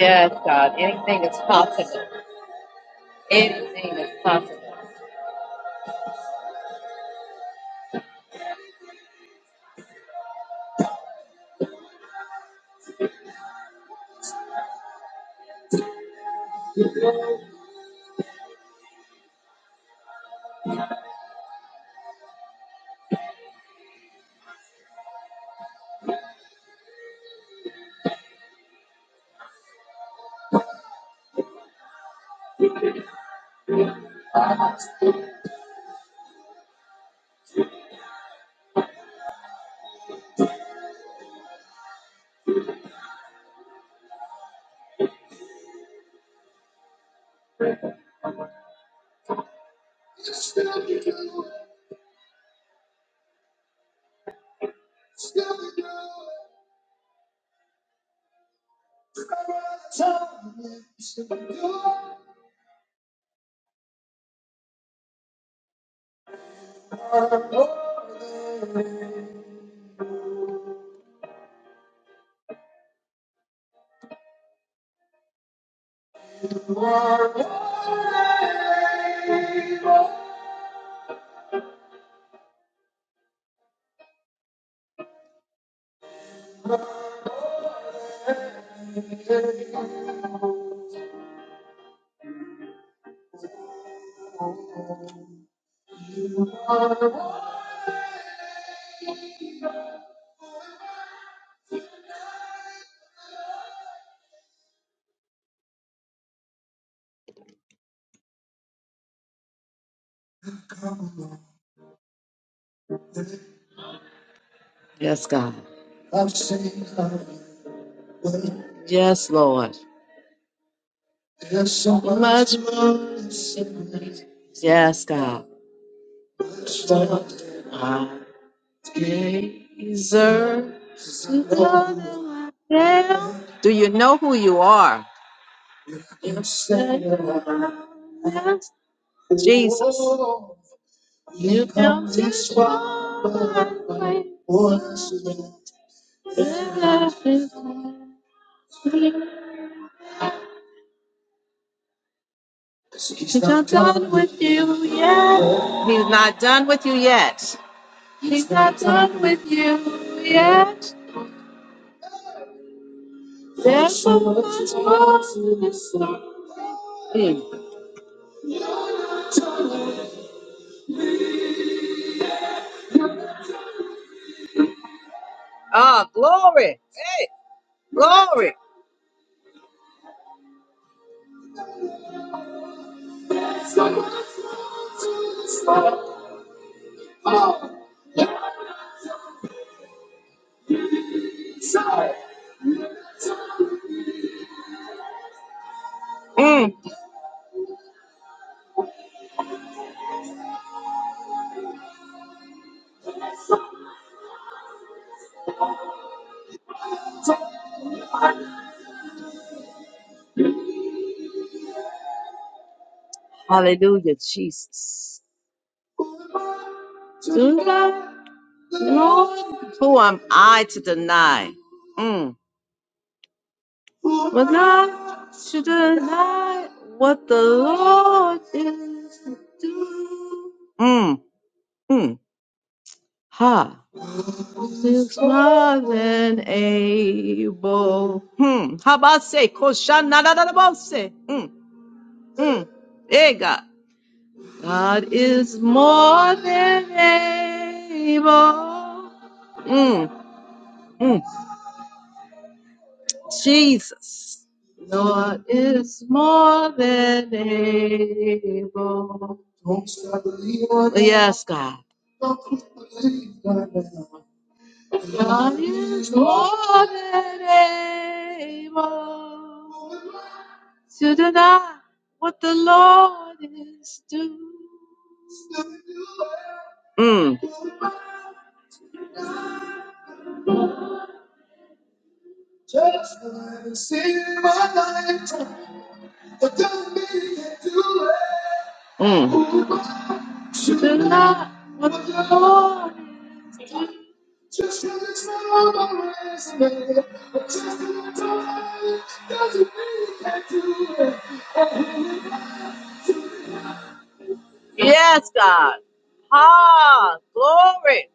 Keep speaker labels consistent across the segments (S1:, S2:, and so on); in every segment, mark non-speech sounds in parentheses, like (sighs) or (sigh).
S1: Yes, God. Anything is possible. Anything is possible. Yes, Lord. God. Do you are done with He's not done with you yet. yes, Lord. Mm. Ah, glory. Hey, glory. Mm. Hallelujah, Jesus. Do not, Lord, Who am I to deny? Mm. but not to deny what the Lord is doing. Mm. Mm. Ha. is more than able. Hmm. Habase, koshanadadadabose. Hmm. Hmm. Eh, God. God is more than able. Mm, mm. Jesus. Lord is more than able. Yes, God. God is more than able. to deny what the Lord is doing. What the Lord is Yes, God. Ha! Glory.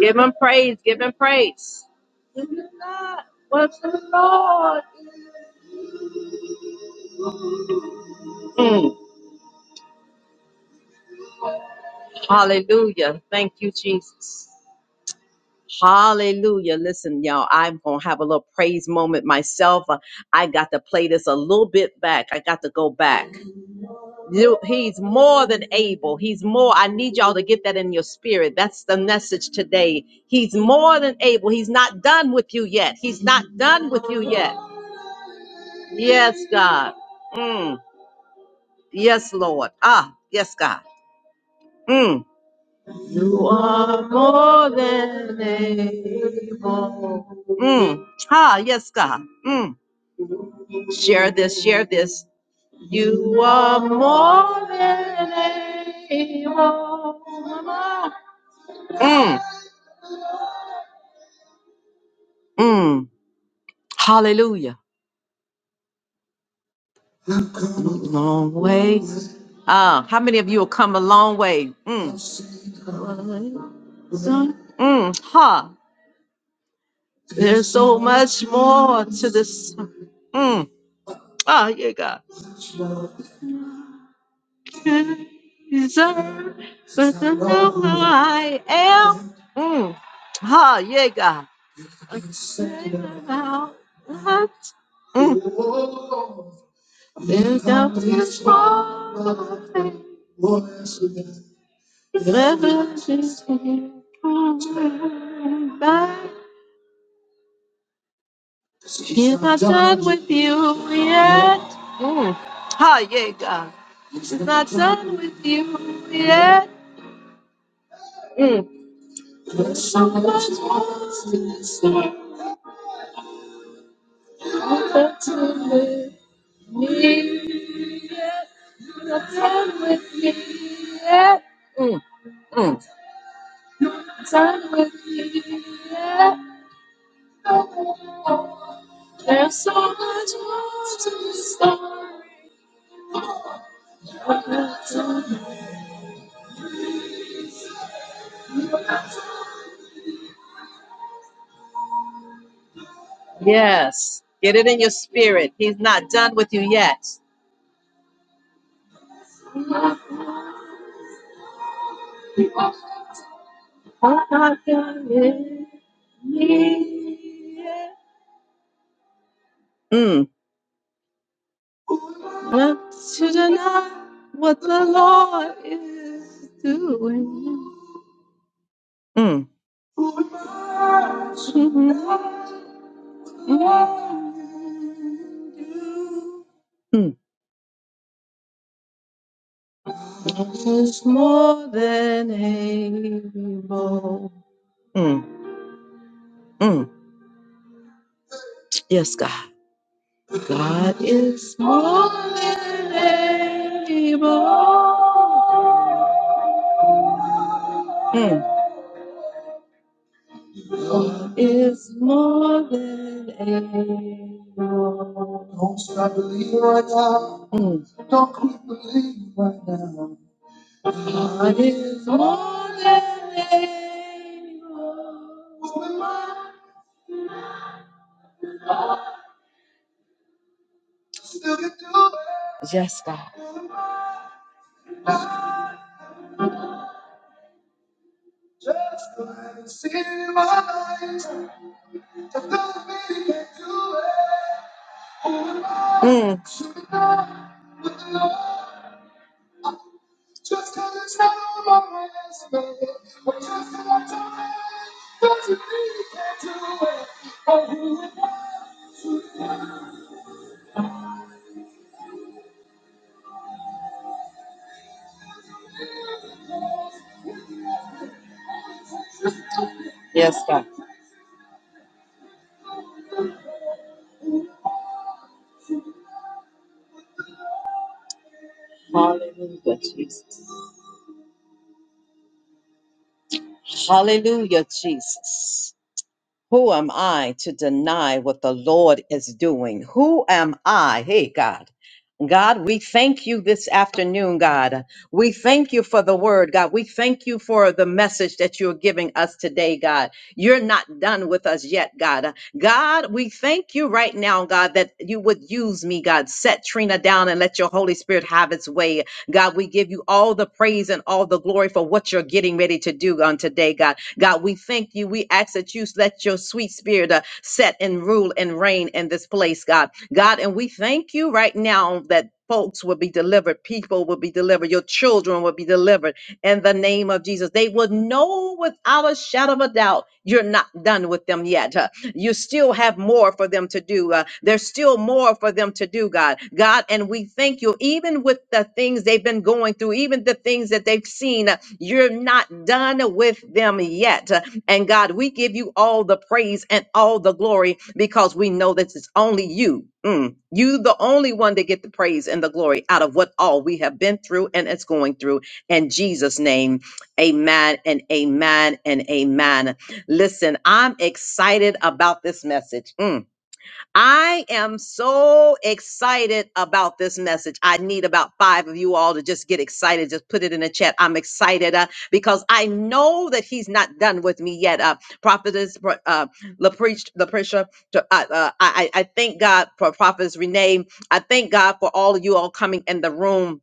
S1: Give him praise. Give him praise. To deny what the Lord is Mm. Hallelujah. Thank you, Jesus. Hallelujah. Listen, y'all, I'm going to have a little praise moment myself. Uh, I got to play this a little bit back. I got to go back. You- He's more than able. He's more. I need y'all to get that in your spirit. That's the message today. He's more than able. He's not done with you yet. He's not done with you yet. Yes, God. Mm. Yes, Lord. Ah, yes, God. Mm. You are more than able. Mm. Ah, yes, God. Mm. Share this, share this. You are more than able. Mm. Mm. Hallelujah. Long way. Ah, how many of you will come a long way? Mm, mm, ha. There's so much more to this. Mm. Ah, yeah, God. Deserve, but now I am. Mm. Ha, yeah, God. Mm. Never just came back. with you yet. Mm. Ah, yeah, God. Done with you yet. Mm, mm, mm. Yes. Get it in your spirit. He's not done with you yet. I'm not done yet. Mm, mm, mm, mm, mm. Yes, God. God. Mm, mm. Yes, God. Mm. Yes, God. Hallelujah, Jesus. Hallelujah, Jesus. Who am I to deny what the Lord is doing? Who am I? Hey, God. God, we thank you this afternoon, God. We thank you for the word, God. We thank you for the message that you're giving us today, God. You're not done with us yet, God. God, we thank you right now, God, that you would use me, God. Set Trina down and let your Holy Spirit have its way. God, we give you all the praise and all the glory for what you're getting ready to do on today, God. God, we thank you. We ask that you let your sweet spirit uh, set and rule and reign in this place, God. God, and we thank you right now that. Folks will be delivered. People will be delivered. Your children will be delivered in the name of Jesus. They will know without a shadow of a doubt you're not done with them yet. Uh, you still have more for them to do. Uh, there's still more for them to do, God. God, and we thank you, even with the things they've been going through, even the things that they've seen, uh, you're not done with them yet. Uh, And God, we give you all the praise and all the glory because we know that it's only you. Mm, you, the only one to get the praise and the glory out of what all we have been through and it's going through. In Jesus' name, amen and amen and amen. Listen, I'm excited about this message. Mm. I am so excited about this message. I need about five of you all to just get excited. Just put it in the chat. I'm excited uh, because I know that he's not done with me yet. Uh, Prophetess uh, LaPreach, LaPrisha, to- uh, uh, I, I I thank God for Prophetess Renee. I thank God for all of you all coming in the room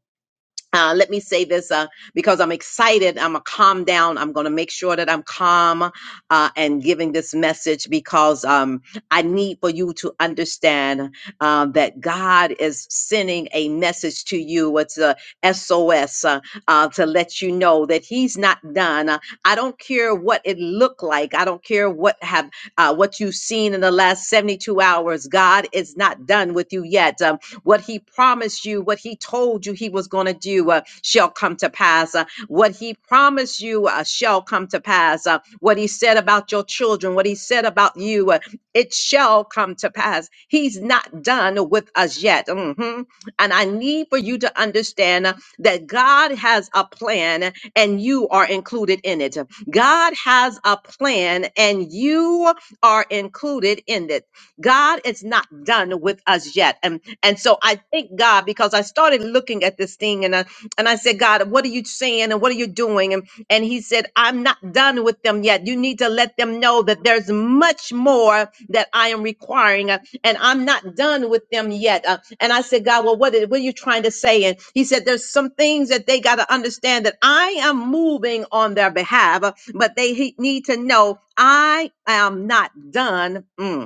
S1: uh, let me say this uh, because I'm excited. I'm gonna calm down. I'm gonna make sure that I'm calm uh, and giving this message because um, I need for you to understand uh, that God is sending a message to you. It's a SOS uh, uh, to let you know that He's not done. Uh, I don't care what it looked like. I don't care what have uh, what you've seen in the last 72 hours. God is not done with you yet. Um, what He promised you, what He told you He was going to do, uh, shall come to pass. Uh, what He promised you uh, shall come to pass. Uh, what He said about your children, what He said about you, uh, it shall come to pass. He's not done with us yet. Mhm. And I need for you to understand uh, that God has a plan and you are included in it. God has a plan and you are included in it. God is not done with us yet. And and so I thank God because I started looking at this thing and I and I said, God, what are you saying and what are you doing? And and he said, I'm not done with them yet. You need to let them know that there's much more that I am requiring and I'm not done with them yet. Uh, and I said, God, well, what, is, what are you trying to say? And he said, there's some things that they got to understand that I am moving on their behalf, uh, but they he- need to know I am not done. Mm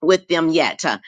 S1: with them yet. Uh,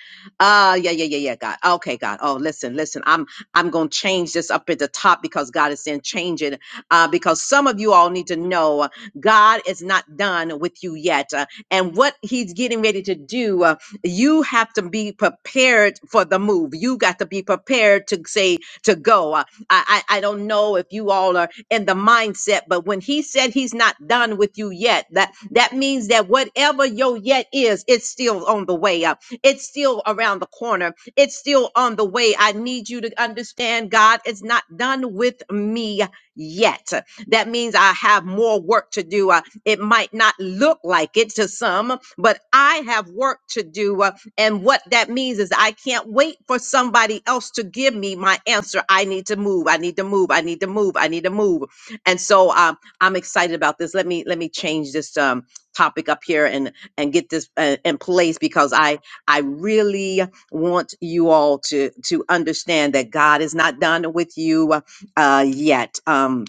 S1: uh, yeah, yeah, yeah, yeah, God. Okay, God. Oh, listen, listen. I'm I'm gonna change this up at the top because God is saying change it. Uh, because some of you all need to know uh, God is not done with you yet. Uh, and what He's getting ready to do, uh, you have to be prepared for the move. You got to be prepared to say to go. Uh, I, I I don't know if you all are in the mindset, but when he said he's not done with you yet, that that means that whatever your yet is, it's still on the way up. It's still around the corner. It's still on the way. I need you to understand, God is not done with me yet. That means I have more work to do. Uh, it might not look like it to some, but I have work to do. Uh, and what that means is I can't wait for somebody else to give me my answer. I need to move. I need to move. I need to move. I need to move. And so um, I'm excited about this. Let me let me change this um, topic up here and and get this uh, in place because I I really want you all to to understand that God is not done with you uh, yet. Um,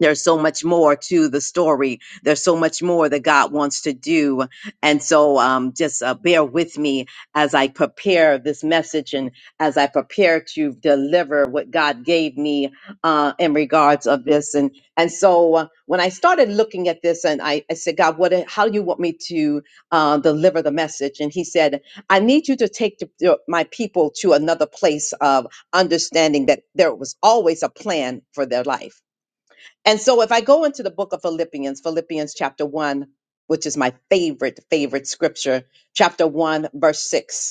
S1: there's so much more to the story. There's so much more that God wants to do. And so um, just uh, bear with me as I prepare this message and as I prepare to deliver what God gave me uh, in regards of this. And and so uh, when I started looking at this and I, I said, God, what, how do you want me to uh, deliver the message? And he said, I need you to take the, your- my people to another place of understanding that there was always a plan for their life and so if I go into the book of Philippians, Philippians chapter 1, which is my favorite, favorite scripture, chapter 1, verse 6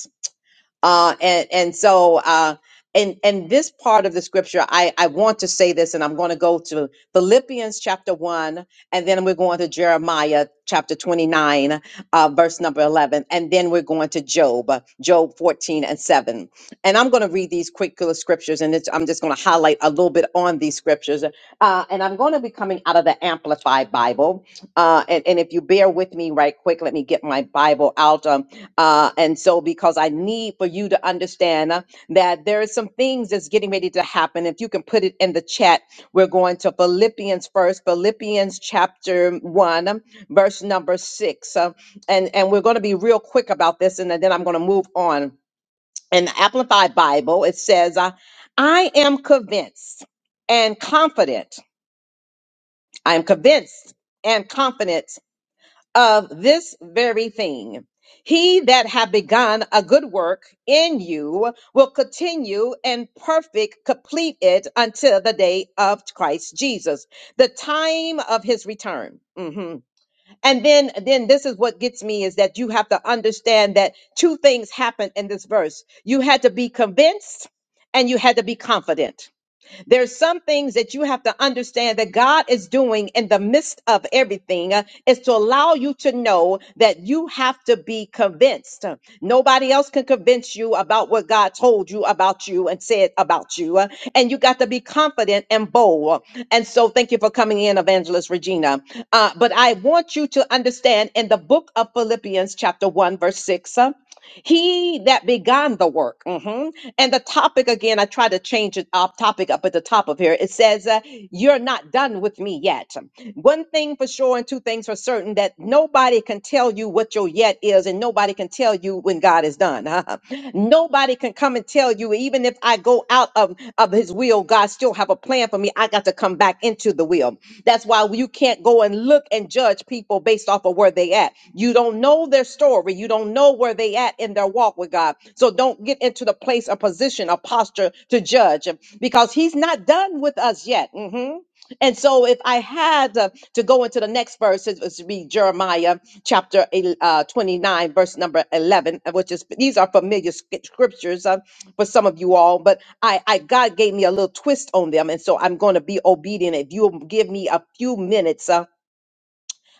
S1: uh, and and so uh, and and this part of the scripture, I I want to say this, and I'm going to go to Philippians chapter one, and then we're going to Jeremiah chapter 29, uh, verse number 11, and then we're going to Job, uh, Job 14 and 7, and I'm going to read these quick little scriptures, and it's, I'm just going to highlight a little bit on these scriptures, uh, and I'm going to be coming out of the Amplified Bible, uh, and and if you bear with me right quick, let me get my Bible out. Um, uh, and so, because I need for you to understand uh, that there is some things that's getting ready to happen. If you can put it in the chat, we're going to Philippians first, Philippians chapter one, um, verse number six, uh, and and we're going to be real quick about this, and then I'm going to move on. In the Amplified Bible, it says, uh, "I am convinced and confident. I am convinced and confident." of this very thing. He that hath begun a good work in you will continue and perfect, complete it until the day of Christ Jesus, the time of his return. Mhm. And then, then this is what gets me is that you have to understand that two things happened in this verse. You had to be convinced and you had to be confident there's some things that you have to understand that God is doing in the midst of everything uh, is to allow you to know that you have to be convinced. Nobody else can convince you about what God told you about you and said about you. uh, And you got to be confident and bold. And so thank you for coming in, Evangelist Regina. Uh, but I want you to understand in the book of Philippians, chapter 1, verse 6. uh, he that began the work. mhm. And the topic again, I try to change it up topic up at the top of here. It says, uh, You're not done with me yet. One thing for sure, and two things for certain that nobody can tell you what your yet is, and nobody can tell you when God is done. (laughs) nobody can come and tell you, even if I go go out of, of his will, God still have a plan for me. I got to come back into the will. That's why you can't go and look and judge people based off of where they at. You don't know their story. You don't know where they at in their walk with God. So don't get into the place, a position, a posture to judge because he's not done with us yet. Mhm. And so, if I had uh, to go into the next verse, it would be Jeremiah chapter el- uh, 29, verse number 11, uh, which is these are familiar sc- scriptures uh, for some of you all, but I, I God gave me a little twist on them. And so, I'm going to be obedient. If you'll give me a few minutes, uh,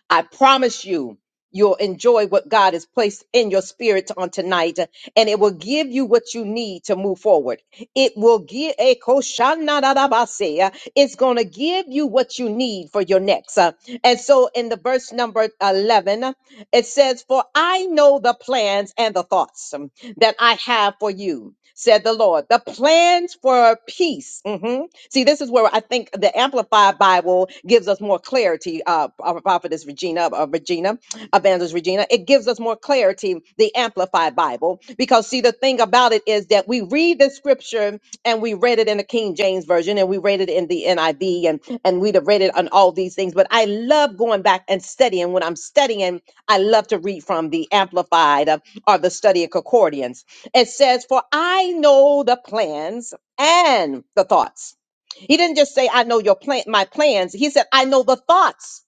S1: I promise you, you'll enjoy what God has placed in your spirit on tonight, and it will give you what you need to move forward. It will give a koshanadabase. It's going to give you what you need for your next. Uh, And so in the verse number 11, it says, For I know the plans and the thoughts um, that I have for you. Said the Lord, the plans for peace. mhm, See, this is where I think the Amplified Bible gives us more more clarity, uh, our prophetess Regina, uh, Regina, evangelist Regina. It gives us more clarity, the Amplified Bible, because see, the thing about it is that we read the scripture and we read it in the King James Version and we read it in the NIV and, and we'd have read it on all these things. But I love going back and studying. When I'm studying, I love to read from the Amplified uh, or the Study of Concordance. It says, For I know the plans and the thoughts. He didn't just say, I know your plan, my plans. He said, I know the thoughts.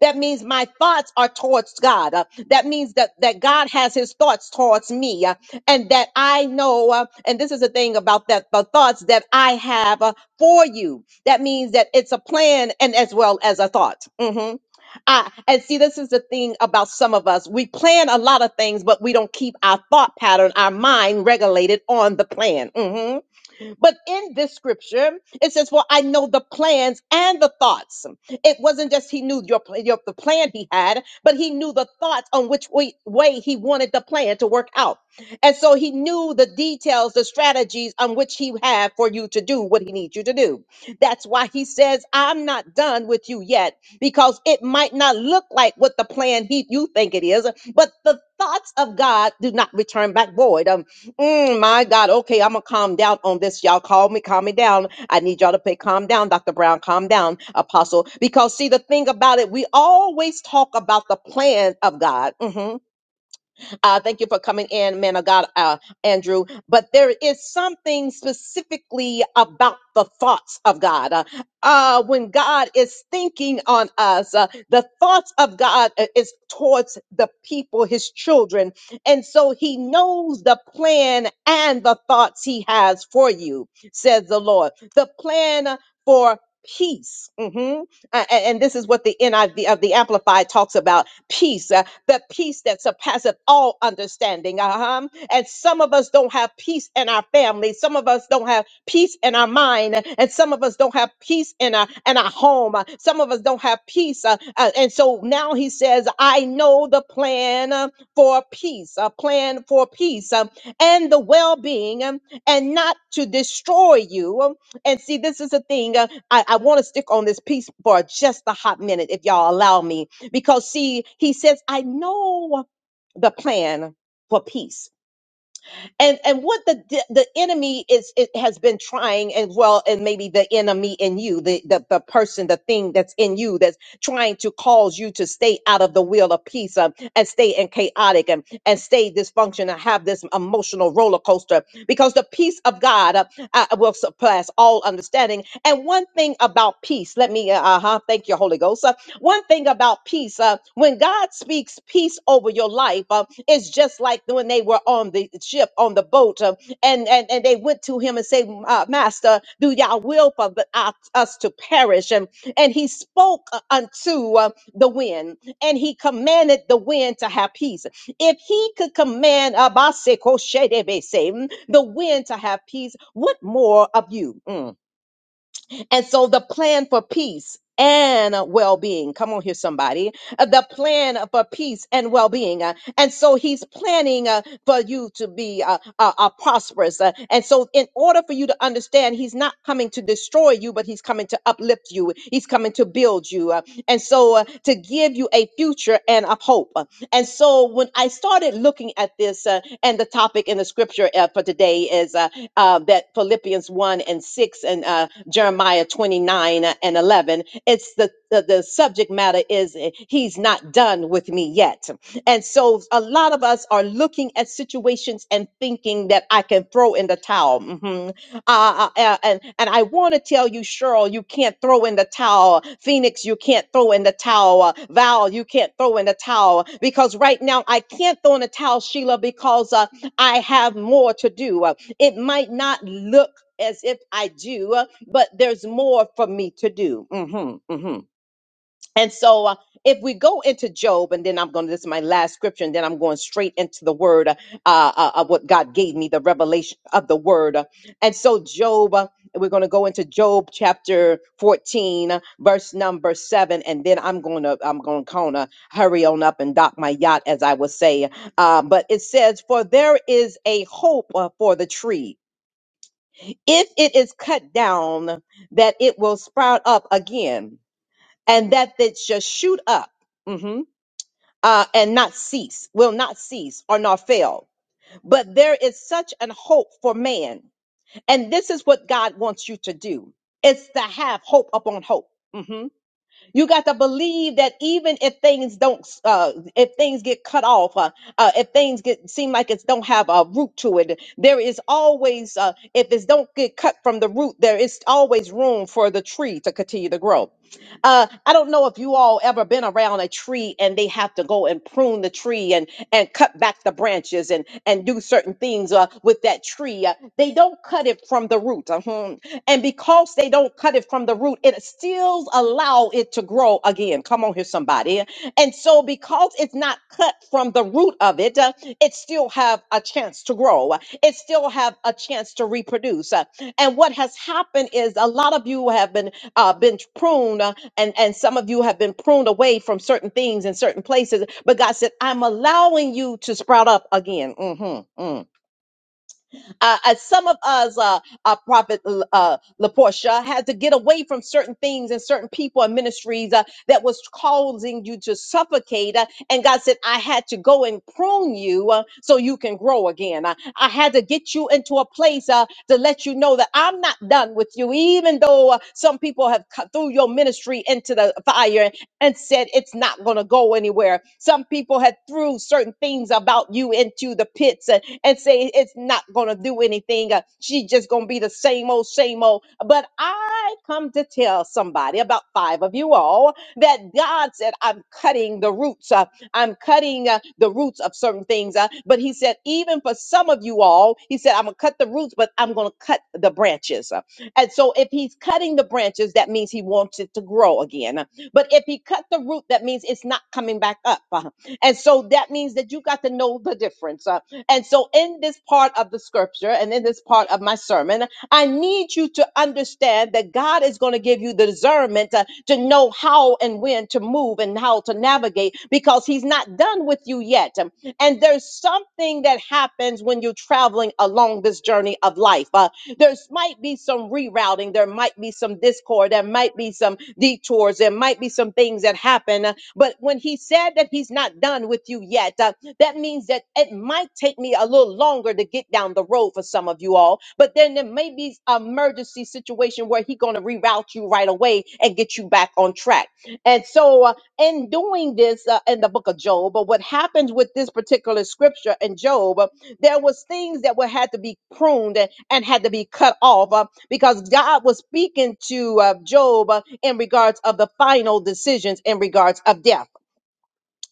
S1: That means my thoughts are towards God. Uh, that means that, that God has his thoughts towards me. uh, and that I know, uh, and this is the thing about that, the thoughts that I have uh, for you. That means that it's a plan and as well as a thought. Mhm. I, and see, this is the thing about some of us. We plan a lot of things, but we don't keep our thought pattern, our mind regulated on the plan. Mhm. But in this scripture, it says, "For I know the plans and the thoughts." It wasn't just he knew your, pl- your the plan he had, but he knew the thoughts on which way, way he wanted the plan to work out. And so he knew the details, the strategies on which he had for you to do what he needs you to do. That's why he says, "I'm not done with you yet," because it might not look like what the plan he you think it is, but the thoughts of God do not return back void. Um, Mm, my God. Okay, I'm gonna calm down on this. Y'all call me, calm me down. I need y'all to pay calm down, Dr. Brown, calm down, Apostle. Because see, the thing about it, we always talk about the plan of God. Mhm. Uh, thank you for coming in, man of God, uh, Andrew. But there is something specifically about the thoughts of God. Uh, uh, when God is thinking on us, uh, the thoughts of God uh, is towards the people, his children. And so he knows the plan and the thoughts he has for you, says the Lord. The plan for peace. Mhm uh, and, and this is what the NIV of the Amplified talks about peace, uh, the peace that surpasseth all understanding. Uh-huh. And some of us don't have peace in our family. Some of us don't have peace in our mind. And some of us don't have peace in our, in our home. Uh, Some of us don't have peace. Uh, uh, and so now he says, I know the plan uh, for peace, a plan for peace um, and the well being and not to destroy you. And see, this is a thing. uh, I, I want to stick on this piece for just a hot minute, if y'all allow me. Because, see, he says, I know the plan for peace and and what the d- the enemy is it has been trying and well and maybe the enemy in you the, the the person the thing that's in you that's trying to cause you to stay out of the will of peace um, and stay in chaotic and and stay dysfunction and have this emotional roller coaster because the peace of god uh, uh, will surpass all understanding and one thing about peace let me uh huh thank you holy ghost uh, one thing about peace, uh, when God speaks peace over your life, uh, it's just like when they were on the ship, on the boat, uh, and, and, and they went to him and say, uh, Master, do y'all will for the, uh, us to perish? And, and he spoke uh, unto uh, the wind and he commanded the wind to have peace. If he could command uh, mm, the wind to have peace, what more of you? Mm and so the plan for peace and well being, come on here, somebody, Uh, the plan for peace and well being. And so he's planning uh, for you to be uh, uh, uh, prosperous. Uh, And so, in order for you to understand, he's not coming to destroy you, but he's coming to uplift you, he's coming to build you. Uh, And so, uh, to give you a future and uphold hope. And so when I started looking at this, uh, and the topic in the scripture uh, for today is uh, uh, that Philippians 1 and 6 and uh, Jeremiah 29 and 11, it's the, the, the subject matter is uh, he's not done with me yet. And so a lot of us are looking at situations and thinking that I can throw in the towel towel. Mhm. Uh, uh, and, and I want to tell you, Cheryl, you can't throw in the towel. Phoenix, you can't throw in the towel. Val, you can't throw in the towel because right now I can't throw in the towel, Sheila, because uh, I have more to do. Uh, It might not look as if I do, uh, but there's more for me to do. Mhm, mhm. And so, uh, if we go into Job, and then I'm going to, this is my last scripture, and then I'm going straight into the word uh, uh, of what God gave me, the revelation of the word. And so, Job, uh, we're going to go into Job chapter 14, uh, verse number seven, and then I'm going to, I'm going to kind of hurry on up and dock my yacht, as I would say. Uh, but it says, For there is a hope uh, for the tree. If it is cut down, that it will sprout up again and that it shall shoot up mhm, uh, and not cease, will not cease or not fail. But there is such an hope for man. And this is what God wants you to do. It's to have hope upon hope. Mhm. You got to believe that even if things don't, uh, if things get cut off, uh, uh, if things get seem like it don't have a root to it, there is always, uh, if it don't get cut from the root, there is always room for the tree to continue to grow. Uh, I don't know if you all ever been around a tree and they have to go and prune the tree and and cut back the branches and and do certain things uh, with that tree. Uh, they don't cut it from the root, uh-huh. and because they don't cut it from the root, it still allow it to grow again. Come on here, somebody. And so because it's it's not cut from the root of it, uh, it still have a chance to grow. uh, It still have a chance to reproduce. uh, And what has happened is a lot of you have been uh, been pruned, uh, and and some of you have been pruned away from certain things and certain places. But God said, "I'm allowing you to sprout up again." Mhm, mm. Uh, as some of us, uh, uh, Prophet uh, Laportia, had to get away from certain things and certain people and ministries uh, that was causing you to suffocate. uh, and God said, I had to go and prune you uh, so you can grow again. Uh, I had to get you into a place uh, to let you know that I'm not done with you, even though uh, some people have cut through your ministry into the fire and said it's not going to go anywhere. Some people had threw certain things about you into the pits uh, and say it's not going to do anything. Uh, she's just going to be the same old, same old. But I come to tell somebody, about five of you all, that God said, I'm cutting the roots. Uh, I'm cutting uh, the roots of certain things. Uh, but He said, even for some of you all, He said, I'm going to cut the roots, but I'm going to cut the branches. Uh, And so if He's cutting the branches, that means He wants it to grow again. Uh, But if He cut the root, that means it's not coming back up. Uh, And so that means that you got to know the difference. Uh, and so, in this part of the scripture and in this part of my sermon, I need you to understand that God is going to give you the discernment uh, to know how and when to move and how to navigate because He's not done with you yet. Um, And there's something that happens when you're traveling along this journey of life. Uh, there might be some rerouting. There might be some discord. There might be some detours. There might be some things that happen. uh, But when he said that he's not done with you yet, uh, that means that it might take me a little longer to get down the road for some of you all. But then there may be an emergency situation where he's going to reroute you right away and get you back on track. And so uh, in doing this uh, in the book of Job, but what happened with this particular scripture in Job, uh, there was things that were had to be pruned and, and had to be cut off uh, because God was speaking to uh, Job uh, in regards of the final decisions in regards of death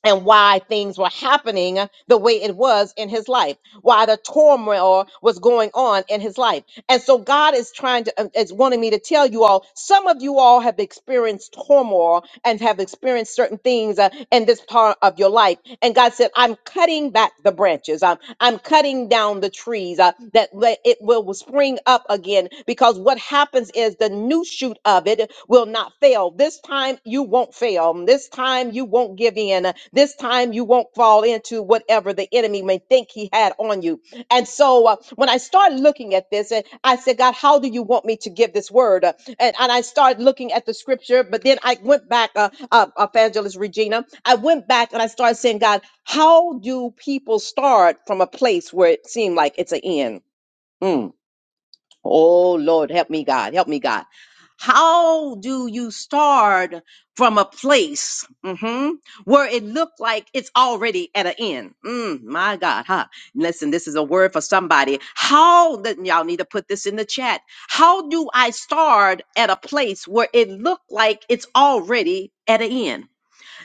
S1: and why things were happening the way it was in his life, why the turmoil was going on in his life. And so God is trying to, uh, is wanting me to tell you all, some of you all have experienced turmoil and have experienced certain things uh, in this part of your life. And God said, I'm cutting back the branches. I'm, I'm cutting down the trees uh, that let- it will spring up again because what happens is the new shoot of it will not fail. This time you won't fail. This time you won't give in. This time you won't fall into whatever the enemy may think he had on you. And so uh, when I started looking at this, and I said, God, how do you want me to give this word? Uh, And, and I started looking at the scripture, but then I went back, uh, uh, Evangelist Regina, I went back and I started saying, God, how do people start from a place where it seemed like it's an end? Mm. Oh Lord, help me, God, help me, God. How do you start from a place mhm, where it looked like it's already at an end? Mm, my God, huh? Listen, this is a word for somebody. How that y'all need to put this in the chat. How do I start at a place where it looked like it's already at an end?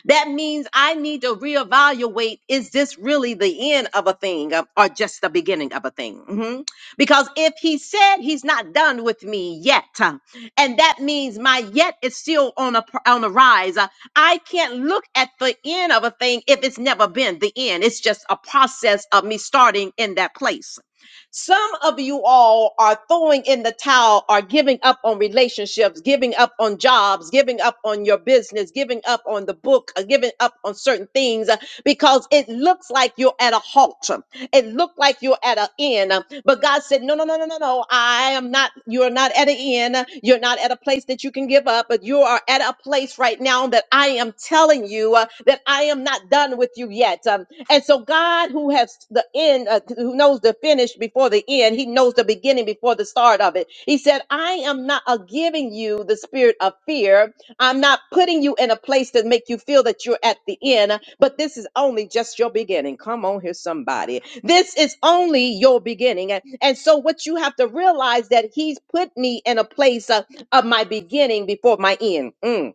S1: That means I need to reevaluate is this really the end of a thing uh, or just the beginning of a thing? Mhm. Because if he said he's not done with me yet, uh, and that means my yet is still on a pr- on a rise, uh, I can't look at the end of a thing if it's never been the end. It's just a process of me starting in that place. Some of you all are throwing in the towel, are giving up on relationships, giving up on jobs, giving up on your business, giving up on the book, uh, giving up on certain things uh, because it looks like you're at a halt. It looked like you're at an end. But God said, No, no, no, no, no, no. I am not, you're not at an end. You're not at a place that you can give up, but you are at a place right now that I am telling you uh, that I am not done with you yet. Um, and so God, who has the end, uh, who knows the finish before the end, he knows the beginning before the start of it. He said, I am not uh, giving you the spirit of fear. I'm not putting you in a place to make you feel that you're at the end, but this is only just your beginning. Come on here, somebody. This is only your beginning. And, and so what you have to realize that he's put me in a place uh, of my beginning before my end. Mm.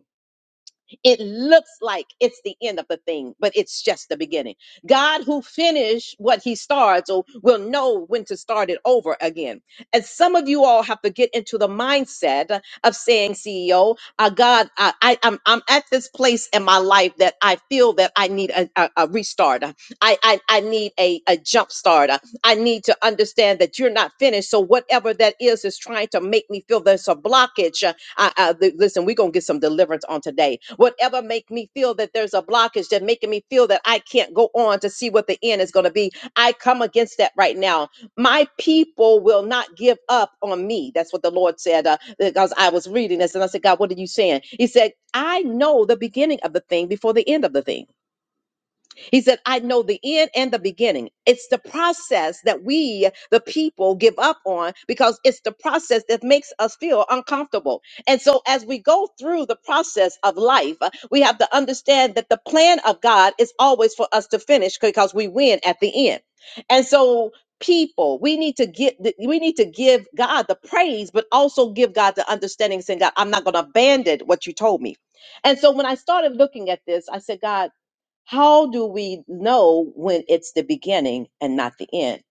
S1: It looks like it's the end of the thing, but it's just the beginning. God who finished what he starts or will know when to start it over again. And some of you all have to get into the mindset of saying, CEO, uh, God, I, I, I'm, I'm at this place in my life that I feel that I need a, a, a restart. I, I, I need a, a jump start. I need to understand that you're not finished. So whatever that is, is trying to make me feel there's a blockage I, I, li- listen, we're gonna get some deliverance on today. Whatever make me feel that there's a blockage that making me feel that I can't go on to see what the end is gonna be, I come against that right now. My people will not give up on me. That's what the Lord said uh, because I was reading this and I said, God, what are you saying? He said, I know the beginning of the thing before the end of the thing. He said, I know the end and the beginning. It's the process that we, the people, give up on because it's the process that makes us feel uncomfortable. And so, as we go through the process of life, uh, we have to understand that the plan of God is always for us to finish because we win at the end. And so, people we need to get the- we need to give god the praise but also give god the understanding saying god i'm not going to abandon what you told me and so when i started looking at this i said god how do we know when it's the beginning and not the end?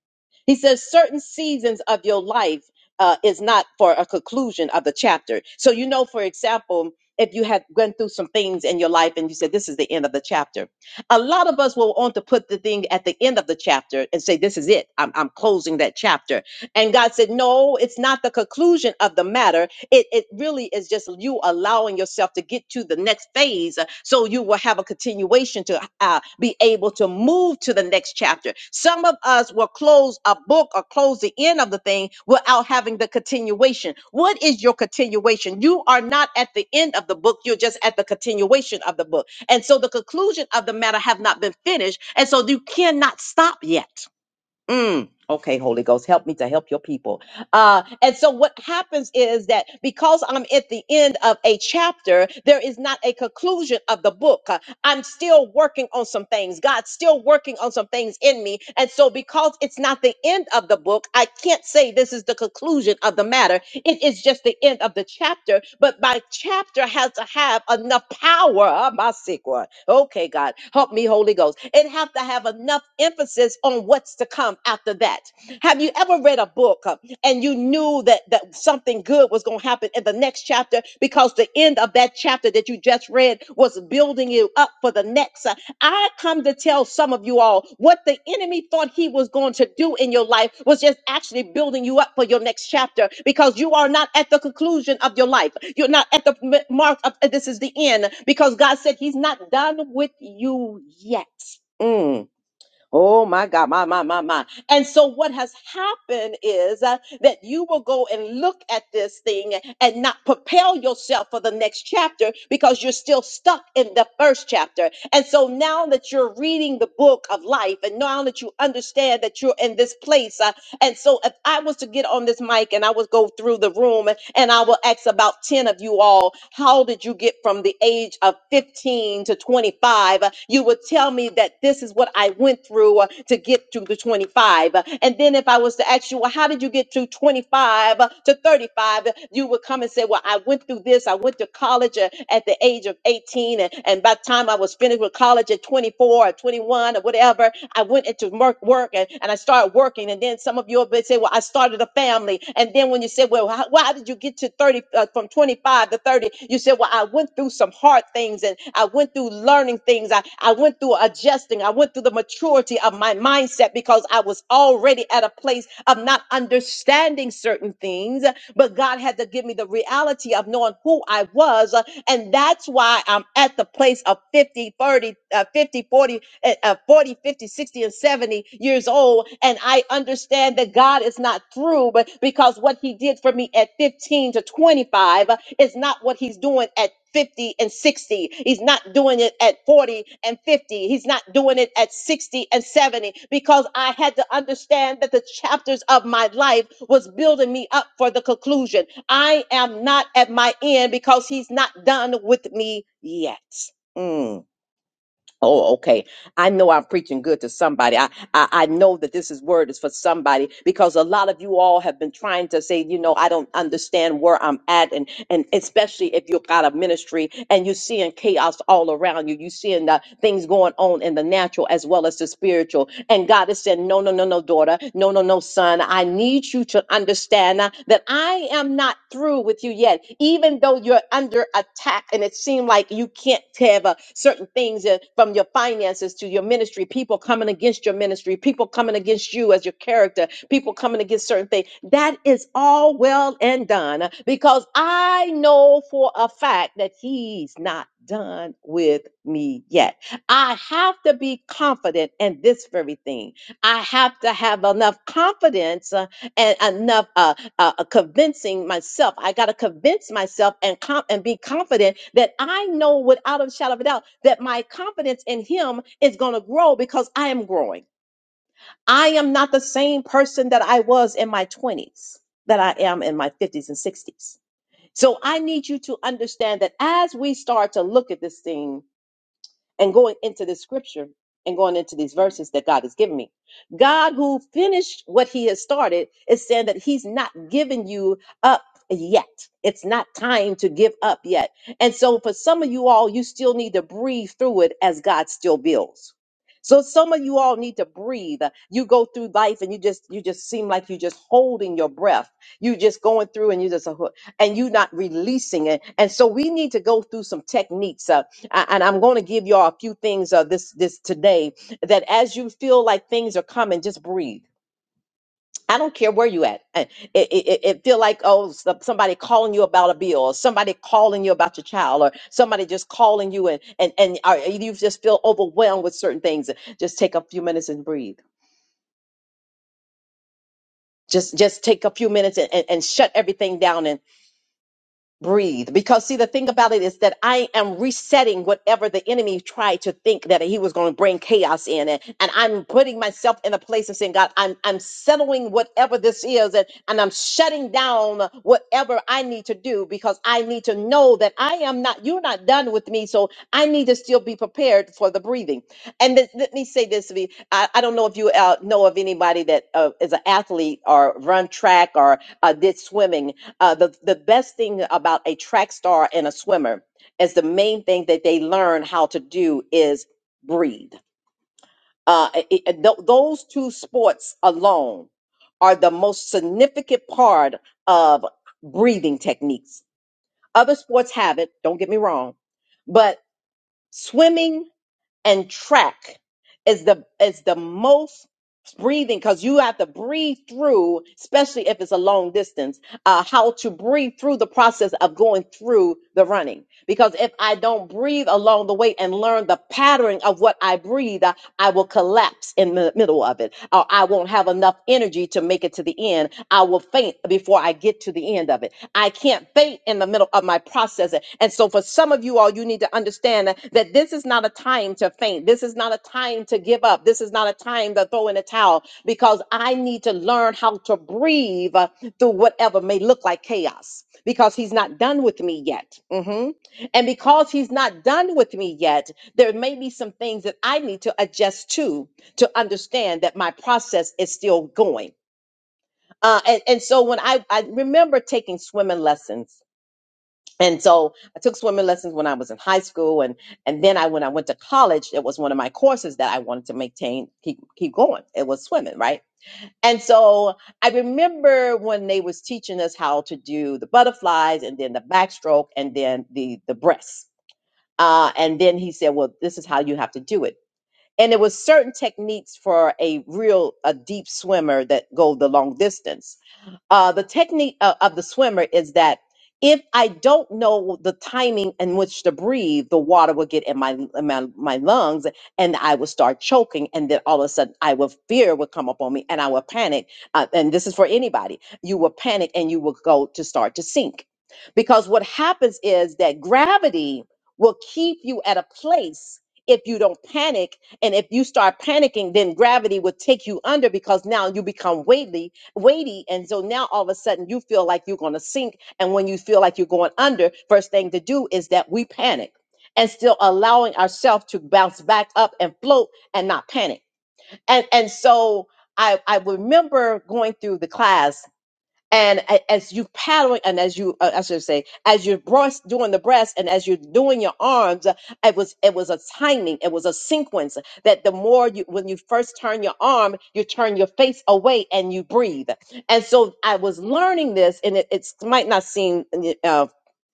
S1: He says certain seasons of your life uh, is not for a conclusion of the chapter. So, you know, for example, if you had gone through some things in your life and you said, This is the end of the chapter, a lot of us will want to put the thing at the end of the chapter and say, This is it. I'm, I'm closing that chapter. And God said, No, it's not the conclusion of the matter it, it really is just you allowing yourself to get to the next phase uh, so you will have a continuation to uh, be able to move to the next chapter some of us will close a book or close the end of the thing without having the continuation what is your continuation you are not at the end of the book you're just at the continuation of the book and so the conclusion of the matter have not been finished and so you cannot stop yet Mm. okay holy ghost help me to help your people uh, and so what happens is that because I'm at the end of a chapter, there is not a conclusion of the book. Uh, I'm still working on some things. God's still working on some things in me. And so because it's not the end of the book, I can't say this is the conclusion of the matter. It is just the end of the chapter. But my chapter has to have enough power. Ah, My sick one. Okay, God, help me, Holy Ghost. It have to have enough emphasis on what's to come after that. Have you ever read a book uh, and you knew that, that something good was going to happen in the next chapter because the end of that chapter that you just read was building you up for the next? Uh, I come to tell some of you all what the enemy thought he was going to do in your life was just actually building you up for your next chapter because you are not at the conclusion of your life. You're not at the m- mark of uh, this is the end because God said he's not done with you yet. Mm. Oh my God, my, my, my, my. And so what has happened is uh, that you will go and look at this thing and not propel yourself for the next chapter because you're still stuck in the first chapter. And so now that you're reading the book of life and now that you understand that you're in this place, uh, and so if I was to get on this mic and I would go through the room and I will ask about 10 of you all, how did you get from the age of 15 to 25? You would tell me that this is what I went through uh, to get to the 25. And then if I was to ask you, well, how did you get to 25 to 35? You would come and say, well, I went through this. I went to college uh, at the age of 18. And, and by the time time I was finished with college at 24 or 21 or whatever, I went into mer- work and, and I started working. And then some of you will say, well, I started a family. And then when you say, well, how, why did you get to 30, uh, from 25 to 30? You said, well, I went through some hard things and I went through learning things. I, I went through adjusting. I went through the maturity of my mindset because I was already at a place of not understanding certain things. But God had to give me the reality of knowing who I was. uh, And that's why I'm at the place of 50, thirty, uh, 50, forty, at, at 40, fifty, sixty, and 70 years old. And I understand that God is not through, but because what He did for me at 15 to 25 uh, is not what He's doing at 50 and 60. He's not doing it at 40 and 50. He's not doing it at 60 and 70 because I had to understand that the chapters of my life was building me up for the conclusion. I am not at my end because he's not done with me yet. Mm. Oh, okay. I know I'm preaching good to somebody. I, I I know that this is word is for somebody because a lot of you all have been trying to say, you know, I don't understand where I'm at, and and especially if you've got a ministry and you're seeing chaos all around you, you're seeing the things going on in the natural as well as the spiritual. And God is saying, no, no, no, no, daughter, no, no, no, son. I need you to understand uh, that I am not through with you yet, even though you're under attack and it seems like you can't have uh, certain things uh, from your finances to your ministry, people coming against your ministry, people coming against you as your character, people coming against certain things. That is all well and done uh, because I know for a fact that he's not done with me yet. I have to be confident in this very thing. I have to have enough confidence uh, and enough uh, uh, uh, convincing myself. I got to convince myself and com- and be confident that I know without a shadow of a doubt that my confidence in Him is going to grow because I am growing. I am not the same person that I was in my twenties that I am in my fifties and sixties. So I need you to understand that as we start to look at this thing and going into this scripture and going into these verses that God has given me. God, who finished what He has started, is saying that He's not giving you up yet. It's not time to give up yet. And so, for some of you all, you still need to breathe through it as God still builds. So some of you all need to breathe. You go through life and you just you just seem like you just holding your breath. You just going through and you just and you not releasing it. And so we need to go through some techniques. Uh, a- and I'm going to give y'all a few things uh, this this today that as you feel like things are coming, just breathe. I don't care where you at. Uh, It, it, it it feel like oh so- somebody calling you about a bill, or somebody calling you about your child, or somebody just calling you and and and uh, you just feel overwhelmed with certain things. Just take a few minutes and breathe. Just just take a few minutes and, and, and shut everything down and. breathe because see the thing about it is that i am resetting whatever the enemy tried to think that he was going to bring chaos in and, and i'm putting myself in a place of saying god i'm i'm settling whatever this is and, and i'm shutting down whatever i need to do because i need to know that i am not you're not done with me so i need to still be prepared for the breathing and th- let me say this to me I, I don't know if you uh, know of anybody that uh, is an athlete or run track or uh, did swimming uh, the the best thing about a track star and a swimmer is the main thing that they learn how to do is breathe. Uh, it- it- th- those two sports alone are the most significant part of breathing techniques. Other sports have it, don't get me wrong, but swimming and track is the is the most breathing because you have to breathe through especially if it's a long distance uh how to breathe through the process of going through the running because if i don't breathe along the way and learn the pattern of what i breathe I will collapse in the middle of it, or I won't have enough energy to make it to the end. I will faint before I get to the end of it. I can't faint in the middle of my process. And so, for some of you all, you need to understand that, that this is not a time to faint. This is not a time to give up. This is not a time to throw in a towel because I need to learn how to breathe uh, through whatever may look like chaos because He's not done with me yet. Mhm. And because He's not done with me yet, there may be some things that I need to adjust to to understand that my process is still going. Uh, and, and so when I, I remember taking swimming lessons. And so I took swimming lessons when I was in high school, and and then I when I went to college, it was one of my courses that I wanted to maintain, keep keep going. It was swimming, right? And so I remember when they was teaching us how to do the butterflies, and then the backstroke, and then the the breasts. Uh, and then he said, "Well, this is how you have to do it." and there was certain techniques for a real a deep swimmer that go the long distance uh, the technique of, of the swimmer is that if I don't know the timing in which to breathe, the water will get in my in my, my lungs, and I will start choking, and then all of a sudden, I will fear will come upon me, and I will panic. Uh, and this is for anybody. You will panic, and you will go to start to sink, because what happens is that gravity will keep you at a place if you don't panic and if you start panicking, then gravity will take you under because now you become weighty weighty and so now all of a sudden you feel like you're going to sink and when you feel like you're going under first thing to do is that we panic and still allowing ourselves to bounce back up and float and not panic and and so i i remember going through the class and a- as you paddling and as you uh, i should say as you're breast, doing the breast and as you're doing your arms uh, it was it was a timing it was a sequence that the more you when you first turn your arm you turn your face away and you breathe and so i was learning this and it it's, might not seem uh,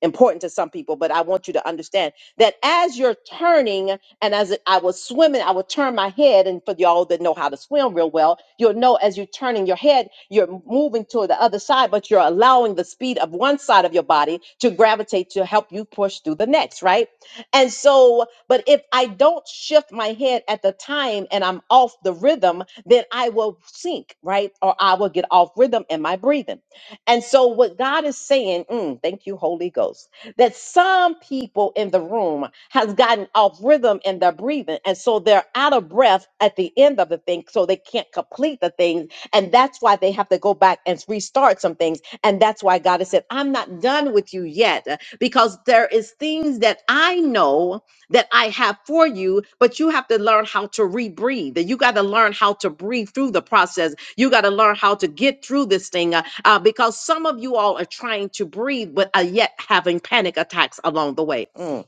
S1: important to some people but i want you to understand that as you're turning and as it- I was swimming, I would turn my head. And for y'all that know how to swim real well, you'll know as you're turning your head, you're moving to the other side, but you're allowing the speed of one side of your body to gravitate to help you push through the next, right? And so, but if I don't shift my head at the time and I'm off the rhythm, then I will sink, right? Or I will get off rhythm in my breathing. And so, what God is saying, mm, thank you, Holy Ghost that some people in the room has gotten off rhythm in their breathing and so they're out of breath at the end of the thing so they can't complete the things and that's why they have to go back and restart some things and that's why god has said i'm not done with you yet because there is things that i know that I have for you, but you have to learn how to rebreathe. You got to learn how to breathe through the process. You got to learn how to get through this thing uh, uh, because some of you all are trying to breathe, but are yet having panic attacks along the way. Mm.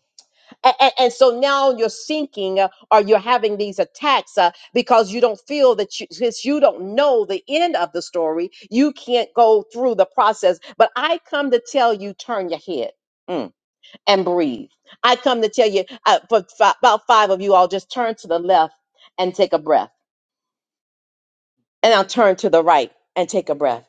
S1: A- a- And, so now you're sinking uh, or you're having these attacks uh, because you don't feel that you, since you don't know the end of the story, you can't go through the process. But I come to tell you, turn your head. Mm and breathe. I come to tell you, uh, for fi- about five of you all, just turn to the left and take a breath, and I'll turn to the right and take a breath.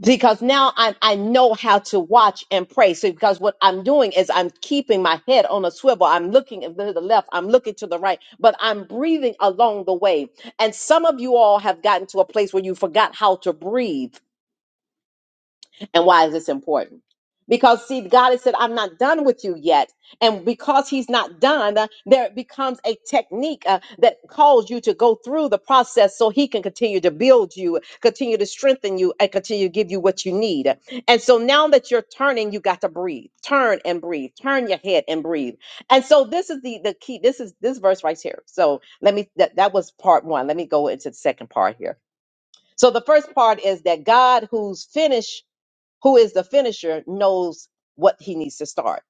S1: Because now I, I know how to watch and pray. So because what I'm doing is I'm keeping my head on a swivel. I'm looking to the left. I'm looking to the right, but I'm breathing along the way. And some of you all have gotten to a place where you forgot how to breathe And why is this important? Because see, God has said, I'm not done with you yet. And because he's not done, uh, there becomes a technique uh, that calls you to go through the process so he can continue to build you, continue to strengthen you, and continue to give you what you need. And so now that you're turning, you got to breathe. Turn and breathe. Turn your head and breathe. And so this is the the key. This is this verse right here. So let me that, that was part one. Let me go into the second part here. So the first part is that God who's finished who is the finisher knows what he needs to start.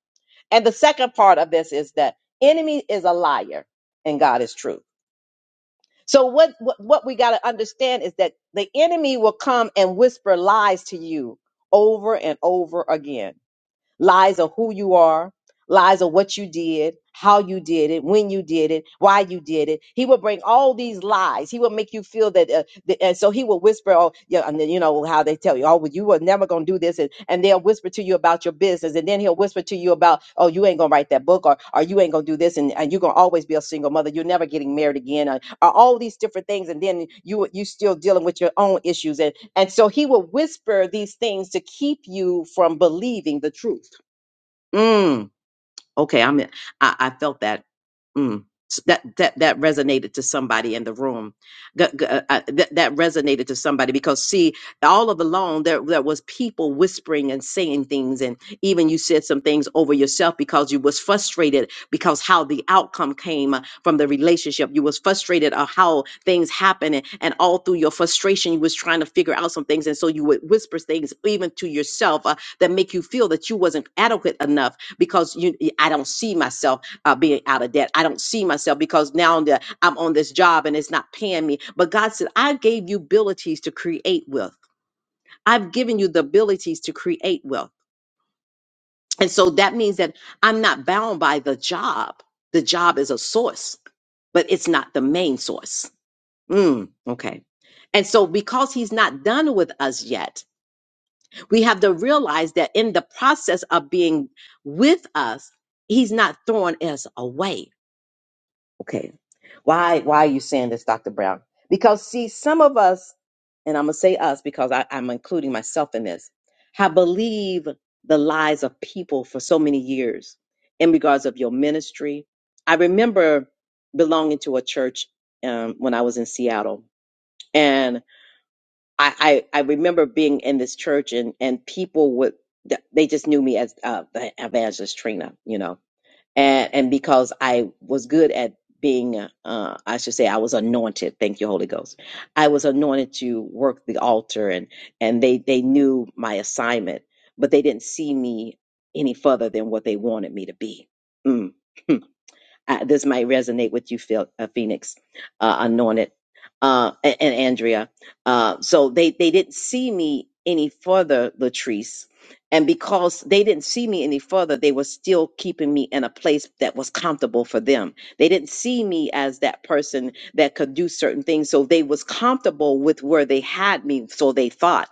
S1: And the second part of this is that enemy is a liar and God is true. So what what, what we got to understand is that the enemy will come and whisper lies to you over and over again. Lies of who you are, lies of what you did, how you did it, when you did it, why you did it. He will bring all these lies. He will make you feel that, uh, the, and so he will whisper, "Oh, yeah," and then you know how they tell you, "Oh, well, you were never gonna do this," and, and they'll whisper to you about your business, and then he'll whisper to you about, "Oh, you ain't gonna write that book," or "Or you ain't gonna do this," and, and you're gonna always be a single mother. You're never getting married again, or, or all these different things, and then you you still dealing with your own issues, and and so he will whisper these things to keep you from believing the truth. Mm. Okay, I'm. I, I felt that. Mm, s- that that that resonated to somebody in the room. G- g- uh, uh, that that resonated to somebody because see, all of along there there was people whispering and saying things, and even you said some things over yourself because you was frustrated because how the outcome came uh, from the relationship. You was frustrated of how things happened, and, and all through your frustration, you was trying to figure out some things, and so you would whisper things even to yourself uh, that make you feel that you wasn't adequate enough because you I don't see myself uh, being out of debt. I don't see myself because now I'm, the, I'm on this job and it's not paying me. But God said, I gave you abilities to create wealth. I've given you the abilities to create wealth. And so that means that I'm not bound by the job. The job is a source, but it's not the main source. Mm, okay. And so, because he's not done with us yet, we have to realize that in the process of being with us, he's not throwing us away Okay. Why why are you saying this, Dr. Brown? Because see, some of us, and I'm gonna say us because I, I'm including myself in this, have believed the lies of people for so many years in regards of your ministry. I remember belonging to a church um, when I was in Seattle, and I, I I remember being in this church and and people would th- they just knew me as uh, the evangelist Trina, you know, and and because I was good at being, uh, I should say, I was anointed. Thank you, Holy Ghost. I was anointed to work the altar, and and they they knew my assignment, but they didn't see me any further than what they wanted me to be. Mm. (laughs) I, this might resonate with you, Phil, uh, Phoenix, uh, anointed, uh, and, and Andrea. Uh, so they, they didn't see me any further, Latrice. And because they didn't see me any further, they were still keeping me in a place that was comfortable for them. They didn't see me as that person that could do certain things. So they was comfortable with where they had me. So they thought.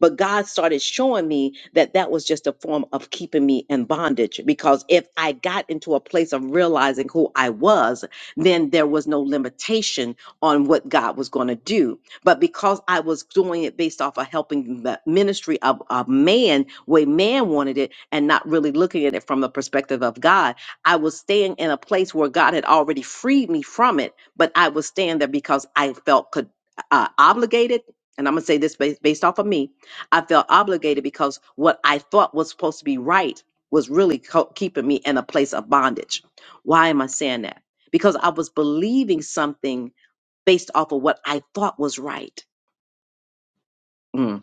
S1: But God started showing me that that was just a form of keeping me in bondage because if I got into a place of realizing who I was, then there was no limitation on what God was going to do. But because I was doing it based off of helping the ministry of a man, way man wanted it, and not really looking at it from the perspective of God, I was staying in a place where God had already freed me from it, but I was staying there because I felt could, uh, obligated. And I'm going to say this based, based off of me I felt obligated because what I thought was supposed to be right was really co- keeping me in a place of bondage. Why am I saying that? Because I was believing something based off of what I thought was right. Mm.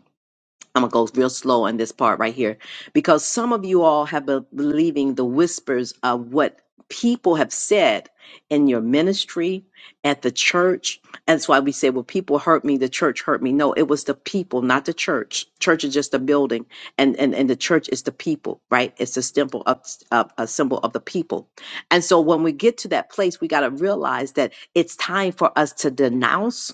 S1: I'm gonna go real slow on this part right here because some of you all have been believing the whispers of what people have said in your ministry at the church. That's why we say, "Well, people hurt me, the church hurt me." No, it was the people, not the church. Church is just a building, and and and the church is the people, right? It's a symbol of of- a symbol of the people. And so when we get to that place, we got to realize that it's time for us to denounce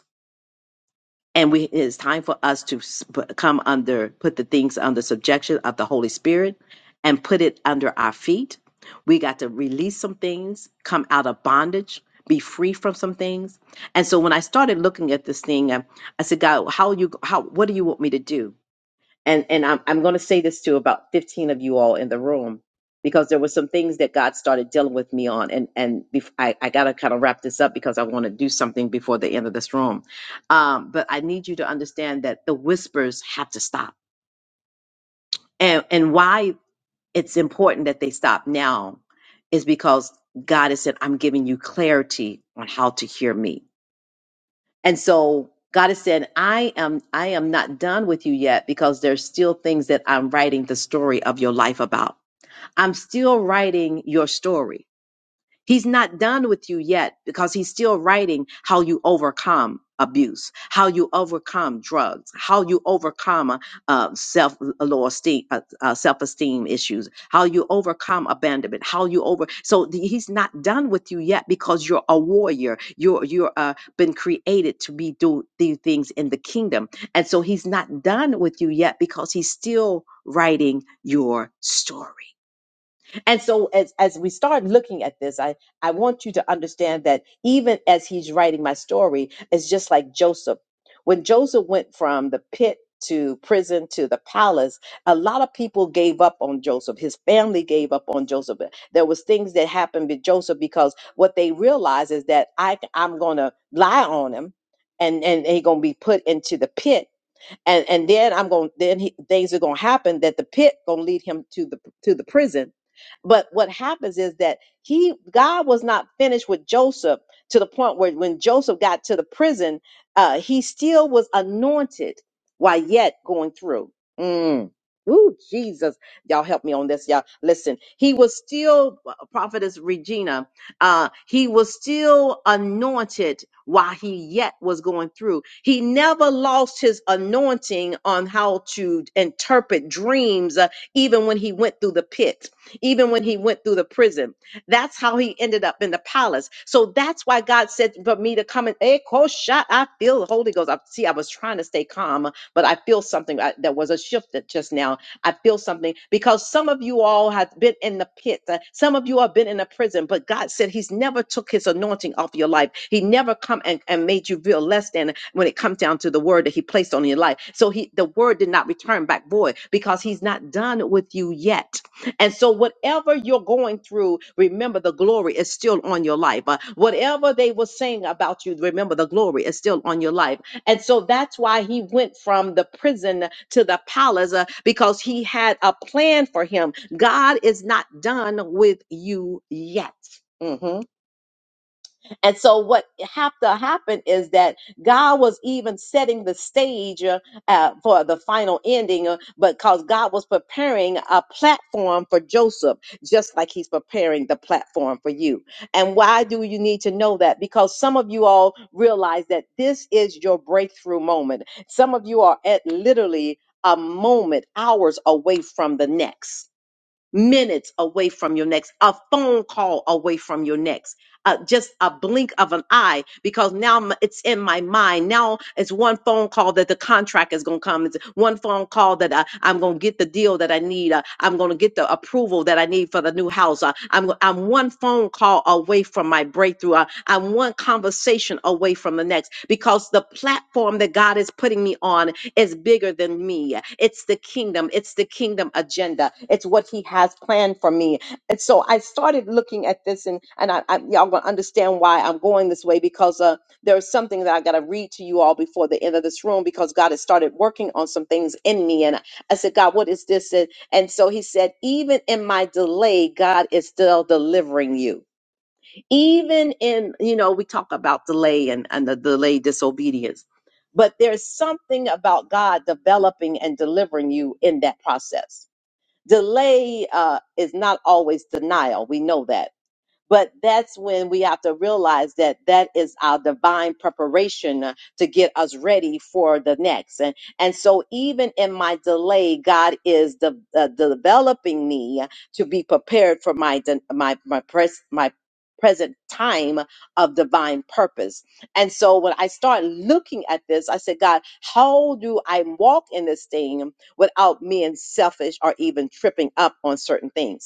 S1: and we, it is time for us to s- put- come under put the things under subjection of the holy spirit and put it under our feet we got to release some things come out of bondage be free from some things and so when i started looking at this thing i, I said god how you how what do you want me to do and and I'm I'm going to say this to about 15 of you all in the room because there were some things that God started dealing with me on, and and bef- I I got to kind of wrap this up because I want to do something before the end of this room, um, but I need you to understand that the whispers have to stop, and and why it's important that they stop now is because God has said I'm giving you clarity on how to hear me. And so God is saying, I am I am not done with you yet because there's still things that I'm writing the story of your life about. I'm still writing your story. He's not done with you yet because he's still writing how you overcome abuse, how you overcome drugs, how you overcome uh, uh, self uh, low esteem, uh, uh, self esteem issues, how you overcome abandonment, how you over. So the, he's not done with you yet because you're a warrior. You're you're uh, been created to be do do things in the kingdom, and so he's not done with you yet because he's still writing your story. And so as as we start looking at this, I I want you to understand that even as he's writing my story, it's just like Joseph. When Joseph went from the pit to prison to the palace a lot of people gave up on joseph his family gave up on joseph there was things that happened with joseph because what they realized is that i i'm gonna lie on him and and, and he's gonna be put into the pit and and then I'm going then he, things are going to happen that the pit going to lead him to the to the prison. But what happens is that he God was not finished with Joseph to the point where when Joseph got to the prison, uh, he still was anointed while yet going through. Mm. Ooh, Jesus. Y'all help me on this. Y'all listen. He was still uh, prophetess Regina uh, he was still anointed while he yet was going through. He never lost his anointing on how to interpret dreams, uh, even when he went through the pit, even when he went through the prison. That's how he ended up in the palace. So that's why God said for me to come and hey, coach shot. I feel the Holy Ghost. I see. I was trying to stay calm, but I feel something. I, there was a shift that just now I feel something because some of you all have been in the pit. uh, Some of you have been in a prison, but God said He's never took His anointing off your life. He never come and, and made you feel less than when it comes down to the word that He placed on your life. So He, the word did not return back void because He's not done with you yet. And so, whatever you're going through, remember the glory is still on your life. Uh, whatever they were saying about you, remember the glory is still on your life and so that's why he went from the prison to the palace uh, because he had a plan for him. God is not done with you yet. Mhm. And so what have to happen is that God was even setting the stage uh, uh, for the final ending, uh, because God was preparing a platform for Joseph, just like he's preparing the platform for you. And why do you need to know that? Because some of you all realize that this is your breakthrough moment. Some of you are at literally a moment, hours away from the next minutes away from your next, a phone call away from your next, uh, just a blink of an eye, because now m- it's in my mind. Now it's one phone call that the contract is going to come. It's one phone call that I, I'm going to get the deal that I need. Uh, I'm going to get the approval that I need for the new house. Uh, I'm, go- I'm one phone call away from my breakthrough. Uh, I'm one conversation away from the next, because the platform that God is putting me on is bigger than me. It's the kingdom. It's the kingdom agenda. It's what he has planned for me. And so I started looking at this, and and I, I y'all gonna understand why I'm going this way because uh, there's something that I gotta read to you all before the end of this room because God has started working on some things in me, and I I said, God, what is this? And, and so He said, even in my delay, God is still delivering you even in you know we talk about delay and, and the delay disobedience but there's something about god developing and delivering you in that process delay uh, is not always denial we know that but that's when we have to realize that that is our divine preparation uh, to get us ready for the next. And, and so, even in my delay, God is de- uh, developing me to be prepared for my de- my my pres- my present time of divine purpose. And so when I start looking at this, I said, God, how do I walk in this thing without being selfish or even tripping up on certain things?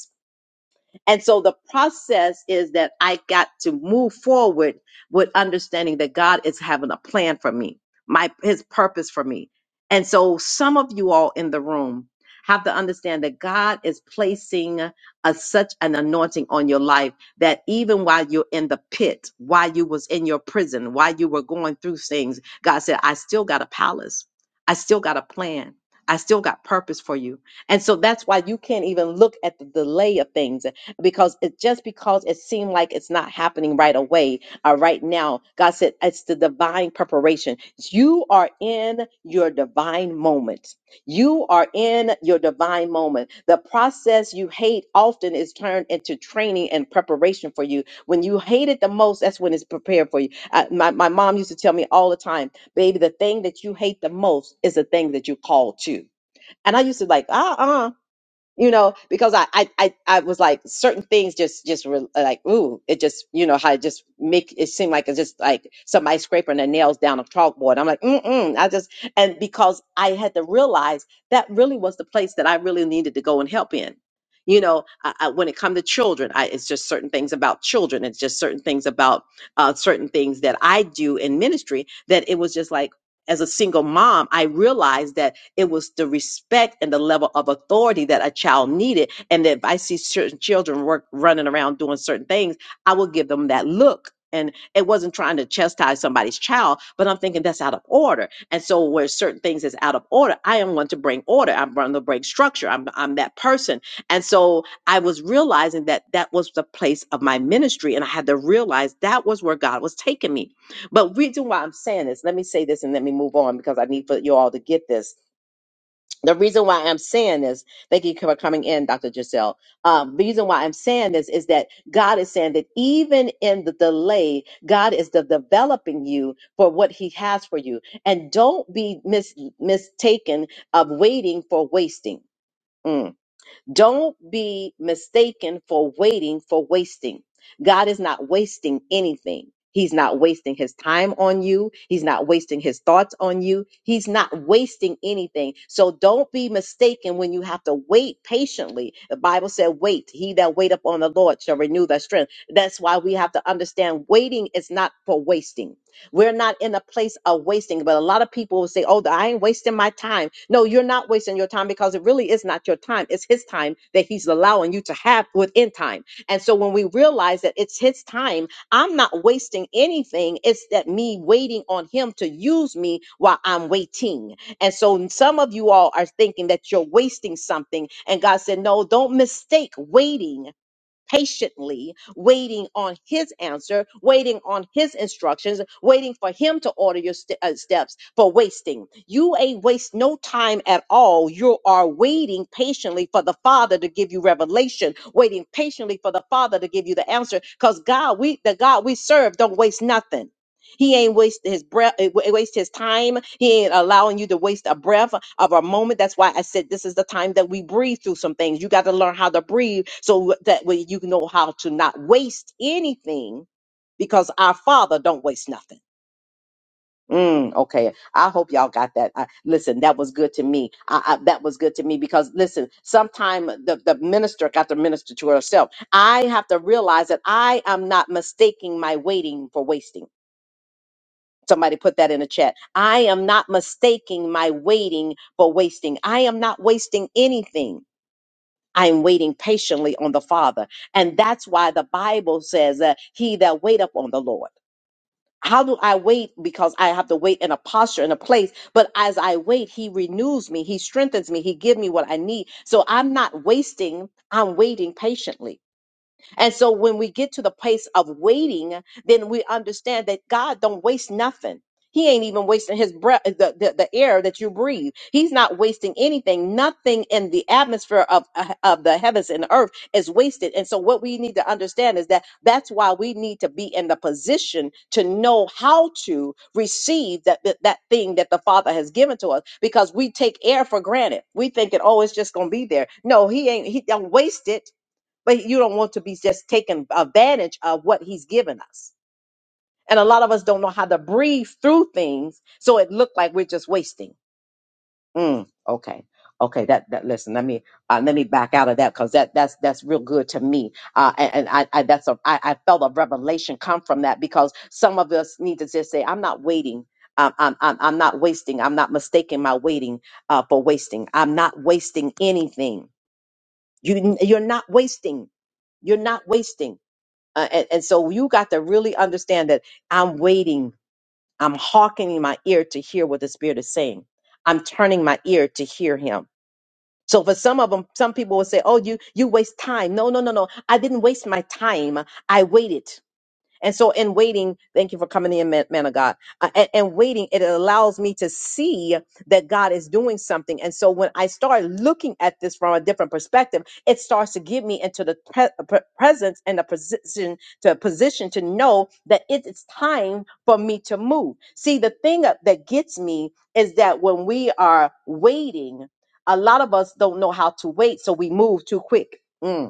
S1: And so the process is that I got to move forward with understanding that God is having a plan for me, my his purpose for me. And so some of you all in the room have to understand that God is placing a, such an anointing on your life that even while you're in the pit, while you was in your prison, while you were going through things, God said, I still got a palace. I still got a plan. I still got purpose for you. And so that's why you can't even look at the delay of things because it just because it seemed like it's not happening right away or right now god said it's the divine preparation you are in your divine moment you are in your divine moment the process you hate often is turned into training and preparation for you when you hate it the most that's when it's prepared for you Uh, my, my mom used to tell me all the time baby the thing that you hate the most is the thing that you call to and i used to like uh-uh you know, because I, I, I, I was like certain things just, just re- like, ooh, it just, you know, how it just make it seem like it's just like somebody scraping their nails down a chalkboard. I'm like, mm mm. I just, and because I had to realize that really was the place that I really needed to go and help in. You know, I, I, when it comes to children, I, it's just certain things about children. It's just certain things about uh, certain things that I do in ministry that it was just like, as a single mom, I realized that it was the respect and the level of authority that a child needed. And if I see certain children work running around doing certain things, I will give them that look. And it wasn't trying to chastise somebody's child, but I'm thinking that's out of order. And so where certain things is out of order, I am one to bring order. I'm one to bring structure. I'm I'm that person. And so I was realizing that that was the place of my ministry, and I had to realize that was where God was taking me. But reason why I'm saying this, let me say this, and let me move on because I need for you all to get this the reason why I'm saying this, thank you for coming in, Dr. Giselle. Um, the reason why I'm saying this is that God is saying that even in the delay, God is de- developing you for what He has for you. And don't be mis- mistaken of waiting for wasting. Mm. Don't be mistaken for waiting for wasting. God is not wasting anything. He's not wasting his time on you. He's not wasting his thoughts on you. He's not wasting anything. So don't be mistaken when you have to wait patiently. The Bible said, wait. He that wait upon the Lord shall renew their strength. That's why we have to understand waiting is not for wasting. We're not in a place of wasting, but a lot of people will say, Oh, I ain't wasting my time. No, you're not wasting your time because it really is not your time. It's His time that He's allowing you to have within time. And so when we realize that it's His time, I'm not wasting anything. It's that me waiting on Him to use me while I'm waiting. And so some of you all are thinking that you're wasting something. And God said, No, don't mistake waiting patiently waiting on his answer, waiting on his instructions, waiting for him to order your ste- uh, steps for wasting. You ain't waste no time at all. You are waiting patiently for the Father to give you revelation, waiting patiently for the Father to give you the answer. Because God, we the God we serve, don't waste nothing. He ain't wasted his breath, eh, wa- waste his time. He ain't allowing you to waste a breath of a moment. That's why I said this is the time that we breathe through some things. You got to learn how to breathe so that way you know how to not waste anything because our Father don't waste nothing. Mm, okay, I hope y'all got that. I, listen, that was good to me. I, I, that was good to me because listen, sometime the, the minister got to minister to herself. I have to realize that I am not mistaking my waiting for wasting. Somebody put that in the chat. I am not mistaking my waiting for wasting. I am not wasting anything. I am waiting patiently on the Father. And that's why the Bible says that he that wait up on the Lord. How do I wait? Because I have to wait in a posture, in a place. But as I wait, he renews me. He strengthens me. He gives me what I need. So I'm not wasting. I'm waiting patiently. And so when we get to the place of waiting, then we understand that God don't waste nothing. He ain't even wasting his breath, the, the, the air that you breathe. He's not wasting anything. Nothing in the atmosphere of, of the heavens and earth is wasted. And so what we need to understand is that that's why we need to be in the position to know how to receive that, that, that thing that the Father has given to us because we take air for granted. We think, oh, it's just going to be there. No, he ain't, he don't waste it but you don't want to be just taking advantage of what he's given us. And a lot of us don't know how to breathe through things, so it looked like we're just wasting. Mm, okay, okay. That that listen. Let me uh, let me back out of that because that that's that's real good to me. Uh, and, and I, I that's a I, I felt a revelation come from that because some of us need to just say, I'm not waiting. I'm, I'm, I'm I'm not wasting. I'm not mistaking my waiting uh, for wasting. I'm not wasting anything. You, you're not wasting. You're not wasting. Uh, and, and so you got to really understand that I'm waiting. I'm hearkening my ear to hear what the Spirit is saying. I'm turning my ear to hear Him. So for some of them, some people will say, "Oh, you you waste time." No, no, no, no. I didn't waste my time. I waited. And so in waiting, thank you for coming in, man, man of God. Uh, and, and waiting, it allows me to see that God is doing something. And so when I start looking at this from a different perspective, it starts to get me into the pre- pre- presence and the position to position to know that it is time for me to move. See, the thing that that gets me is that when we are waiting, a lot of us don't know how to wait, so we move too quick. Mm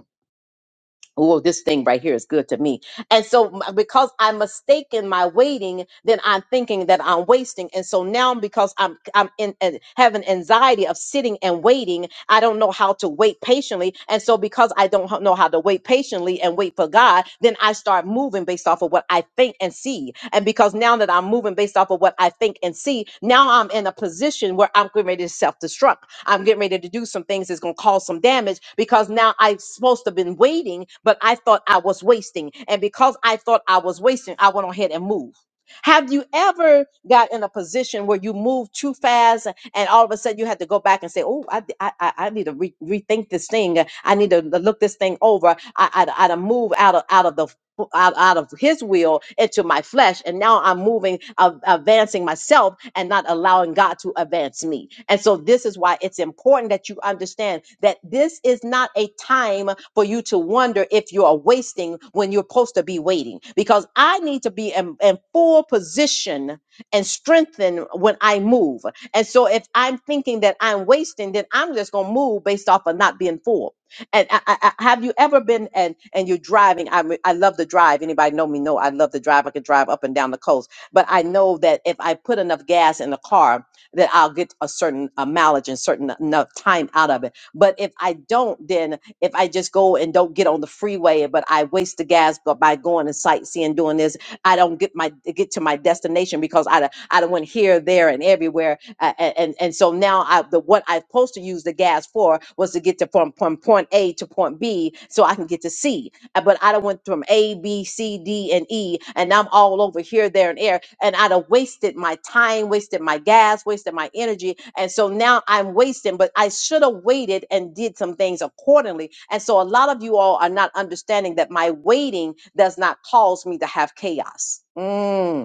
S1: well, this thing right here is good to me. And so, m- because I'm mistaken my waiting, then I'm thinking that I'm wasting. And so now, because I'm I'm in, in having anxiety of sitting and waiting, I don't know how to wait patiently. And so, because I don't ho- know how to wait patiently and wait for God, then I start moving based off of what I think and see. And because now that I'm moving based off of what I think and see, now I'm in a position where I'm getting ready to self destruct. I'm getting ready to do some things that's going to cause some damage because now I'm supposed to have been waiting, but I thought I was wasting. And because I thought I was wasting, I went ahead and moved. Have you ever got in a position where you moved too fast and all of a sudden you had to go back and say, "Oh, I, d- I, I- I need to re- rethink this thing. I need to l- look this thing over. I, I, I to move out of out of the f- out, out of his will into my flesh and now i'm moving uh, advancing myself and not allowing god to advance me and so this is why it's important that you understand that this is not a time for you to wonder if you are wasting when you're supposed to be waiting because i need to be in, in full position and strengthen when i move and so if i'm thinking that i'm wasting then i'm just going to move based off of not being full and I, I, I, have you ever been and and you're driving? I am I love to drive. Anybody know me? Know I love to drive. I can drive up and down the coast. But I know that if I put enough gas in the car, that I'll get a certain uh, mileage and certain enough time out of it. But if I don't, then if I just go and don't get on the freeway, but I waste the gas bu- by going and sightseeing, doing this, I don't get my get to my destination because I done- I don't went here, there, and everywhere uh, a- and and so now I the what I supposed to use the gas for was to get to from from point A to point B so I can get to C. Uh, But I done went from A B C D and E, and I'm all over here, there, and there, and I done wasted my time, wasted my gas, wasted my energy, and so now I'm wasting. But I should have waited and did some things accordingly. And so a lot of you all are not understanding that my waiting does not cause me to have chaos. Mm.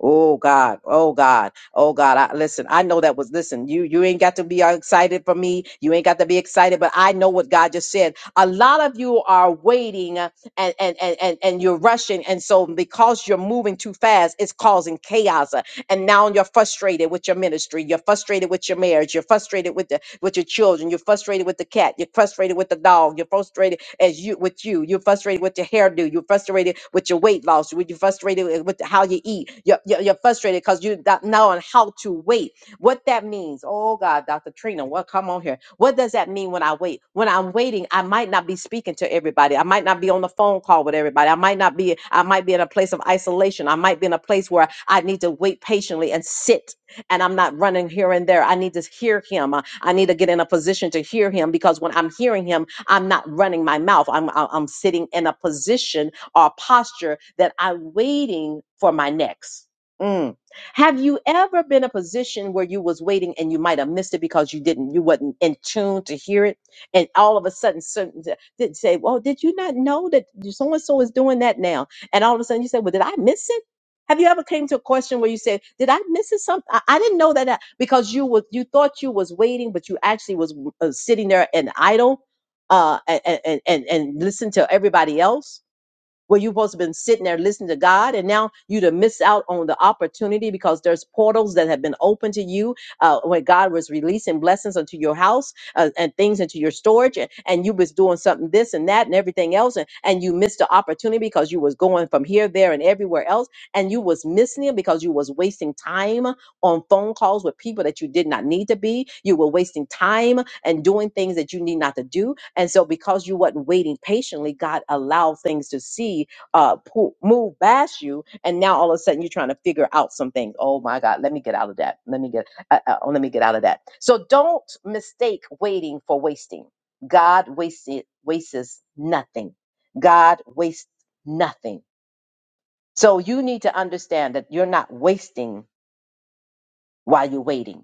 S1: Oh God, oh God, oh God. I, listen, I know that was listen, you you ain't got to be excited for me. You ain't got to be excited, but I know what God just said. A lot of you are waiting uh, and and and and, and you're rushing, and so because you're moving too fast, it's causing chaos. uh, and now you're frustrated with your ministry you're frustrated with your marriage you're frustrated with the with your children you're frustrated with the cat you're frustrated with the dog you're frustrated as you with you you're frustrated with your hairdo you're frustrated with your weight loss you're frustrated with how you eat you're, you're, you're frustrated because you don't know on how to wait what that means, oh God, Dr. Trina, what come on here? What does that mean when I wait? When I'm waiting, I might not be speaking to everybody. I might not be on the phone call with everybody. I might not be, I might be in a place of isolation. I might be in a place where I need to wait patiently and sit and I'm not running here and there. I need to hear him. I I need to get in a position to hear him because when I'm hearing him, I'm not running my mouth. I'm I'm I'm sitting in a position or posture that I'm waiting for my next. Mm. Have you ever been in a position where you was waiting and you might have missed it because you didn't, you wasn't in tune to hear it, and all of a sudden, certain uh, did say, "Well, did you not know that so and so is doing that now?" And all of a sudden, you say, "Well, did I miss it?" Have you ever came to a question where you said, "Did I miss it? Something I, I didn't know that," I-" because you was you thought you was waiting, but you actually was uh, sitting there and idle, uh, and and and, and listen to everybody else where you supposed to have been sitting there listening to God, and now you to miss out on the opportunity because there's portals that have been open to you uh, when God was releasing blessings into your house uh, and things into your storage, and, and you was doing something this and that and everything else, and, and you missed the opportunity because you was going from here, there, and everywhere else, and you was missing it because you was wasting time on phone calls with people that you did not need to be. You were wasting time and doing things that you need not to do. And so, because you wasn't waiting patiently, God allowed things to see uh, po- move past you. And now all of a sudden, you're trying to figure out some things. Oh my God, let me get out of that. Let me get, uh, uh, oh, let me get out of that. So don't mistake waiting for wasting. God wasted wastes nothing. God wastes nothing. So you need to understand that you're not wasting while you're waiting.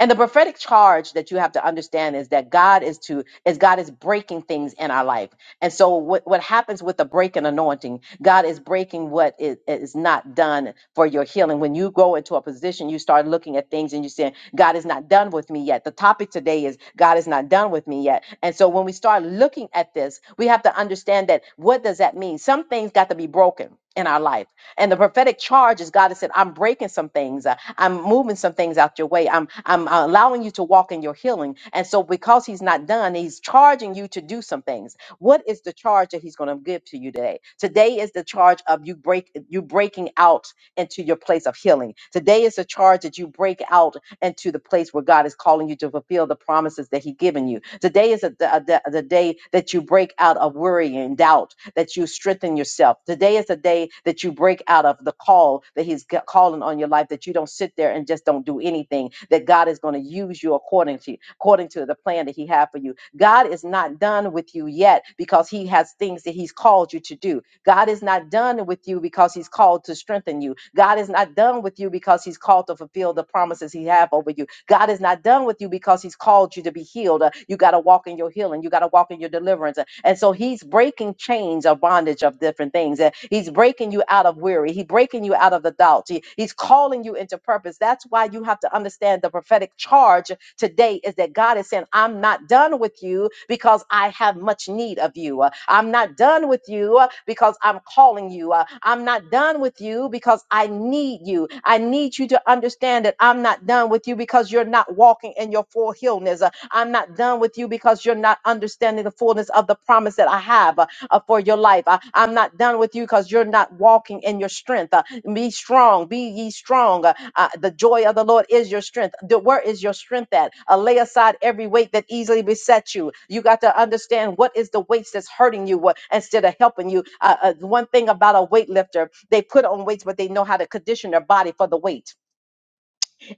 S1: And the prophetic charge that you have to understand is that God is to is God is breaking things in our life. And so what, what happens with the break and anointing, God is breaking what is, is not done for your healing. When you go into a position, you start looking at things and you're saying, God is not done with me yet. The topic today is God is not done with me yet. And so when we start looking at this, we have to understand that what does that mean? Some things got to be broken in our life and the prophetic charge is God has said, I'm breaking some things. uh, I'm moving some things out your way. I'm I'm uh, allowing you to walk in your healing. And so because he's not done, he's charging you to do some things. What is the charge that he's going to give to you today? Today is the charge of you break you breaking out into your place of healing. Today is the charge that you break out and to the place where God is calling you to fulfill the promises that He's given you. Today is a, a- the the day that you break out of worry and doubt, that you strengthen yourself. Today is the day that you break out of the call that He's ca- calling on your life, that you don't sit there and just don't do anything, that God is going to use you according to, according to the plan that He had for you. God is not done with you yet because He has things that He's called you to do. God is not done with you because he's called to strengthen you. God is not done with you because he's called to fulfill the promises he have over you. God is not done with you because he's called you to be healed. Uh, You got to walk in your healing. You got to walk in your deliverance. Uh, And so he's breaking chains of bondage of different things. Uh, He's breaking you out of weary. He's breaking you out of the doubt. He- he's calling calling you into purpose. That's why you have to understand the prophetic charge today is that God is saying, I'm not done with you because I have much need of you. Uh, I'm not done with you uh, because I'm calling you. Uh, I'm not done with you because I need you. I need you to understand that I'm not done with you because you're not walking in your full healness. Uh, I'm not done with you because you're not understanding the fullness of the promise that I have. Uh, uh, for your life. Uh, I'm not done with you because you're not walking in your strength. Uh, be strong, be ye strong. Uh, uh, the joy of the Lord is your strength. The, where is your strength at? Uh, lay aside every weight that easily besets you. You got to understand what is the weights that's hurting you what, instead of helping you. Uh, uh, one thing about a weightlifter, they put on weights, but they know how to condition their body for the weight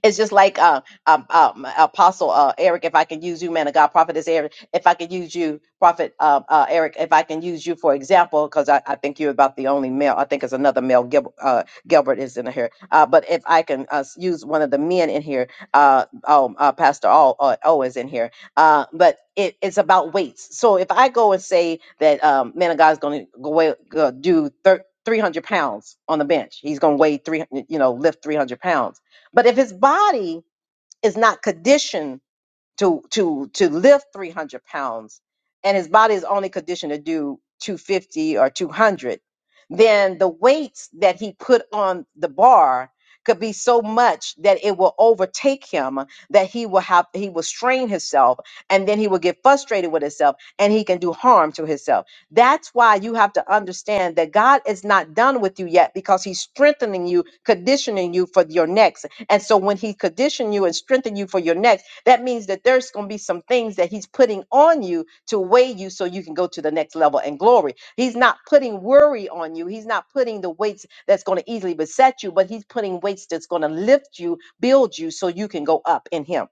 S1: it's just like uh, um, um, Apostle uh, Eric, if I can use you, man of God, Prophet Eric, if I could use you, Prophet uh, uh, Eric, if I can use you for example, because I, I think you're about the only male. I think it's another male. Gil, uh, Gilbert is in here, uh, but if I can uh, s- use one of the men in here, uh, oh, uh, Pastor O, uh, o is in here, uh, but it, it's about weights. So if I go and say that um, man of God is going to go weigh- go do thir- 300 pounds on the bench, he's going to weigh three, you know, lift 300 pounds but if his body is not conditioned to to to lift 300 pounds and his body is only conditioned to do 250 or 200 then the weights that he put on the bar could be so much that it will overtake him that he will have he will strain himself and then he will get frustrated with himself and he can do harm to himself that's why you have to understand that god is not done with you yet because he's strengthening you conditioning you for your next and so when he condition you and strengthen you for your next that means that there's going to be some things that He's putting on you to weigh you so you can go to the next level and glory. He's not putting worry on you. He's not putting the weights that's going to easily beset you, but He's putting weights that's going to lift you, build you so you can go up in Him.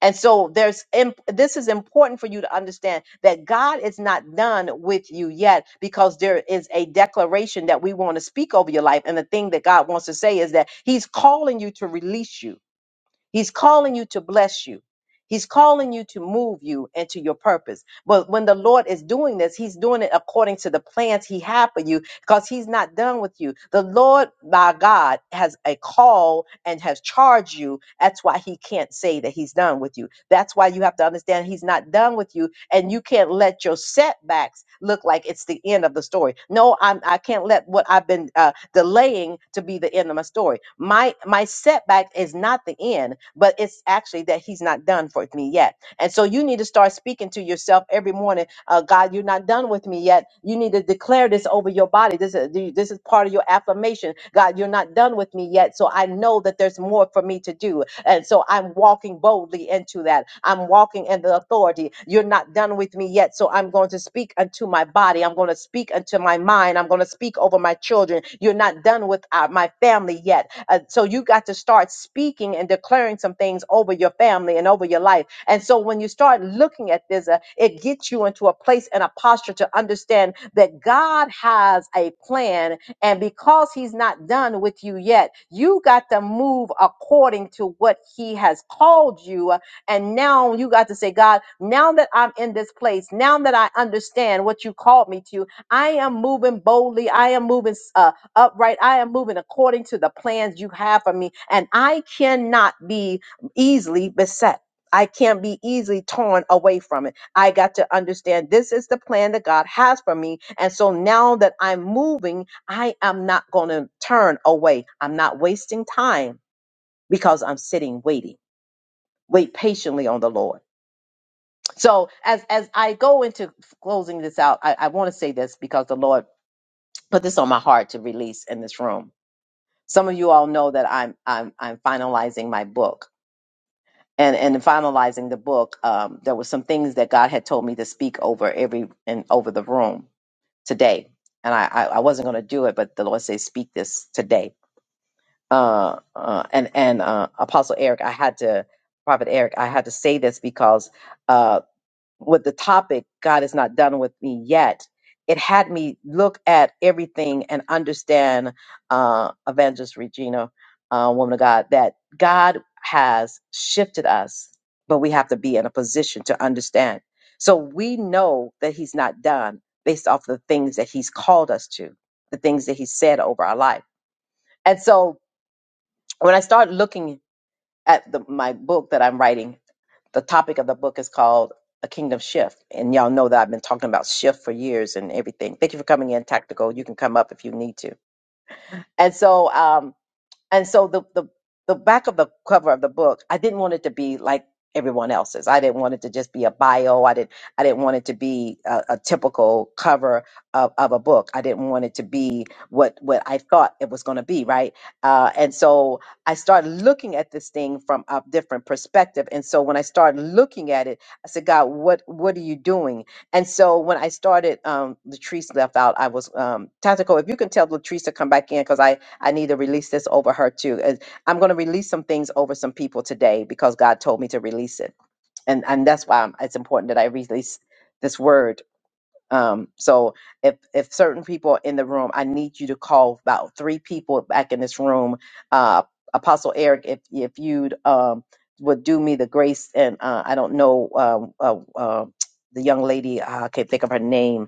S1: And so there's imp- this is important for you to understand that God is not done with you yet because there is a declaration that we want to speak over your life and the thing that God wants to say is that he's calling you to release you. He's calling you to bless you. He's calling you to move you into your purpose. But when the Lord is doing this, He's doing it according to the plans He had for you because He's not done with you. The Lord, my God, has a call and has charged you. That's why He can't say that He's done with you. That's why you have to understand He's not done with you and you can't let your setbacks look like it's the end of the story. No, I'm, I can't let what I've been. uh, delaying to be the end of my story. My my setback is not the end, but it's actually that he's not done for me yet. And so you need to start speaking to yourself every morning. Uh, God, you're not done with me yet. You need to declare this over your body. This is this is part of your affirmation. God, you're not done with me yet. So I know that there's more for me to do. And so I'm walking boldly into that. I'm walking in the authority. You're not done with me yet. So I'm going to speak unto my body. I'm going to speak unto my mind. I'm going to speak over my children. You're not done with uh, my family yet. Uh, so you got to start speaking and declaring some things over your family and over your life. And so when you start looking at this, uh, it gets you into a place and a posture to understand that God has a plan and because he's not done with you yet, you got to move according to what he has called you. And now you got to say, God, now that I'm in this place, now that I understand what you called me to, I am moving boldly. I am moving uh, upright. I am moving according to the plans you have for me. And I cannot be easily beset. I can't be easily torn away from it. I got to understand this is the plan that God has for me. And so now that I'm moving I am not going to turn away. I'm not wasting time because I'm sitting waiting. Wait patiently on the Lord. So as as I go into closing this out, I, I want to say this because the Lord put this on my heart to release in this room. Some of you all know that I'm I'm I'm finalizing my book. And, and in finalizing the book, um, there were some things that God had told me to speak over every and over the room today, and I, I, I wasn't going to do it, but the Lord says, "Speak this today." uh, uh, and and uh, Apostle Eric, I had to Prophet Eric, I had to say this because uh, with the topic, God is not done with me yet. It had me look at everything and understand, uh, Evangelist Regina, uh, woman of God, that God has shifted us, but we have to be in a position to understand. So we know that He's not done based off the things that He's called us to, the things that He said over our life. And so when I start looking at the, my book that I'm writing, the topic of the book is called A Kingdom Shift. And y'all know that I've been talking about shift for years and everything. Thank you for coming in, Tactical. You can come up if you need to. And so, um, and so the the the back of the cover of the book, I didn't want it to be like everyone else's. I didn't want it to just be a bio. I didn't I didn't want it to be a, a typical cover of, of a book. I didn't want it to be what what I thought it was going to be, right? Uh, and so I started looking at this thing from a different perspective. And so when I started looking at it, I said, God, what what are you doing? And so when I started, um, Latrice left out. I was um, tactical. If you can tell Latrice to come back in, because I I need to release this over her too. As- I'm going to release some things over some people today because God told me to release it, and and that's why I'm- it's important that I release this word um, so if if certain people are in the room, I need you to call about three people back in this room. Uh, Apostle Eric, if if you'd um, would do me the grace, and uh, I don't know um, uh, uh, the young lady, uh, I can't think of her name,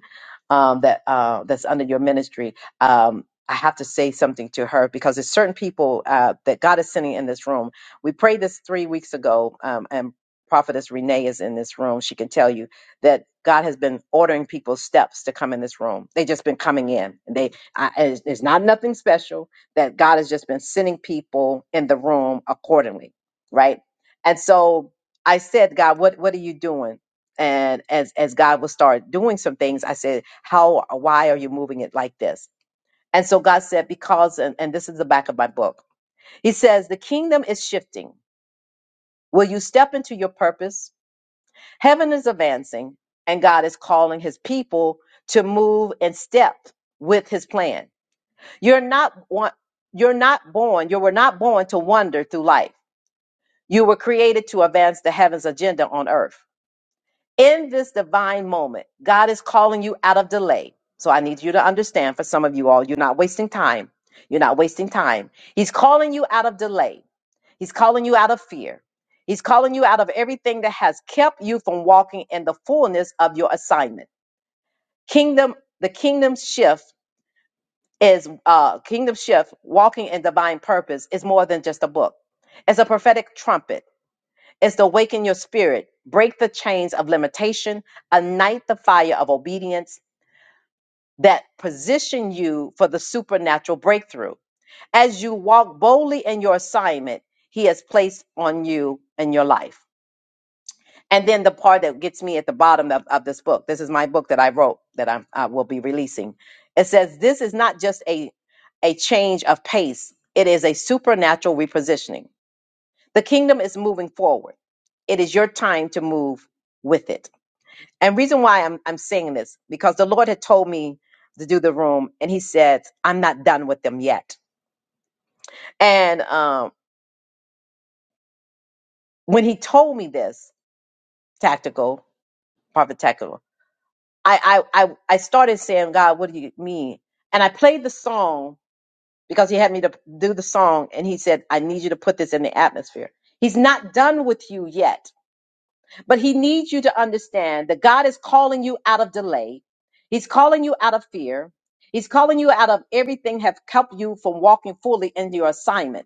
S1: um, that uh, that's under your ministry. Um, I have to say something to her because there's certain people uh, that God is sending in this room. We prayed this three weeks ago, um, and Prophetess Renee is in this room. She can tell you that God has been ordering people's steps to come in this room. They've just been coming in. And They I, it's, it's not nothing special that God has just been sending people in the room accordingly, right? And so I said, God, what what are you doing? And as as God will start doing some things, I said, how why are you moving it like this? And so God said, because and, and this is the back of my book. He says, the kingdom is shifting. Will you step into your purpose? Heaven is advancing, and God is calling his people to move in step with his plan. You're not one, you're not born, you were not born to wander through life. You were created to advance the heaven's agenda on earth. In this divine moment, God is calling you out of delay. So I need you to understand for some of you all, you're not wasting time. You're not wasting time. He's calling you out of delay. He's calling you out of fear. He's calling you out of everything that has kept you from walking in the fullness of your assignment. Kingdom, the kingdom shift is uh kingdom shift, walking in divine purpose is more than just a book. It's a prophetic trumpet. It's to awaken your spirit, break the chains of limitation, ignite the fire of obedience that position you for the supernatural breakthrough. As you walk boldly in your assignment, he has placed on you in your life. And then the part that gets me at the bottom of, of this book. This is my book that I wrote that I'm, I will be releasing. It says this is not just a a change of pace. It is a supernatural repositioning. The kingdom is moving forward. It is your time to move with it. And reason why I'm I'm saying this because the Lord had told me to do the room, and He said I'm not done with them yet. And um, when He told me this, tactical prophet tactical. I, I, I, I started saying, God, what do you mean? And I played the song because he had me to do the song and he said, I need you to put this in the atmosphere. He's not done with you yet, but he needs you to understand that God is calling you out of delay. He's calling you out of fear. He's calling you out of everything have kept you from walking fully into your assignment.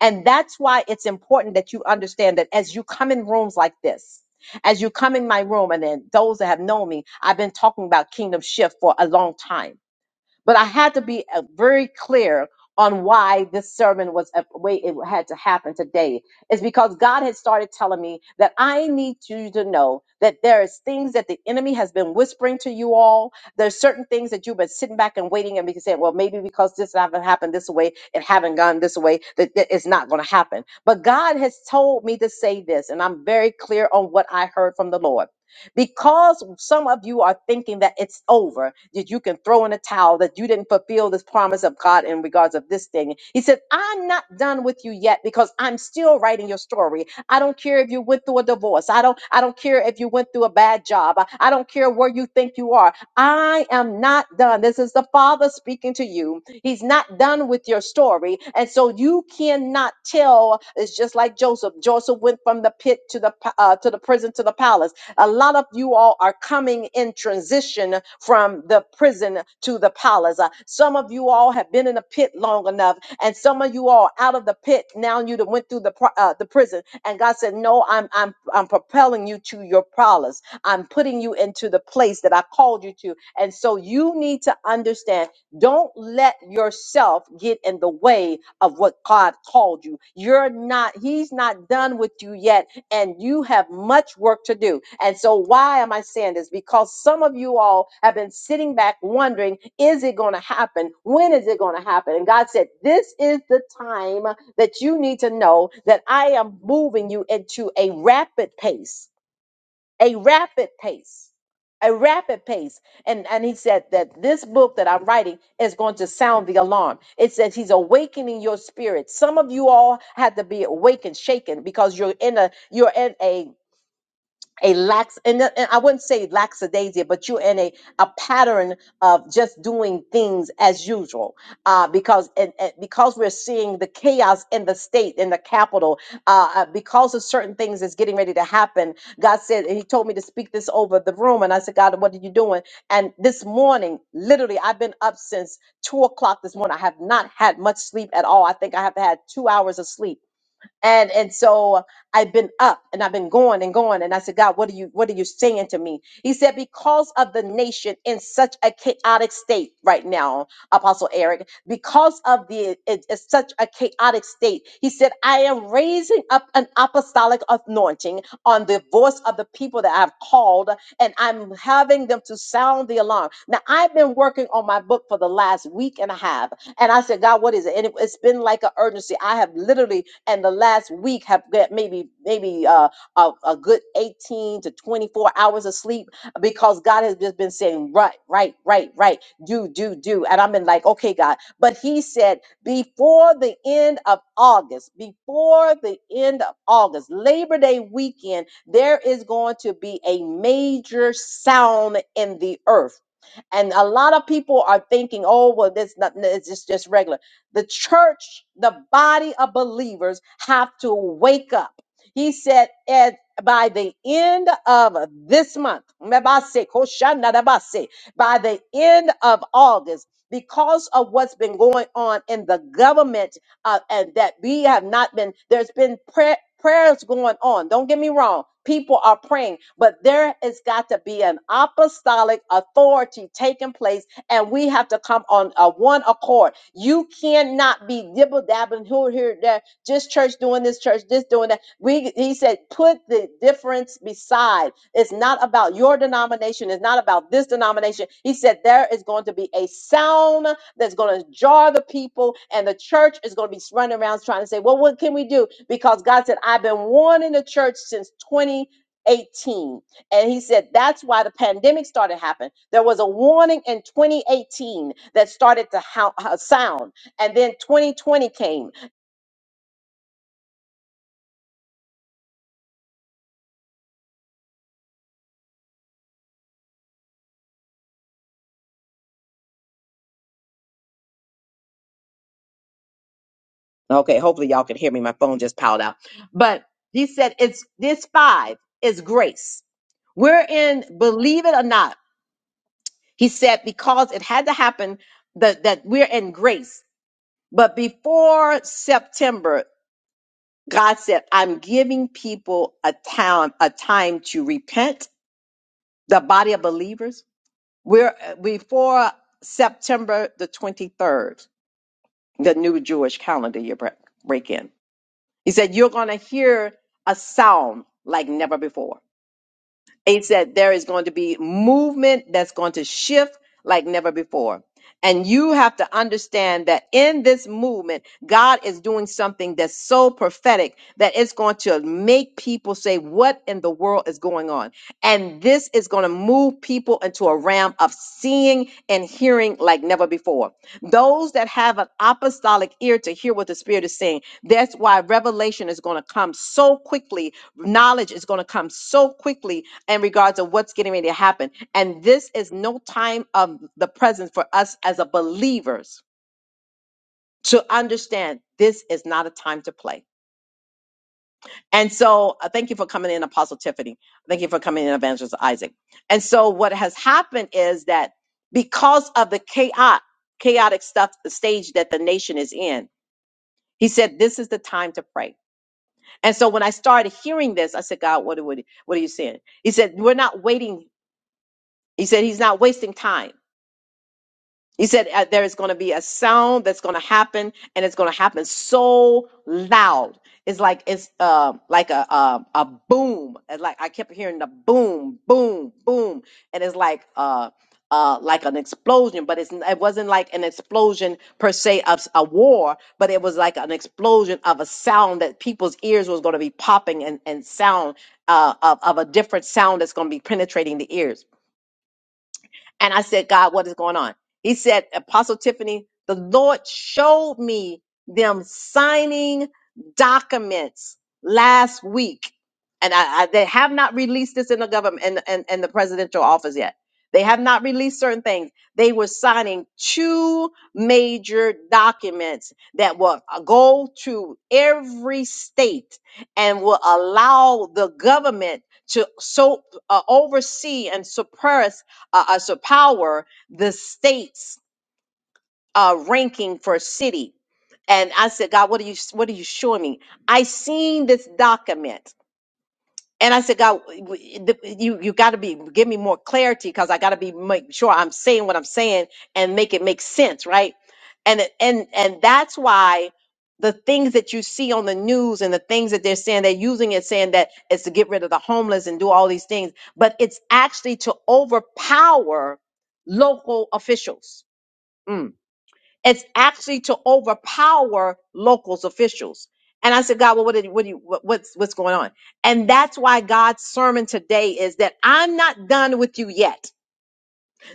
S1: And that's why it's important that you understand that as you come in rooms like this, as you come in my room, and then those that have known me, I've been talking about Kingdom Shift for a long time but I had to be uh, very clear on why this sermon was a way it had to happen today. It's because God had started telling me that I need you to know that there is things that the enemy has been whispering to you all. There's certain things that you've been sitting back and waiting and because saying, well, maybe because this haven't happened this way, it haven't gone this way, that that it's not going to happen. But God has told me to say this, and I'm very clear on what I heard from the Lord. Because some of you are thinking that it's over, that you can throw in a towel, that you didn't fulfill this promise of God in regards of this thing. He said, I'm not done with you yet because I'm still writing your story. I don't care if you went through a divorce. I don't, I don't care if you went through a bad job. I I don't care where you think you are. I am not done. This is the Father speaking to you. He's not done with your story. And so you cannot tell. It's just like Joseph. Joseph went from the pit to the pa- uh, to the prison to the palace. A lot of you all are coming in transition from the prison to the palace. Uh, Some of you all have been in the pit long enough, and some of you all are out of the pit now. You done went through the pro- uh, the prison, and God said, "No, I'm I'm I'm propelling you to your palace. I'm putting you into the place that I called you to." And so you need to understand. Don't let yourself get in the way of what God called you. You're not. He's not done with you yet and you have much work to do. And so, why am I saying this? Because some of you all have been sitting back wondering, is it going to happen? When is it going to happen? And God said, This is the time that you need to know that I am moving you into a rapid pace a rapid pace a rapid pace and and he said that this book that i'm writing is going to sound the alarm it says he's awakening your spirit some of you all had to be awakened shaken because you're in a you're in a a lax and, th- and I wouldn't say lackadaisia, but you're in a, a pattern of just doing things as usual. Uh, because and, and because we're seeing the chaos in the state, in the capital, uh, uh, because of certain things that's getting ready to happen, God said, and He told me to speak this over the room. And I said, God, what are you doing? And this morning, literally, I've been up since two o'clock this morning. I have not had much sleep at all. I think I have had two hours of sleep and and so I've been up and I've been going and going and I said God what are you what are you saying to me he said because of the nation in such a chaotic state right now apostle Eric because of the it- it's such a chaotic state he said I am raising up an apostolic anointing on the voice of the people that I've called and I'm having them to sound the alarm now I've been working on my book for the last week and a half and I said, God, what is it? And it, has been like an urgency. I have literally, and the last week, have got maybe maybe uh, a, a good 18 to 24 hours of sleep because God has just been saying, right, right, right, right, do, do, do. And I've been like, okay, God. But He said, before the end of August, before the end of August, Labor Day weekend, there is going to be a major sound in the earth and a lot of people are thinking, oh, well, this not, it's just, just regular. The church, the body of believers have to wake up. He said, at, by the end of this month, mebase, koshanadabase, by the end of August, because of what's been going on in the government uh, and that we have not been there's been prayer prayers going on don't get me wrong people are praying but there has got to be an apostolic authority taking place and we have to come on a one accord you cannot be dibble dabbling here here there just church doing this church this doing that we he said put the difference beside it's not about your denomination it's not about this denomination he said there is going to be a sound that's going to jar the people, and the church is going to be running around trying to say, Well, what can we do? Because God said, I've been warning the church since 2018, and he said that's why the pandemic started happening there was a warning in 2018 that started to hou- uh, sound and then 2020 came okay hopefully y'all can hear me my phone just piled out but he said it's this five is grace we're in believe it or not He said, because it had to happen that, that we're in grace. But before September, God said, I'm giving people a time, a time to repent, the body of believers. We're uh, before September the 23rd, the new Jewish calendar year break, break in. He said, You're going to hear a sound like never before. He said there is going to be movement that's going to shift like never before. And you have to understand that in this movement, God is doing something that's so prophetic that it's going to make people say, What in the world is going on? And this is going to move people into a realm of seeing and hearing like never before. Those that have an apostolic ear to hear what the Spirit is saying, that's why revelation is going to come so quickly knowledge is going to come so quickly in regards to what's getting ready to happen. And this is no time of the present for us as a believers to understand this is not a time to play. And so uh, thank you for coming in, Apostle Tiffany. Thank you for coming in, Evangelist Isaac. And so what has happened is that because of the chaotic, chaotic stuff, the stage that the nation is in, he said, this is the time to pray. And so when I started hearing this, I said, God, what, what, what are you saying? He said, we're not waiting. He said, he's not wasting time. He said uh, there is going to be a sound that's going to happen, and it's going to happen so loud. It's like it's uh, like a, a a boom. It's like I kept hearing the boom, boom, boom, and it's like uh uh like an explosion. But it's it wasn't like an explosion per se of s- a war, but it was like an explosion of a sound that people's ears was going to be popping and and sound uh of, of a different sound that's going to be penetrating the ears. And I said, God, what is going on? He said, Apostle Tiffany, the Lord showed me them signing documents last week. And I, I, they have not released this in the government and, and, and the presidential office yet. They have not released certain things. They were signing two major documents that will go to every state and will allow the government to so uh, oversee and suppress uh, uh, superpower the state's uh, ranking for city. And I said, God, what are you what are you showing me? I seen this document and I said, God, w- w- you you got to be give me more clarity because I got to be make sure I'm saying what I'm saying and make it make sense, right? And it- and and that's why the things that you see on the news and the things that they're saying, they're using it saying that it's to get rid of the homeless and do all these things, but it's actually to overpower local officials. Mm. It's actually to overpower locals officials. And I said, God, well, what did what do you what, what's what's going on? And that's why God's sermon today is that I'm not done with you yet.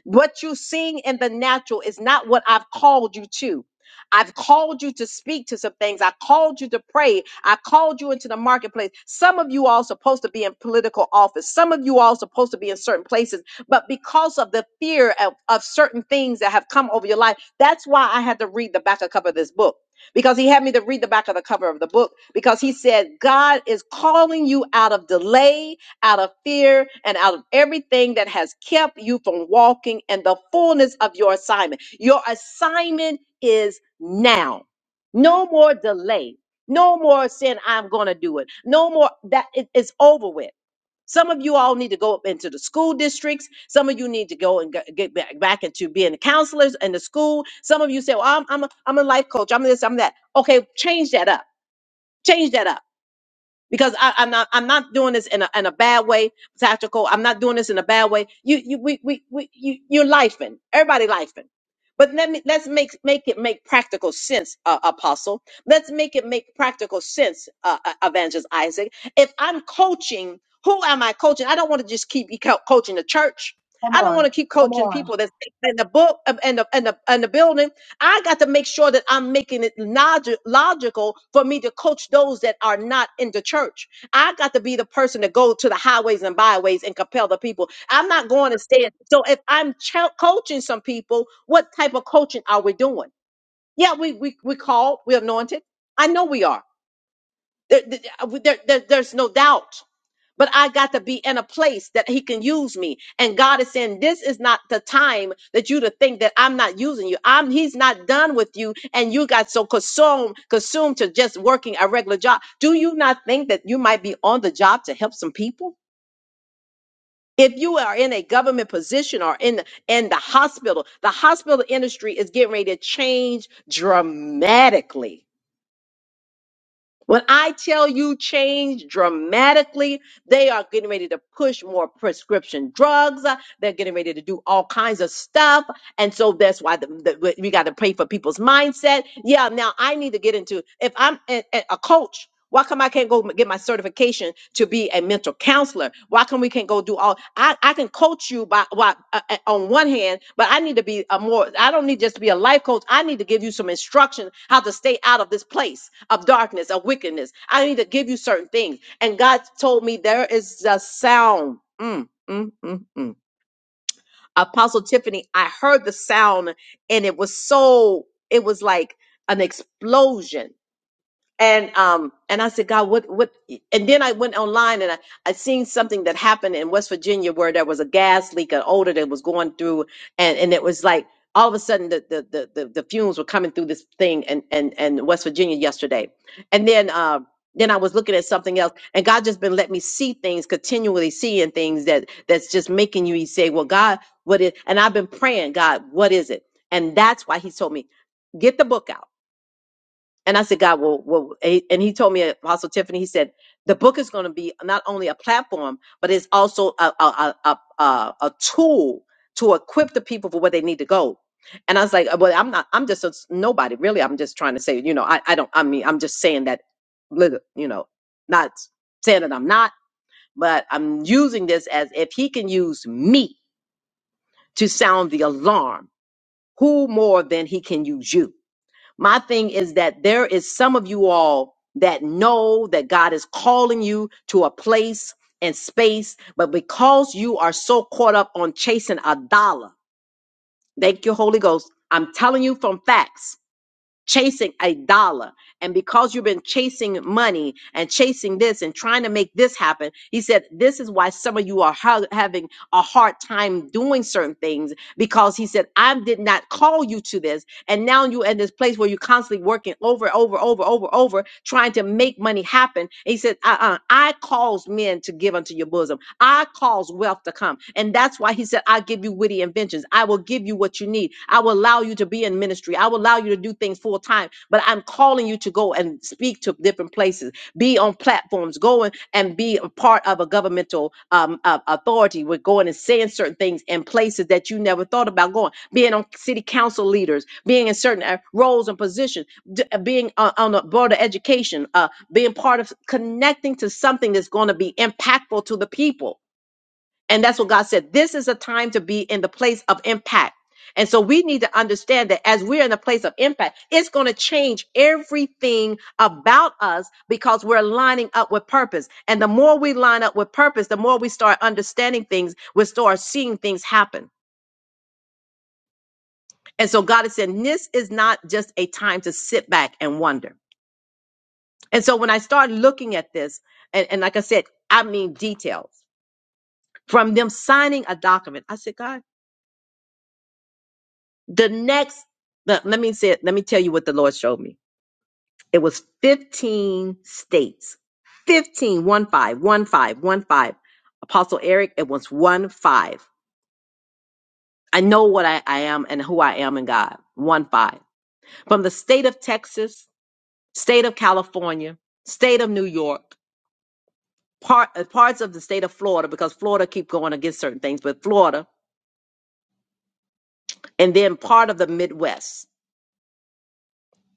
S1: What you're seeing in the natural is not what I've called you to. I've called you to speak to some things. I called you to pray. I called you into the marketplace. Some of you all supposed to be in political office. Some of you all supposed to be in certain places. But because of the fear of, of certain things that have come over your life, that's why I had to read the back of cover of this book. Because he had me to read the back of the cover of the book because he said, God is calling you out of delay out of fear and out of everything that has kept you from walking in the fullness of your assignment. Your assignment is now. No more delay. No more saying, I'm going to do it. No more that it- it's over with. Some of you all need to go up into the school districts. Some of you need to go and g- get back, back into being counselors in the school. Some of you say, well, I'm, I'm, a, I'm a life coach. I'm this, I'm that. Okay, change that up. Change that up because I, I'm not I'm not doing this in a in a bad way, tactical. I'm not doing this in a bad way. You you we we, we you you're lifing. Everybody lifing. But let me let's make make it make practical sense, uh, Apostle. Let's make it make practical sense, uh, uh, Evangelist Isaac. If I'm coaching, who am I coaching? I don't want to just keep be co- coaching the church.
S2: Come
S1: I don't want
S2: on.
S1: to keep
S2: Come
S1: coaching
S2: on.
S1: people that's in the book in the in the in the building. I got to make sure that I'm making it logi- logical for me to coach those that are not in the church. I got to be the person to go to the highways and byways and compel the people. I'm not going to stay. So if I'm chel- coaching some people, what type of coaching are we doing? Yeah, we we we called, we're anointed. I know we are. There, there- there- there's no doubt. But I got to be in a place that he can use me. And God is saying, this is not the time that you to think that I'm not using you. I'm he's not done with you. And you got so consumed, consumed to just working a regular job. Do you not think that you might be on the job to help some people? If you are in a government position or in the, in the hospital, the hospital industry is getting ready to change dramatically. When I tell you change dramatically, They are getting ready to push more prescription drugs. Uh, They're getting ready to do all kinds of stuff. And so that's why the, the, we got to pray for people's mindset. Yeah, now I need to get into, if I'm a, a a coach, why come I can't go m- get my certification to be a mental counselor? Why come we can't go do all? I, I can coach you by, by uh, uh, on one hand, but I need to be a more. I don't need just to be a life coach. I need to give you some instruction how to stay out of this place of darkness of wickedness. I need to give you certain things. And God told me there is a sound. Mm, mm, mm, mm. Apostle Tiffany, I heard the sound and it was so, it was like an explosion and um and I said, God, what what? And then I went online and I I seen something that happened in West Virginia where there was a gas leak, an odor that was going through, and and it was like all of a sudden the the the the, the fumes were coming through this thing and and and West Virginia yesterday, and then uh then I was looking at something else, and God just been letting me see things continually, seeing things that that's just making you say, well, God, what is? And I've been praying, God, what is it? And that's why He told me, get the book out and I said, God, well, well, a- and he told me, Apostle Tiffany, he said, the book is going to be not only a platform, but it's also a, a, a, a, a a tool to equip the people for where they need to go. And I was like, well, I'm not, I'm just a s- nobody, really. I'm just trying to say, you know, I, I don't, I mean, I'm just saying that, lit- you know, not saying that I'm not, but I'm using this as if he can use me to sound the alarm, who more than he can use you? My thing is that there is some of you all that know that God is calling you to a place and space, but because you are so caught up on chasing a dollar, thank you, Holy Ghost. I'm telling you from facts, chasing a dollar. And because you've been chasing money and chasing this and trying to make this happen, he said, This is why some of you are ha- having a hard time doing certain things because he said, I did not call you to this. And now you're at this place where you're constantly working over, over, over, over, over, trying to make money happen. And he said, uh, uh, I cause men to give unto your bosom. I cause wealth to come. And that's why he said, I give you witty inventions. I will give you what you need. I will allow you to be in ministry. I will allow you to do things full time, but I'm calling you to go and speak to different different places, be on platforms, go and and be a part of a governmental um, uh, authority. We're going and saying certain things in places that you never thought about going, being on city council leaders, being in certain uh, roles and positions, d- uh, being on, on the board of education, uh, being part of connecting to something that's going to be impactful to the people and that's what God said. This is a time to be in the place of impact. And so we need to understand that as we're in a place of impact, it's going to change everything about us because we're lining up with purpose. And the more we line up with purpose, the more we start understanding things, we start seeing things happen. And so God is saying, this is not just a time to sit back and wonder. And so when I started looking at this, and, and like I said, I mean details from them signing a document, I said, God, The next, let let me say, let me tell you what the Lord showed me. It was 15 states. 15, one five, one five, one five. Apostle Eric, it was one five. I know what I, I am and who I am in God. One five. From the state of Texas, state of California, state of New York, part uh, parts of the state of Florida, because Florida keep going against certain things, but Florida, and then part of the Midwest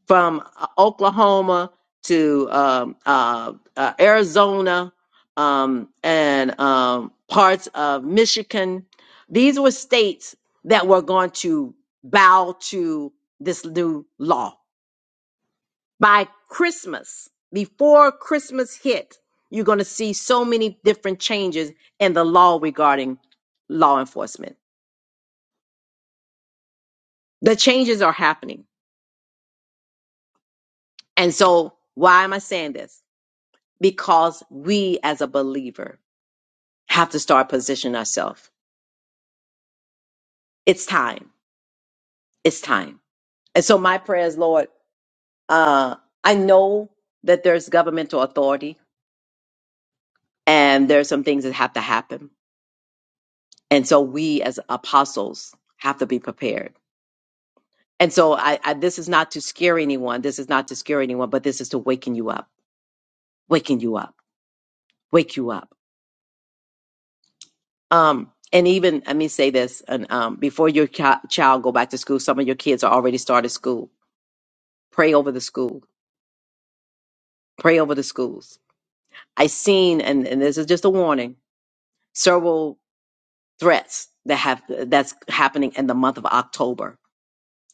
S1: from uh, Oklahoma to um, uh, uh, Arizona um, and um, parts of Michigan. These were states that were going to bow to this new law. By Christmas, before Christmas hit, you're going to see so many different changes in the law regarding law enforcement. The changes are happening. And so, why am I saying this? Because we, as a believer, have to start positioning ourselves. It's time. It's time. And so my prayer is, Lord, uh, I know that there's governmental authority and there's some things that have to happen. And so we as apostles have to be prepared. And so I, I this is not to scare anyone. This is not to scare anyone, but this is to waken you up, waken you up, wake you up. Um, and even let me say this, and um, before your chi- child go back to school, some of your kids are already started school. Pray over the school. Pray over the schools I seen, and, and this is just a warning, several threats that have that's happening in the month of October.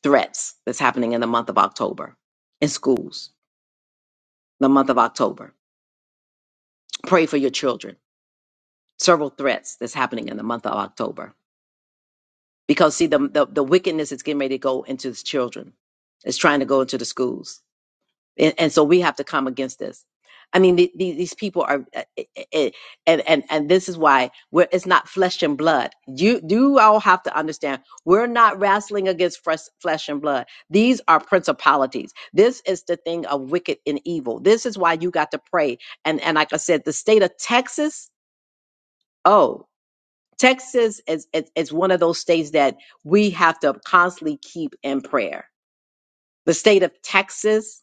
S1: Threats that's happening in the month of October in schools. The month of October. Pray for your children. Several threats that's happening in the month of October. Because see, the the, the wickedness is getting ready to go into the children. It's trying to go into the schools. and, and so we have to come against this. I mean, the, the, these people are, uh, uh, and and and this is why we're, it's not flesh and blood. You do all have to understand we're not wrestling against flesh, flesh and blood. These are principalities. This is the thing of wicked and evil. This is why you got to pray. And and like I said, the state of Texas, oh. Texas is, is is one of those states that we have to constantly keep in prayer. The state of Texas,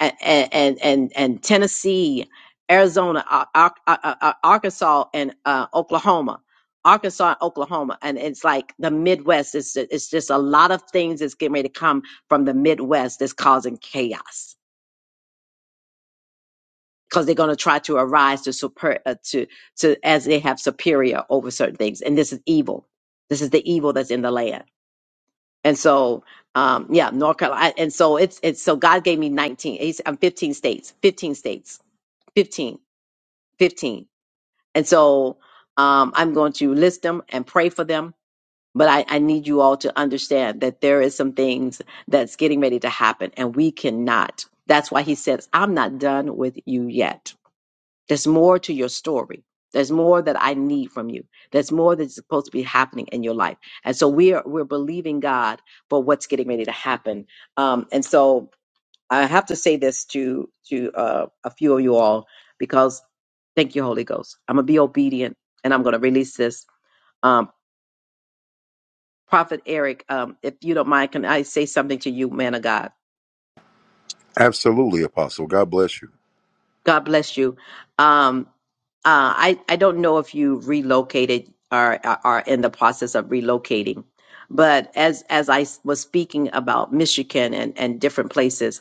S1: and and and, and Tennessee, Arizona, Ar- Ar- Ar- Ar- Arkansas, and uh, Oklahoma. Arkansas, and Oklahoma, and it's like the Midwest. It's it's just a lot of things that's getting ready to come from the Midwest that's causing chaos because they're going to try to arise to super uh, to to as they have superior over certain things, and this is evil. This is the evil that's in the land, and so um yeah, North Carolina, and so it's it's so God gave me nineteen. He's, I'm fifteen states, fifteen states, fifteen. 15. And so um, I'm going to list them and pray for them. But I, I need you all to understand that there is some things that's getting ready to happen and we cannot. That's why he says, I'm not done with you yet. There's more to your story. There's more that I need from you. There's more that's supposed to be happening in your life. And so we are we're believing God for what's getting ready to happen. Um, and so I have to say this to to uh, a few of you all because thank you, Holy Ghost. I'm gonna be obedient and I'm gonna release this. Um, Prophet Eric, um, if you don't mind, can I say something to you, man of God?
S3: Absolutely, Apostle. God bless you.
S1: God bless you. Um, uh, I I don't know if you relocated or are are in the process of relocating, but as as I was speaking about Michigan and and different places.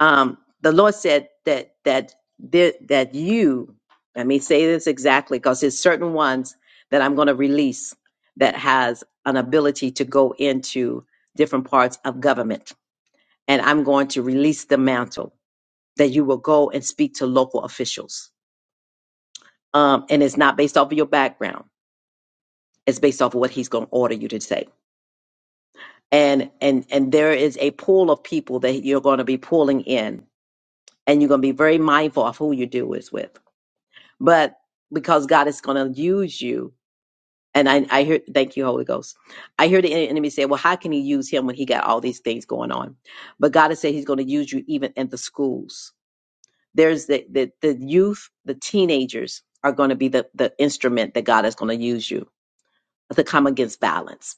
S1: um, the Lord said that that there, that you, let me say this exactly, because there's certain ones that I'm going to release that has an ability to go into different parts of government, and I'm going to release the mantle that you will go and speak to local officials. Um, and it's not based off of your background; it's based off of what He's going to order you to say. And and and there is a pool of people that you're going to be pulling in, and you're going to be very mindful of who you do this with but because God is going to use you. And I, I hear, thank you, Holy Ghost. I hear the en- enemy say, well, how can he use him when he got all these things going on? But God has said he's going to use you even in the schools. There's the, the, the youth, the teenagers are going to be the, the instrument that God is going to use you to come against violence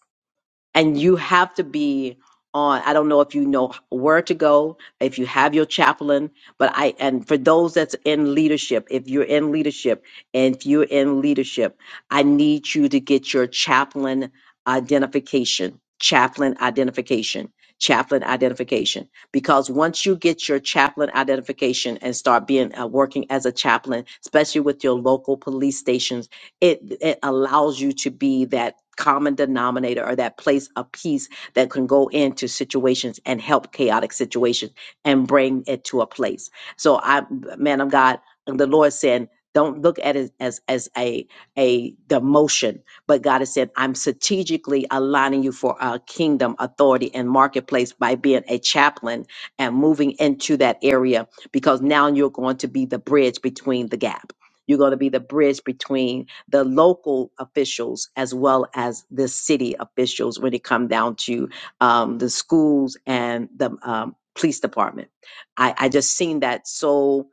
S1: and you have to be on i don't know if you know where to go if you have your chaplain but i and for those that's in leadership if you're in leadership and if you're in leadership i need you to get your chaplain identification chaplain identification chaplain identification because once you get your chaplain identification and start being uh, working as a chaplain especially with your local police stations it it allows you to be that common denominator or that place of peace that can go into situations and help chaotic situations and bring it to a place so i man of god the lord said don't look at it as as a a demotion but god has said i'm strategically aligning you for a kingdom authority and marketplace by being a chaplain and moving into that area because now you're going to be the bridge between the gap you're going to be the bridge between the local officials as well as the city officials when it come down to um, the schools and the um, police department. I, I just seen that so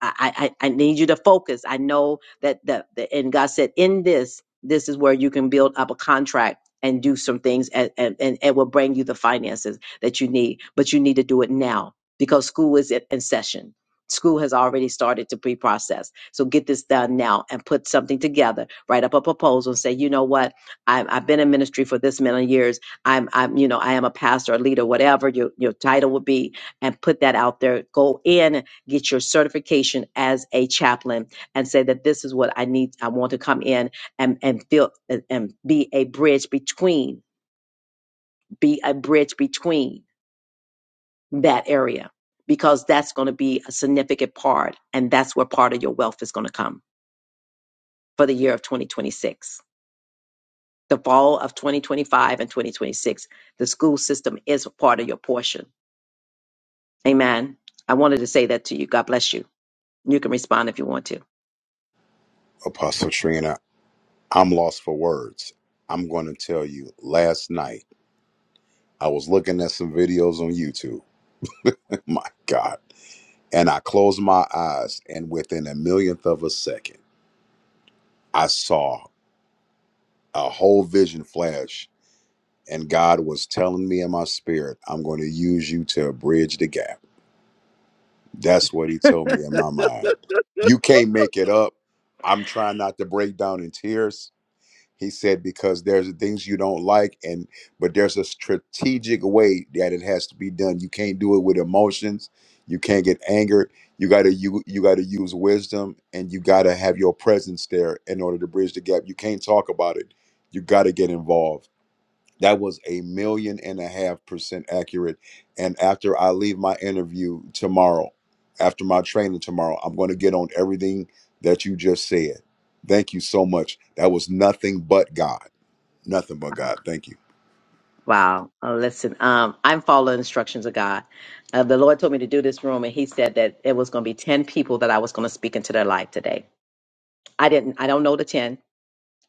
S1: I, I, I I need you to focus. I know that the, the and God said in this, this is where you can build up a contract and do some things and, and, and it will bring you the finances that you need. But you need to do it now because school is in in session. School has already started to pre-process. So get this done now and put something together. Write up a proposal and say, you know what? I'm, I've been in ministry for this many years. I'm, I'm, you know, I am a pastor, a leader, whatever your, your title would be, and put that out there. Go in get your certification as a chaplain and say that this is what I need. I want to come in and and feel and, and be a bridge between, be a bridge between that area because that's going to be a significant part, and that's where part of your wealth is going to come for the year of 2026. The fall of 2025 and 2026, the school system is a part of your portion. Amen. I wanted to say that to you. God bless you. You can respond if you want to.
S3: Apostle Trina, I'm lost for words. I'm going to tell you, last night I was looking at some videos on YouTube. (laughs) my God. And I closed my eyes, and within a millionth of a second, I saw a whole vision flash. And God was telling me in my spirit, I'm going to use you to bridge the gap. That's what He told me in my mind. You can't make it up. I'm trying not to break down in tears He said because there's things you don't like, and but there's a strategic way that it has to be done. You can't do it with emotions. You can't get angered. You gotta you you gotta use wisdom, and you gotta have your presence there in order to bridge the gap. You can't talk about it. You gotta get involved that was a million and a half percent accurate. And after I leave my interview tomorrow, after my training tomorrow, I'm going to get on everything that you just said. Thank you so much. That was nothing but God. Nothing but God. Thank you.
S1: Wow. Uh, listen, um, I'm following instructions of God. Uh, the Lord told me to do this room, and He said that it was going to be 10 people that I was going to speak into their life today. I didn't, I don't know the 10.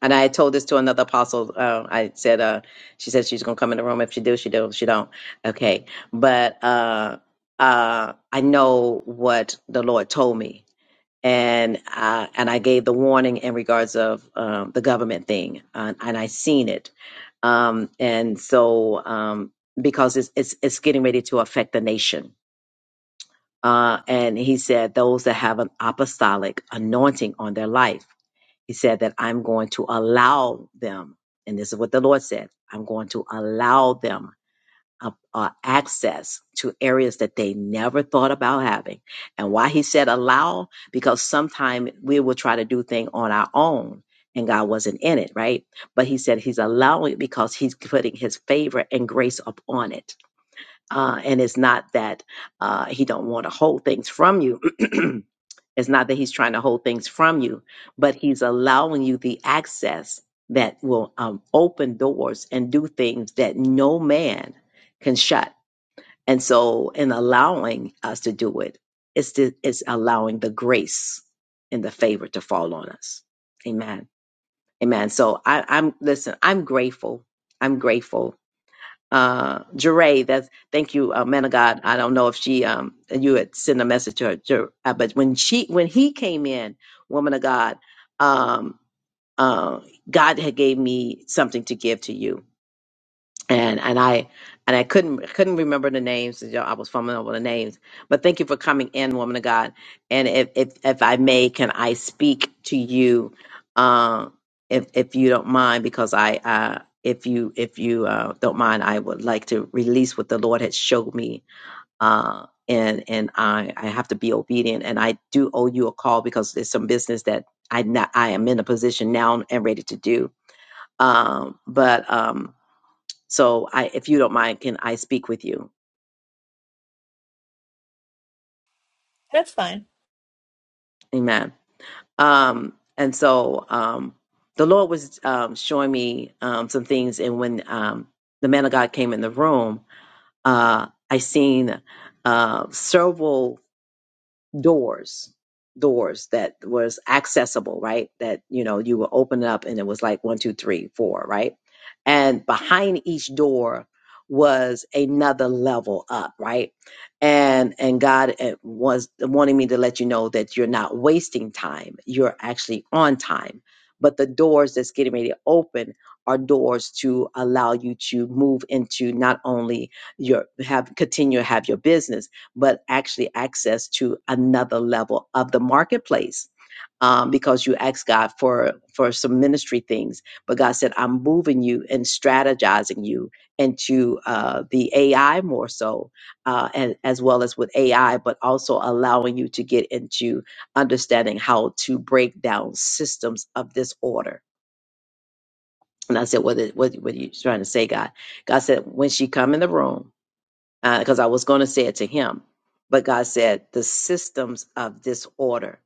S1: And I told this to another apostle. Uh, I said, uh, she said she's gonna come in the room. If she do, she do. If she don't, okay. But uh, uh, I know what the Lord told me, and uh, and I gave the warning in regards of um, the government thing, and, and I seen it, um, and so um, because it's, it's it's getting ready to affect the nation. Uh, and he said, those that have an apostolic anointing on their life. He said that I'm going to allow them, and this is what the Lord said I'm going to allow them uh, uh, access to areas that they never thought about having. And why he said allow, because sometimes we will try to do things on our own and God wasn't in it, right? But he said he's allowing it because he's putting his favor and grace upon it. Uh, and it's not that uh, he don't want to hold things from you. (clears throat) It's not that he's trying to hold things from you, but he's allowing you the access that will um, open doors and do things that no man can shut. And so, in allowing us to do it, it's, the, it's allowing the grace and the favor to fall on us. Amen. Amen. So I, I'm listen. I'm grateful. I'm grateful uh Jeray, that's thank you, uh, man of God. I don't know if she um you had sent a message to her, Jer- uh, but when she when he came in, woman of God, um uh God had gave me something to give to you and and I and I couldn't couldn't remember the names. You know, I was fumbling over the names, but thank you for coming in, woman of God. And if if if I may, can I speak to you, uh, if if you don't mind, because I uh, if you if you uh, don't mind, I would like to release what the Lord has showed me. Uh, and and I I have to be obedient, and I do owe you a call because there's some business that I not I am in a position now and ready to do. Um, but um so I, if you don't mind, can I speak with you?
S4: That's fine.
S1: Amen. Um, and so um, the Lord was um, showing me um, some things, and when um, the man of God came in the room, uh, I seen uh, several. doors doors that was accessible right that you know you would open it up and it was like one two three four right and behind each door was another level up right and and god eh, was wanting me to let you know that you're not wasting time you're actually on time but the doors that's getting ready to open are doors to allow you to move into not only your have continue to have your business but actually access to another level of the marketplace um, because you asked God for for some ministry things. But God said, "I'm moving you and strategizing you into uh, the AI more so, uh, and as well as with AI, but also allowing you to get into understanding how to break down systems of disorder." And I said, "What? Is, what? What are you trying to say, God?" God said, "When she come in the room." because I was going to say it to him, but God said the systems of disorder.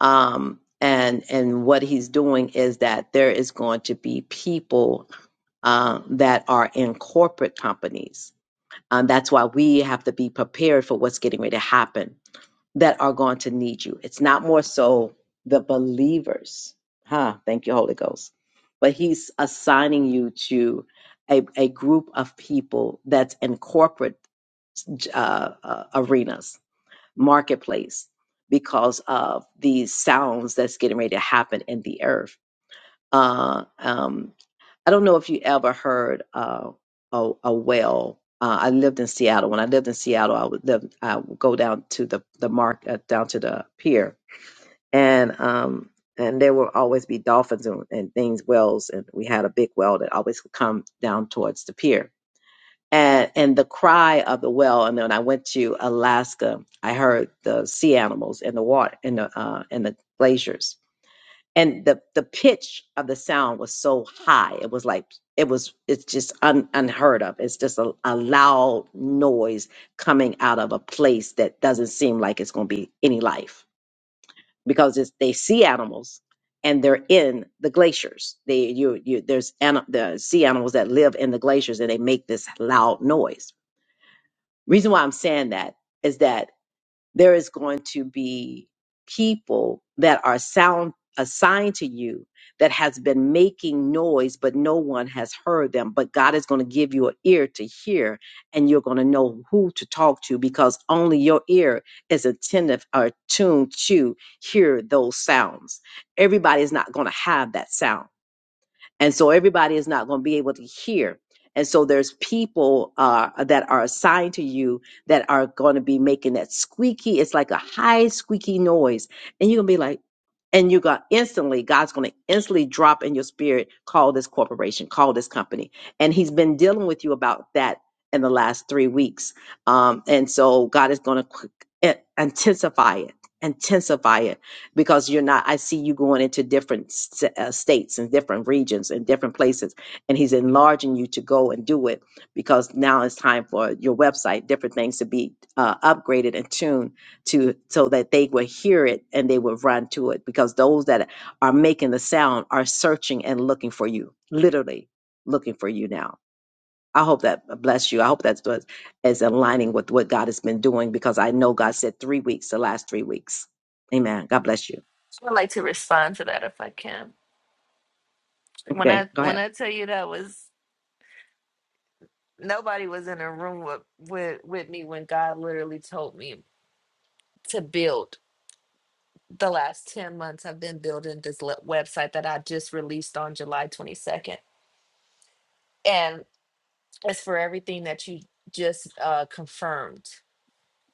S1: Um, and and what He's doing is that there is going to be people uh, that are in corporate companies. Um, that's why we have to be prepared for what's getting ready to happen that are going to need you. It's not more so the believers, huh? Thank you, Holy Ghost. But He's assigning you to a, a group of people that's in corporate uh, uh, arenas, marketplace, because of these sounds that's getting ready to happen in the earth. Uh, um, I don't know if you ever heard uh, a, a well. Uh, I lived in Seattle. When I lived in Seattle, I would live. I would go down to the the mark uh, down to the pier, and um and there will always be dolphins and, and things wells, and we had a big well that always would come down towards the pier and and the cry of the whale. And then when I went to Alaska, I heard the sea animals in the water in the uh, in the glaciers, and the the pitch of the sound was so high. It was like it was it's just un, unheard of. It's just a, a loud noise coming out of a place that doesn't seem like it's going to be any life because it's they sea animals. And they're in the glaciers. They you you there's an, the sea animals that live in the glaciers, and they make this loud noise reason why I'm saying that is that there is going to be people that are sound assigned to you that has been making noise but no one has heard them but God is going to give you an ear to hear and you're going to know who to talk to because only your ear is attentive or tuned to hear those sounds everybody is not going to have that sound and so everybody is not going to be able to hear and so there's people uh, that are assigned to you that are going to be making that squeaky it's like a high squeaky noise and you're going to be like and you got instantly god's going to instantly drop in your spirit call this corporation call this company and he's been dealing with you about that in the last three weeks um, and so god is going to intensify it intensify it because you're not i see you going into different s- uh, states and different regions and different places and he's enlarging you to go and do it because now it's time for your website different things to be uh, upgraded and tuned to so that they will hear it and they will run to it because those that are making the sound are searching and looking for you literally looking for you now I hope that bless you. I hope that's what is aligning with what God has been doing because I know God said three weeks, the last three weeks. Amen. God bless you.
S4: I'd like to respond to that if I can. When
S1: Okay,
S4: I
S1: go
S4: when
S1: ahead.
S4: I tell you that was nobody was in a room with with, with me when God literally told me to build. The last 10 months I've been building this le- website that I just released on July 22nd. And it's for everything that you just uh confirmed.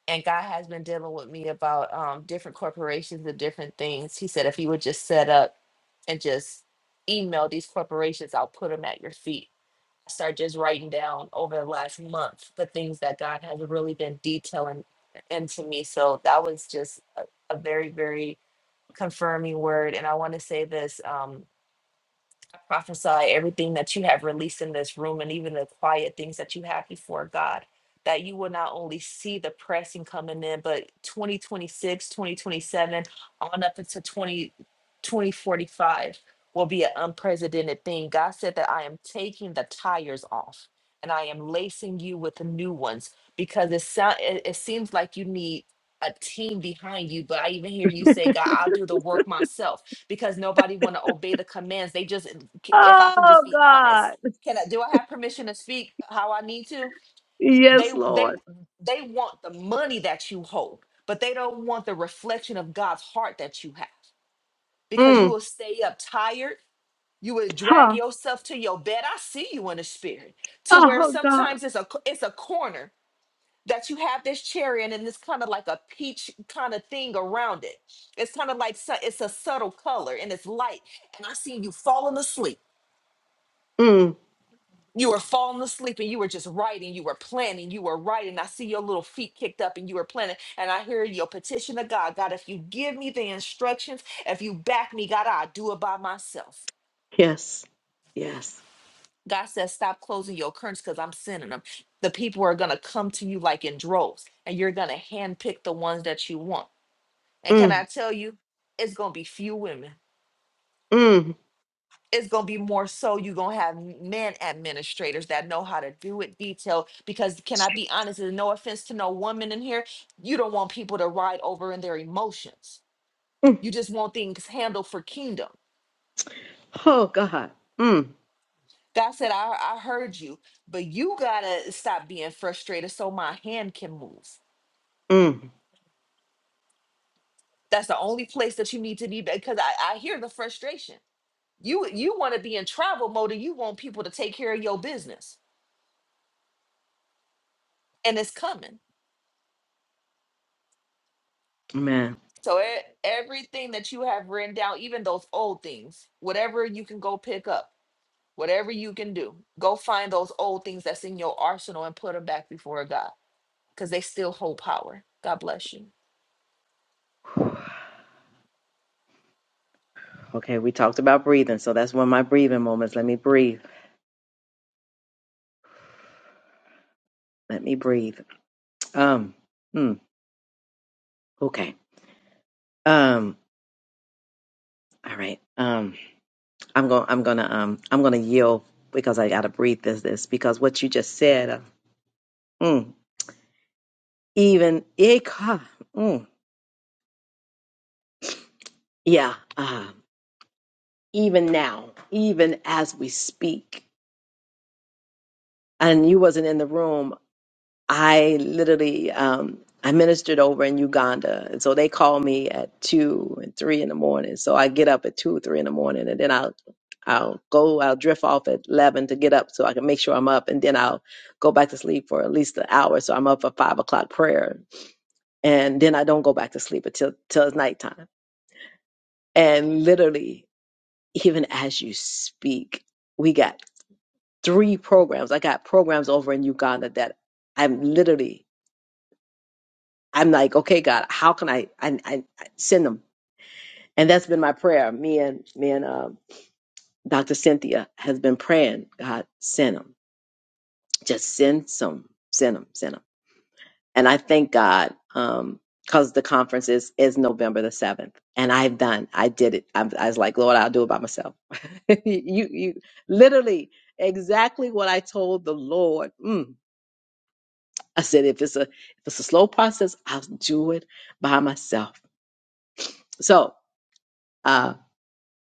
S4: And God has been dealing with me about um different corporations and different things. He said if you would just set up and just email these corporations, I'll put them at your feet start just writing down over the last month the things that God has really been detailing into me. So that was just a, a very, very confirming word. And I want to say this. Um, prophesy everything that you have released in this room and even the quiet things that you have before God. That you will not only see the pressing coming in, but 2026, 2027, on up into 20, twenty forty-five will be an unprecedented thing. God said that I am taking the tires off and I am lacing you with the new ones because it, sound, it, it seems like you need a team behind you. But I even hear you say, God, I'll do the work myself because nobody want to obey the commands. They just, if I can
S1: Oh
S4: just be
S1: God.
S4: honest, can I, do I have permission to speak how I need to? They,
S1: Yes,
S4: they,
S1: Lord.
S4: they want the money that you hold, but they don't want the reflection of God's heart that you have because you
S1: Mm.
S4: will stay up tired. You will drag
S1: Huh.
S4: yourself to your bed. I see you in the spirit to where
S1: Oh God.
S4: sometimes it's a, it's a corner that you have this cherry and then it's kind of like a peach kind of thing around it. It's kind of like su- it's a subtle color and it's light. And I seen you falling asleep.
S1: Mm.
S4: You were falling asleep and you were just writing. You were planning. You were writing. I see your little feet kicked up and you were planning. And I hear your petition to God. God, if you give me the instructions, if you back me, God, I'll do it by myself.
S1: Yes.
S4: God says, stop closing your curtains because I'm sending them. The people are going to come to you like in droves and you're going to handpick the ones that you want And can
S1: Mm.
S4: I tell you, it's gonna be few women.
S1: Mm.
S4: It's gonna be more so you're gonna have men administrators that know how to do it detailed. Because can I be honest, and no offense to no woman in here, you don't want people to ride over in their emotions.
S1: Mm.
S4: You just want things handled for kingdom.
S1: Oh God. Mm.
S4: God said, I, I heard you, but you gotta stop being frustrated so my hand can move.
S1: Mm.
S4: That's the only place that you need to be because I, I hear the frustration. You you want to be in travel mode and you want people to take care of your business and it's coming.
S1: Man.
S4: So e- everything that you have written down, even those old things, whatever you can go pick up, whatever you can do, go find those old things that's in your arsenal and put them back before God because they still hold power. God bless you.
S1: Okay, we talked about breathing, so that's one of my breathing moments. Let me breathe. Let me breathe. Um. Mm. Okay. Um. All right. Um. I'm going. I'm gonna. Um. I'm gonna yield because I gotta breathe this. This because what you just said. Uh, mm, even. Ika. Mm, yeah. uh, even now, even as we speak. And you wasn't in the room. I literally um, I ministered over in Uganda, and so they call me at two and three in the morning. So I get up at two or three in the morning, and then I'll I'll go I'll drift off at eleven to get up so I can make sure I'm up, and then I'll go back to sleep for at least an hour. So I'm up for five o'clock prayer, and then I don't go back to sleep until till it's nighttime. And literally, even as you speak, we got. three programs. I got programs over in Uganda that I'm literally, I'm like, okay, God, how can I, I, I I send them? And that's been my prayer. Me and me and um Dr. Cynthia has been praying, God, send them. Just send some, send them, send them. And I thank God um, because the conference is is November the seventh, and I've done, I did it. I'm, I was like, Lord, I'll do it by myself. (laughs) you, you, literally, exactly what I told the Lord. Mm I said, if it's a if it's a slow process, I'll do it by myself. So uh,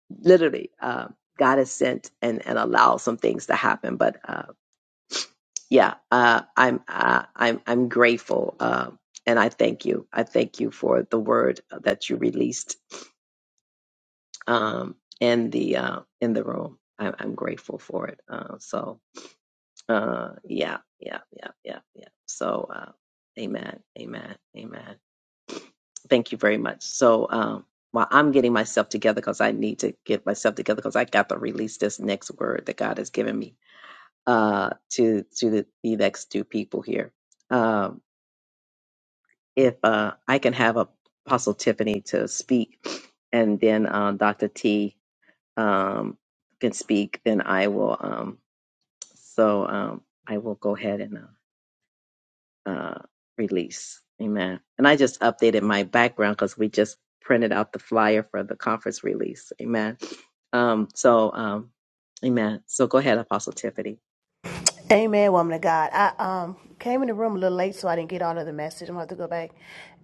S1: literally, uh, God has sent and and allowed some things to happen. But uh, yeah, uh, I'm uh, I'm I'm grateful, uh, and I thank you. I thank you for the word that you released um, in the uh, in the room. I'm, I'm grateful for it. Uh, so Uh, yeah, yeah, yeah, yeah, yeah. So, uh, amen, amen, amen. Thank you very much. So, um, while I'm getting myself together, because I need to get myself together, because I got to release this next word that God has given me uh, to to the, the next two people here. Um, if uh, I can have Apostle Tiffany to speak, and then uh, Dr. T um, can speak, then I will. Um, so um, I will go ahead and. Uh, uh, release. Amen. And I just updated my background because we just printed out the flyer for the conference release. Amen. Um, so, um, amen. So go ahead, Apostle Tiffany.
S2: Amen, woman of God. I um came in the room a little late, so I didn't get all of the message. I'm gonna have to go back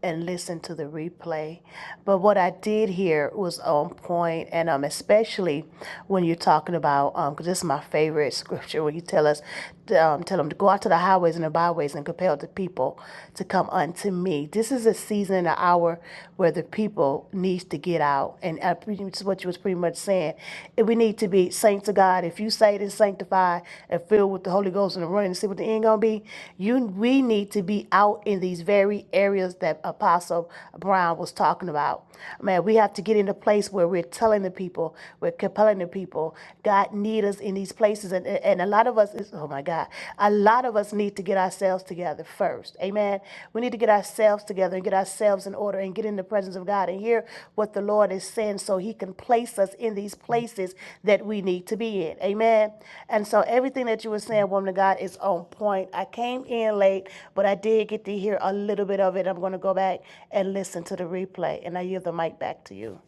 S2: and listen to the replay. But what I did hear was on point, and um especially when you're talking about um because this is my favorite (laughs) scripture when you tell us to, um, tell them to go out to the highways and the byways and compel the people to come unto me. This is a season and an hour where the people needs to get out. And I pretty much what you was pretty much saying. If we need to be saints of God. If you say it and sanctified and filled with the Holy Ghost and running and see what the end gonna be, you we need to be out in these very areas that Apostle Brown was talking about. Man, we have to get in a place where we're telling the people, we're compelling the people. God need us in these places. And, and a lot of us, is, oh my God, a lot of us need to get ourselves together first. Amen. We need to get ourselves together and get ourselves in order and get in the presence of God and hear what the Lord is saying so he can place us in these places that we need to be in. Amen. And so everything that you were saying, woman of God, is on point. I came in late, but I did get to hear a little bit of it. I'm going to go back and listen to the replay. And I yield the mic back to you.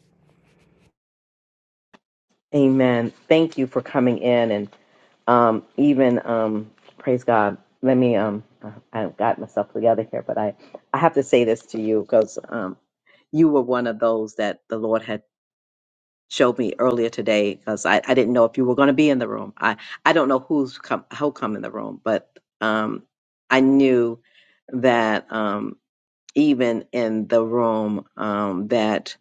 S1: Amen. Thank you for coming in and um, even um, praise God. Let me. Um, I- I've got myself together here, but I, I have to say this to you because um, you were one of those that the Lord had. showed me earlier today because I, I didn't know if you were going to be in the room. I, I don't know who's come who come in the room, but um, I knew that um, even in the room um, that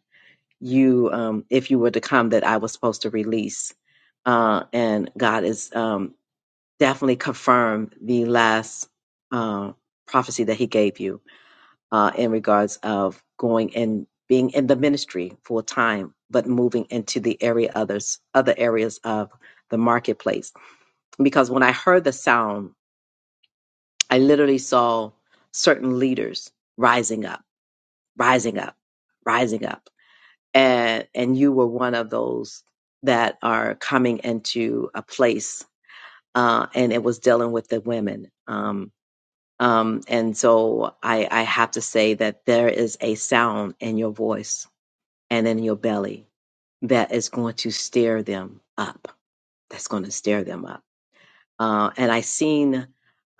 S1: you um, if you were to come that I was supposed to release. Uh, and God is um, definitely confirmed the last uh, prophecy that He gave you uh, in regards of going and being in the ministry full time, but moving into the area others other areas of the marketplace. Because when I heard the sound, I literally saw certain leaders rising up, rising up, rising up, and and you were one of those that are coming into a place, uh, and it was dealing with the women. Um, um, and so I, I have to say that there is a sound in your voice and in your belly that is going to stir them up. That's going to stir them up. Uh, and I seen,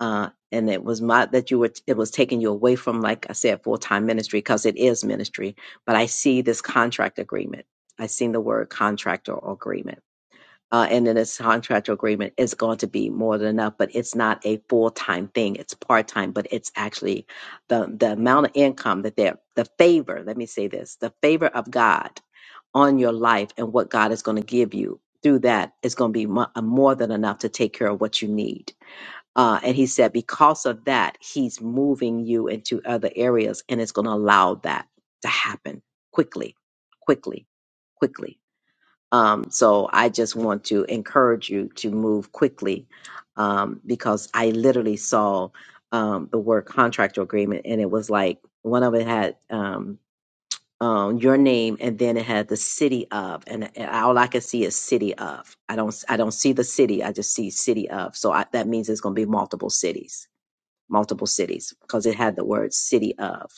S1: uh, and it was my that you were. It was taking you away from, like I said, full time ministry because it is ministry. But I see this contract agreement. I seen the word contract or agreement uh, and in this contractual agreement is going to be more than enough, but it's not a full time thing. It's part time, but it's actually the, the amount of income that they're, the favor, let me say this, the favor of God on your life and what God is going to give you through that is going to be mo- uh, more than enough to take care of what you need. Uh, and he said, because of that, he's moving you into other areas and it's going to allow that to happen quickly, quickly, quickly um, so I just want to encourage you to move quickly um, because I literally saw um, the word contractor agreement and it was like one of it had um, um, your name and then it had the city of and, and all I can see is city of. I don't I don't see the city. I just see city of. So I, that means it's going to be multiple cities, multiple cities because it had the word city of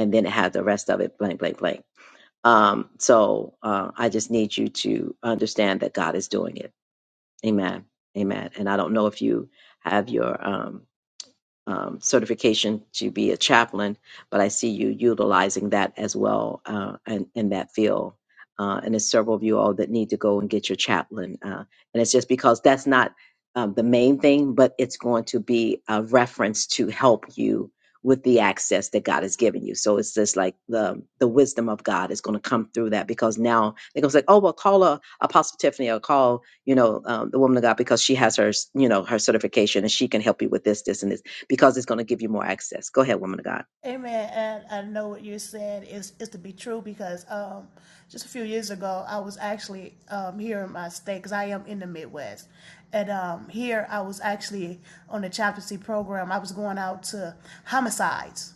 S1: and then it had the rest of it blank blank blank. Um, so uh, I just need you to understand that God is doing it. Amen. Amen. And I don't know if you have your um, um, certification to be a chaplain, but I see you utilizing that as well uh, in, in that field. Uh, and there's several of you all that need to go and get your chaplain. Uh, and it's just because that's not um, the main thing, but it's going to be a reference to help you with the access that God has given you. So it's just like the the wisdom of God is going to come through that because now they're going to say, oh, well, call uh, Apostle Tiffany or call you know, um, the woman of God because she has her, you know, her certification and she can help you with this, this, and this because it's going to give you more access. Go ahead, woman of God.
S2: Amen. And I know what you're saying is is to be true because um, just a few years ago, I was actually um, here in my state because I am in the Midwest, and um, here I was actually on the chaplaincy program. I was going out to homicides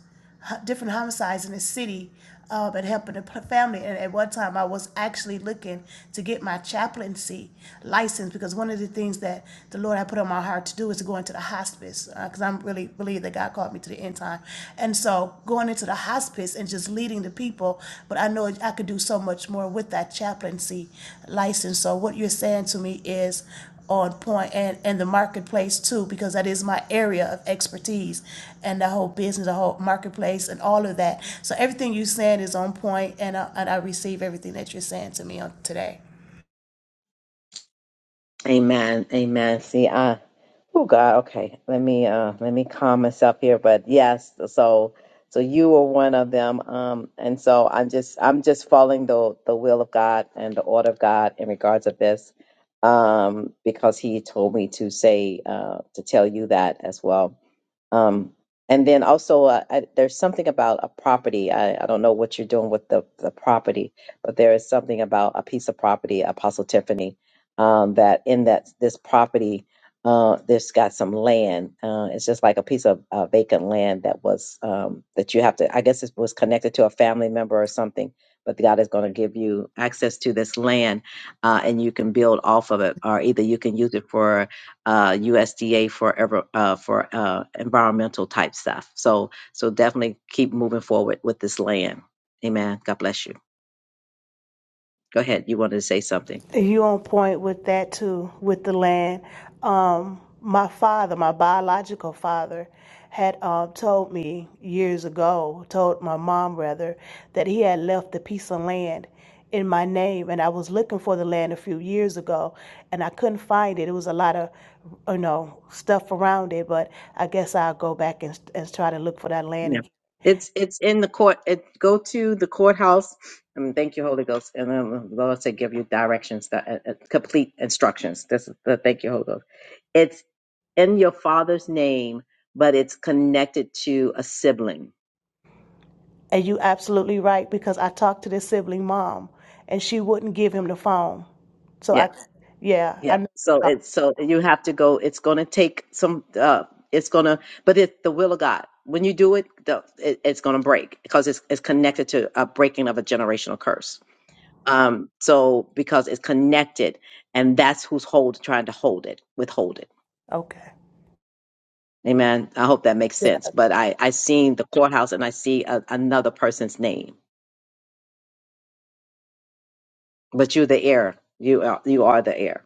S2: different homicides in the city, uh, but helping the family. And at one time, I was actually looking to get my chaplaincy license because one of the things that the Lord had put on my heart to do is to go into the hospice because I'm really believe that God called me to the end time. And so going into the hospice and just leading the people, but I know I could do so much more with that chaplaincy license. So what you're saying to me is on point and, and the marketplace too, because that is my area of expertise and the whole business, the whole marketplace and all of that. So everything you're saying is on point and I, and I receive everything that you're saying to me on today.
S1: Amen. Amen. See, uh, oh God, okay. Let me uh let me calm myself here. But yes, so so you were one of them. Um and so I'm just I'm just following the the will of God and the order of God in regards of this. Um, because he told me to say uh to tell you that as well. Um, and then also, uh, I, there's something about a property. I, I don't know what you're doing with the, the property, but there is something about a piece of property, Apostle Tiffany, um, that in that this property, uh, this got some land. Uh, it's just like a piece of uh, vacant land that was um, that you have to. I guess it was connected to a family member or something. But God is going to give you access to this land, uh, and you can build off of it, or either you can use it for uh, USDA for ever uh, for uh, environmental type stuff. So so definitely keep moving forward with this land. Amen. God bless you. Go ahead. You wanted to say something?
S2: You on point with that too, with the land. Um, my father, my biological father, had uh, told me years ago, told my mom rather, that he had left a piece of land in my name, and I was looking for the land a few years ago, and I couldn't find it. It was a lot of, you know, stuff around it, but I guess I'll go back and, and try to look for that land
S1: Yeah.
S2: again.
S1: It's it's in the court. It go to the courthouse. And thank you, Holy Ghost. And then the Lord said, give you directions, that, uh, uh, complete instructions. This is the thank you, Holy Ghost. It's in your father's name, but it's connected to a sibling.
S2: And you absolutely right because I talked to this sibling mom and she wouldn't give him the phone. So
S1: Yeah.
S2: I, yeah, I
S1: Yeah.
S2: know.
S1: So it's so you have to go. It's going to take some. Uh, it's going to, but it's the will of God. When you do it, the, it it's going to break because it's it's connected to a breaking of a generational curse. Um. So because it's connected, and that's who's hold trying to hold it, withhold it.
S2: Okay.
S1: Amen. I hope that makes
S2: Yeah.
S1: sense. But I I seen the courthouse and I see a, another person's name, but you're the heir. You are you are the heir.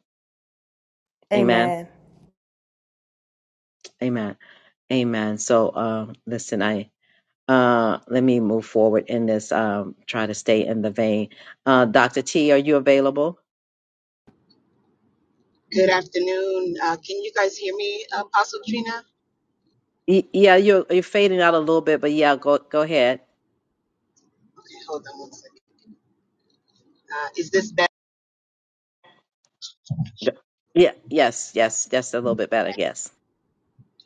S1: Amen.
S2: Amen.
S1: Amen. Amen. So um, listen, I. Uh, let me move forward in this. Um, try to stay in the vein. Uh, Doctor T, are you available?
S5: Good afternoon. Uh, can you guys hear me, uh, Apostle Trina?
S1: Y- yeah, you're you're fading out a little bit, but yeah, go go ahead.
S5: Okay, hold on one second. Uh, is this better?
S1: Yeah, yes, yes, that's a little bit better. Yes.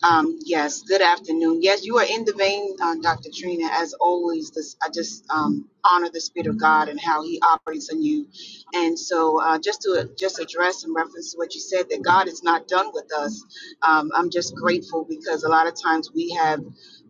S5: Um, yes, good afternoon. Yes, you are in the vein, uh, Dr. Trina, as always. This, I just um, honor the Spirit of God and how He operates on you. And so, uh, just to just address in reference to what you said, that God is not done with us. Um, I'm just grateful because a lot of times we have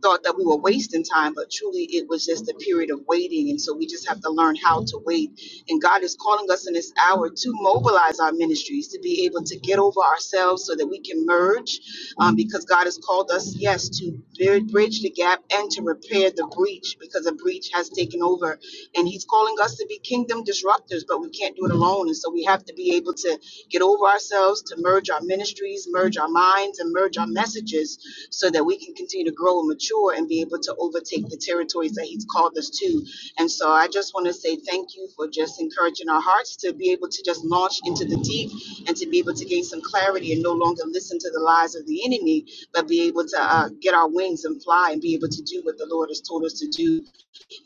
S5: thought that we were wasting time, but truly it was just a period of waiting. And so, we just have to learn how to wait And God is calling us in this hour to mobilize our ministries, to be able to get over ourselves so that we can merge, um, because God has called us, yes, to bri- bridge the gap and to repair the breach because a breach has taken over. And He's calling us to be kingdom disruptors, but we can't do it alone. And so we have to be able to get over ourselves, to merge our ministries, merge our minds, and merge our messages so that we can continue to grow and mature and be able to overtake the territories that He's called us to. And so I just want to say thank you for just encouraging our hearts to be able to just launch into the deep and to be able to gain some clarity and no longer listen to the lies of the enemy, but be able to uh, get our wings and fly and be able to do what the Lord has told us to do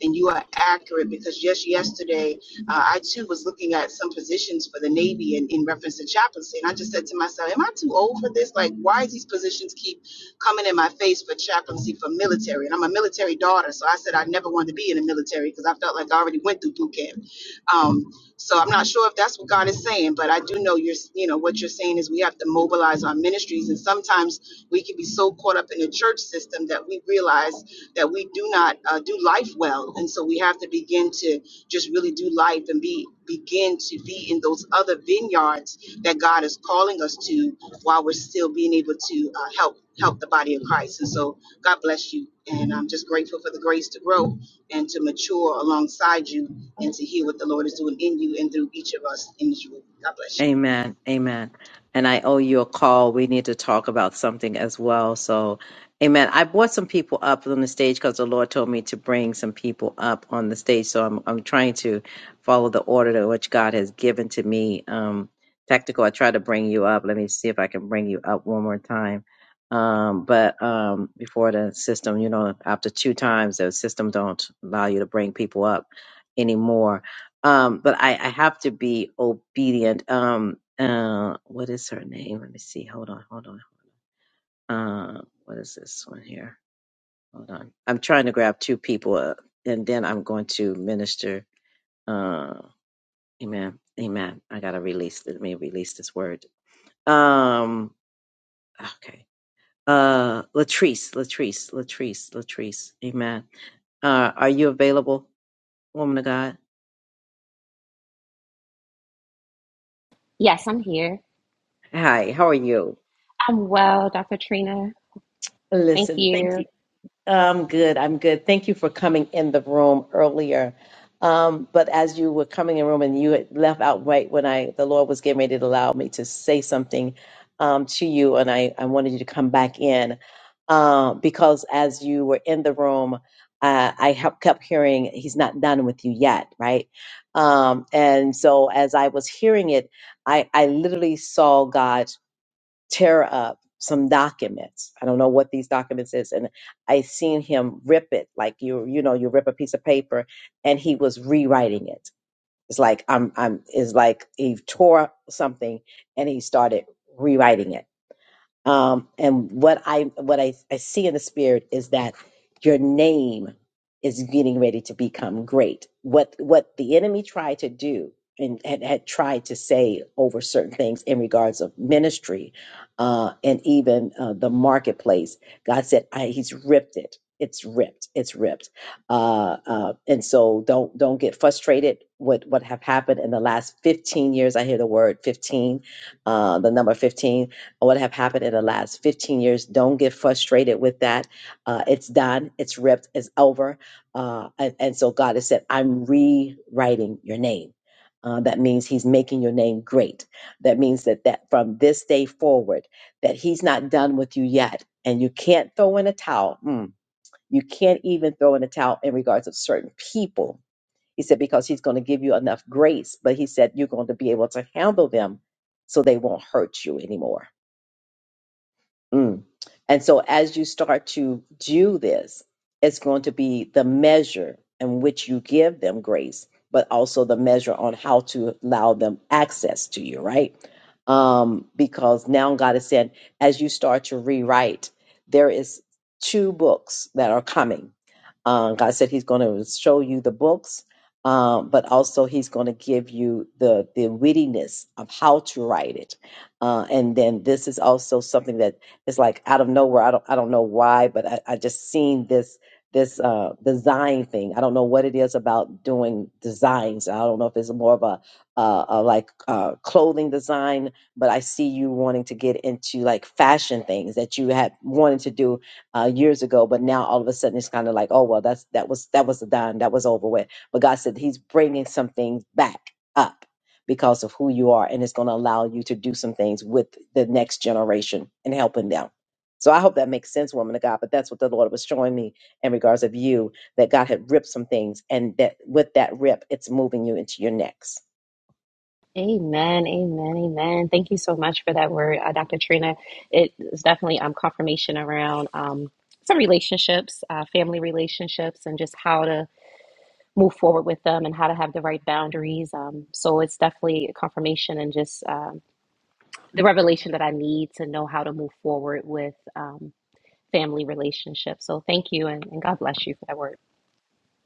S5: and you are accurate because just yesterday uh, I too was looking at some positions for the Navy in, in reference to chaplaincy, and I just said to myself, "Am I too old for this? Like, why these positions keep coming in my face for chaplaincy for military?" And I'm a military daughter, so I said I never wanted to be in the military because I felt like I already went through boot camp. Um, so I'm not sure if that's what God is saying, but I do know you're, you know, what you're saying is we have to mobilize our ministries, and sometimes we can be so caught up in the church system that we realize that we do not uh, do life well, and so we have to begin to just really do life and be begin to be in those other vineyards that God is calling us to while we're still being able to uh, help help the body of Christ. And so God bless you. And I'm just grateful for the grace to grow and to mature alongside you and to hear what the Lord is doing in you and through each of us in this room. God bless you.
S1: Amen. Amen. And I owe you a call. We need to talk about something as well. So, amen. I brought some people up on the stage because the Lord told me to bring some people up on the stage. So I'm I'm trying to follow the order that which God has given to me. Um, tactical. I tried to bring you up. Let me see if I can bring you up one more time. Um, but um, before the system, you know, after two times, the system don't allow you to bring people up anymore. Um, but I, I have to be obedient. Um, uh, what is her name? Let me see. Hold on, hold on. Uh, what is this one here? Hold on. I'm trying to grab two people, uh, and then I'm going to minister. Uh, amen, amen. I gotta release. Let me release this word. Um, okay. Uh, Latrice, Latrice, Latrice, Latrice. Amen. Uh, are you available, woman of God?
S6: Yes, I'm here.
S1: Hi, how are you?
S6: I'm well, Dr. Trina. Thank
S1: Listen, thank you.
S6: you.
S1: I'm good. I'm good. Thank you for coming in the room earlier. Um, but as you were coming in the room and you had left out right when I the Lord was getting ready to allow me to say something um, to you, and I, I wanted you to come back in um, because as you were in the room, uh, I hep- kept hearing He's not done with you yet, right? Um, and so as I was hearing it, I I literally saw God tear up some documents. I don't know what these documents is, and I seen him rip it like you you know you rip a piece of paper, and he was rewriting it. It's like I'm I'm is like he tore something and he started rewriting it um, and what I what I, I see in the spirit is that your name is getting ready to become great. What what the enemy tried to do and had, had tried to say over certain things in regards of ministry uh, and even uh, the marketplace, God said I, He's ripped it. It's ripped. It's ripped. Uh, uh, and so don't don't get frustrated. What what have happened in the last fifteen years? I hear the word fifteen, uh, the number fifteen what have happened in the last 15 years. Don't get frustrated with that. Uh, it's done, it's ripped, it's over. Uh, and, and so God has said, I'm rewriting your name. Uh, that means he's making your name great. That means that, that from this day forward, that he's not done with you yet. And you can't throw in a towel. Mm. You can't even throw in a towel in regards of certain people. He said, because he's going to give you enough grace, but he said, you're going to be able to handle them so they won't hurt you anymore Mm. And so as you start to do this, it's going to be the measure in which you give them grace, but also the measure on how to allow them access to you, right? Um, because now God is saying, as you start to rewrite, there is two books that are coming uh, God said He's going to show you the books, um, but also He's going to give you the the wittiness of how to write it. Uh, and then this is also something that is like out of nowhere. I don't I don't know why, but I, I just seen this this uh, design thing. I don't know what it is about doing designs. I don't know if it's more of a, uh, a like uh, clothing design, but I see you wanting to get into like fashion things that you had wanted to do uh, years ago, but now all of a sudden it's kind of like, oh well, that's that was that was done, that was over with. But God said He's bringing some things back up because of who you are, and it's going to allow you to do some things with the next generation and helping them. So I hope that makes sense, woman of God. But that's what the Lord was showing me in regards of you that God had ripped some things, and that with that rip, it's moving you into your next.
S6: Amen. Amen. Amen. Thank you so much for that word, uh, Dr. Trina. It is definitely um, confirmation around um, some relationships, uh, family relationships, and just how to move forward with them and how to have the right boundaries. Um, so it's definitely a confirmation and just um, the revelation that I need to know how to move forward with um, family relationships. So thank you and, and God bless you for that word.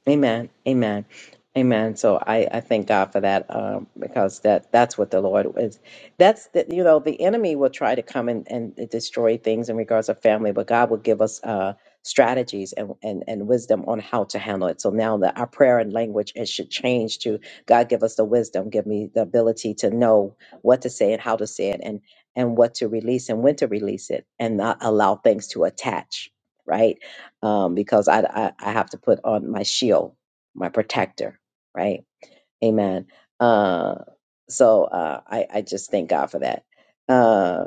S1: Amen. Amen. Amen. So I, I thank God for that um, because that that's what the Lord is. That's the, you know the enemy will try to come and, and destroy things in regards to family, but God will give us uh, strategies and, and and wisdom on how to handle it. So now that our prayer and language it should change to God give us the wisdom, give me the ability to know what to say and how to say it, and and what to release and when to release it, and not allow things to attach. Right um, because I, I I have to put on my shield, my protector, right? Amen. Uh, so uh, I I just thank God for that. Uh,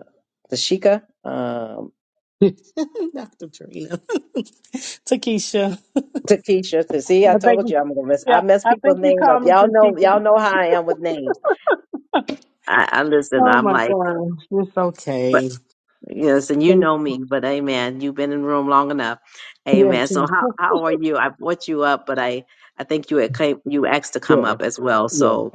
S1: Tashika, um,
S7: (laughs) Dr. Trina. (laughs) Takesha.
S1: Takesha, to see I
S7: I think
S1: told
S7: you,
S1: you I'm gonna mess
S7: yeah,
S1: I mess
S7: I think
S1: people's
S7: you
S1: name
S7: called
S1: up.
S7: me
S1: Y'all know
S7: Takesha.
S1: y'all know how I am with names. I, I listen.
S7: Oh
S1: I'm
S7: my
S1: like,
S7: gosh. It's
S1: but
S7: okay.
S1: yes, and you
S7: Thank-
S1: know me. But Amen. You've been in the room long enough.
S7: Yes.
S1: Amen. So how how are you? I brought you up, but I I think you had came, you asked to come
S7: Yes.
S1: up as well.
S7: Yes.
S1: So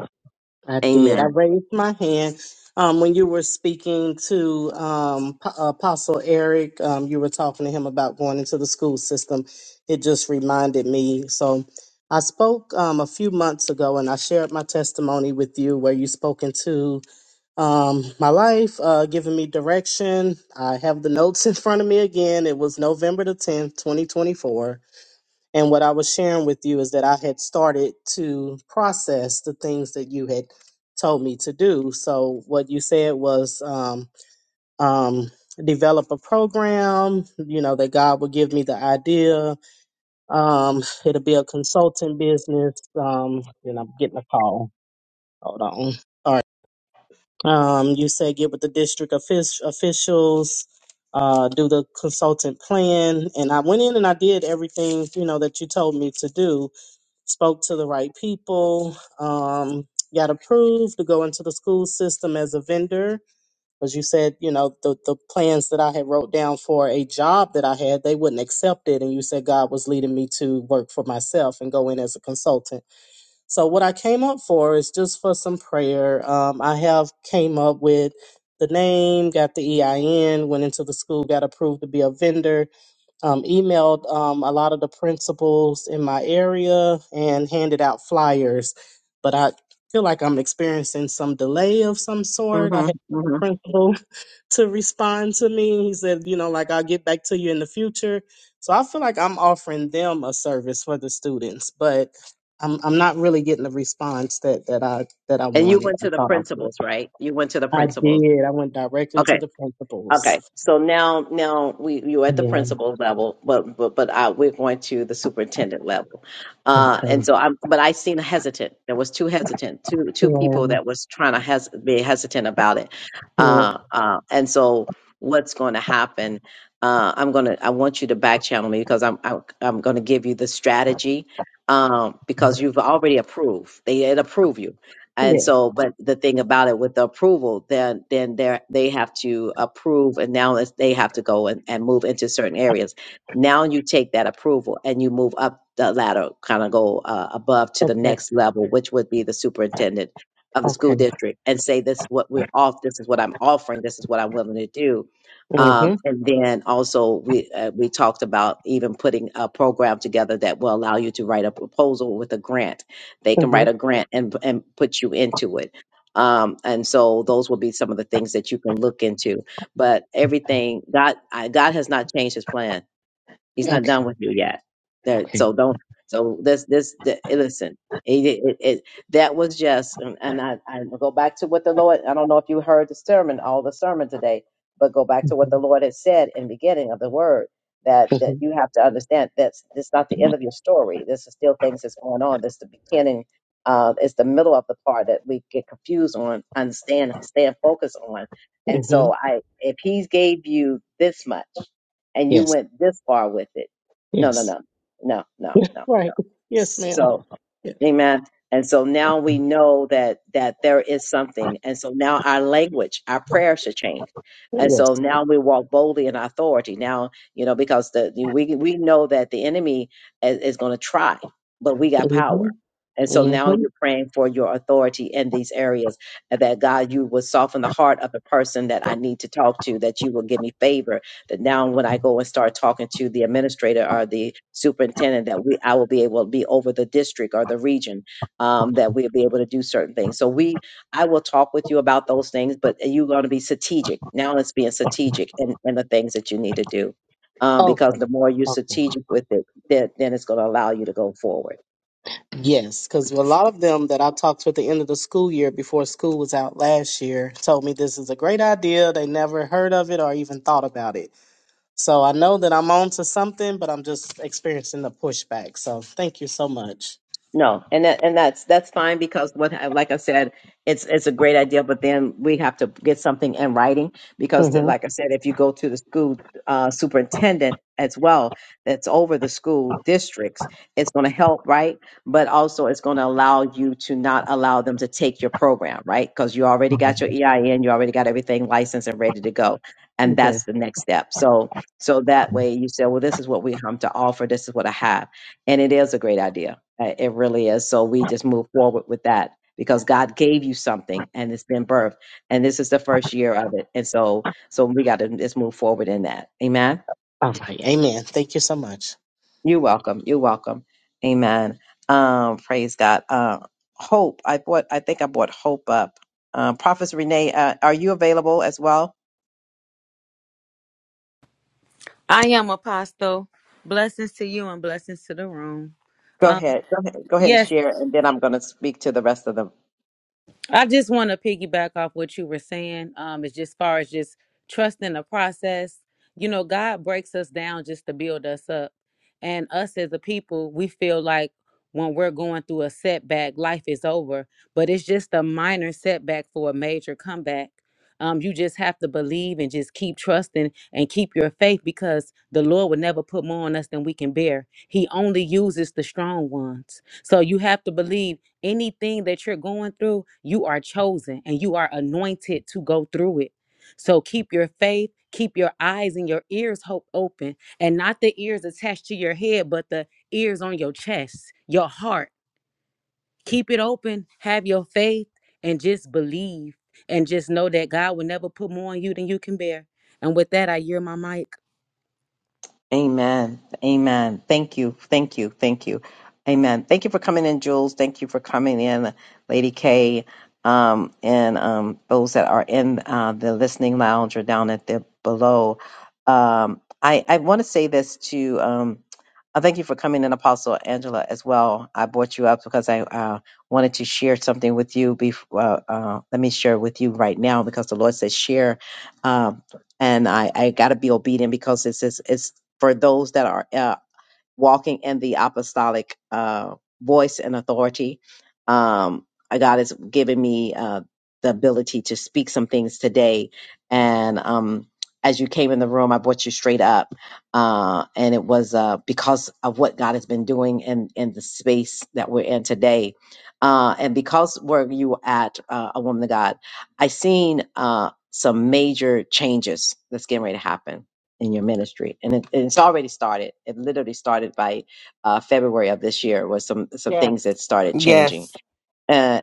S7: I did. I
S1: Amen.
S7: raised my hand. Um, when you were speaking to um, P- Apostle Eric, um, you were talking to him about going into the school system. It just reminded me. So I spoke um, a few months ago and I shared my testimony with you where you spoke into um, my life, uh, giving me direction. I have the notes in front of me again. It was November the 10th, 2024. And what I was sharing with you is that I had started to process the things that you had told me to do. So what you said was, um, um, develop a program, you know, that God would give me the idea. Um, it'll be a consulting business. Um, and I'm getting a call. Hold on. All right. Um, you said get with the district offic- officials, uh, do the consultant plan. And I went in and I did everything, you know, that you told me to do. Spoke to the right people, um, got approved to go into the school system as a vendor. Because you said, you know, the, the plans that I had wrote down for a job that I had, they wouldn't accept it. And you said God was leading me to work for myself and go in as a consultant. So what I came up for is just for some prayer. Um, I have came up with the name, got the EIN, went into the school, got approved to be a vendor, um, emailed um, a lot of the principals in my area, and handed out flyers. But I feel like I'm experiencing some delay of some sort. I
S1: hmm
S7: had a
S1: hmm
S7: principal to respond to me. He said, you know, like I'll get back to you in the future. So I feel like I'm offering them a service for the students, but I'm I'm not really getting the response that that I that I
S1: And you
S7: wanted.
S1: went
S7: I
S1: to the
S7: thought I would.
S1: principals, right? You went to the
S7: I
S1: principals.
S7: did. I went directly
S1: Okay.
S7: to the principals.
S1: Okay, so now now we you're at the
S7: Yeah.
S1: principal level, but but but uh we're going to the superintendent level, uh,
S7: Okay.
S1: and so I'm. But I seen hesitant. There was two hesitant, two two
S7: Yeah.
S1: people that was trying to hes- be hesitant about it,
S7: Yeah.
S1: uh, uh, and so what's going to happen? Uh, I'm gonna. I want you to back channel me because I'm I'm, I'm going to give you the strategy um, because you've already approved. They had approved you. And
S7: Yeah.
S1: so, but the thing about it with the approval, then then they they have to approve, and now it's, they have to go and, and move into certain areas. Now you take that approval and you move up the ladder, kind of go uh, above to the
S7: that-
S1: next level, which would be the superintendent of the school
S7: Okay.
S1: district, and say this is what we're off. This is what I'm offering. This is what I'm willing to do. Um,
S7: Mhm.
S1: and then also we uh, we talked about even putting a program together that will allow you to write a proposal with a grant they can write
S7: Mhm.
S1: a grant and and put you into it. Um, and so those will be some of the things that you can look into. But everything God, I, God has not changed His plan He's not
S7: Okay.
S1: done with you yet. That
S7: Okay.
S1: so don't so this this the, eh, listen. It, it, it, that was just and, and I, I go back to what the Lord. I don't know if you heard the sermon, all the sermon today, but go back to what the
S7: Mhm.
S1: Lord has said in the beginning of the word that that
S7: Mhm.
S1: you have to understand that's this is not the end of your story. This is still things that's going on. This is the beginning. Uh, it's the middle of the part that we get confused on, understand, stand focused on. And
S7: Mhm.
S1: so I, if He gave you this much, and you
S7: Yes.
S1: went this far with it. No, no,
S7: Yes.
S1: no, no, no, no.
S7: Right. Yes, ma'am.
S1: So,
S7: Yes.
S1: amen. And so now we know that that there is something, and so now our language, our prayer should change, and
S7: Yes.
S1: so now we walk boldly in authority. Now you know because the we we know that the enemy is, is going to try, but we got power,
S7: Mhm.
S1: and so
S7: Mhm.
S1: now you're praying for your authority in these areas, and that God you will soften the heart of the person that I need to talk to, that you will give me favor, that now when I go and start talking to the administrator or the superintendent, that we I will be able to be over the district or the region, um, that we'll be able to do certain things. So we I will talk with you about those things, but you're going to be strategic. Now it's being strategic in, in the things that you need to do. Um,
S7: Okay.
S1: because the more you're
S7: Okay.
S1: strategic with it, then, then it's going to allow you to go forward.
S7: Yes, because a lot of them that I talked to at the end of the school year before school was out last year told me this is a great idea. They never heard of it or even thought about it. So I know that I'm on to something, but I'm just experiencing the pushback. So thank you so much.
S1: No, and that, and that's that's fine because what I- like I said, it's it's a great idea, but then we have to get something in writing because,
S7: Mm-hmm.
S1: like I said, if you go to the school uh, superintendent as well, that's over the school districts, it's going to help, right? But also, it's going to allow you to not allow them to take your program, right? Because you already got your EIN, you already got everything licensed and ready to go, and
S7: Okay.
S1: that's the next step. So so that way, you say, well, this is what we have to offer, this is what I have, and it is a great idea uh, It really is. So we just move forward with that because God gave you something and it's been birthed. And this is the first year of it. And so so we got to just move forward in that. Amen.
S7: All right. Amen. Thank you so much.
S1: You're welcome. You're welcome. Amen. Um, praise God. Uh, hope. I bought I think I bought hope up. Um, Prophet Renee, uh, are you available as well?
S8: I am Apostle. Blessings to you and blessings to the room.
S1: Go
S8: Um,
S1: ahead. Go ahead. Go ahead and
S8: yes,
S1: share and then I'm gonna speak to the rest of them.
S8: I just want to piggyback off what you were saying. Um, is just far as just trusting the process. You know, God breaks us down just to build us up, and us as a people, we feel like when we're going through a setback, life is over. But it's just a minor setback for a major comeback. Um, you just have to believe and just keep trusting and keep your faith because the Lord will never put more on us than we can bear. He only uses the strong ones. So you have to believe Anything that you're going through, you are chosen and you are anointed to go through it. So keep your faith, keep your eyes and your ears hope open, and not the ears attached to your head, but the ears on your chest, your heart. Keep it open, have your faith, and just believe and just know that God will never put more on you than you can bear. And with that, I hear my mic.
S1: Amen. Amen. Thank you. Thank you. Thank you. Amen. Thank you for coming in, Jules. Thank you for coming in, Lady K, um, and um, those that are in uh, the listening lounge or down at the below. Um, I, I want to say this to. Um, I thank you for coming in, Apostle Angela, as well. I brought you up because I uh, wanted to share something with you. Before, uh, uh, let me share with you right now because the Lord says share, um, and I, I got to be obedient because it's this for those that are uh, walking in the apostolic uh, voice and authority. Um, uh, God has given me uh, the ability to speak some things today. And um, as you came in the room, I brought you straight up. Uh, and it was uh, because of what God has been doing in, in the space that we're in today. Uh, and because where you were at, uh, a woman of God, I seen uh, some major changes that's getting ready to happen in your ministry and, it, and it's already started it literally started by uh, february of this year was some some
S9: Yeah.
S1: things that started changing
S9: Yes.
S1: Uh,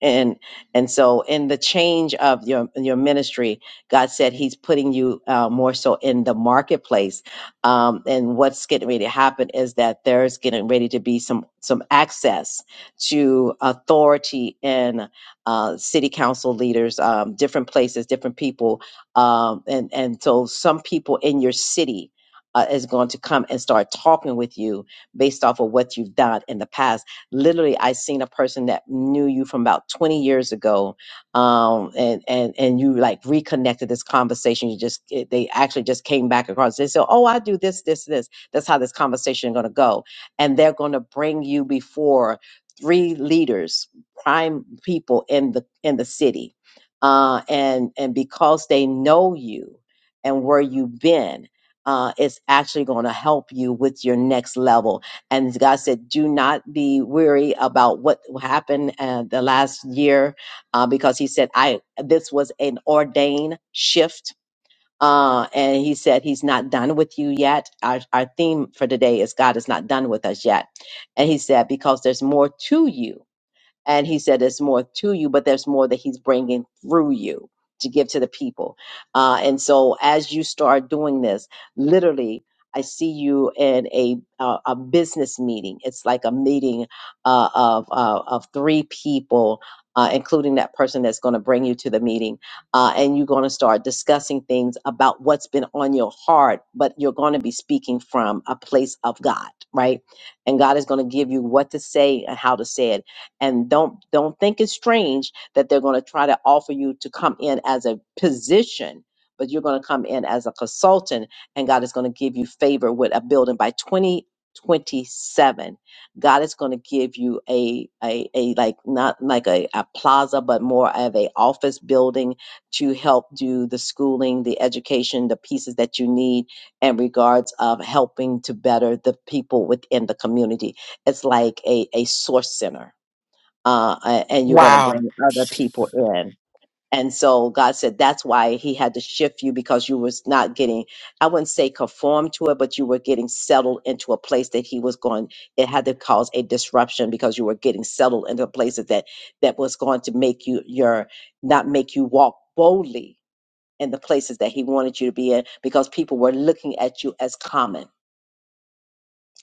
S1: and and so in the change of your your ministry god said he's putting you uh, more so in the marketplace um, and what's getting ready to happen is that there's getting ready to be some some access to authority and uh, city council leaders um, different places different people um, and and so some people in your city uh, is going to come and start talking with you based off of what you've done in the past Literally, I seen a person that knew you from about 20 years ago, um, and and and you like reconnected this conversation. You just it- they actually just came back across. They said, "Oh, I do this, this, this. That's how this conversation is going to go," and they're going to bring you before three leaders, prime people in the in the city, uh, and and because they know you and where you've been, uh, it's actually going to help you with your next level and God said, "Do not be weary about what happened uh, the last year, uh, because He said, "I this was an ordained shift." Uh, and he said he's not done with you yet. Our, our theme for today is God is not done with us yet. And he said, because there's more to you and he said, There's more to you, but there's more that he's bringing through you to give to the people. Uh, and so as you start doing this, literally, I see you in a uh, a business meeting. It's like a meeting uh, of uh, of three people, uh, including that person that's going to bring you to the meeting, uh, and you're going to start discussing things about what's been on your heart. But you're going to be speaking from a place of God, right? And God is going to give you what to say and how to say it and don't don't think it's strange that they're going to try to offer you to come in as a position but you're going to come in as a consultant and god is going to give you favor with a building by 2027 god is going to give you a, a a like not like a, a plaza but more of a office building to help do the schooling the education the pieces that you need in regards of helping to better the people within the community it's like a, a source center uh, a- and you're going to
S9: Wow.
S1: bring other people in. And so God said that's why He had to shift you because you was not getting, I wouldn't say conformed to it, but you were getting settled into a place that He was going. It had to cause a disruption because you were getting settled into places that that was going to make you your not make you walk boldly in the places that He wanted you to be in because people were looking at you as common.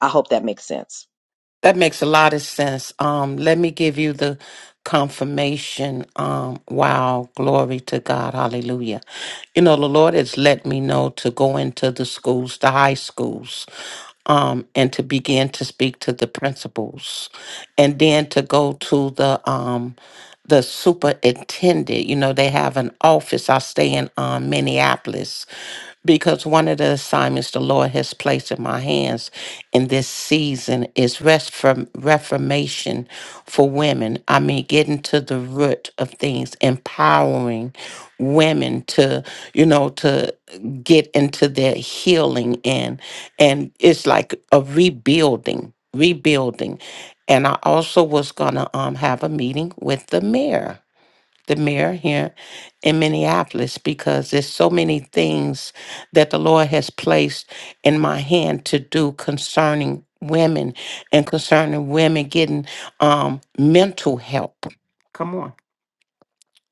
S1: I hope that makes sense.
S9: That makes a lot of sense. Um, let me give you the confirmation. Um, wow, glory to God, hallelujah. You know, the Lord has let me know to go into the schools, the high schools, um, and to begin to speak to the principals, and then to go to the um the superintendent. You know, they have an office. I stay in um, Minneapolis, because one of the assignments the Lord has placed in my hands in this season is rest from reformation for women. I mean, getting to the root of things, empowering women to, you know, to get into their healing and and it's like a rebuilding, rebuilding. And I also was gonna um have a meeting with the mayor the mayor here in Minneapolis because there's so many things that the Lord has placed in my hand to do concerning women and concerning women getting um, mental help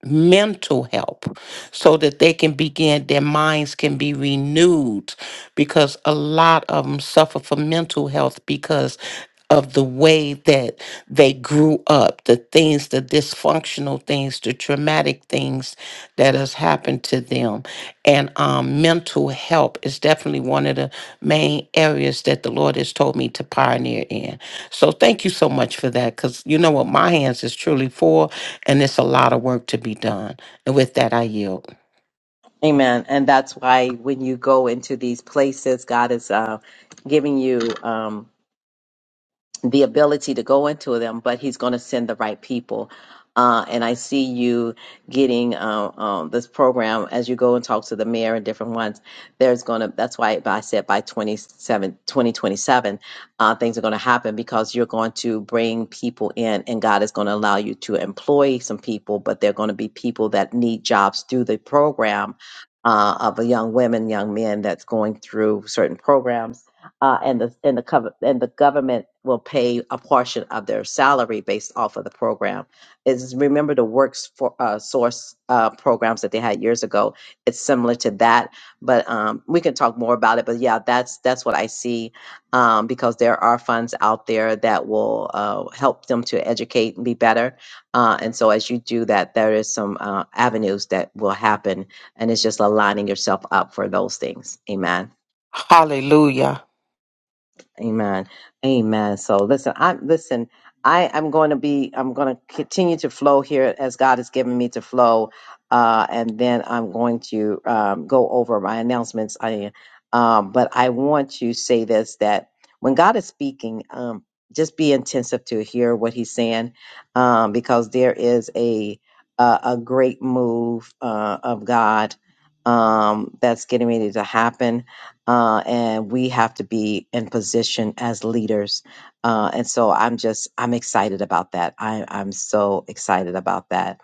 S9: mental help so that they can begin their minds can be renewed because a lot of them suffer from mental health because of the way that they grew up the things the dysfunctional things the traumatic things that has happened to them and um, mental help is definitely one of the main areas that the lord has told me to pioneer in so thank you so much for that because you know what my hands is truly for and it's a lot of work to be done. And with that, I yield.
S1: Amen. And that's why when you go into these places, God is uh, giving you. Um, the ability to go into them, but he's going to send the right people. Uh, and I see you getting uh, um, this program as you go and talk to the mayor and different ones. There's going to, that's why I said by 27, 2027, uh, things are going to happen because you're going to bring people in and God is going to allow you to employ some people, but they're going to be people that need jobs through the program uh, of a young women, young men that's going through certain programs uh, and the and the cover and the government will pay a portion of their salary based off of the program. Is remember the works for uh, source uh, programs that they had years ago. It's similar to that, but um, we can talk more about it. But yeah, that's that's what I see um, because there are funds out there that will uh, help them to educate and be better. Uh, and so as you do that, there is some uh, avenues that will happen, and it's just aligning yourself up for those things. Amen.
S9: Hallelujah.
S1: Amen. Amen. So listen, I listen, I am going to be I'm going to continue to flow here as God has given me to flow. Uh, and then I'm going to um, go over my announcements. I um, but I want to say this that when God is speaking, um, just be intensive to hear what He's saying, um, because there is a a, a great move uh, of God um, that's getting ready to happen uh, and we have to be in position as leaders. Uh, and so I'm just I'm excited about that. I, I'm so excited about that.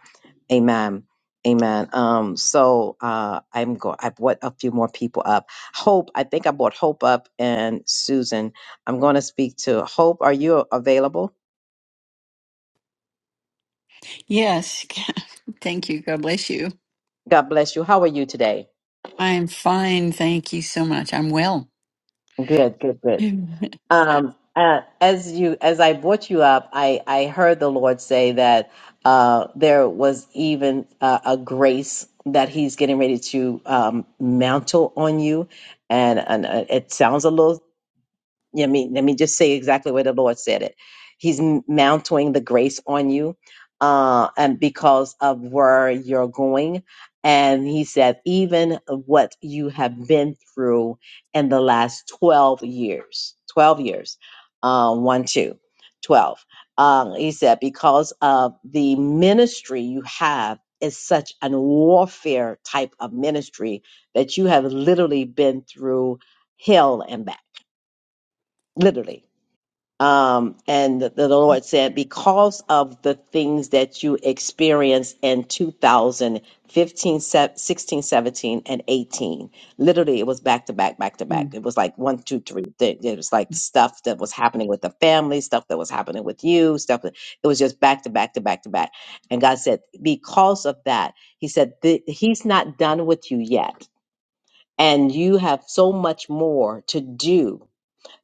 S1: Amen. Amen. Um, so uh, I'm go. I brought a few more people up. Hope. I think I brought Hope up and Susan. I'm going to speak to Hope. Are you available?
S10: Yes. (laughs) Thank you. God bless you.
S1: God bless you. How are you today?
S10: I'm fine. Thank you so much. I'm well.
S1: Good. Good. Good.
S10: Amen.
S1: Um, uh, as you, as I brought you up, I, I heard the Lord say that uh, there was even uh, a grace that He's getting ready to um, mantle on you, and and uh, it sounds a little let me let me just say exactly where the Lord said it. He's m- mounting the grace on you, uh, and because of where you're going, and He said even what you have been through in the last twelve years, twelve years, uh, one, two, twelve. Um, he said because of the ministry you have is such an warfare type of ministry that you have literally been through hell and back, literally um, and the, the Lord said, because of the things that you experienced in 2015, se- 16, 17, and 18, literally it was back to back, back to back.
S10: Mm.
S1: It was like one, two, three. Th- It was like stuff that was happening with the family, stuff that was happening with you, stuff that it was just back to back to back to back. And God said, because of that, He said, "Th- He's not done with you yet. And you have so much more to do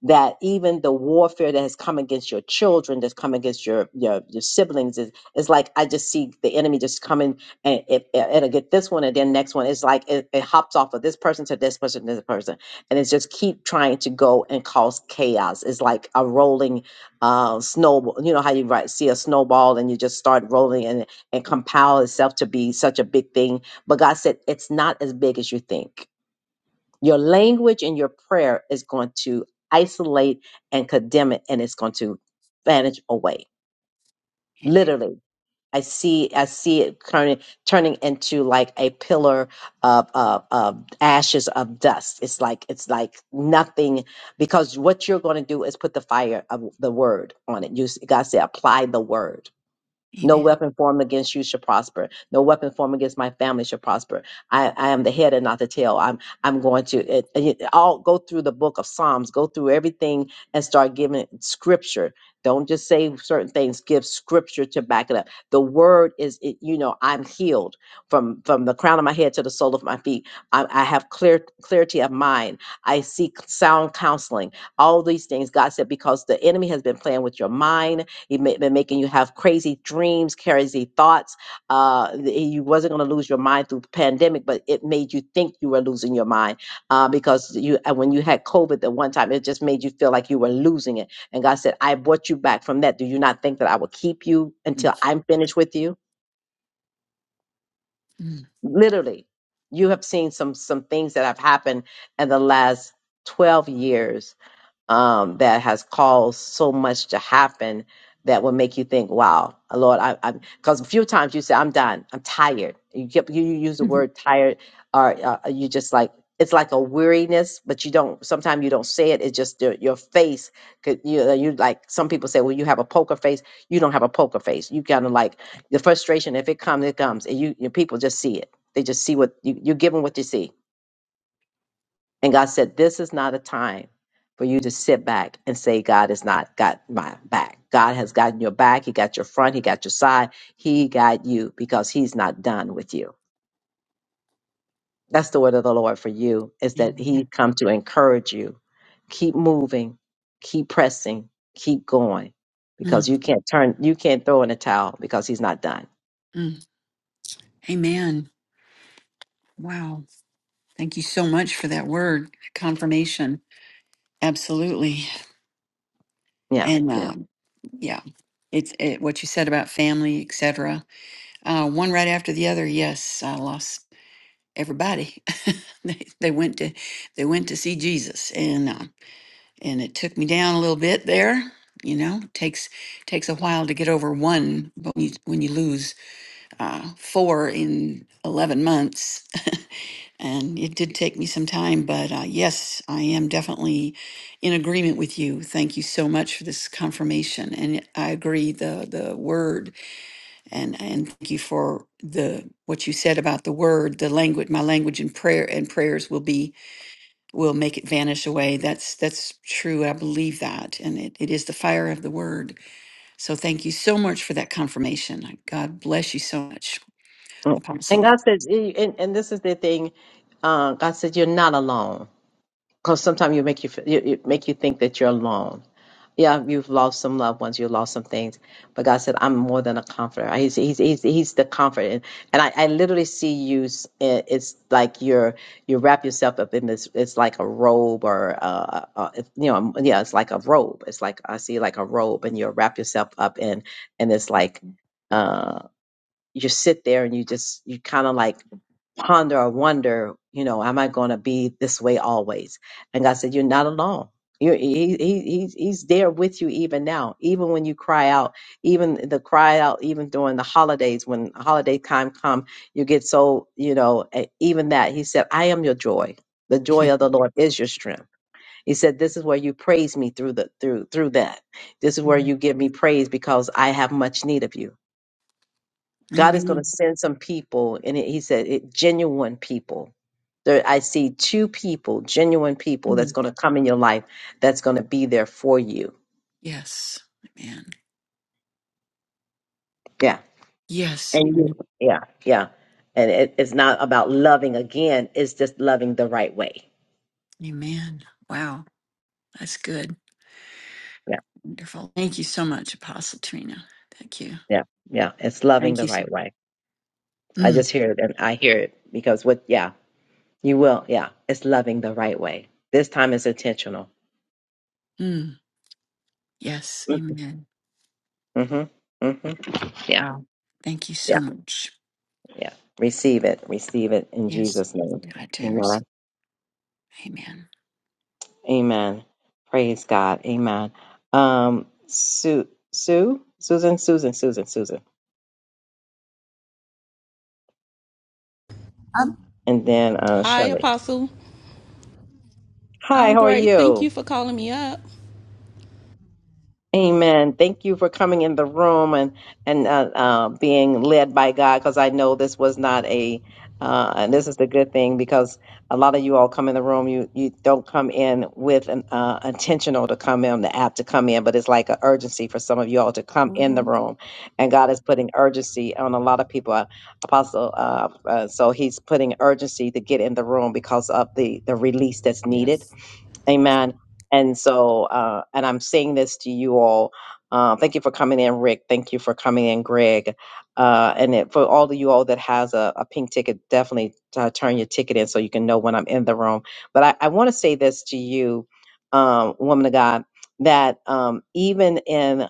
S1: that even the warfare that has come against your children, that's come against your your, your siblings, is is like I just see the enemy just coming and it, it- it'll get this one and then next one. It's like it, it hops off of this person to this person to this person, and it's just keep trying to go and cause chaos. It's like a rolling uh, snowball. You know how you right see a snowball and you just start rolling and and compile itself to be such a big thing. But God said it's not as big as you think your language and your prayer is going to isolate and condemn it, and it's going to vanish away.
S10: Amen.
S1: Literally, I see, I see it turning turning into like a pillar of, of, of ashes of dust. It's like it's like nothing because what you're going to do is put the fire of the word on it. You, God said, apply the word no
S10: Amen.
S1: weapon formed against you shall prosper. No weapon formed against my family shall prosper. I, I am the head and not the tail. I'm I'm going to it, it, will go through the book of Psalms, go through everything and start giving scripture. Don't just say certain things. Give scripture to back it up. The word is, it, you know, I'm healed from from the crown of my head to the sole of my feet. I, I have clear clarity of mind. I seek sound counseling. All these things God said because the enemy has been playing with your mind he may been making you have crazy dreams, crazy thoughts. Uh, th- you wasn't going to lose your mind through the pandemic, but it made you think you were losing your mind uh, because you uh, when you had COVID the one time, it just made you feel like you were losing it. And God said, "I brought you back from that. Do you not think that I will keep you
S10: Mm.
S1: until I'm finished with you?"
S10: Mm.
S1: Literally, you have seen some some things that have happened in the last twelve years um, that has caused so much to happen that will make you think, wow, uh, Lord, I, I, because a few times you say, I'm done, I'm tired. You get, you you use the
S10: Mhm.
S1: word tired, or uh, uh, you just like, it's like a weariness, but you don't, sometimes you don't say it. It's just your, your face. Could you, uh, you like, some people say, well, you have a poker face. You don't have a poker face. You kind of like the frustration, if it comes, it comes. And you, you people just see it. They just see what you, you give them what you see and God said, This is not a time for you to sit back and say, God has not got my back. God has gotten your back. He got your front. He got your side. He got you because he's not done with you. That's the word of the Lord for you is that
S10: Amen.
S1: he come to encourage you. Keep moving, keep pressing, keep going because
S10: Mm.
S1: you can't turn you can't throw in a towel because he's not done.
S10: Mm. Amen. Wow. Thank you so much for that word confirmation. Absolutely.
S1: Yeah,
S10: And
S1: yeah.
S10: um, yeah, it's it, what you said about family, etc. Uh, one right after the other. Yes, I lost everybody. (laughs) they, they went to they went to see Jesus, and uh, and it took me down a little bit there. You know, takes takes a while to get over one, but when you, when you lose uh, four in eleven months, (laughs) and it did take me some time. But uh, yes, I am definitely in agreement with you. Thank you so much for this confirmation, and I agree the the word, and and thank you for the what you said about the word, the language, my language and prayer and prayers will be will make it vanish away. That's that's true. I believe that, and it, it is the fire of the word. So thank you so much for that confirmation. God bless you so much,
S1: Mm. And
S10: Apostle.
S1: God said, eh, and, and this is the thing, uh, God said, you're not alone. because sometimes you make you fe- it it make you think that you're alone. Yeah, you've lost some loved ones, you lost some things, but God said, "I'm more than a comforter. He's He's He's, he's the comfort." And, and I, I literally see you. s- i- It's like you're you wrap yourself up in this. It's like a robe, or uh, uh, if- you know, um, yeah, it's like a robe. It's like I see like a robe, and you wrap yourself up in, and it's like uh, you sit there and you just you kind of like ponder or wonder, you know, am I going to be this way always? And God said, you're not alone. You're, he, he, he's, he's there with you even now, even when you cry out, even the cry out, even during the holidays, when holiday time come, you get so, you know, eh, even that he said, I am your joy. The joy of the Lord is your strength. He said, this is where you praise me through the, through, through that. This is where
S10: Mm.
S1: you give me praise because I have much need of you. God is going to
S10: Amen.
S1: send some people, and it, he said, it, genuine people. There, I see two people, genuine people, that's
S10: Mm.
S1: going to come in your life, that's going to be there for you.
S10: Yes. Amen.
S1: Yeah,
S10: Yes.
S1: and you,
S10: Amen.
S1: yeah, yeah. And it, it's not about loving again; it's just loving the right way.
S10: Amen. Wow, that's good.
S1: Yeah,
S10: Wonderful. Thank you so much, Apostle Trina. Thank you.
S1: yeah, yeah. It's loving
S10: Thank
S1: the
S10: you. so-
S1: right way. I
S10: Mm.
S1: just hear it, and I hear it because what? Yeah, you will. Yeah, it's loving the right way. This time is intentional.
S10: Mm. Yes.
S1: Mm-hmm.
S10: Amen.
S1: Mm-hmm. mm-hmm. Yeah.
S10: Wow. Thank you
S1: Yeah.
S10: so much.
S1: Yeah. Receive it. Receive it in
S10: Yes.
S1: Jesus' name.
S10: I do.
S1: Amen.
S10: Amen.
S1: Amen. Praise God. Amen. Um, Sue, Sue, Susan, Susan, Susan, Susan, and then uh,
S11: Hi,
S1: Shelly.
S11: Apostle.
S1: Hi,
S11: I'm
S1: how are
S11: great. Thank
S1: you?
S11: you for calling me up.
S1: Amen. Thank you for coming in the room and and uh, uh, being led by God, because I know this was not a, uh, and this is the good thing because a lot of you all come in the room, you you don't come in with an uh, intentional to come in the app to come in, but it's like an urgency for some of you all to come in the
S11: hmm
S1: room, and God is putting urgency on a lot of people. Uh, Apostle, uh, uh, so He's putting urgency to get in the room because of the the release that's needed
S11: Yes.
S1: Amen. And so, uh, and I'm saying this to you all. Uh, thank you for coming in, Rick. Thank you for coming in, Greg. Uh, and it, for all of you all that has a, a pink ticket, definitely uh, turn your ticket in so you can know when I'm in the room. But I, I want to say this to you, um, woman of God, that um, even in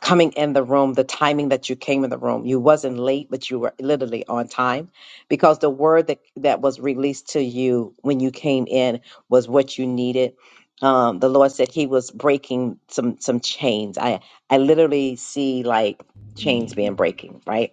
S1: coming in the room, the timing that you came in the room. You wasn't late, but you were literally on time because the word that, that was released to you when you came in was what you needed. Um, the Lord said he was breaking some some chains. I I literally see like chains
S11: Mm.
S1: being breaking, right?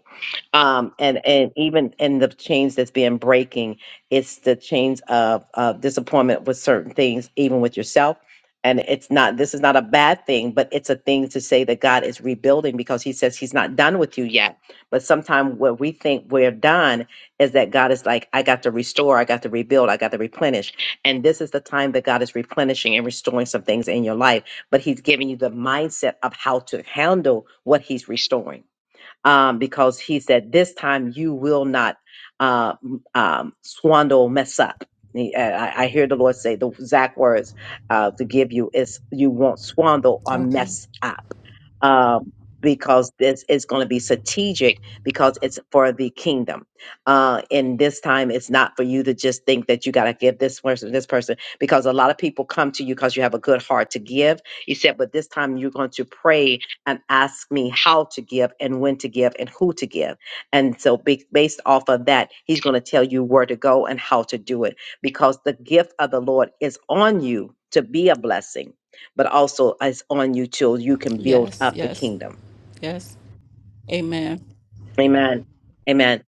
S1: Um, and and even in the chains that's being breaking, it's the chains of, of disappointment with certain things, even with yourself and it's not this is not a bad thing but it's a thing to say that god is rebuilding because he says he's not done with you yet but sometimes what we think we're done is that god is like i got to restore i got to rebuild i got to replenish and this is the time that god is replenishing and restoring some things in your life but he's giving you the mindset of how to handle what he's restoring um, because he said, This time you will not uh, m- um, swindle, mess up. He- uh, I, I hear the Lord say the exact words uh, to give you is you won't swindle or
S11: Okay.
S1: mess up. Um, because this is going to be strategic because it's for the kingdom. Uh, and this time it's not for you to just think that you got to give this person, this person, because a lot of people come to you because you have a good heart to give. He said, but this time you're going to pray and asked me how to give and when to give and who to give. And so, ba- based off of that, he's going to tell you where to go and how to do it because the gift of the Lord is on you to be a blessing, but also it's on you till you can build
S11: Yes,
S1: up the
S11: yes,
S1: kingdom.
S11: yes. Amen.
S1: Amen. Amen.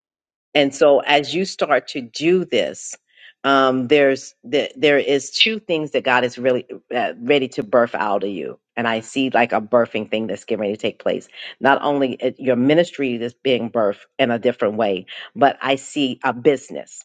S1: And so as you start to do this, um, there's the, there is two things that God is really uh, ready to birth out of you. And I see like a birthing thing that's getting ready to take place. Not only it- your ministry that's being birthed in a different way, but I see a business.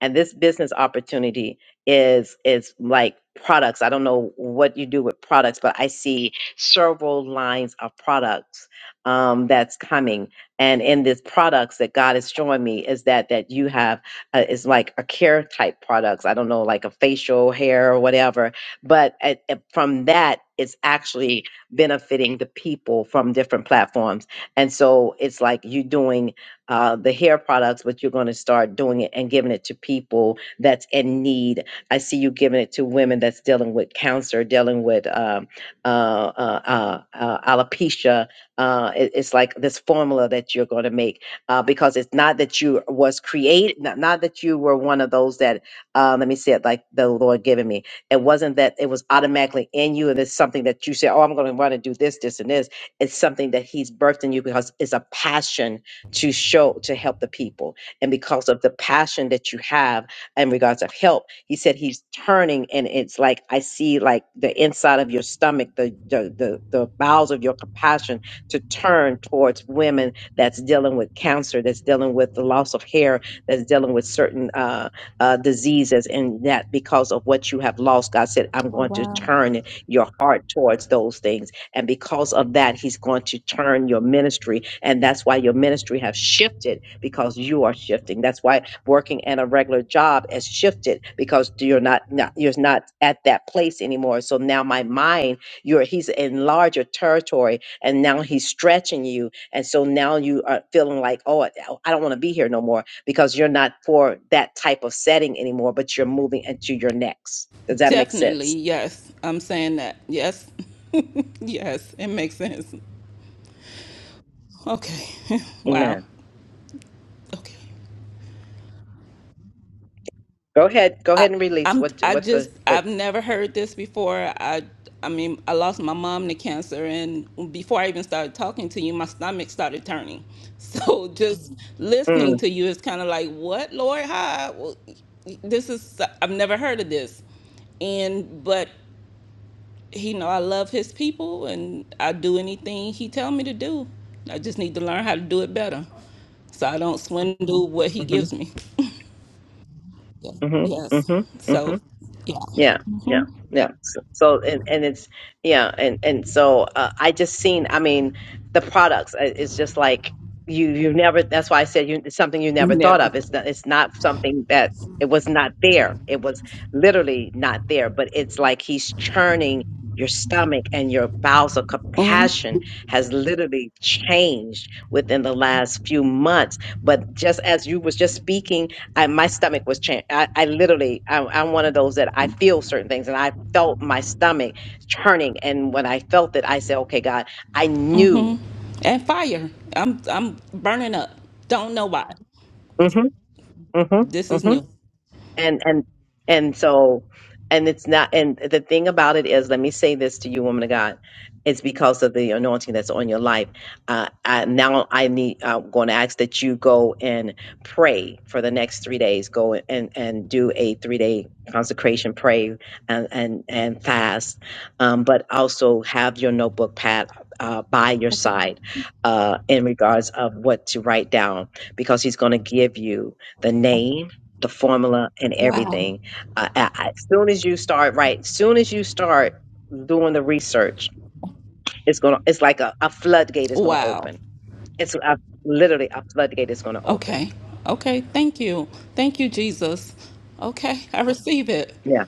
S1: And this business opportunity is is like products. I don't know what you do with products, but I see several lines of products um, that's coming and in these products that God is showing me is that that you have uh, is like a care type products. I don't know, like a facial hair or whatever. But at, at- from that, it's actually benefiting the people from different platforms. And so it's like you doing uh, the hair products, but you're going to start doing it and giving it to people that's in need. I see you giving it to women that's dealing with cancer, dealing with um, uh, uh, uh, uh, alopecia, uh, it- it's like this formula that you're going to make uh, because it's not that you was created, not, not that you were one of those that, uh, let me say it like the Lord given me. It wasn't that it was automatically in you and it's something that you say, oh, I'm going to want to do this, this, and this. It's something that He's birthed in you because it's a passion to show, to help the people. And because of the passion that you have, in regards of help. He said he's turning, and it's like I see like the inside of your stomach, the the the, the bowels of your compassion to turn towards women that's dealing with cancer, that's dealing with the loss of hair, that's dealing with certain uh, uh, diseases, and that because of what you have lost, God said, I'm
S11: Oh,
S1: going to
S11: wow.
S1: turn your heart towards those things. And because of that, He's going to turn your ministry. And that's why your ministry has shifted because you are shifting. That's why working at a regular job has shifted because you're not, not you're not at that place anymore. So now my mind, you're he's in larger territory and now he's stretching you and so now you are feeling like oh i oh, I don't want to be here no more because you're not for that type of setting anymore but you're moving into your next does that make
S11: Definitely,
S1: sense
S11: yes. I'm saying that. Yes. (laughs) yes, it makes sense. Okay. (laughs) wow.
S1: amen
S11: Okay.
S1: go ahead go
S11: I,
S1: ahead and release
S11: I'm
S1: what
S11: I
S1: what
S11: just
S1: the what
S11: I've never heard this before. I I mean I lost my mom to cancer, and before I even started talking to you, my stomach started turning. (laughs) So just Mhm. listening
S1: mm,
S11: to you is kind of like, what, Lord? How? Well, this is I've never heard of this, and but you know I love His people, and I do anything He tell me to do. I just need to learn how to do it better, so I don't swindle what He
S1: hmm
S11: gives me. Yeah.
S1: hmm hmm
S11: Yes.
S1: hmm
S11: So,
S1: Yeah,
S11: yeah.
S1: yeah, yeah. So, so and and it's yeah, and and so uh, I just seen. I mean, the products. uh, It's just like you you never. That's why I said you it's something you never thought
S11: Never.
S1: of. It's not. It's not something that it was not there. It was literally not there. But it's like he's churning your stomach and your bowels of
S11: Mhm.
S1: compassion has literally changed within the last few months but just as you was just speaking I, my stomach was changed. I, I literally, I, I'm one of those that I feel certain things, and I felt my stomach churning. And when I felt it, I said, "Okay, God, I knew."
S11: And fire. I'm I'm burning up. Don't know why.
S1: hmm hmm
S11: This
S1: hmm
S11: is new.
S1: and and and so and it's not and the thing about it is let me say this to you woman of god it's because of the anointing that's on your life uh I, now i need i'm going to ask that you go and pray for the next three days go and and do a three day consecration pray and and and fast um but also have your notebook pad uh, by your
S11: Okay.
S1: side uh, in regards of what to write down because he's going to give you the name the formula and
S11: Wow.
S1: everything. Uh, I, I- as soon as you start, right? As soon as you start doing the research, it's gonna. It's like a, a floodgate is gonna
S11: Wow.
S1: open. It's a, literally a floodgate is gonna open.
S11: Okay. Okay. Thank you. Thank you, Jesus. Okay. I receive it.
S1: Yeah.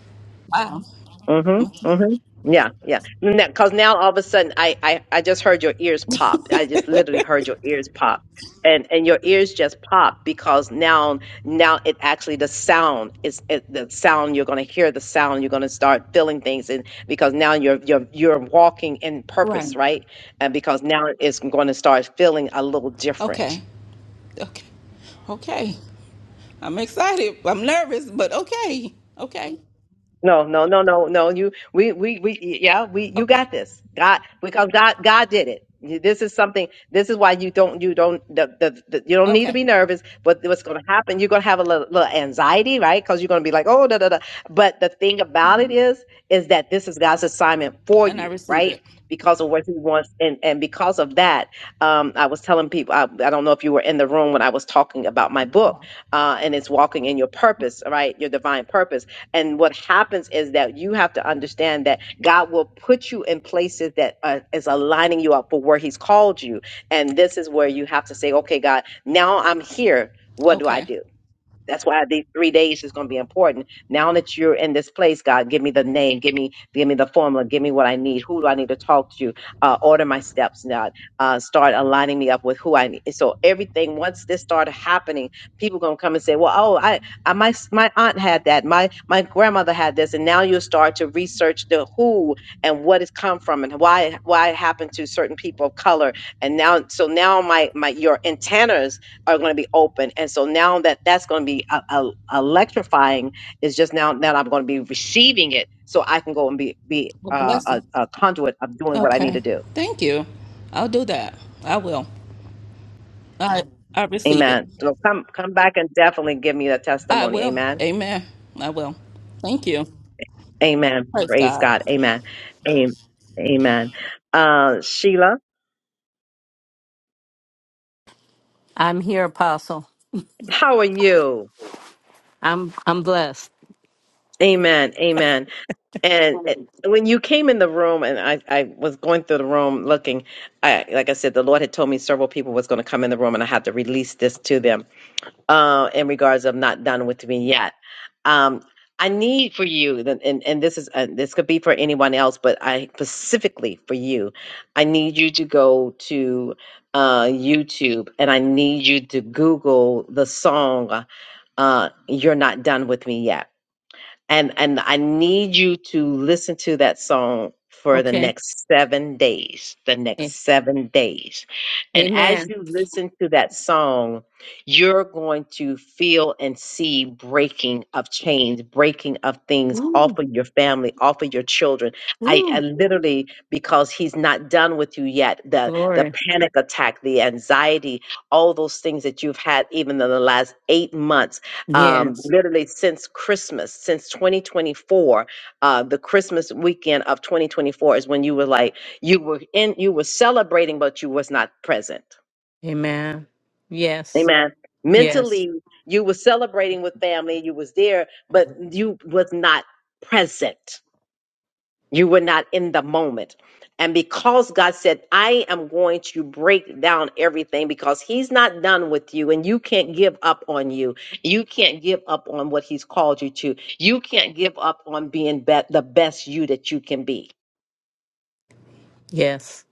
S11: Wow.
S1: hmm hmm Yeah, yeah. Because now all of a sudden, I, I, I just heard your ears pop. I just literally heard your ears pop, and and your ears just pop because now now it actually the sound is it, the sound you're going to hear the sound you're going to start feeling things and because now you're you're you're walking in
S11: Right.
S1: purpose right and because now it's going to start feeling a little different
S11: Okay. Okay. Okay. I'm excited. I'm nervous, but okay. Okay.
S1: No, no, no, no, no. You, we, we, we, yeah, we, you
S11: Okay.
S1: got this. God, because God, God did it. You- This is something, this is why you don't, you don't, the, the, the, you don't need to
S11: Okay.
S1: be nervous, but what's going to happen, you're going to have a little, little anxiety, right? Because you're going to be like, oh, da, da, da. But the thing about it is, is that this is God's assignment for
S11: And I
S1: you,
S11: receive
S1: right?
S11: it.
S1: Because of what he wants. And, and because of that, um, I was telling people, I, I don't know if you were in the room when I was talking about my book, uh, and it's walking in your purpose, right? Your divine purpose and what happens is that you have to understand that God will put you in places that uh, is aligning you up for where He's called you. And this is where you have to say, okay, God, now I'm here. What do I
S11: Okay.
S1: do? That's why these three days is going to be important. Now that you're in this place, God, give me the name, give me, give me the formula, give me what I need. Who do I need to talk to? Uh, order my steps, God. Uh, start aligning me up with who I need. So everything once this started happening, people gonna come and say, "Well, oh, I, I my my aunt had that, my my grandmother had this," and now you will start to research the who and what it's come from and why why it happened to certain people of color. And now, so now my my your antennas are going to be open. And so now that that's going to be uh uh electrifying, is just now that I'm going to be receiving it so I can go and be, be
S11: A
S1: uh,
S11: blessing.
S1: a, a conduit of doing what I need
S11: Okay.
S1: to do.
S11: Thank you. I'll do that. I will. I I receive it.
S1: Amen. So come, come back and definitely give me that
S11: I
S1: testimony.
S11: will.
S1: Amen.
S11: Amen. I will. Thank you.
S1: Amen.
S11: Praise
S1: Praise
S11: God.
S1: God. Amen. Amen. Amen. Uh, Sheila,
S12: I'm here, Apostle.
S1: how are you?
S12: I'm I'm blessed.
S1: Amen. Amen. And it, when you came in the room, and I, I was going through the room looking, I, like I said, the Lord had told me several people was going to come in the room, and I had to release this to them uh, in regards of not done with me yet. Um, I need for you, and, and and this is uh, this could be for anyone else, but I specifically for you, I need you to go to uh, YouTube, and I need you to Google the song uh, "You're Not Done with Me Yet." And and I need you to listen to that song for the
S12: Okay.
S1: next 7 days. The
S12: A-
S1: next 7 days. And as
S12: Amen.
S1: you listen to that song, you're going to feel and see breaking of chains, breaking of things
S12: Woo,
S1: off of your family, off of your children. I, I
S12: woo.
S1: literally because he's not done with you yet, the the
S12: Glory.
S1: panic attack, the anxiety, all those things that you've had even in the last 8 months um,
S12: Yes.
S1: literally since Christmas, since 2024, uh, the Christmas weekend of 2024 is when you were like you were in, you were celebrating, but you was not present.
S12: Amen. Yes.
S1: Amen.
S12: Yes.
S1: Mentally, you were celebrating with family, you was there, but you was not present. You were not in the moment. And because God said, I am going to break down everything because He's not done with you and you can't give up on you. You can't give up on what He's called you to. You can't give up on being be- the best you that you can be.
S12: Yes.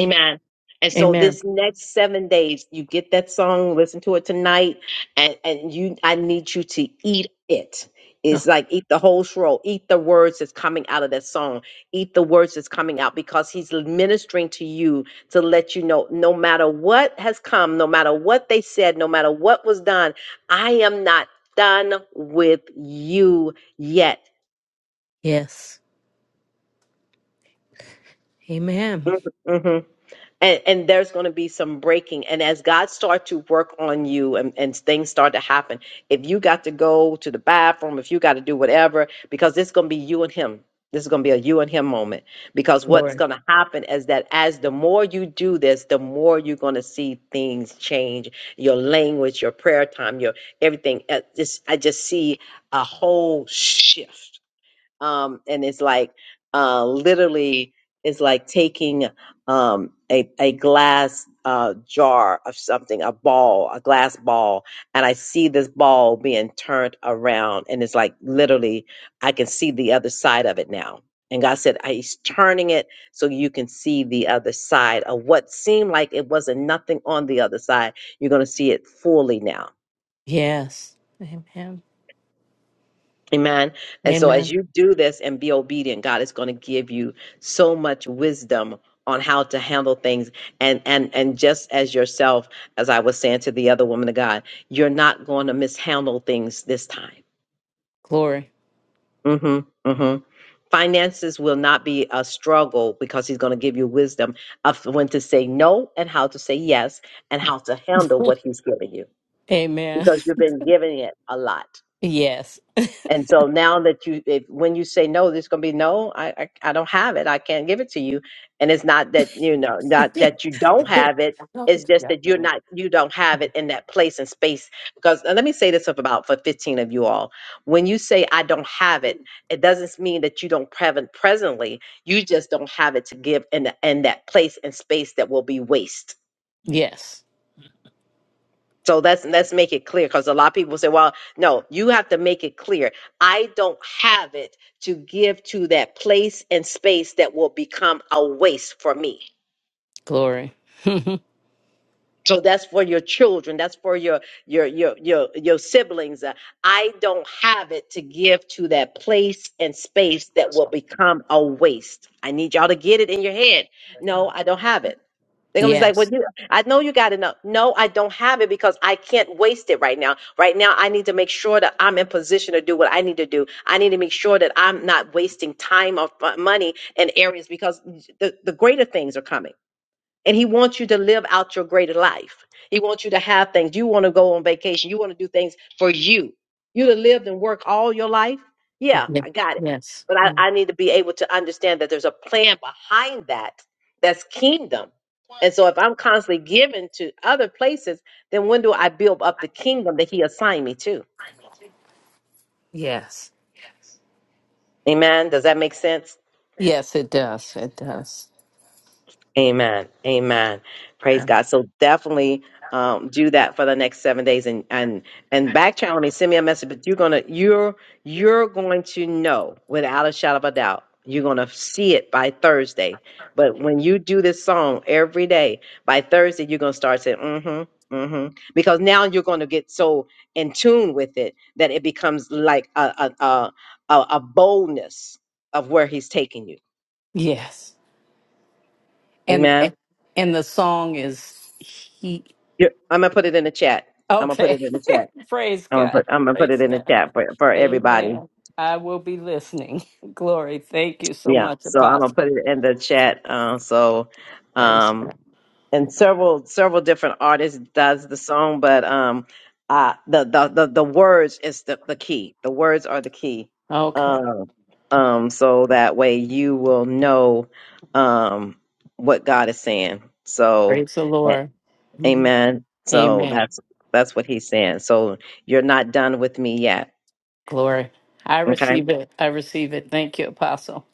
S1: Amen. And so
S12: Amen.
S1: this next seven days, you get that song, listen to it tonight, and, and you I need you to eat it.
S12: Oh,
S1: It's like eat the whole scroll, eat the words that's coming out of that song, eat the words that's coming out because he's ministering to you to let you know no matter what has come, no matter what they said, no matter what was done, I am not done with you yet.
S12: yes. Amen.
S1: Mm-hmm. and, and there's going to be some breaking and as god start to work on you and, and things start to happen if you got to go to the bathroom if you got to do whatever because it's going to be you and him this is going to be a you and him moment because what's
S12: Glory.
S1: going to happen is that as the more you do this the more you're going to see things change your language your prayer time your everything Uh, just i just see a whole shift um and it's like uh literally it's like taking um a a glass uh jar of something a ball a glass ball and i see this ball being turned around and it's like literally i can see the other side of it now and god said "I- he's turning it so you can see the other side of what seemed like it wasn't nothing on the other side you're going to see it fully now
S12: Yes. Amen.
S1: Amen. And so as
S12: Amen.
S1: you do this and be obedient, God is going to give you so much wisdom on how to handle things and and and just as yourself as I was saying to the other woman of God, you're not going to mishandle things this time.
S12: Glory.
S1: Mhm. Mhm. Finances will not be a struggle because he's going to give you wisdom of when to say no and how to say yes and how to handle what he's giving you
S12: Amen. (laughs)
S1: because you've been giving it a lot.
S12: Yes.
S1: And so now that you, if when you say no, there's going to be no. I, I I don't have it. I can't give it to you. And it's not that you know,
S12: (laughs)
S1: not that you don't have it. It's just that you're not, you don't have it in that place and space. Because and let me say this about for 15 of you all. When you say I don't have it, it doesn't mean that you don't have it presently. You just don't have it to give in the, in that place and space that will be waste
S12: yes.
S1: so let's let's make it clear because a lot of people say, well, no, you have to make it clear. I don't have it to give to that place and space that will become a waste for me.
S12: Glory. (laughs)
S1: So that's for your children. That's for your your your your your siblings. Uh, I don't have it to give to that place and space that will become a waste. I need y'all to get it in your head. No, I don't have it. They're gonna be like, "Well,
S12: yes.
S1: you, I know you got enough. No, I don't have it because I can't waste it right now. Right now, I need to make sure that I'm in position to do what I need to do. I need to make sure that I'm not wasting time or fu- money in areas because the, the greater things are coming. And he wants you to live out your greater life. He wants you to have things. You want to go on vacation. You want to do things for you. You to lived and work all your life. Yeah, I got it.
S12: Yes.
S1: But I, I need to be able to understand that there's a plan behind that that's kingdom. And so if I'm constantly giving to other places, then when do I build up the kingdom that he assigned me to?
S12: Yes.
S1: Amen. Does that make sense?
S12: Yes, it does. It does.
S1: Amen. Amen. Praise God. So definitely um, do that for the next seven days and and and back channel me, send me a message, but you're gonna you're you're going to know without a shadow of a doubt. You're gonna see it by Thursday. But when you do this song every day, by Thursday you're gonna start saying, mm-hmm, mm-hmm. Because now you're gonna get so in tune with it that it becomes like a a a, a, a boldness of where he's taking you.
S12: Yes. And
S1: Amen.
S12: and the song is he
S1: Yeah, I'm gonna put it in the chat. I'm gonna put
S12: Okay.
S1: it in the
S12: (laughs)
S1: chat.
S12: Praise
S1: I'm gonna
S12: God.
S1: put I'm gonna put it
S12: Praise
S1: in the
S12: God.
S1: chat for for everybody.
S12: Amen. I will be listening. (laughs) Glory. Thank you so
S1: Yeah.
S12: much,
S1: So I'm gonna put
S12: Apostle.
S1: it in the chat. Uh, so,
S12: Praise
S1: um,
S12: God.
S1: and several several different artists does the song, but um, uh, the the the, the words is the the key. The words are the key.
S12: Okay.
S1: Um, um, so that way you will know um what God is saying. So.
S12: Praise the Lord. Mhm.
S1: Amen. So
S12: Amen.
S1: that's that's what he's saying. So you're not done with me yet.
S12: Glory. I
S1: Okay.
S12: receive it. I receive it. Thank you, Apostle.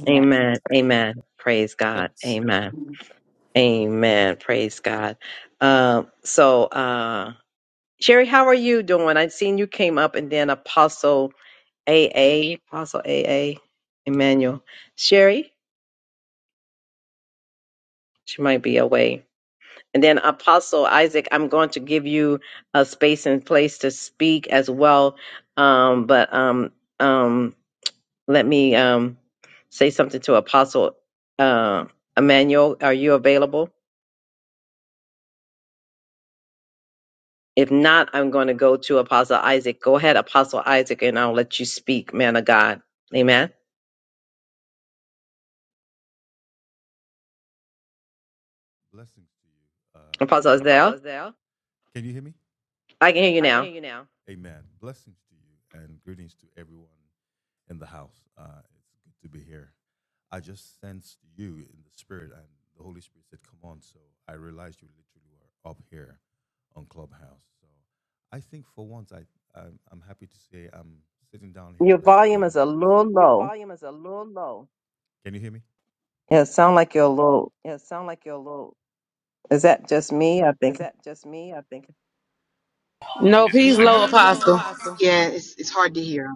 S12: Amen.
S1: Amen. Amen. Praise God.
S12: Yes.
S1: Amen. Amen. Praise God. Um, so uh Sherry, how are you doing? I've seen you came up and then Apostle A A, Apostle A A, Emmanuel. Sherry, she might be away. And then Apostle Isaac, I'm going to give you a space and place to speak as well. Um, but um um Let me um, say something to Apostle uh, Emmanuel. Are you available? If not, I'm going to go to Apostle Isaac. Go ahead, Apostle Isaac, and I'll let you speak, man of God. Amen.
S13: Blessings to you, uh,
S1: Apostle
S13: Apostle.
S1: Isaiah,
S13: Isaiah, Can you hear me?
S1: I can hear you
S13: I can
S1: now.
S13: hear you now. Amen. Blessings to you and greetings to everyone in the house. Uh, it's good to be here. I just sensed you in the spirit, and the Holy Spirit said, Come on. So I realized you literally were up here on Clubhouse. So I think for once, I, I'm, I'm happy to say I'm sitting down here
S1: Your
S13: just
S1: volume is
S13: waiting
S1: a
S13: to
S1: little
S13: receive. Your
S1: low.
S13: volume is a little low. Can you hear me?
S1: Yeah, it sound like you're a little.
S13: Yeah, it sound like you're a little.
S1: Is that just me? I
S13: Is
S1: think.
S13: that just me? I think. Is
S8: No,
S13: it, is it
S8: peace,
S13: No, better?
S8: low apostle.
S5: Yeah, it's, it's hard to hear.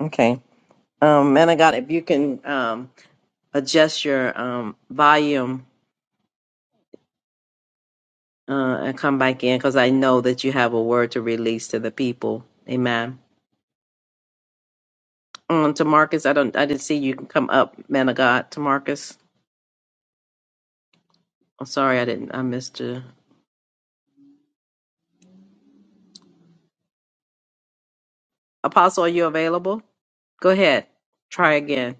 S1: Okay. Um, man of God, if you can um, adjust your um, volume uh, and come back in, because I know that you have a word to release to the people. Amen. Um, Tamarcus, I don't, I didn't see you come up, man of God. Tamarcus, I'm sorry, I didn't, I missed you. Apostle, are you available? Go ahead, try again.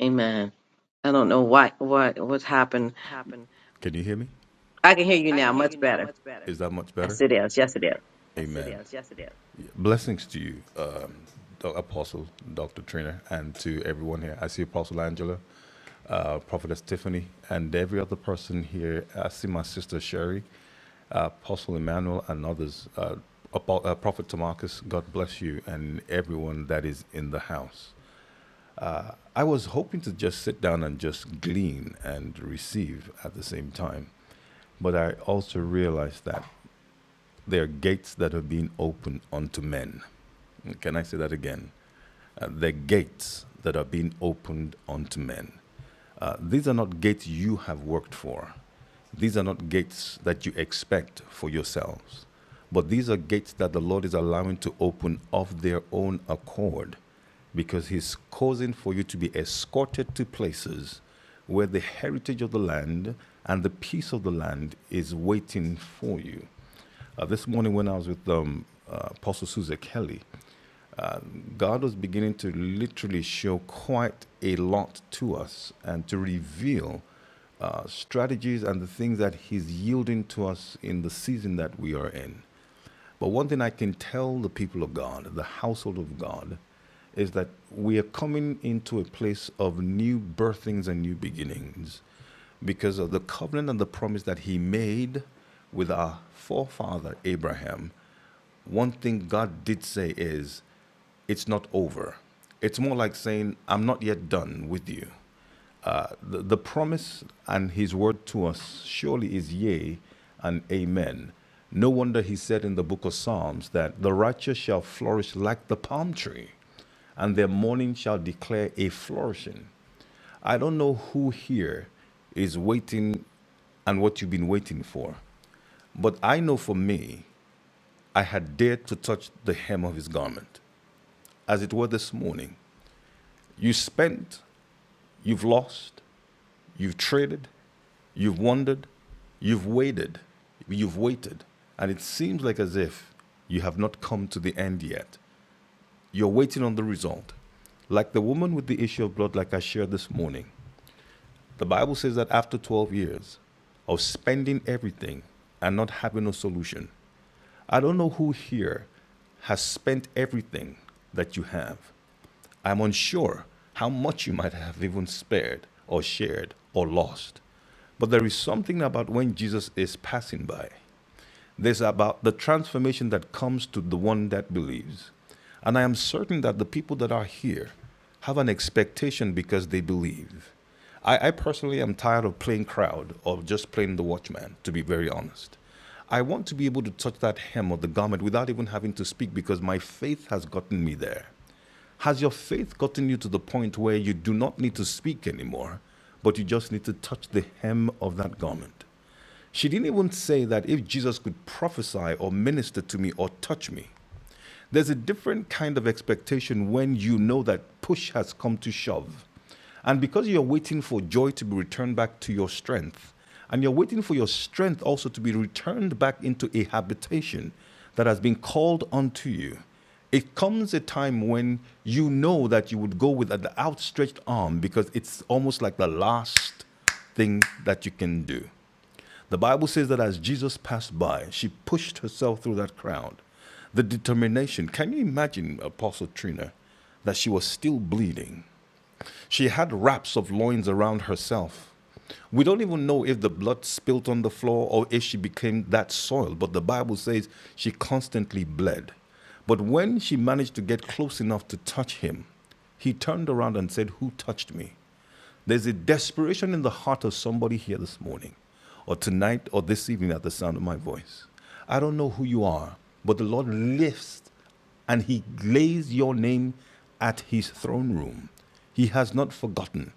S1: Amen. I don't know why, what, what happened.
S13: happen. Can you hear me?
S1: I can hear you
S13: I
S1: now,
S13: can hear
S1: much
S13: you now
S1: better.
S13: much better. Is that much better?
S1: Yes, it is. Yes, it is.
S13: Amen. Yes, it Amen. Yes, it is. Blessings to you, um, Apostle Dr. Trina, and to everyone here. I see Apostle Angela, uh, Prophetess Tiffany, and every other person here. I see my sister Sherry, uh, Apostle Emmanuel, and others. Uh, Apo- uh, Prophet Tamarcus, God bless you and everyone that is in the house. I was hoping to just sit down and just glean and receive at the same time. But I also realized that there are gates that are being opened unto men. Can I say that again? Uh, there are gates that are being opened unto men. Uh, these are not gates you have worked for. These are not gates that you expect for yourselves. But these are gates that the Lord is allowing to open of their own accord because He's causing for you to be escorted to places where the heritage of the land and the peace of the land is waiting for you. Uh, this morning, when I was with um, uh, Apostle Susan Kelly, God was beginning to literally show quite a lot to us and to reveal uh, strategies and the things that He's yielding to us in the season that we are in. But one thing I can tell the people of God, the household of God, is that we are coming into a place of new birthings and new beginnings because of the covenant and the promise that He made with our forefather Abraham one thing God did say is, it's not over. It's more like saying, I'm not yet done with you. Uh, the, the promise and his word to us surely is yea and amen. No wonder he said in the book of Psalms that the righteous shall flourish like the palm tree, and their morning shall declare a flourishing. I don't know who here is waiting and what you've been waiting for, but I know for me I had dared to touch the hem of his garment, as it were this morning. You spent, you've lost, you've traded, you've wandered, you've waited, you've waited, and it seems like as if you have not come to the end yet. You're waiting on the result. Like the woman with the issue of blood, like I shared this morning, The Bible says that after 12 years of spending everything and not having a solution, I don't know who here has spent everything that you have. I'm unsure how much you might have even spared or shared or lost. But there is something about when Jesus is passing by. This is about the transformation that comes to the one that believes. And I am certain that the people that are here have an expectation because they believe. I, I personally am tired of playing crowd or just playing the watchman, to be very honest. I want to be able to touch that hem of the garment without even having to speak because my faith has gotten me there. Has your faith gotten you to the point where you do not need to speak anymore, but you just need to touch the hem of that garment? She didn't even say that if Jesus could prophesy or minister to me or touch me. There's a different kind of expectation when you know that push has come to shove. And because you're waiting for joy to be returned back to your strength, and you're waiting for your strength also to be returned back into a habitation that has been called unto you, it comes a time when you know that you would go with an outstretched arm because it's almost like the last thing that you can do. The Bible says that as Jesus passed by, she pushed herself through that crowd. The determination. Can you imagine, Apostle Trina, that she was still bleeding? She had wraps of loins around herself. We don't even know if the blood spilt on the floor or if she became that soiled. but the Bible says she constantly bled. But when she managed to get close enough to touch him, he turned around and said, Who touched me? There's a desperation in the heart of somebody here this morning, or tonight, or this evening at the sound of my voice. I don't know who you are, but the Lord lifts and He lays your name at His throne room. He has not forgotten,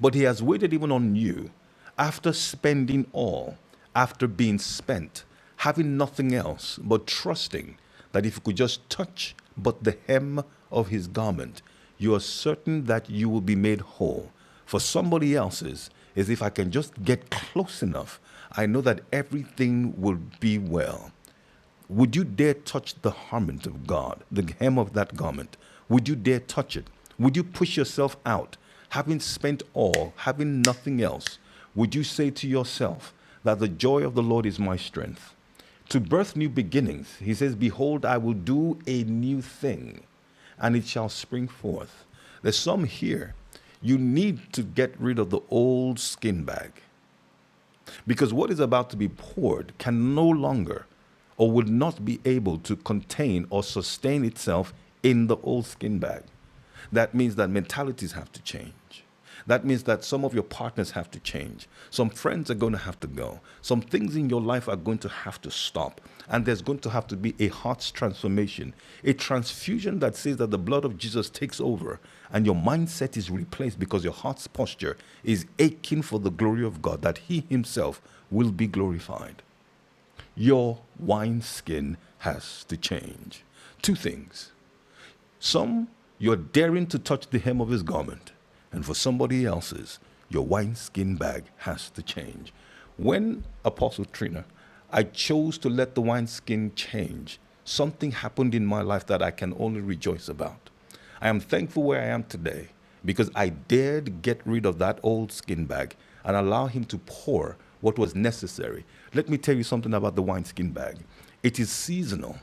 S13: but He has waited even on you after spending all, after being spent, having nothing else, but trusting that if you could just touch but the hem of His garment, you are certain that you will be made whole for somebody else's is if I can just get close enough, I know that everything will be well. Would you dare touch the garment of God, the hem of that garment? Would you dare touch it? Would you push yourself out, having spent all, having nothing else? Would you say to yourself that the joy of the Lord is my strength? To birth new beginnings, he says, Behold, I will do a new thing, and it shall spring forth. There's some here. You need to get rid of the old skin bag. Because what is about to be poured can no longer or will not be able to contain or sustain itself in the old skin bag. That means that mentalities have to change. That means that some of your partners have to change. Some friends are going to have to go. Some things in your life are going to have to stop. And there's going to have to be a heart transformation, a transfusion that says that the blood of Jesus takes over and your mindset is replaced because your heart's posture is aching for the glory of God, that He Himself will be glorified. Your wineskin has to change. Two things some, you're daring to touch the hem of his garment, and for somebody else's, your wineskin bag has to change. When Apostle Trina, I chose to let the wineskin change, something happened in my life that I can only rejoice about. I am thankful where I am today because I dared get rid of that old skin bag and allow him to pour what was necessary. Let me tell you something about the wine skin bag. It is seasonal.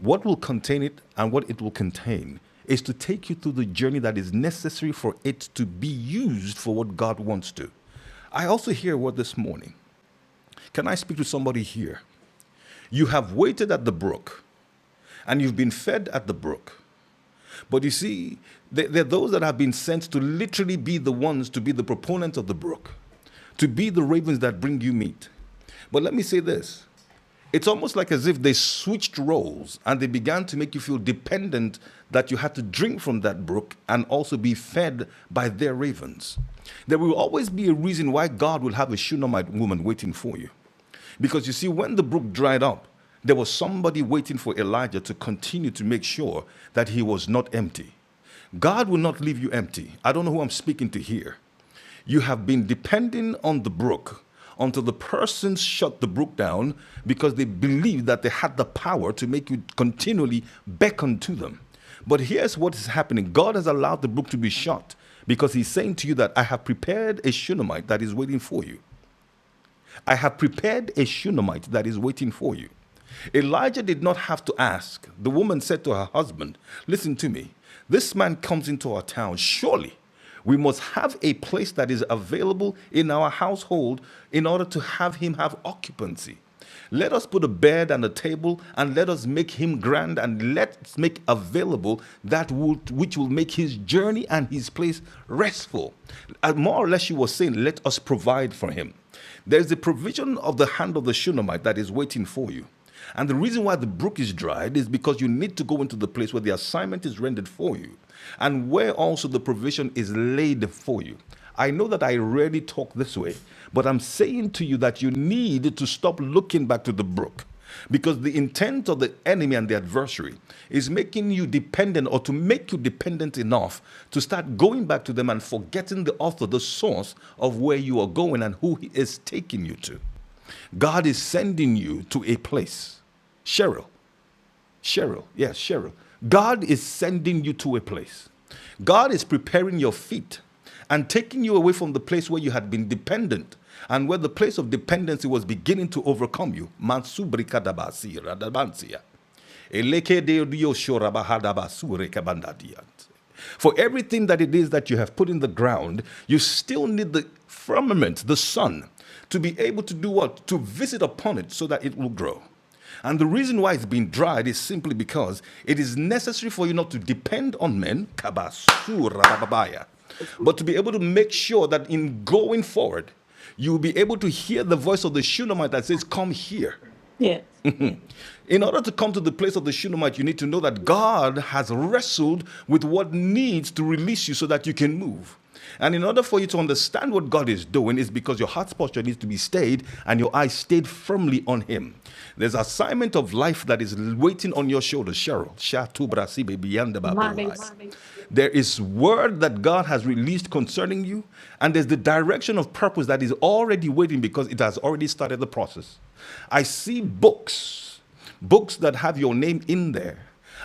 S13: What will contain it and what it will contain is to take you through the journey that is necessary for it to be used for what God wants to. I also hear a word this morning. Can I speak to somebody here? You have waited at the brook and you've been fed at the brook. But you see, there, are those that have been sent to literally be the ones to be the proponents of the brook, to be the ravens that bring you meat. But let me say this it's almost like as if they switched roles and they began to make you feel dependent that you had to drink from that brook and also be fed by their ravens. There will always be a reason why God will have a Shunammite woman waiting for you. Because you see, when the brook dried up, there was somebody waiting for Elijah to continue to make sure that he was not empty. God will not leave you empty. I don't know who I'm speaking to here. You have been depending on the brook until the person shut the brook down because they believed that they had the power to make you continually beckon to them. But here's what is happening God has allowed the brook to be shut because He's saying to you that I have prepared a Shunammite that is waiting for you. I have prepared a Shunammite that is waiting for you. Elijah did not have to ask. The woman said to her husband, Listen to me. This man comes into our town. Surely we must have a place that is available in our household in order to have him have occupancy. Let us put a bed and a table, and let us make him grand, and let's make available that which will make his journey and his place restful. And more or less, she was saying, Let us provide for him. There is the provision of the hand of the Shunammite that is waiting for you. And the reason why the brook is dried is because you need to go into the place where the assignment is rendered for you and where also the provision is laid for you. I know that I rarely talk this way, but I'm saying to you that you need to stop looking back to the brook. Because the intent of the enemy and the adversary is making you dependent or to make you dependent enough to start going back to them and forgetting the author, the source of where you are going and who he is taking you to. God is sending you to a place. Cheryl, Cheryl, yes, Cheryl. God is sending you to a place. God is preparing your feet and taking you away from the place where you had been dependent and where the place of dependency was beginning to overcome you. For everything that it is that you have put in the ground, you still need the firmament, the sun, to be able to do what? To visit upon it so that it will grow. And the reason why it's been dried is simply because it is necessary for you not to depend on men, kabasu but to be able to make sure that in going forward, you will be able to hear the voice of the Shunammite that says, Come here.
S12: Yes.
S13: In order to come to the place of the Shunammite, you need to know that God has wrestled with what needs to release you so that you can move. And in order for you to understand what God is doing, is because your heart's posture needs to be stayed and your eyes stayed firmly on Him. There's an assignment of life that is waiting on your shoulders. Cheryl, There is word that God has released concerning you, and there's the direction of purpose that is already waiting because it has already started the process. I see books Books that have your name in there.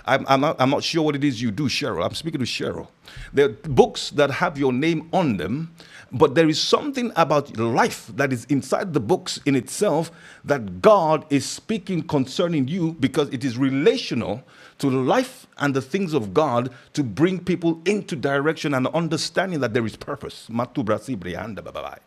S13: I'm, I'm, not, I'm not sure what it is you do, Cheryl. I'm speaking to Cheryl. There are books that have your name on them, but there is something about life that is inside the books in itself that God is speaking concerning you because it is relational to life and the things of God to bring people into direction and understanding that there is purpose. Matubra sibri anda bababai.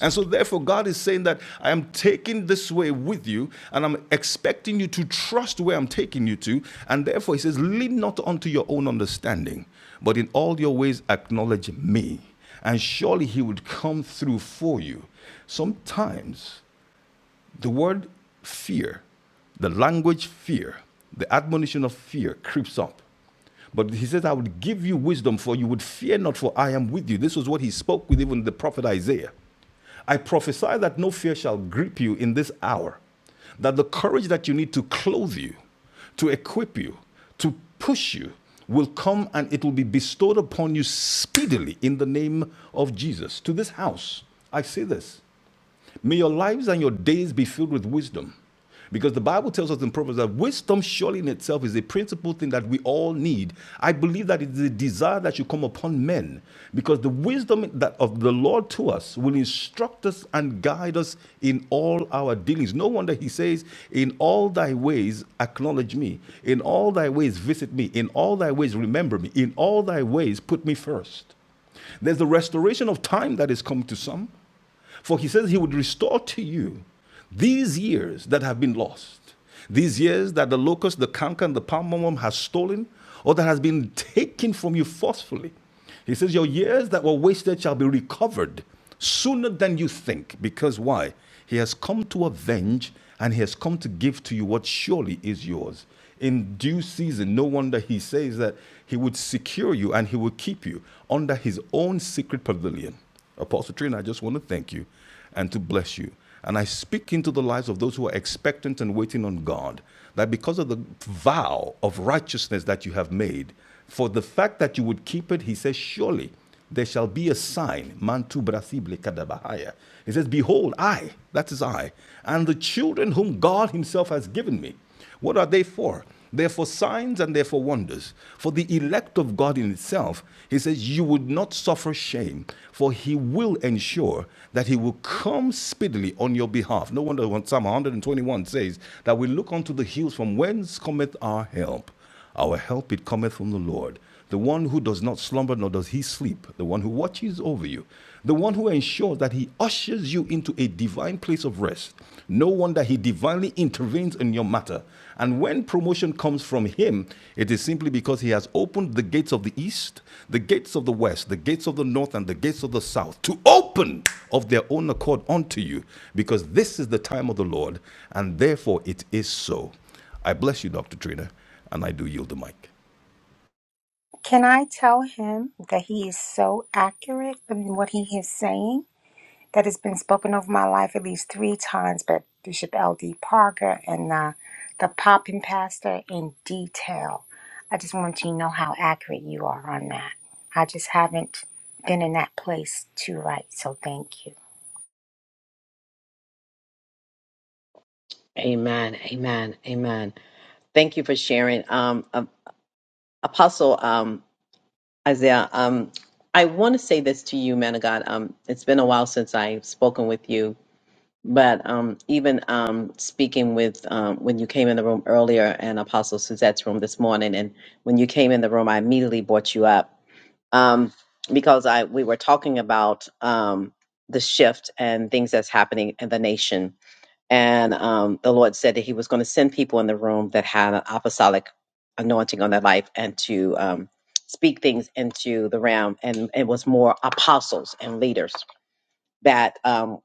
S13: And so, therefore, God is saying that I am taking this way with you, and I'm expecting you to trust where I'm taking you to. And therefore, He says, Lean not unto your own understanding, but in all your ways acknowledge me, and surely He would come through for you. Sometimes the word fear, the language fear, the admonition of fear creeps up. But he says, I would give you wisdom, for you would fear not, for I am with you. This was what he spoke with even the prophet Isaiah. I prophesy that no fear shall grip you in this hour, that the courage that you need to clothe you, to equip you, to push you, will come and it will be bestowed upon you speedily in the name of Jesus. To this house, I say this May your lives and your days be filled with wisdom. Because the Bible tells us in Proverbs that wisdom, surely in itself, is a principal thing that we all need. I believe that it is a desire that should come upon men, because the wisdom that of the Lord to us will instruct us and guide us in all our dealings. No wonder He says, "In all thy ways acknowledge me; in all thy ways visit me; in all thy ways remember me; in all thy ways put me first. There's the restoration of time that is come to some. For he says he would restore to you these years that have been lost, these years that the locust, the canker, and the palm worm has stolen, or that has been taken from you forcefully. He says, Your years that were wasted shall be recovered sooner than you think. Because why? He has come to avenge and he has come to give to you what surely is yours. In due season, no wonder he says that he would secure you and he will keep you under his own secret pavilion. Apostle Trina, I just want to thank you and to bless you. And I speak into the lives of those who are expectant and waiting on God that because of the vow of righteousness that you have made, for the fact that you would keep it, he says, surely there shall be a sign. Mantu brasible kadabahaya. He says, Behold, I, that is I, and the children whom God himself has given me. What are they for? They're for signs and they're for wonders. For the elect of God in itself, he says, You would not suffer shame, for he will ensure that he will come speedily on your behalf. No wonder when Psalm 121 says that we look unto the hills from whence cometh our help. Our help it cometh from the Lord, the one who does not slumber nor does he sleep, the one who watches over you, the one who ensures that he ushers you into a divine place of rest. No wonder he divinely intervenes in your matter. And when promotion comes from him, it is simply because he has opened the gates of the east, the gates of the west, the gates of the north, and the gates of the south to open of their own accord unto you, because this is the time of the Lord, and therefore it is so. I bless you, Dr. Trina, and I do yield the mic.
S14: Can I tell him that he is so accurate in what he is saying that it's been spoken over my life at least three times by Bishop L.D. Parker and uh, the Poppin Pastor in detail? I just want you to know how accurate you are on that. I just haven't been in that place to write, so thank you.
S1: Amen. Amen. Amen. Thank you for sharing, um, um, Apostle. Um, Isaiah, um, I want to say this to you, man of God. Um, it's been a while since I've spoken with you, but um, even um, speaking with um, when you came in the room earlier and Apostle Suzette's room this morning, and when you came in the room, I immediately brought you up um, because I we were talking about um, the shift and things that's happening in the nation and um, the Lord said that He was going to send people in the room that had an apostolic anointing on their life and to um, speak things into the realm. And it was more apostles and leaders that um,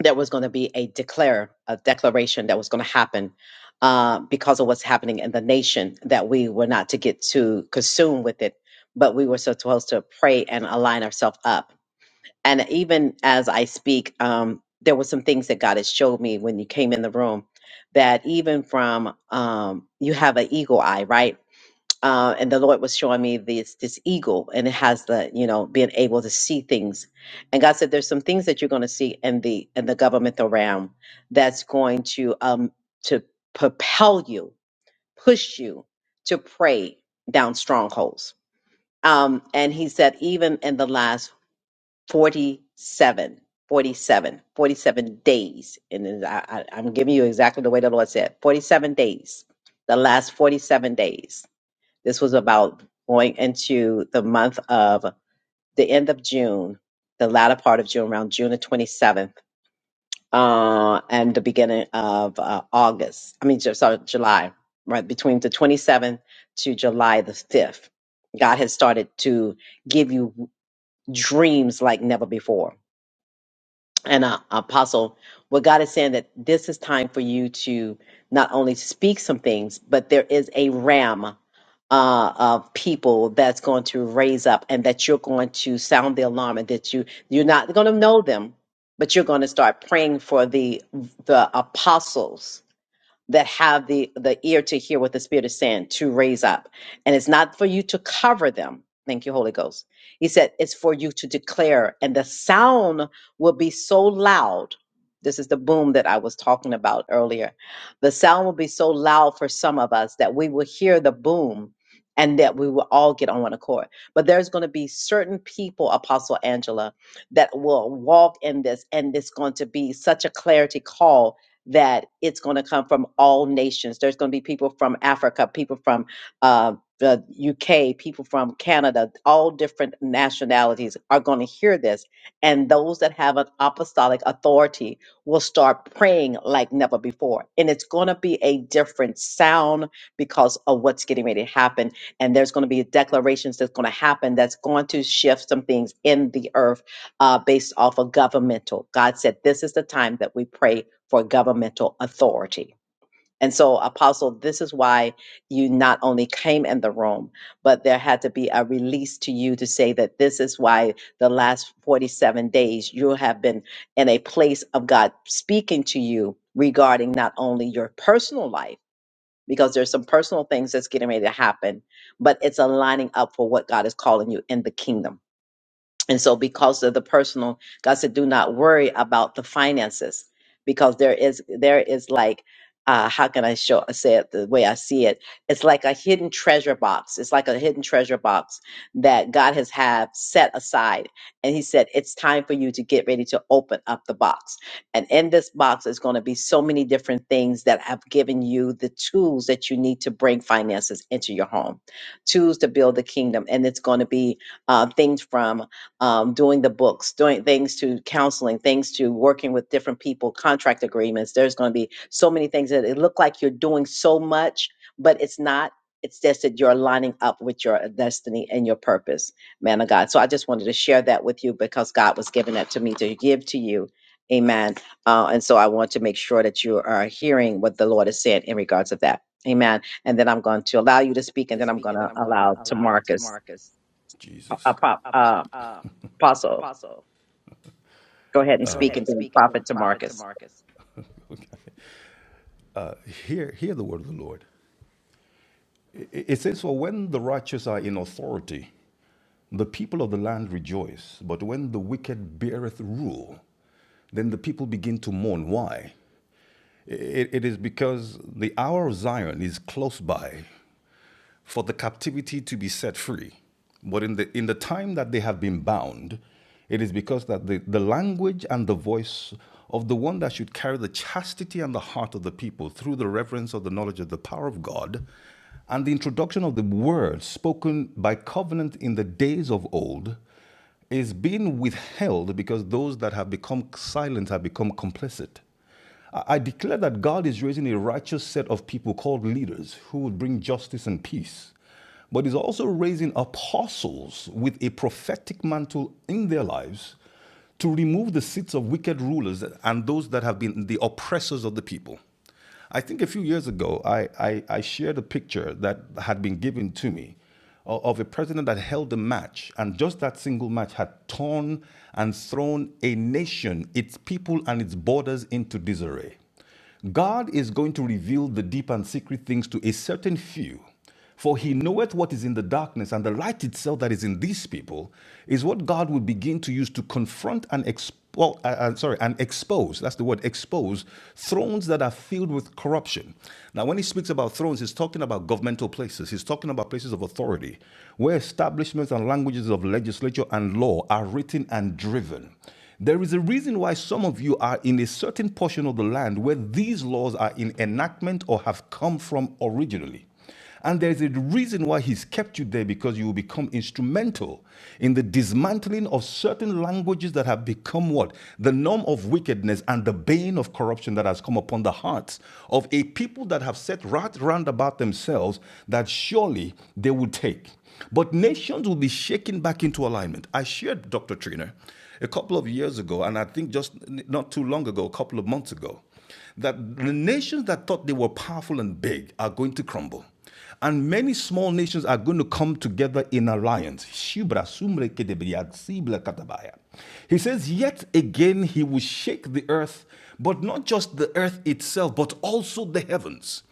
S1: there was going to be a declare, a declaration that was going to happen uh, because of what's happening in the nation, that we were not to get too consumed with it, but we were supposed to pray and align ourselves up and even as I speak, um, there were some things that God has showed me when you came in the room that even from um, you have an eagle eye, right? Uh, and the Lord was showing me this this eagle, and it has the you know being able to see things. And God said, "There's some things that you're going to see in the in the governmental realm that's going to um to propel you, push you to pray down strongholds." Um, and He said, even in the last 47, 47, 47 days. And then I, I, I'm giving you exactly the way the Lord said 47 days, the last 47 days. This was about going into the month of the end of June, the latter part of June, around June the 27th, uh, and the beginning of uh, August. I mean, ju- sorry, July, right? Between the 27th to July the 5th. God has started to give you dreams like never before and uh, apostle what god is saying that this is time for you to not only speak some things but there is a ram uh, of people that's going to raise up and that you're going to sound the alarm and that you you're not going to know them but you're going to start praying for the the apostles that have the the ear to hear what the spirit is saying to raise up and it's not for you to cover them thank you holy ghost he said it's for you to declare and the sound will be so loud this is the boom that i was talking about earlier the sound will be so loud for some of us that we will hear the boom and that we will all get on one accord but there's going to be certain people apostle angela that will walk in this and it's going to be such a clarity call that it's going to come from all nations. There's going to be people from Africa, people from uh, the UK, people from Canada, all different nationalities are going to hear this. And those that have an apostolic authority will start praying like never before. And it's going to be a different sound because of what's getting ready to happen. And there's going to be declarations that's going to happen that's going to shift some things in the earth uh, based off of governmental. God said, This is the time that we pray for governmental authority. And so, Apostle, this is why you not only came in the room, but there had to be a release to you to say that this is why the last 47 days you have been in a place of God speaking to you regarding not only your personal life, because there's some personal things that's getting ready to happen, but it's aligning up for what God is calling you in the kingdom. And so, because of the personal, God said, do not worry about the finances because there is, there is like, uh, how can I show, say it the way I see it? It's like a hidden treasure box. It's like a hidden treasure box that God has have set aside. And he said, it's time for you to get ready to open up the box. And in this box is going to be so many different things that have given you the tools that you need to bring finances into your home, tools to build the kingdom. And it's going to be uh, things from um, doing the books, doing things to counseling, things to working with different people, contract agreements. There's going to be so many things that it look like you're doing so much, but it's not. It's just that you're lining up with your uh, destiny and your purpose, man of God. So I just wanted to share that with you because God was giving that to me to give to you. Amen. Uh, and so I want to make sure that you are hearing what the Lord is saying in regards of that. Amen. And then I'm going to allow you to speak, and
S13: to
S1: then I'm
S13: speak,
S1: going
S13: and then
S1: to
S13: I'm gonna
S1: allow to
S13: allow to
S1: Marcus,
S13: Marcus,
S1: uh, uh,
S13: Jesus.
S1: Pop-
S13: uh,
S1: uh,
S13: uh,
S1: Apostle.
S13: Apostle,
S1: Go ahead
S13: (laughs)
S1: and
S13: uh, go
S1: speak
S13: ahead
S1: and
S13: and
S1: then
S13: speak, and
S1: Prophet
S13: then
S1: to
S13: Prophet to
S1: Marcus.
S13: Marcus. Uh, hear, hear the word of the Lord. I- It says, For when the righteous are in authority, the people of the land rejoice. But when the wicked beareth rule, then the people begin to mourn. Why? it it is because the hour of Zion is close by, for the captivity to be set free. But in the, in the time that they have been bound, it is because that the, the language and the voice of the one that should carry the chastity and the heart of the people through the reverence of the knowledge of the power of God and the introduction of the word spoken by covenant in the days of old is being withheld because those that have become silent have become complicit. I declare that God is raising a righteous set of people called leaders who would bring justice and peace, but is also raising apostles with a prophetic mantle in their lives to remove the seats of wicked rulers and those that have been the oppressors of the people. I think a few years ago, I, I, I shared a picture that had been given to me o- of a president that held a match, and just that single match had torn and thrown a nation, its people, and its borders into disarray. God is going to reveal the deep and secret things to a certain few. For he knoweth what is in the darkness, and the light itself that is in these people is what God will begin to use to confront and expose. well, Uh, uh, sorry, and expose. That's the word. Expose thrones that are filled with corruption. Now, when he speaks about thrones, he's talking about governmental places. He's talking about places of authority, where establishments and languages of legislature and law are written and driven. There is a reason why some of you are in a certain portion of the land where these laws are in enactment or have come from originally. And there's a reason why he's kept you there because you will become instrumental in the dismantling of certain languages that have become what? The norm of wickedness and the bane of corruption that has come upon the hearts of a people that have set right round about themselves that surely they will take. But nations will be shaken back into alignment. I shared Dr. Trina a couple of years ago, and I think just not too long ago, a couple of months ago that the nations that thought they were powerful and big are going to crumble. And many small nations are going to come together in alliance. He says, Yet again he will shake the earth, but not just the earth itself, but also the heavens.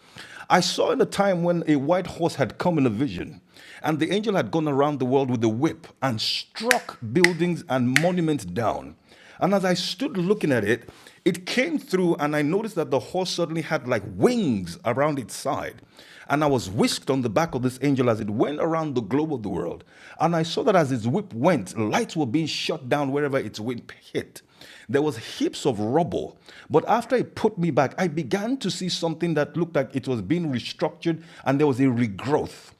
S13: I saw in a time when a white horse had come in a vision, and the angel had gone around the world with a whip and struck buildings and monuments down. And as I stood looking at it, it came through, and I noticed that the horse suddenly had like wings around its side. And I was whisked on the back of this angel as it went around the globe of the world. And I saw that as its whip went, lights were being shot down wherever its whip hit. There was heaps of rubble. But after it put me back, I began to see something that looked like it was being restructured and there was a regrowth.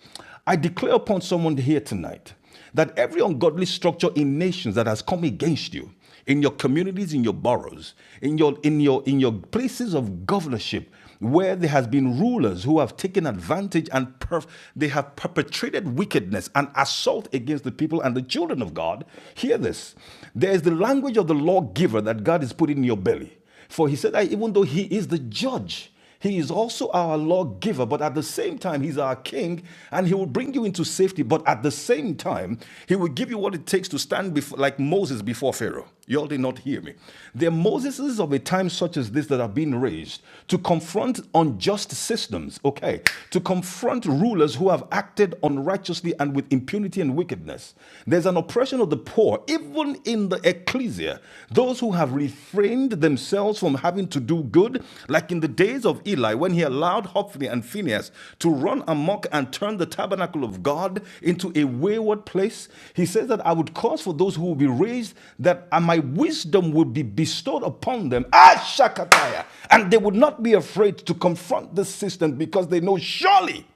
S13: I declare upon someone here tonight that every ungodly structure in nations that has come against you, in your communities, in your boroughs, in your in your in your places of governorship, where there has been rulers who have taken advantage and perf- they have perpetrated wickedness and assault against the people and the children of God. Hear this: there is the language of the lawgiver that God is putting in your belly, for He said that even though He is the judge. He is also our lawgiver, but at the same time, He's our king, and He will bring you into safety. But at the same time, He will give you what it takes to stand before, like Moses before Pharaoh. You all did not hear me. There are Moseses of a time such as this that have been raised to confront unjust systems, okay, to confront rulers who have acted unrighteously and with impunity and wickedness. There's an oppression of the poor, even in the ecclesia. Those who have refrained themselves from having to do good, like in the days of Eli, when he allowed Hophni and Phinehas to run amok and turn the tabernacle of God into a wayward place. He says that I would cause for those who will be raised that uh, my wisdom will be bestowed upon them. Ah, Shakataya. And they would not be afraid to confront the system because they know surely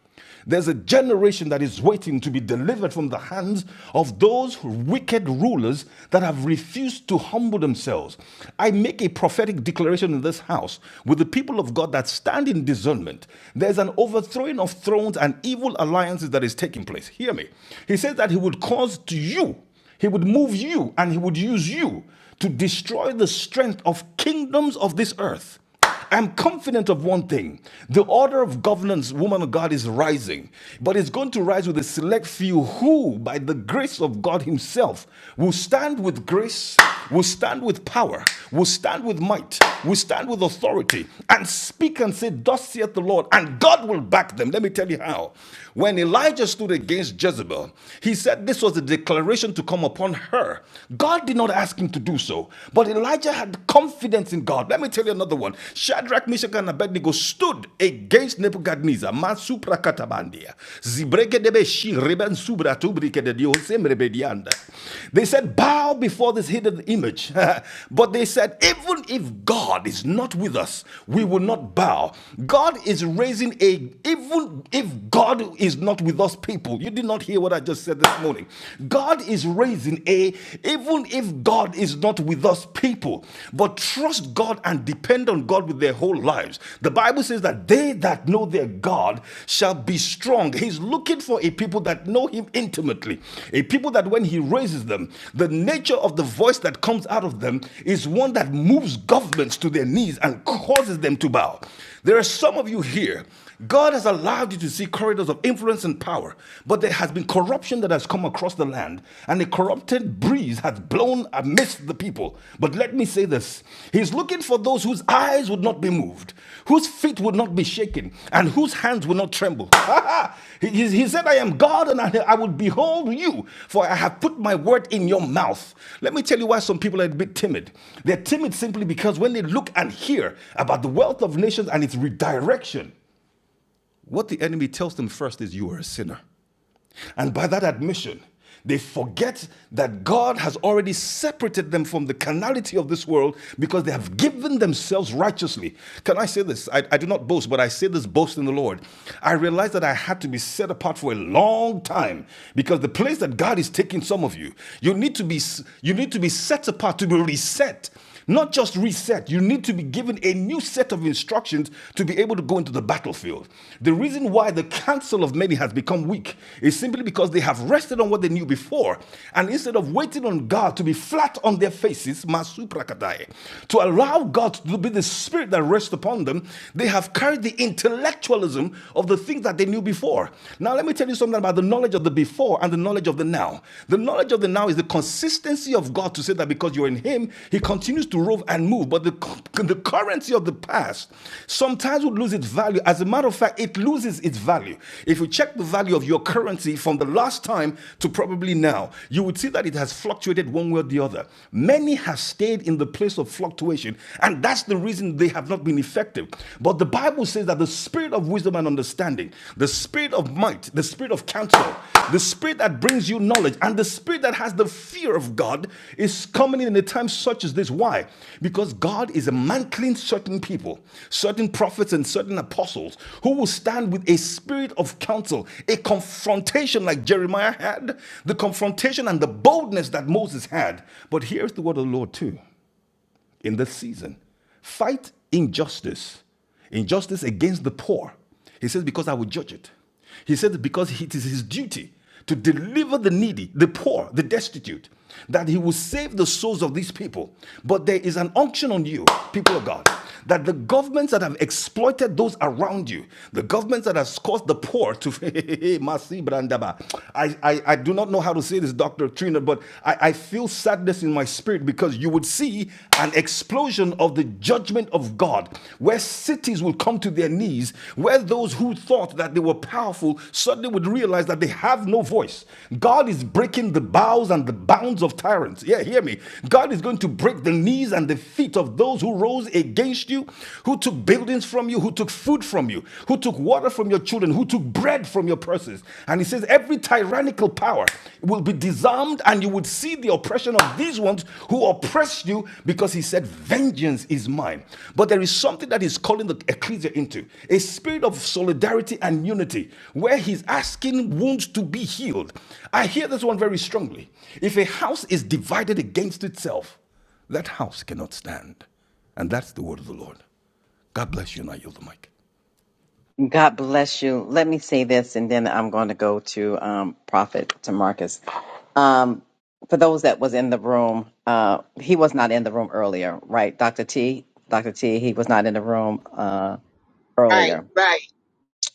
S13: there's a generation that is waiting to be delivered from the hands of those wicked rulers that have refused to humble themselves. I make a prophetic declaration in this house with the people of God that stand in discernment. There's an overthrowing of thrones and evil alliances that is taking place. Hear me. He says that he would cause to you, he would move you, and he would use you to destroy the strength of kingdoms of this earth. I'm confident of one thing. The order of governance, woman of God, is rising, but it's going to rise with a select few who, by the grace of God Himself, will stand with grace, will stand with power, will stand with might, will stand with authority, and speak and say, Thus saith the Lord, and God will back them. Let me tell you how. When Elijah stood against Jezebel, he said this was a declaration to come upon her. God did not ask him to do so, but Elijah had confidence in God. Let me tell you another one. Shadrach, Meshach, and Abednego stood against Nebuchadnezzar. Masupra katabandia. Zibregedebe shi reben subra tubrikede diosem rebedianda. They said, Bow before this hidden image. (laughs) but they said, Even if God is not with us, we will not bow. God is raising a even if God is not with us, people, you did not hear what I just said this morning. God is raising a, even if God is not with us, people, but trust God and depend on God with their whole lives. The Bible says that they that know their God shall be strong. He's looking for a people that know Him intimately, a people that when He raises them, the nature of the voice that comes out of them is one that moves governments to their knees and causes them to bow. There are some of you here. God has allowed you to see corridors of influence and power, but there has been corruption that has come across the land, and a corrupted breeze has blown amidst the people. But let me say this He's looking for those whose eyes would not be moved, whose feet would not be shaken and whose hands will not tremble. (laughs) he, he- said, I am God and I, I will behold you, for I have put my word in your mouth. Let me tell you why some people are a bit timid. They're timid simply because when they look and hear about the wealth of nations and its redirection, what the enemy tells them first is, You are a sinner. And by that admission, they forget that God has already separated them from the carnality of this world because they have given themselves righteously. Can I say this? I, I do not boast, but I say this boast in the Lord. I realized that I had to be set apart for a long time because the place that God is taking some of you, you need to be you need to be set apart to be reset not just reset, you need to be given a new set of instructions to be able to go into the battlefield. The reason why the counsel of many has become weak is simply because they have rested on what they knew before. And instead of waiting on God to be flat on their faces, masuprakadai, to allow God to be the spirit that rests upon them, they have carried the intellectualism of the things that they knew before. Now, let me tell you something about the knowledge of the before and the knowledge knowledge of the now. The knowledge of the now is the consistency of God to say that because you're in Him, He continues to rove and move. But the, the currency of the past sometimes would lose its value. As a matter of fact, it loses its value. If you check the value of your currency from the last time to probably now, you would see that it has fluctuated one way or the other. Many have stayed in the place of fluctuation, and that's the reason they have not been effective. But the Bible says that the the spirit of wisdom and understanding, the spirit of might, the spirit of counsel, the spirit that brings you knowledge, and the spirit that has the fear of God is coming in a time such as this. Why? Because God is mantling certain people, certain prophets, and certain apostles who will stand with a spirit of counsel, a confrontation like Jeremiah had, the confrontation and the boldness that Moses had. But here's the word of the Lord, too in this season. Fight injustice, injustice against the poor. He says, because I will judge it. He said, because it is his duty to deliver the needy, the poor, the destitute, that he will save the souls of these people. But there is an unction on you, people of God that the governments that have exploited those around you, the governments that has caused the poor to (laughs) Masi Brandaba. I, I, I do not know how to say this, Dr. Trina, but I, I feel sadness in my spirit because you would see an explosion of the judgment of God, where cities will come to their knees, where those who thought that they were powerful people suddenly would realize that they have no voice. God is breaking the bows and the bounds of tyrants. Yeah, hear me. God is going to break the knees and the feet of those who rose against you, who took buildings from you, who took food from you, who took water from your children, who took bread from your purses. And he says, every tyrannical power will be disarmed, and you would see the oppression oppression of these ones who oppress you because he said, Vengeance is mine. But there is something that he's calling the ecclesia into a spirit of solidarity and unity where he's asking wounds to be healed. I hear this one very strongly. If a house is divided against itself, that house cannot stand. And that's the word of the Lord. God bless you, and I yield the mic.
S1: God bless you. Let me say this, and then I'm going to go to um, Prophet to Marcus. Um, for those that was in the room, uh, he was not in the room earlier, right? Dr. T, Dr. T, he was not in the room uh,
S5: Right,
S1: earlier.
S5: right.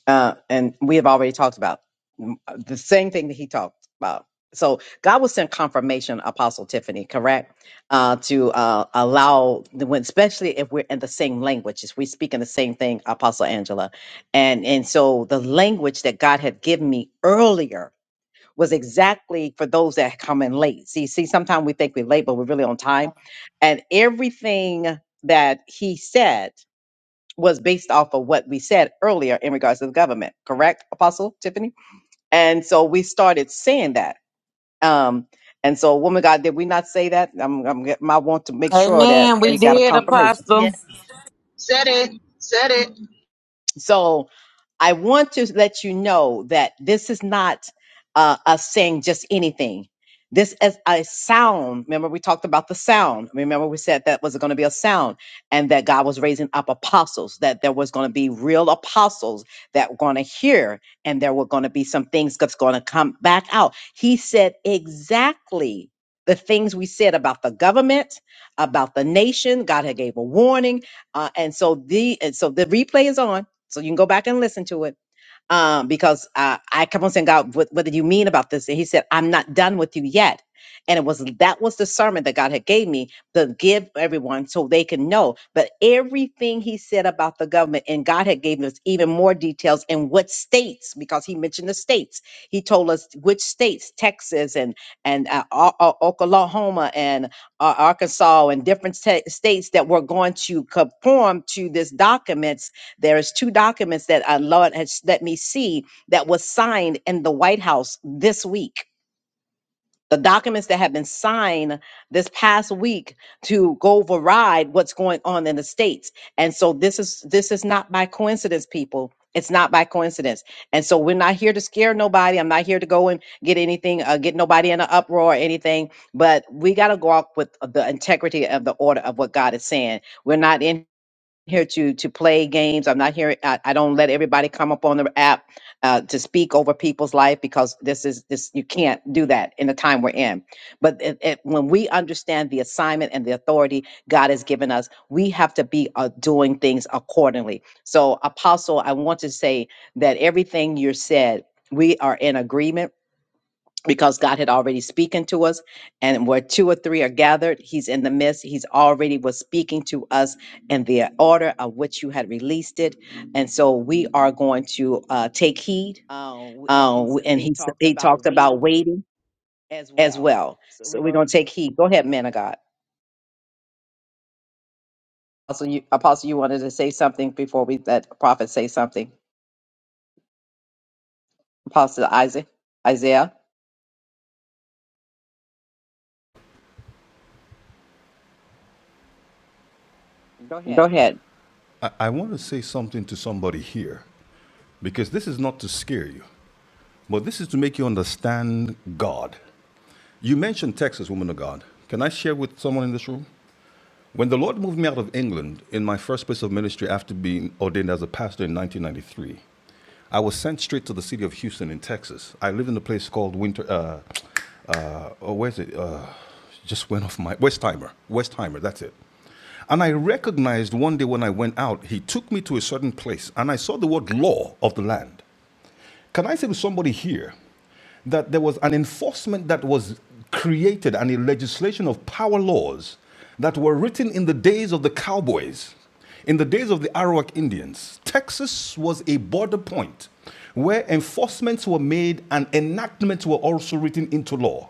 S1: uh, and we have already talked about mm, the same thing that he talked about. So God will send confirmation, Apostle Tiffany, correct, uh, to uh, allow the when, especially if we're in the same language, if we speak in the same thing, Apostle Angela, and and so the language that God had given me earlier was exactly for those that come in late. See, see, sometimes we think we're late, but we're really on time, and everything that He said was based off of what we said earlier in regards to the government, correct, Apostle Tiffany? And so we started saying that. Um, and so, woman of God, did we not say that? I'm, I'm, I want to make sure that
S8: Amen. We
S1: we
S2: Yes,
S1: got
S2: we
S1: a
S2: did.
S8: did,
S1: confirmation.
S2: Yes.
S8: apostle.
S5: Said it. Said it.
S1: So I want to let you know that this is not uh, us saying just anything. This is a sound. Remember, we talked about the sound. Remember, we said that was going to be a sound and that God was raising up apostles, that there was going to be real apostles that were going to hear and there were going to be some things that's going to come back out. He said exactly the things we said about the government, about the nation. God had gave a warning. Uh, and so the, and so the replay is on so you can go back and listen to it. Um, because uh, I kept on saying, God, what, what did you mean about this? And he said, I'm not done with you yet. And it was that was the sermon that God had gave me to give everyone so they can know. But everything he said about the government, and God had given us even more details in what states, because he mentioned the states. He told us which states, Texas and and uh, O- O- Oklahoma and uh, Arkansas and different sta- states that were going to conform to this document there is two documents that our Lord has let me see that was signed in the White House this week. The documents that have been signed this past week to go override what's going on in the states. And so this is this is not by coincidence, people. It's not by coincidence. And so we're not here to scare nobody. I'm not here to go and get anything, uh, get nobody in an uproar or anything. But we got to go out with the integrity of the order of what God is saying. We're not in here to to play games. I'm not here. I, I don't let everybody come up on the app uh, to speak over people's life because this is this you can't do that in the time we're in. But it, it, when we understand the assignment and the authority God has given us, we have to be uh, doing things accordingly. So, Apostle, I want to say that everything you said, we are in agreement because God had already spoken to us. And where two or three are gathered, He's in the midst. He's already was speaking to us in the order of which you had released it. And so we are going to uh, take heed.
S13: Oh, and
S1: Uh,
S13: he s-
S1: w- and
S13: he
S1: he, s-
S13: talked
S1: he
S13: about
S1: talked about
S13: waiting
S1: waiting
S13: as
S1: as
S13: well.
S1: well.
S13: So
S1: So
S13: we're
S1: we're
S13: going.
S1: going to take heed. Go ahead, man of God. Apostle you, Apostle, you wanted to say something before we let prophet say something. Apostle Isaac, Isaiah,
S13: Go
S1: go
S13: ahead.
S1: ahead.
S13: I, I want to say something to somebody here. Because this is not to scare you, but this is to make you understand God. You mentioned Texas, woman of God. Can I share with someone in this room? When the Lord moved me out of England in my first place of ministry after being ordained as a pastor in 1993, I was sent straight to the city of Houston in Texas. I live in a place called Winter. Uh, uh, oh, where's it? Uh, just went off my Westheimer. Westheimer, that's it. And I recognized one day when I went out, he took me to a certain place, and I saw the word law of the land. Can I say to somebody here that there was an enforcement that was created and a legislation of power laws that were written in the days of the cowboys, in the days of the Arawak Indians? Texas was a border point where enforcements were made and enactments were also written into law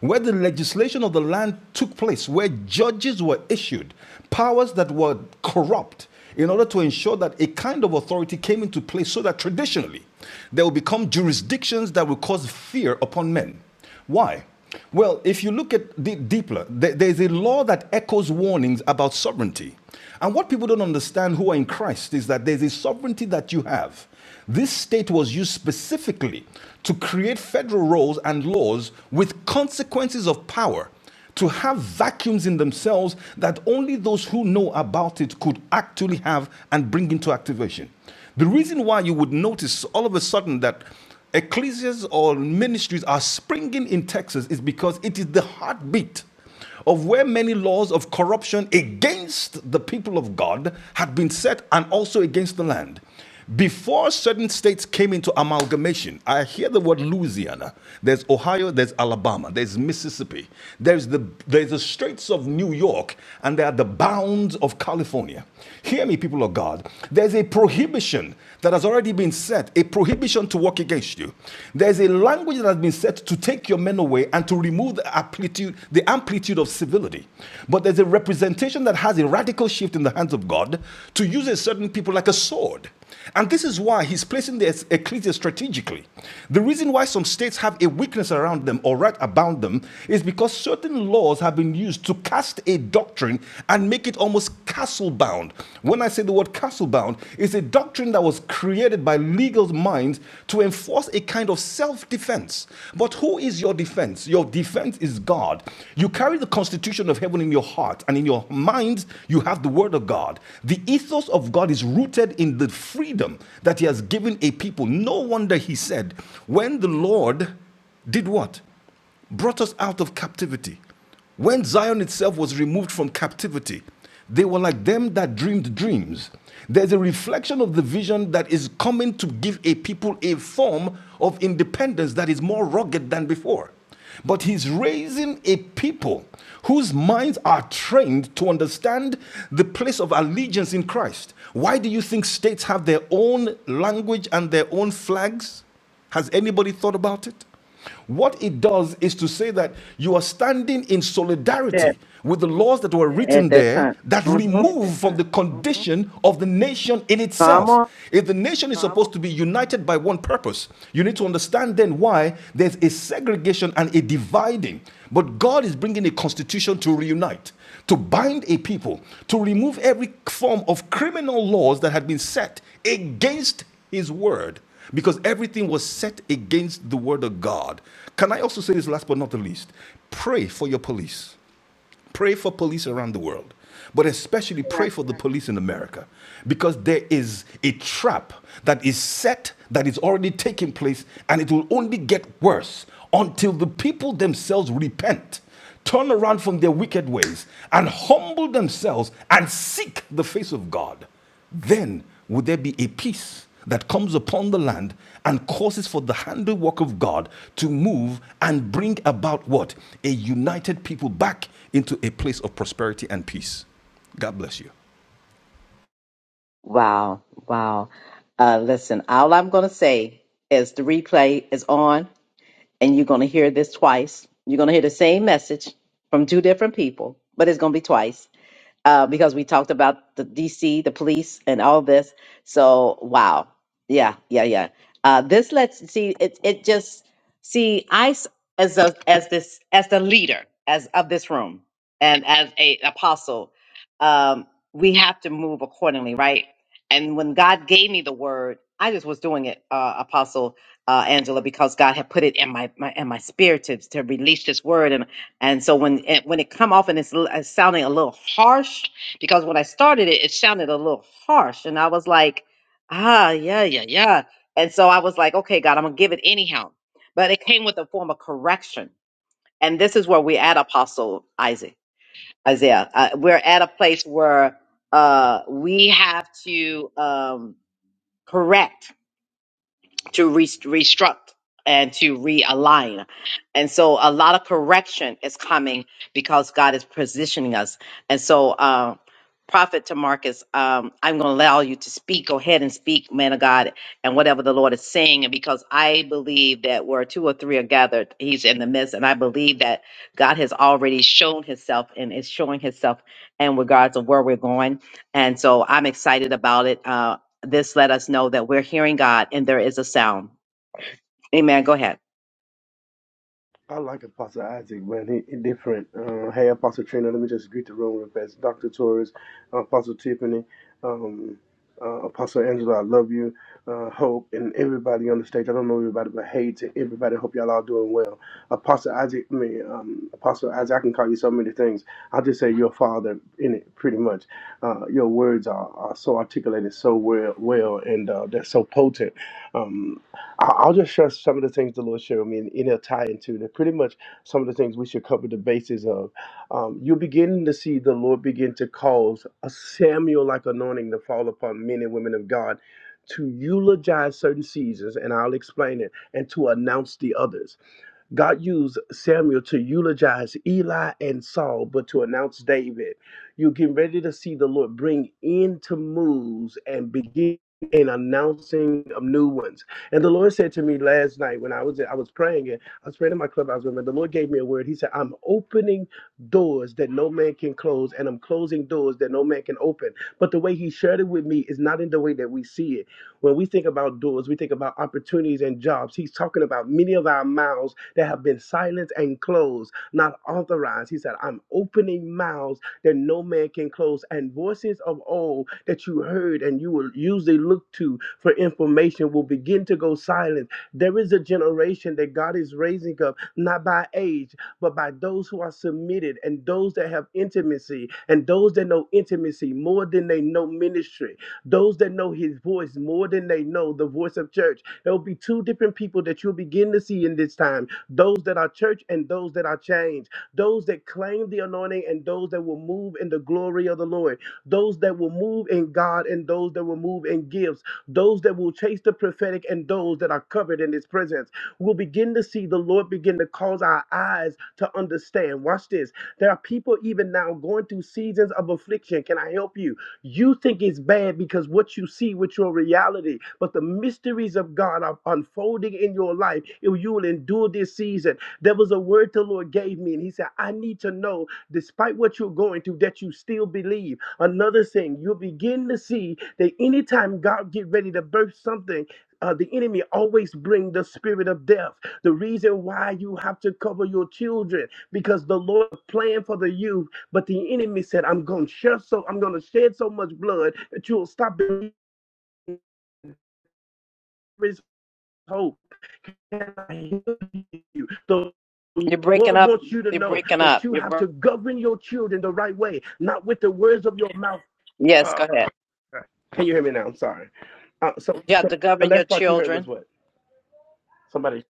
S13: where the legislation of the land took place, where judges were issued, powers that were corrupt, in order to ensure that a kind of authority came into place so that traditionally there will become jurisdictions that will cause fear upon men. Why? Well, if you look at the deeper, there's a law that echoes warnings about sovereignty. And what people don't understand who are in Christ is that there's a sovereignty that you have this state was used specifically to create federal roles and laws with consequences of power, to have vacuums in themselves that only those who know about it could actually have and bring into activation. The reason why you would notice all of a sudden that ecclesias or ministries are springing in Texas is because it is the heartbeat of where many laws of corruption against the people of God had been set and also against the land. Before certain states came into amalgamation, I hear the word Louisiana. There's Ohio, there's Alabama, there's Mississippi, there's the there's the Straits of New York, and there are the bounds of California. Hear me, people of God. There's a prohibition that has already been set, a prohibition to work against you. There's a language that has been set to take take your men away and to remove the amplitude, the amplitude of civility. But there's a representation that has a radical shift in the hands of God to use a certain people like a sword. And this is why he's placing the ecclesia strategically. The reason why some states have a weakness around them or right about them is because certain laws have been used to cast a doctrine and make it almost castle bound. When I say the word castle bound, it's a doctrine that was created by legal minds to enforce a kind of self defense. But who is your defense? Your defense is God. You carry the constitution of heaven in your heart, and in your mind, you have the word of God. The ethos of God is rooted in the freedom that He has given a people. No wonder He said, when the Lord did what? brought us out of captivity. When Zion itself was removed from captivity, they were like them that dreamed dreams. There's a reflection of the vision that is coming to give a people a form of independence that is more rugged than before. But he's raising a people whose minds are trained to understand the place of allegiance in Christ. Why do you think states have their own language and their own flags? Has anybody thought about it? What it does is to say that you are standing in
S1: Said
S13: solidarity with the laws that were
S1: At
S13: written
S1: that
S13: there
S1: time.
S13: that
S1: Mhm.
S13: remove from the condition of the nation in
S1: Come
S13: itself. If the nation is supposed to be united by one purpose, you need to understand then why there's a segregation and a dividing. But God is bringing a constitution to reunite to bind a people, to remove every form of criminal laws that had been set against his word, because everything was set against the word of God. Can I also say this last but not the least? Pray for your police. Pray for police around the world, but especially pray
S5: Correct.
S13: for the police in America because there is a trap that is set, that is already taking place, and it will only get worse until the people themselves repent, turn around from their wicked ways, and humble themselves and seek the face of God. Then would there be a peace that comes upon the land and causes for the handiwork of God to move and bring about what? A united people back into a place of prosperity and peace. God bless you.
S1: Wow, wow. Uh, listen, all I'm going to say is the replay is on, and you're going to hear this twice. You're going to hear the same message from two different people, but it's going to be twice uh, because we talked about the DC, the police, and all this. So wow, yeah, yeah, yeah. Uh, this lets see it. It just see I s- as a, as this as the leader as of this room and as a apostle, um, we have to move accordingly, right? And when God gave me the word, I just was doing it, uh, Apostle uh, Angela, because God had put it in my, my in my spirit to, to release this word, and and so when it, when it come off and it's, l- it's sounding a little harsh, because when I started it, it sounded a little harsh, and I was like, ah, yeah, yeah, yeah. And so I was like, okay, God, I'm gonna give it anyhow. But it came with a form of correction, and this is where we at, Apostle Isaac Isaiah. Uh, we're at a place where uh, we have to um, correct to re- restruct and to realign. And so a lot of correction is coming because God is positioning us. And so, uh, Prophet to Marcus, um, I'm going to allow you to speak. Go ahead and speak, man of God, and whatever the Lord is saying. And because I believe that where two or three are gathered, He's in the midst. And I believe that God has already shown Himself and is showing Himself in regards of where we're going. And so I'm excited about it. Uh, this let us know that we're hearing God and there is a sound. Amen. Go ahead.
S15: I like Apostle Isaac, man. He, he different. Uh, hey, Apostle Trina, let me just greet the room real fast. Dr. Torres, Apostle Tiffany, um, uh, Apostle Angela, I love you. Uh, Hope, and everybody on the stage. I don't know everybody, but hey to everybody. Hope y'all all doing well. Apostle Isaac, I mean, um, Apostle Isaac, I can call you so many things. I'll just say your father in it, pretty much. Uh, your words are, are so articulated so well, well and uh, they're so potent. Um, I- I'll just share some of the things the Lord showed me, and and it'll tie into that. Pretty much some of the things we should cover the basis of. Um, you're beginning to see the Lord begin to cause a Samuel-like anointing to fall upon men and women of God to eulogize certain seasons, and I'll explain it, and to announce the others. God used Samuel to eulogize Eli and Saul, but to announce David. You're getting ready to see the Lord bring into moves and begin in announcing of new ones. And the Lord said to me last night when I was I was praying and I was praying in my clubhouse room, and the Lord gave me a word. He said, I'm opening doors that no man can close, and I'm closing doors that no man can open. But the way he shared it with me is not in the way that we see it. When we think about doors, we think about opportunities and jobs. He's talking about many of our mouths that have been silenced and closed, not authorized. He said, I'm opening mouths that no man can close, and voices of old that you heard and you will usually look to for information will begin to go silent. There is a generation that God is raising up, not by age, but by those who are submitted and those that have intimacy and those that know intimacy more than they know ministry. Those that know his voice more than they know the voice of church. There'll be two different people that you'll begin to see in this time those that are church and those that are changed, those that claim the anointing and those that will move in the glory of the Lord, those that will move in God and those that will move in gifts, those that will chase the prophetic and those that are covered in his presence. We'll begin to see the Lord begin to cause our eyes to understand. Watch this. There are people even now going through seasons of affliction. Can I help you? You think it's bad because what you see with your reality, but the mysteries of God are unfolding in your life. If you will endure this season, there was a word the Lord gave me, and He said, I need to know, despite what you're going through, that you still believe. Another thing, you'll begin to see that anytime God get ready to burst something, uh, the enemy always bring the spirit of death. The reason why you have to cover your children because the Lord plan for the youth but the enemy said, I'm gonna shed so I'm gonna shed so much blood that you'll stop believing there is hope. And I heal you. So The
S1: You're breaking
S15: Lord
S1: up.
S15: wants you to
S1: You're
S15: know
S1: breaking
S15: that
S1: up.
S15: you
S1: You're
S15: have
S1: br-
S15: to govern your children the right way, not with the words of your mouth. (sighs)
S1: Yes, go
S15: Ah,
S1: ahead.
S15: can you hear me now? I'm sorry. Uh, so
S1: you have
S15: so
S1: to
S15: the
S1: govern your
S15: last part you heard was
S1: children.
S15: what? Somebody,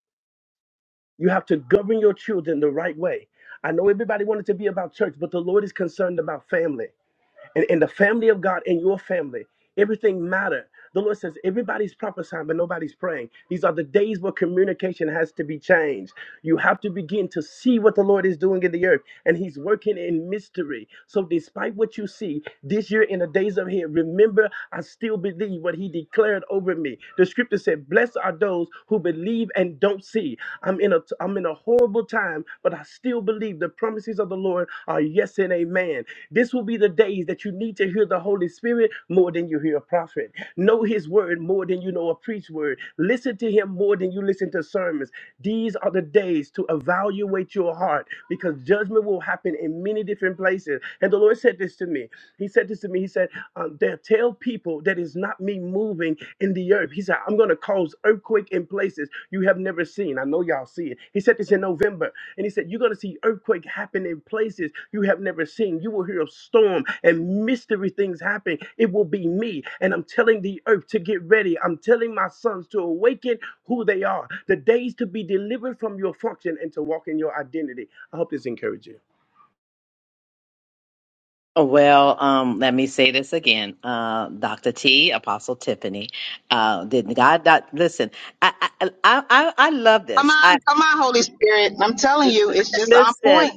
S15: you have to govern your children the right way. I know everybody wanted to be about church, but the Lord is concerned about family. And in the family of God, in your family, everything matter. The Lord says everybody's prophesying, but nobody's praying. These are the days where communication has to be changed. You have to begin to see what the Lord is doing in the earth, and He's working in mystery. So, despite what you see this year in the days of here, remember, I still believe what He declared over me. The Scripture said, "Blessed are those who believe and don't see." I'm in a. I'm in I'm in a horrible time, but I still believe the promises of the Lord are yes and amen. This will be the days that you need to hear the Holy Spirit more than you hear a prophet. Know his word more than you know a preached word. Listen to him more than you listen to sermons. These are the days to evaluate your heart because judgment will happen in many different places. And the Lord said this to me. He said this to me. He said, um, they'll tell people that is not me moving in the earth. He said, I'm going to cause earthquake in places you have never seen. I know y'all see it. He said this in November. And he said, You're going to see earthquake happen in places you have never seen. You will hear of storm and mystery things happen. It will be me. And I'm telling the earth to get ready. I'm telling my sons to awaken who they are. The days to be delivered from your function and to walk in your identity. I hope this encourages you.
S1: Well, um, let me say this again, uh, Doctor T, Apostle Tiffany. Uh, did God not listen? I I I, I I love
S5: Come
S1: this. I
S5: on, come on, Holy Spirit. I'm telling you, it's just on
S1: listen.
S5: point.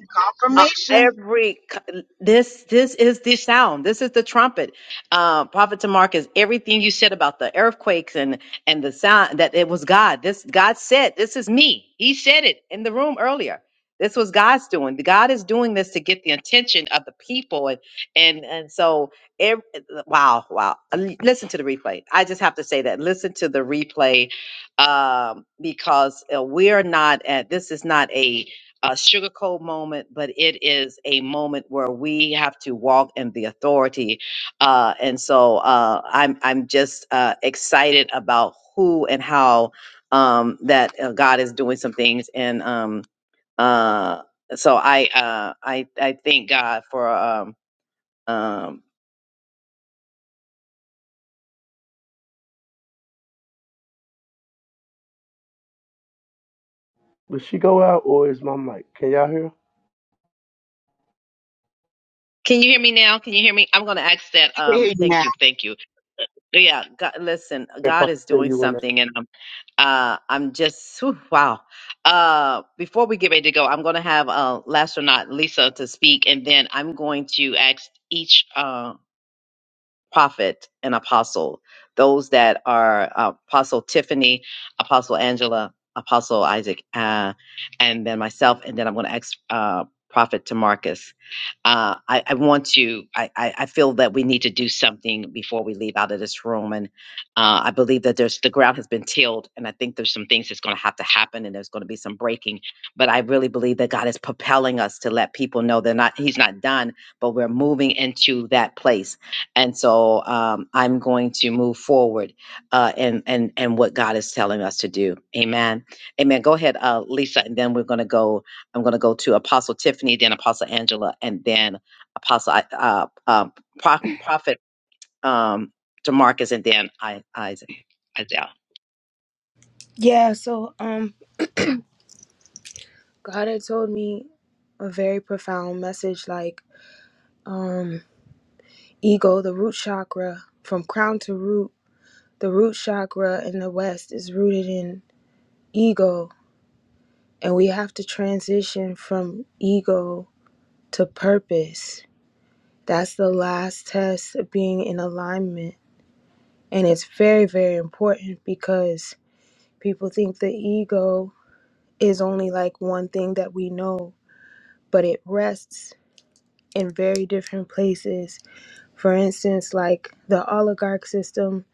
S1: uh,
S5: Confirmation.
S1: every c- this this is the sound this is the trumpet uh prophet to marcus everything you said about the earthquakes and and the sound that it was god this god said this is me he said it in the room earlier this was god's doing god is doing this to get the attention of the people and and and so ev- wow wow Uh, L- listen to the replay i just have to say that listen to the replay um because uh, we're not at this is not a sugarcoat moment, but it is a moment where we have to walk in the authority. Uh, and so uh, I'm I'm just uh, excited about who and how um, that uh, God is doing some things. And um, uh, so I uh, I I thank God for. Um, um,
S15: Will she go out or is my mic? Can y'all hear?
S1: can you hear me now? Can you hear me? I'm going to ask that.
S5: We can hear
S1: Um,
S5: you
S1: thank
S5: now.
S1: you, thank you Yeah, God, listen,
S15: If I
S1: God is
S15: tell
S1: doing
S15: you when
S1: something, and I'm, uh, I'm just whew, wow. Uh, before we get ready to go, I'm going to have uh, last or not Lisa to speak, and then I'm going to ask each. uh, prophet and apostle. Those that are uh, Apostle Tiffany, Apostle Angela, Apostle Isaac, uh, and then myself. And then I'm going to ask uh, Prophet to Marcus. Uh, I, I want to, I, I, I feel that we need to do something before we leave out of this room. And uh, I believe that there's the ground has been tilled. And I think there's some things that's going to have to happen and there's going to be some breaking. But I really believe that God is propelling us to let people know they're not, He's not done, but we're moving into that place and so um, I'm going to move forward uh, and and and what God is telling us to do. Amen. Amen. Go ahead, uh, Lisa, and then we're going to go. I'm going to go to Apostle Tiffany, then Apostle Angela, and then Apostle I- uh, uh, Pro- Prophet um, Demarcus, and then I, Isaac. Isaiah.
S16: Yeah, so um God had told me a very profound message like um ego, the root chakra, from crown to root, the root chakra in the west is rooted in ego and we have to transition from ego to purpose. That's the last test of being in alignment and it's very very important because people think the ego is only like one thing that we know, but it rests in very different places. For instance, like the oligarch system,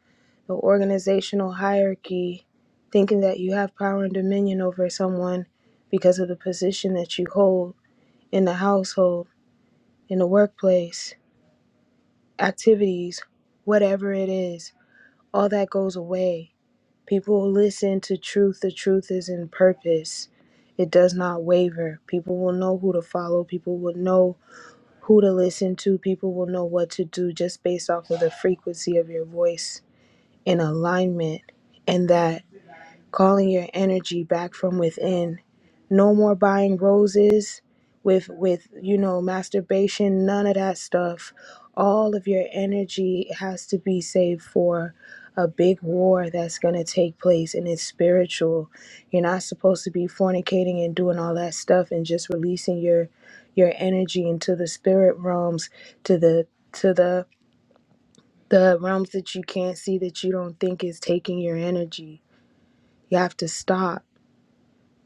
S16: the organizational hierarchy, thinking that you have power and dominion over someone because of the position that you hold in the household, in the workplace, activities, whatever it is, all that goes away. People will listen to truth. The truth is in purpose. It does not waver. People will know who to follow. People will know who to listen to. People will know what to do just based off of the frequency of your voice in alignment, and that calling your energy back from within. No more buying roses with with you know masturbation, none of that stuff. All of your energy has to be saved for a big war that's going to take place and it's spiritual. You're not supposed to be fornicating and doing all that stuff and just releasing your your energy into the spirit realms to the to the the realms that you can't see that you don't think is taking your energy. You have to stop.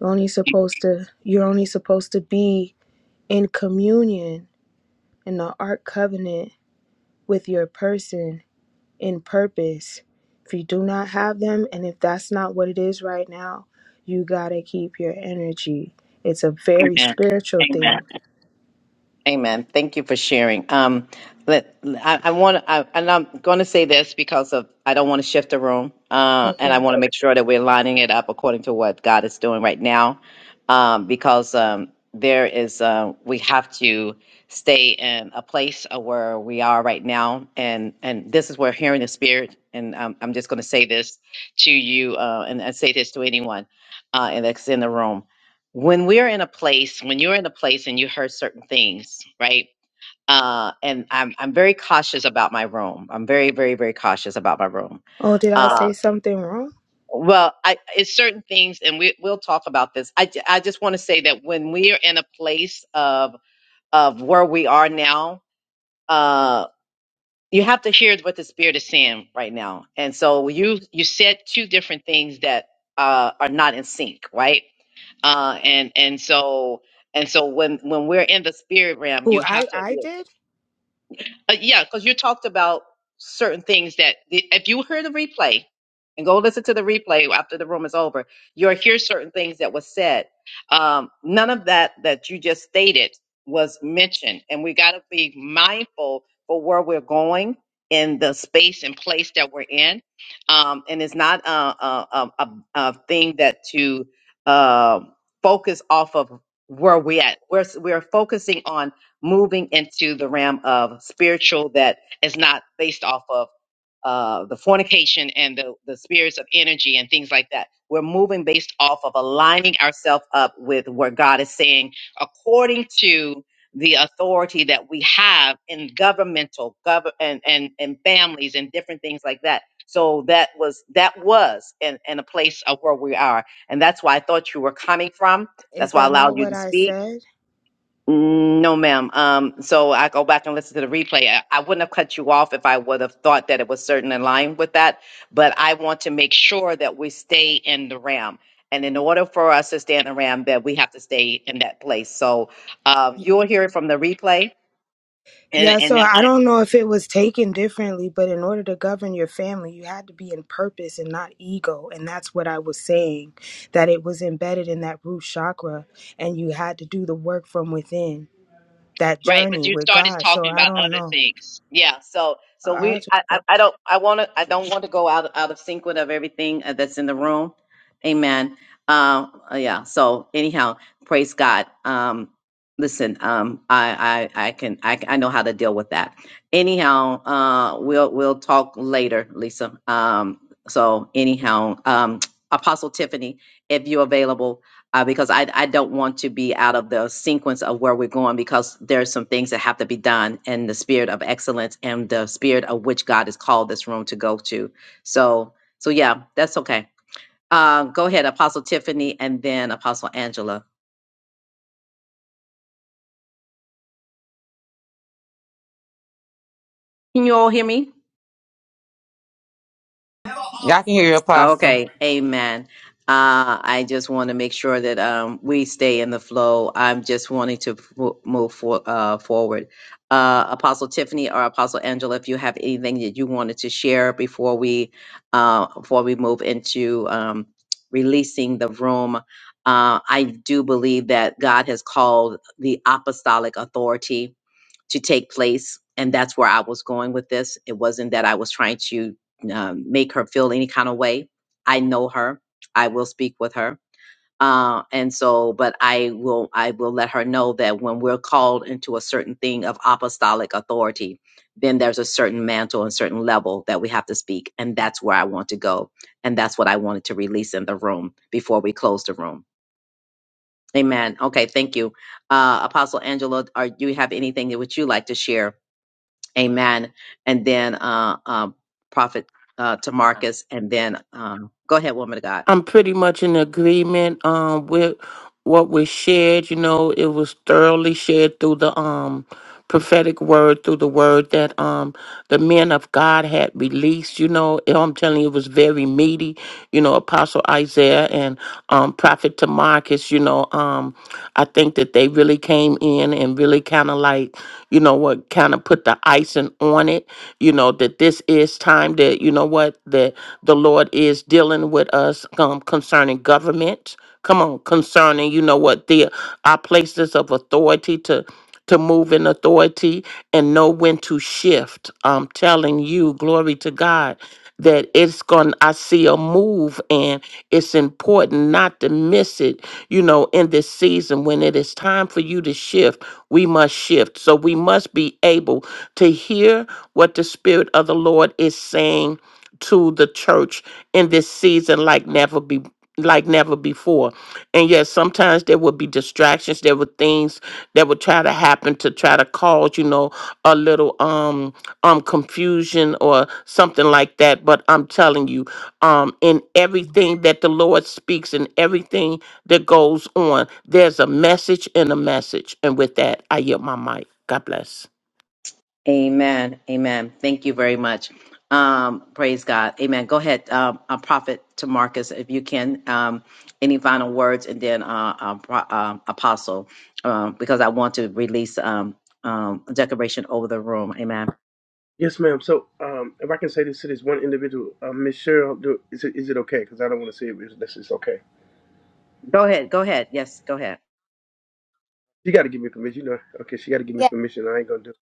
S16: You're only supposed to you're only supposed to be in communion in the ark covenant with your person in purpose. If you do not have them and if that's not what it is right now, you got to keep your energy. It's a very
S1: Amen.
S16: spiritual
S1: Amen.
S16: thing.
S1: Amen. Thank you for sharing. Um, let, I, I want to, and I'm going to say this because of I don't want to shift the room, uh, and I
S16: Okay.
S1: want to make sure that we're lining it up according to what God is doing right now, um, because um, there is uh, we have to stay in a place of where we are right now, and and this is where hearing the Spirit, and um, I'm just going to say this to you, uh, and I say this to anyone, uh, and that's in the room when we're in a place, when you're in a place and you heard certain things, right? Uh, and I'm I'm very cautious about my room. I'm very very very cautious about my room.
S16: Oh, did I
S1: Uh,
S16: say something wrong?
S1: well, I it's certain things, and we we'll talk about this. I ju- I just want to say that when we're in a place of of where we are now, uh, you have to hear what the spirit is saying right now. And so you you said two different things that uh, are not in sync, right? uh, and and so and so when when we're in the spirit realm,
S16: Who
S1: you
S16: I
S1: have to.
S16: I did?
S1: Uh, yeah, because you talked about certain things that if you hear the replay and go listen to the replay after the room is over, you'll hear certain things that was said. Um, none of that that you just stated was mentioned, and we got to be mindful for where we're going in the space and place that we're in. Um, and it's not a, a, a, a, a thing that to uh, focus off of where we at. We're we're focusing on moving into the realm of spiritual that is not based off of uh, the fornication and the, the spirits of energy and things like that. We're moving based off of aligning ourselves up with what God is saying according to the authority that we have in governmental gov- and, and, and families and different things like that. So that was that was in, in a place of where we are. And that's why I thought you were coming from.
S16: Is
S1: That's why I
S16: that
S1: allowed
S16: not
S1: you
S16: what
S1: to
S16: I
S1: speak
S16: said?
S1: Mm, No, ma'am. Um, so I go back and listen to the replay. I, I wouldn't have cut you off if I would have thought that it was certain in line with that, but I want to make sure that we stay in the RAM. And in order for us to stay in the RAM, that we have to stay in that place. So uh, you'll hear it from the replay. And,
S16: Yeah,
S1: and
S16: so
S1: then
S16: I
S1: I
S16: don't know if it was taken differently, but in order to govern your family, you had to be in purpose and not ego. And that's what I was saying, that it was embedded in that root chakra, and you had to do the work from within, that
S1: Right, but
S16: journey
S1: you
S16: with
S1: started
S16: God. So
S1: talking
S16: I
S1: about
S16: don't
S1: other
S16: know.
S1: things. Yeah, so so
S16: I I
S1: we I
S16: just
S1: I, I don't I want to I don't want to go out out of sync with of everything uh, that's in the room. Amen. Um uh, yeah, so anyhow, praise God. Um listen, um I I I can I I know how to deal with that. Anyhow, uh we'll we'll talk later, Lisa. Um so anyhow, um (tsk) Apostle Tiffany, if you're available, uh, because I, I don't want to be out of the sequence of where we're going because there are some things that have to be done in the spirit of excellence and the spirit of which God has called this room to go to. So, so yeah, that's okay. Uh, go ahead, Apostle Tiffany, and then Apostle Angela. Can you all hear me?
S8: Y'all can hear your apostle.
S1: Okay, amen. Uh, I just want to make sure that um, we stay in the flow. I'm just wanting to f- move for, uh, forward. Uh, Apostle Tiffany or Apostle Angela, if you have anything that you wanted to share before we uh, before we move into um, releasing the room, uh, I do believe that God has called the apostolic authority to take place. And that's where I was going with this. It wasn't that I was trying to um, make her feel any kind of way. I know her. I will speak with her. Uh, and so, but I will, I will let her know that when we're called into a certain thing of apostolic authority, then there's a certain mantle and certain level that we have to speak. And that's where I want to go. And that's what I wanted to release in the room before we close the room. Amen. Okay. Thank you. Uh, Apostle Angela, are do you have anything that would you like to share Amen. And then uh, uh, Prophet uh, to Marcus, and then um, go ahead, woman of God.
S9: I'm pretty much in agreement um, with what was shared. You know, it was thoroughly shared through the um, prophetic word, through the word that um, the men of God had released. You know, eh, I'm telling you, it was very meaty. You know, Apostle Isaiah and um, Prophet Tamarcus, you know, um, I think that they really came in and really kind of like, you know what, kind of put the icing on it, you know, that this is time that, you know what, that the Lord is dealing with us um, concerning government. Come on, concerning, you know what, the our places of authority to to move in authority and know when to shift. I'm telling you, glory to God, that it's going I see a move and it's important not to miss it, you know, in this season when it is time for you to shift, we must shift. So we must be able to hear what the spirit of the Lord is saying to the church in this season like never be like never before. And yes, sometimes there would be distractions, there were things that would try to happen to try to cause, you know, a little um um confusion or something like that. But I'm telling you, um in everything that the Lord speaks and everything that goes on, there's a message and a message. And with that, I yield my mic. God bless.
S1: Amen. Amen. Thank you very much. Um, praise God. Amen. Go ahead, um, uh, Prophet to Marcus, if you can. Um, any final words, and then uh, um, pro- um, Apostle, um, because I want to release um, um, a declaration over the room. Amen.
S15: Yes, ma'am. So, um, if I can say this to this one individual, uh, Miss Cheryl, do, is it is it okay? Because I don't want to say it. But this is okay.
S1: Go ahead. Go ahead. Yes. Go ahead.
S15: She got to give me permission. You know, okay, she got to give me
S14: Yeah.
S15: permission. I ain't gonna do.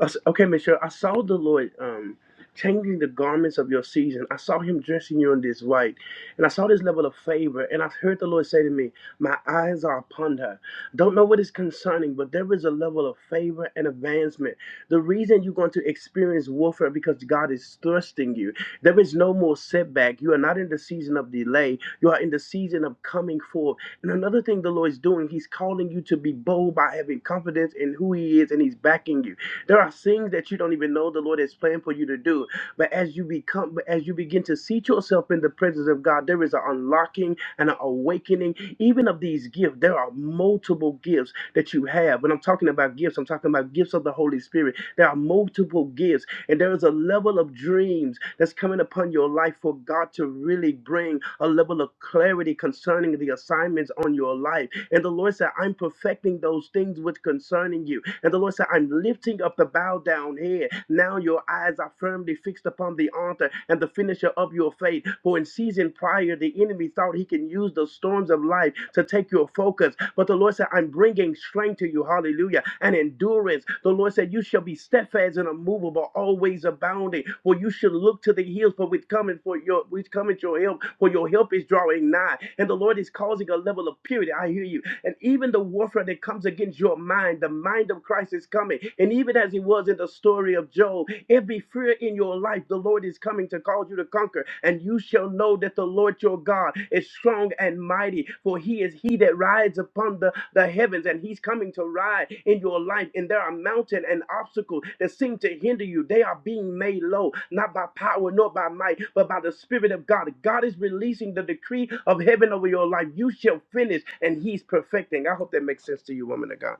S15: I s- okay, Miss Cheryl, I saw the Lord um changing the garments of your season. I saw Him dressing you in this white. And I saw this level of favor, and I heard the Lord say to me, My eyes are upon her. Don't know what is concerning, but there is a level of favor and advancement. The reason you're going to experience warfare because God is thrusting you. There is no more setback. You are not in the season of delay, you are in the season of coming forth. And another thing the Lord is doing, He's calling you to be bold by having confidence in who He is, and He's backing you. There are things that you don't even know the Lord has planned for you to do you. But as you become, but as you begin to seat yourself in the presence of God, there is an unlocking and an awakening, even of these gifts. There are multiple gifts that you have. When I'm talking about gifts, I'm talking about gifts of the Holy Spirit. There are multiple gifts, and there is a level of dreams that's coming upon your life for God to really bring a level of clarity concerning the assignments on your life. And the Lord said, I'm perfecting those things which concerning you. And the Lord said, said, I'm lifting up the bowed down head. Now your eyes are firmly fixed upon the author and the finisher of your faith. For in season prior, the enemy thought he can use the storms of life to take your focus. But the Lord said, I'm bringing strength to you. Hallelujah. And endurance. The Lord said, You shall be steadfast and immovable, always abounding. For you should look to the hills, for with coming for your with coming your help, for your help is drawing nigh. And the Lord is causing a level of purity. I hear you and even the warfare that comes against your mind, the mind of Christ is coming. And even as he was in the story of Job, every fear in your life, the Lord is coming to cause you to conquer. And you shall know that the Lord your God is strong and mighty, for he is he that rides upon the, the heavens and he's coming to ride in your life and there are mountains and obstacles that seem to hinder you they are being made low not by power nor by might but by the spirit of god god is releasing the decree of heaven over your life you shall finish and he's perfecting i hope that makes sense to you woman of god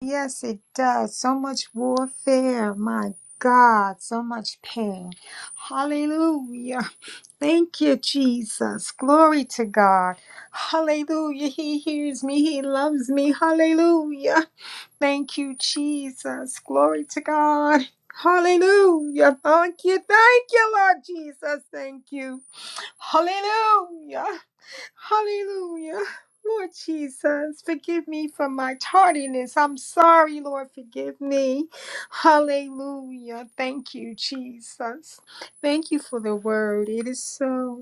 S14: Yes, it does. So much warfare. My God, so much pain. Hallelujah. Thank you, Jesus. Glory to God. Hallelujah. He hears me. He loves me. Hallelujah. Thank you, Jesus. Glory to God. Hallelujah. Thank you. Thank you, Lord Jesus. Thank you. Hallelujah. Hallelujah. Lord Jesus, forgive me for my tardiness. I'm sorry, Lord. Forgive me. Hallelujah. Thank you, Jesus. Thank you for the word. It is so.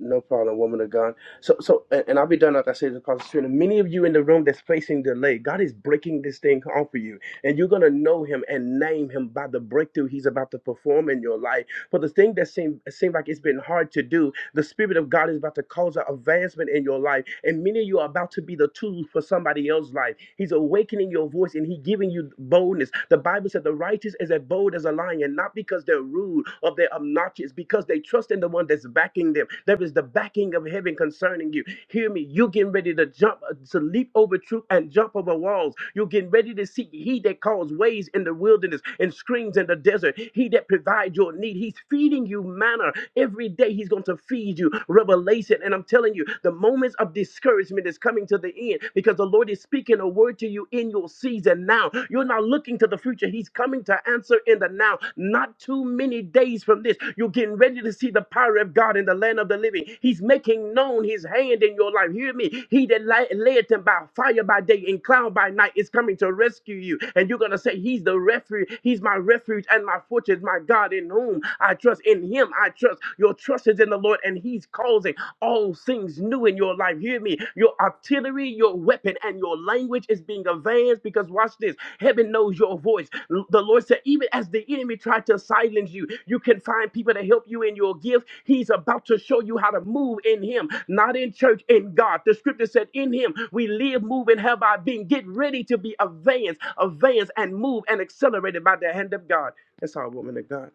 S15: no problem, woman of God. So, so, and and I'll be done after I say this, Pastor Serena. Many of you in the room that's facing delay, God is breaking this thing off of you, and you're gonna know Him and name Him by the breakthrough He's about to perform in your life For the thing that seemed seemed like it's been hard to do, the Spirit of God is about to cause an advancement in your life, and many of you are about to be the tool for somebody else's life. He's awakening your voice and He's giving you boldness. The Bible said the righteous is as bold as a lion, not because they're rude or they're obnoxious, because they trust in the one that's backing them. There is the backing of heaven concerning you. Hear me, you are getting ready to jump, uh, to leap over troop and jump over walls. You're getting ready to see He that calls ways in the wilderness and screams in the desert. He that provides beside your need. He's feeding you manna every day. He's going to feed you revelation. And I'm telling you, the moments of discouragement is coming to the end because the Lord is speaking a word to you in your season now. You're not looking to the future. He's coming to answer in the now. Not too many days from this, you're getting ready to see the power of God in the land of the living. He's making known His hand in your life. Hear me. He that li- led them by fire by day and cloud by night is coming to rescue you. And you're going to say, He's the refuge. He's my refuge and my fortress is my God in whom I trust. In him I trust. Your trust is in the Lord, and he's causing all things new in your life. Hear me. Your artillery, your weapon, and your language is being advanced because watch this. Heaven knows your voice. L- The Lord said, even as the enemy tried to silence you, you can find people to help you in your gift. He's about to show you how to move in Him, not in church, in God. The scripture said, In Him we live, move, and have our being. Get ready to be advanced, advanced, and move and accelerated by the hand of God. It's all woman of God.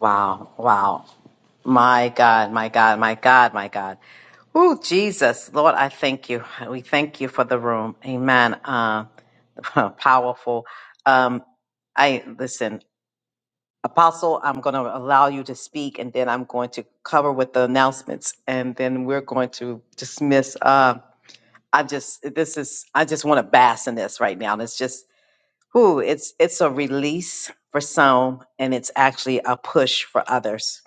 S1: Wow, wow. My God, my God, my God, my God. Oh, Jesus, Lord, I thank you. We thank you for the room. Amen. Uh, (laughs) powerful. Um, I listen, Apostle, I'm going to allow you to speak and then I'm going to cover with the announcements and then we're going to dismiss. Uh, I just, this is, I just want to bask in this right now. And It's just, whoo, it's, it's a release for some and it's actually a push for others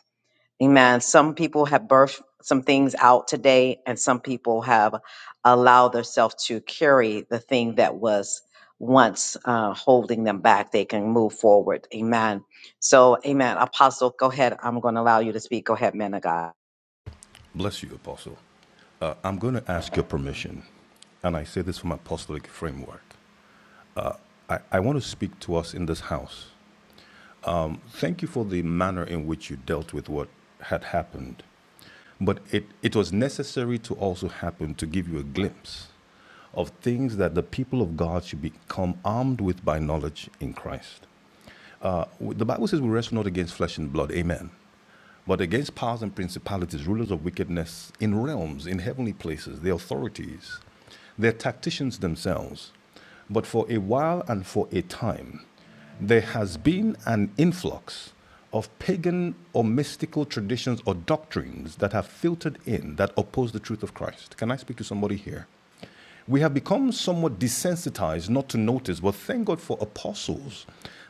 S1: Amen. Some people have birthed some things out today, and some people have allowed themselves to carry the thing that was once uh, holding them back. They can move forward. Amen. So, amen. Apostle, go ahead. I'm going to allow you to speak. Go ahead, man of God.
S13: Bless you, Apostle. Uh, I'm going to ask your permission, and I say this from apostolic framework. I, I want to speak to us in this house Thank you for the manner in which you dealt with what had happened. But it, it was necessary to also happen to give you a glimpse of things that the people of God should become armed with by knowledge in Christ. Uh, the Bible says we wrestle not against flesh and blood. Amen but against powers and principalities, rulers of wickedness in realms, in heavenly places, the authorities, their tacticians themselves. But for a while and for a time, there has been an influx of pagan or mystical traditions or doctrines that have filtered in that oppose the truth of Christ. Can I speak to somebody here? we have become somewhat desensitized not to notice, but thank God for apostles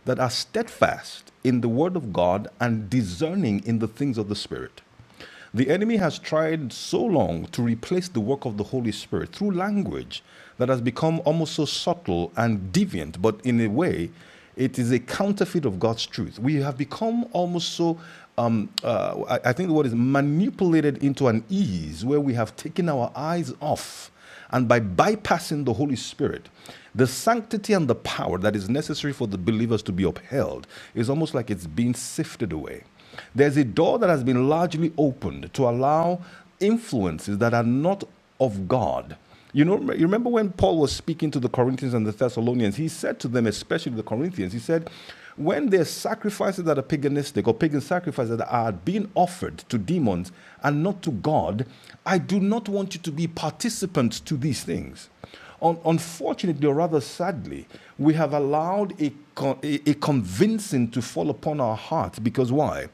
S13: that are steadfast in the word of God and discerning in the things of the Spirit. The enemy has tried so long to replace the work of the Holy Spirit through language that has become almost so subtle and deviant, but in a way, it is a counterfeit of God's truth. We have become almost so, um, uh, I I think the word is manipulated into an ease where we have taken our eyes off and by bypassing the Holy Spirit, the sanctity and the power that is necessary for the believers to be upheld is almost like it's being sifted away. There's a door that has been largely opened to allow influences that are not of God you know, you remember when Paul was speaking to the Corinthians and the Thessalonians, he said to them, especially the Corinthians, he said, when there's sacrifices that are paganistic or pagan sacrifices that are being offered to demons and not to God, I do not want you to be participants to these things. Un- unfortunately, or rather sadly, we have allowed a, con- a convincing to fall upon our hearts because why?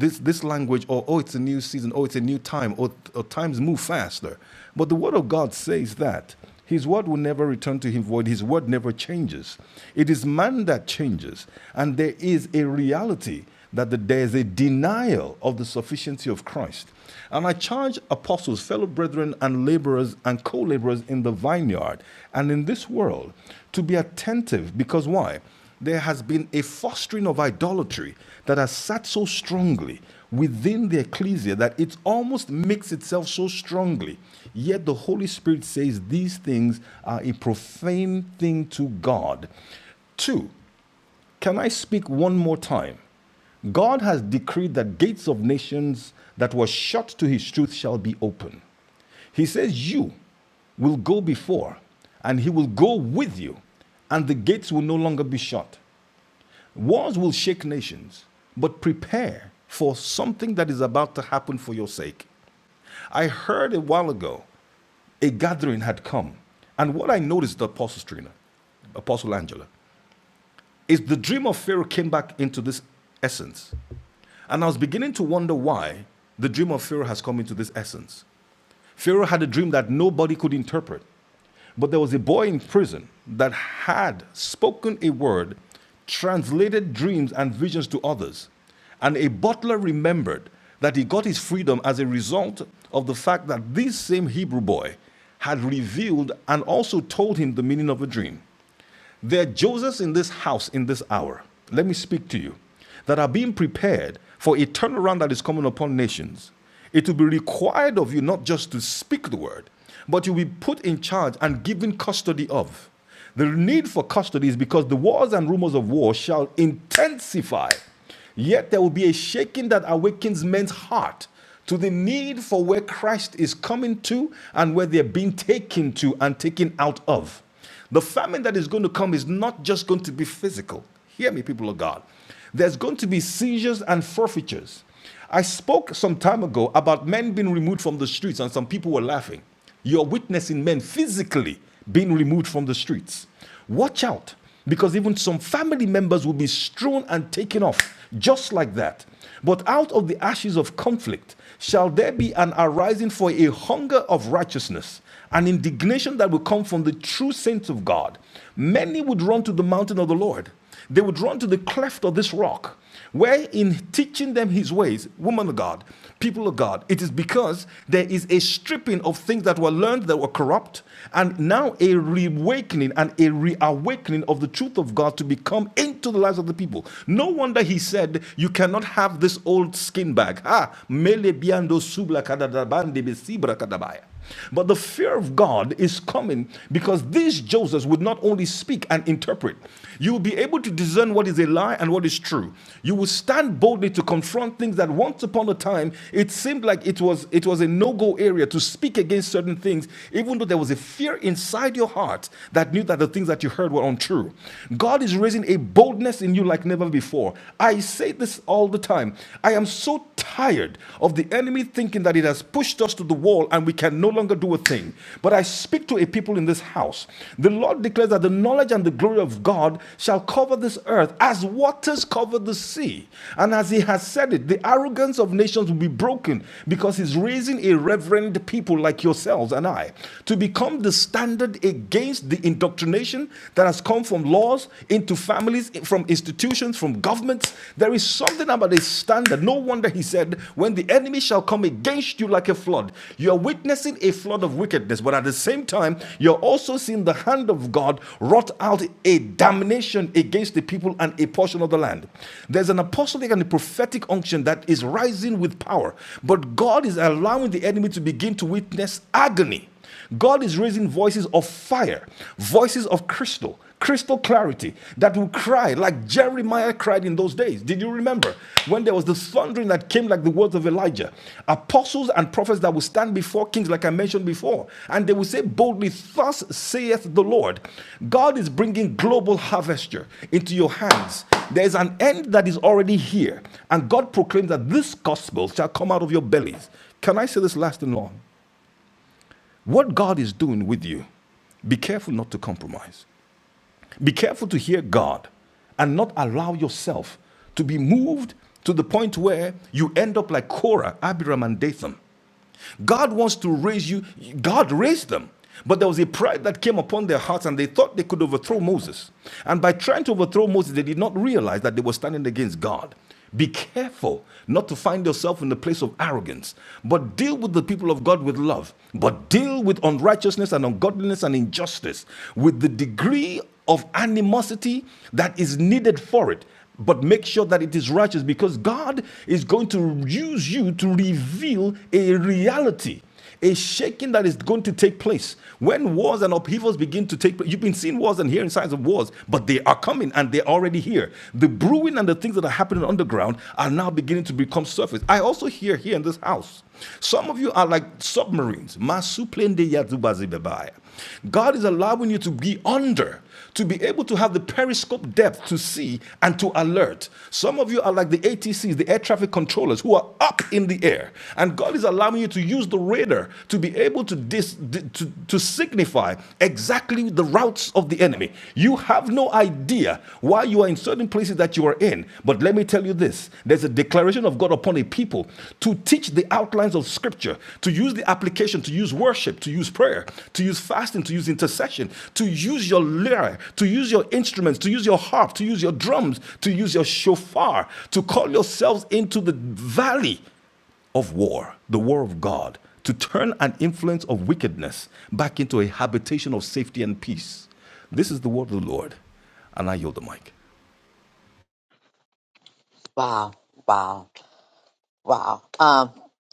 S13: This, this language, or oh, it's a new season, oh, it's a new time, or, or times move faster. But the Word of God says that his word will never return to him void. His word never changes. It is man that changes. And there is a reality that there is a denial of the sufficiency of Christ. And I charge apostles, fellow brethren, and laborers and co laborers in the vineyard and in this world to be attentive because why? There has been a fostering of idolatry that has sat so strongly within the ecclesia that it almost makes itself so strongly. Yet the Holy Spirit says these things are a profane thing to God. Two, can I speak one more time? God has decreed that gates of nations that were shut to his truth shall be open. He says, You will go before, and he will go with you, and the gates will no longer be shut. Wars will shake nations, but prepare for something that is about to happen for your sake. I heard a while ago a gathering had come, and what I noticed, Apostle Trina, Apostle Angela, is the dream of Pharaoh came back into this essence. And I was beginning to wonder why the dream of Pharaoh has come into this essence. Pharaoh had a dream that nobody could interpret. But there was a boy in prison that had spoken a word, translated dreams and visions to others. And a butler remembered that he got his freedom as a result of the fact that this same Hebrew boy had revealed and also told him the meaning of a dream. There are Josephs in this house, in this hour, let me speak to you, that are being prepared for a turnaround that is coming upon nations. It will be required of you not just to speak the word, but you'll be put in charge and given custody of. The need for custody is because the wars and rumors of war shall intensify. Yet there will be a shaking that awakens men's heart to the need for where Christ is coming to and where they're being taken to and taken out of. The famine that is going to come is not just going to be physical. Hear me, people of God. There's going to be seizures and forfeitures. I spoke some time ago about men being removed from the streets, and some people were laughing. You're witnessing men physically being removed from the streets. Watch out, because even some family members will be strewn and taken off just like that. But out of the ashes of conflict shall there be an arising for a hunger of righteousness, an indignation that will come from the true saints of God. Many would run to the mountain of the Lord they would run to the cleft of this rock, where in teaching them his ways, woman of God, people of God, it is because there is a stripping of things that were learned that were corrupt, and now a reawakening and a reawakening of the truth of God to become into the lives of the people. No wonder he said, You cannot have this old skin bag. Ah, mele biando subla kadadabande besibra kadabaya. But the fear of God is coming because these Josephs would not only speak and interpret, you will be able to discern what is a lie and what is true. You will stand boldly to confront things that once upon a time it seemed like it was it was a no-go area to speak against certain things, even though there was a fear inside your heart that knew that the things that you heard were untrue. God is raising a boldness in you like never before. I say this all the time. I am so tired of the enemy thinking that it has pushed us to the wall and we can no longer do a thing. But I speak to a people in this house. The Lord declares that the knowledge and the glory of God shall cover this earth as waters cover the sea. And as He has said it, the arrogance of nations will be broken because He's raising a reverend people like yourselves and I to become the standard against the indoctrination that has come from laws into families, from institutions institutions, from governments. There is something about a standard. No wonder he said, When the enemy shall come against you like a flood, you are witnessing a flood of wickedness, but at the same time, you're also seeing the hand of God wrought out a damnation against the people and a portion of the land. There's an apostolic and a prophetic unction that is rising with power, but God is allowing the enemy to begin to witness agony. God is raising voices of fire, voices of crystal, crystal clarity that will cry like Jeremiah cried in those days. Did you remember when there was the thundering that came like the words of Elijah? Apostles and prophets that will stand before kings, like I mentioned before, and they will say boldly, Thus saith the Lord. God is bringing global harvester into your hands. There is an end that is already here, and God proclaims that this gospel shall come out of your bellies. Can I say this last and long? What God is doing with you, be careful not to compromise. Be careful to hear God and not allow yourself to be moved to the point where you end up like Korah, Abiram, and Dathan. God wants to raise you. God raised them. But there was a pride that came upon their hearts, and they thought they could overthrow Moses. And by trying to overthrow Moses, they did not realize that they were standing against God. Be careful not to find yourself in the place of arrogance, but deal with the people of God with love, but deal with unrighteousness and ungodliness and injustice with the degree of animosity that is needed for it. But make sure that it is righteous because God is going to use you to reveal a reality a shaking that is going to take place. When wars and upheavals begin to take place, you've been seeing wars and hearing signs of wars, but they are coming and they're already here. The brewing and the things that are happening underground are now beginning to become surface. I also hear here in this house, some of you are like submarines. Masuplende yazubazibebaya. God is allowing you to be under to be able to have the periscope depth to see and to alert. Some of you are like the ATCs, the air traffic controllers, who are up in the air. And God is allowing you to use the radar to be able to, dis, to, to signify exactly the routes of the enemy. You have no idea why you are in certain places that you are in again. But let me tell you this there's a declaration of God upon a people to teach the outlines of Scripture, to use the application, to use worship, to use prayer, to use fasting, to use intercession, to use your lyre, to use your instruments, to use your harp, to use your drums, to use your shofar, to call yourselves into the valley of war, the war of God, to turn an influence of wickedness back into a habitation of safety and peace. This is the word of the Lord, and I yield the mic.
S1: Wow, wow, wow. Um.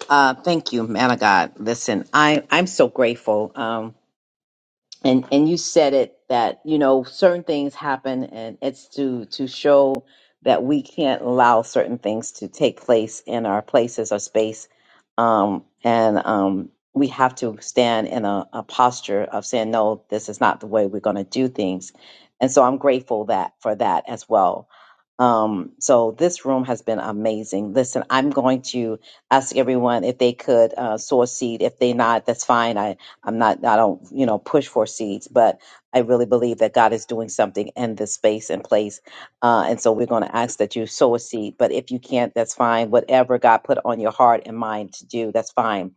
S1: uh, thank you, man of God. Listen, I, I'm so grateful. Um. and and you said it that you know certain things happen and it's to to show that we can't allow certain things to take place in our places or space um and um we have to stand in a, a posture of saying no this is not the way we're going to do things and so i'm grateful that for that as well um so this room has been amazing listen i'm going to ask everyone if they could uh source seed if they not that's fine I'm not, I don't, you know, push for seeds, but I really believe that God is doing something in this space and place. Uh, and so we're going to ask that you sow a seed. But if you can't, that's fine. Whatever God put on your heart and mind to do, that's fine.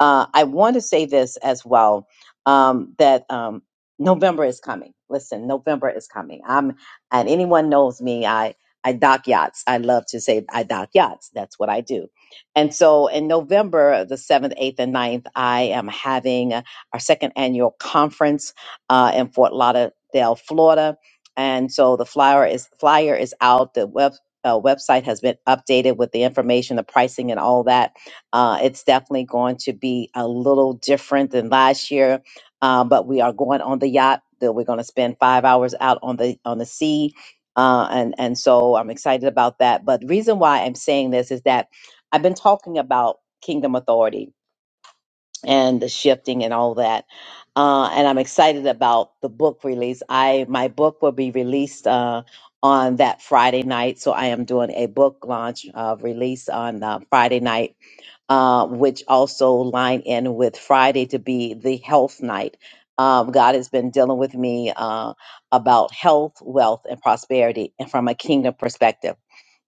S1: Uh, I want to say this as well um, that um, November is coming. Listen, November is coming. I'm, and anyone knows me, I, I dock yachts. I love to say I dock yachts. That's what I do. And so in November, the 7th, 8th, and ninth, I am having our second annual conference uh, in Fort Lauderdale, Florida. And so the flyer is flyer is out. The web uh, website has been updated with the information, the pricing, and all that. Uh, it's definitely going to be a little different than last year, uh, but we are going on the yacht. That we're going to spend five hours out on the on the sea, uh, and and so I'm excited about that. But the reason why I'm saying this is that I've been talking about kingdom authority and the shifting and all that. Uh, and I'm excited about the book release. I my book will be released uh, on that Friday night, so I am doing a book launch uh, release on uh, Friday night, uh, which also line in with Friday to be the health night. Um, God has been dealing with me uh, about health, wealth, and prosperity, and from a kingdom perspective.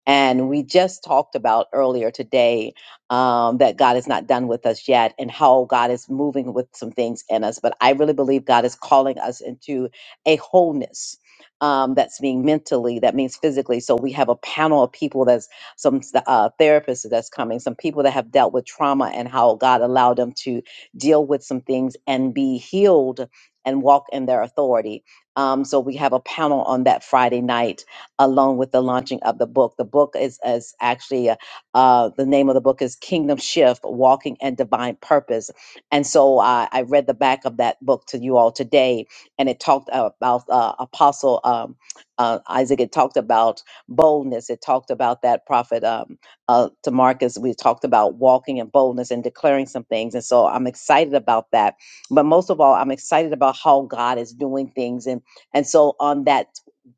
S1: And we just talked about earlier today um, that God is not done with us yet and how God is moving with some things in us. But I really believe God is calling us into a wholeness. Um, that's being mentally, that means physically. So we have a panel of people that's some uh, therapists that's coming, some people that have dealt with trauma and how God allowed them to deal with some things and be healed and walk in their authority. Um, so we have a panel on that Friday night along with the launching of the book. The book is, is actually uh, uh, the name of the book is Kingdom Shift Walking and Divine Purpose. And so I I read the back of that book to you all today, and it talked about uh, Apostle um, uh, Isaac. It talked about boldness. It talked about that prophet um, uh, to Marcus. We talked about walking in boldness and declaring some things. And so I'm excited about that. But most of all, I'm excited about how God is doing things. And, and so on that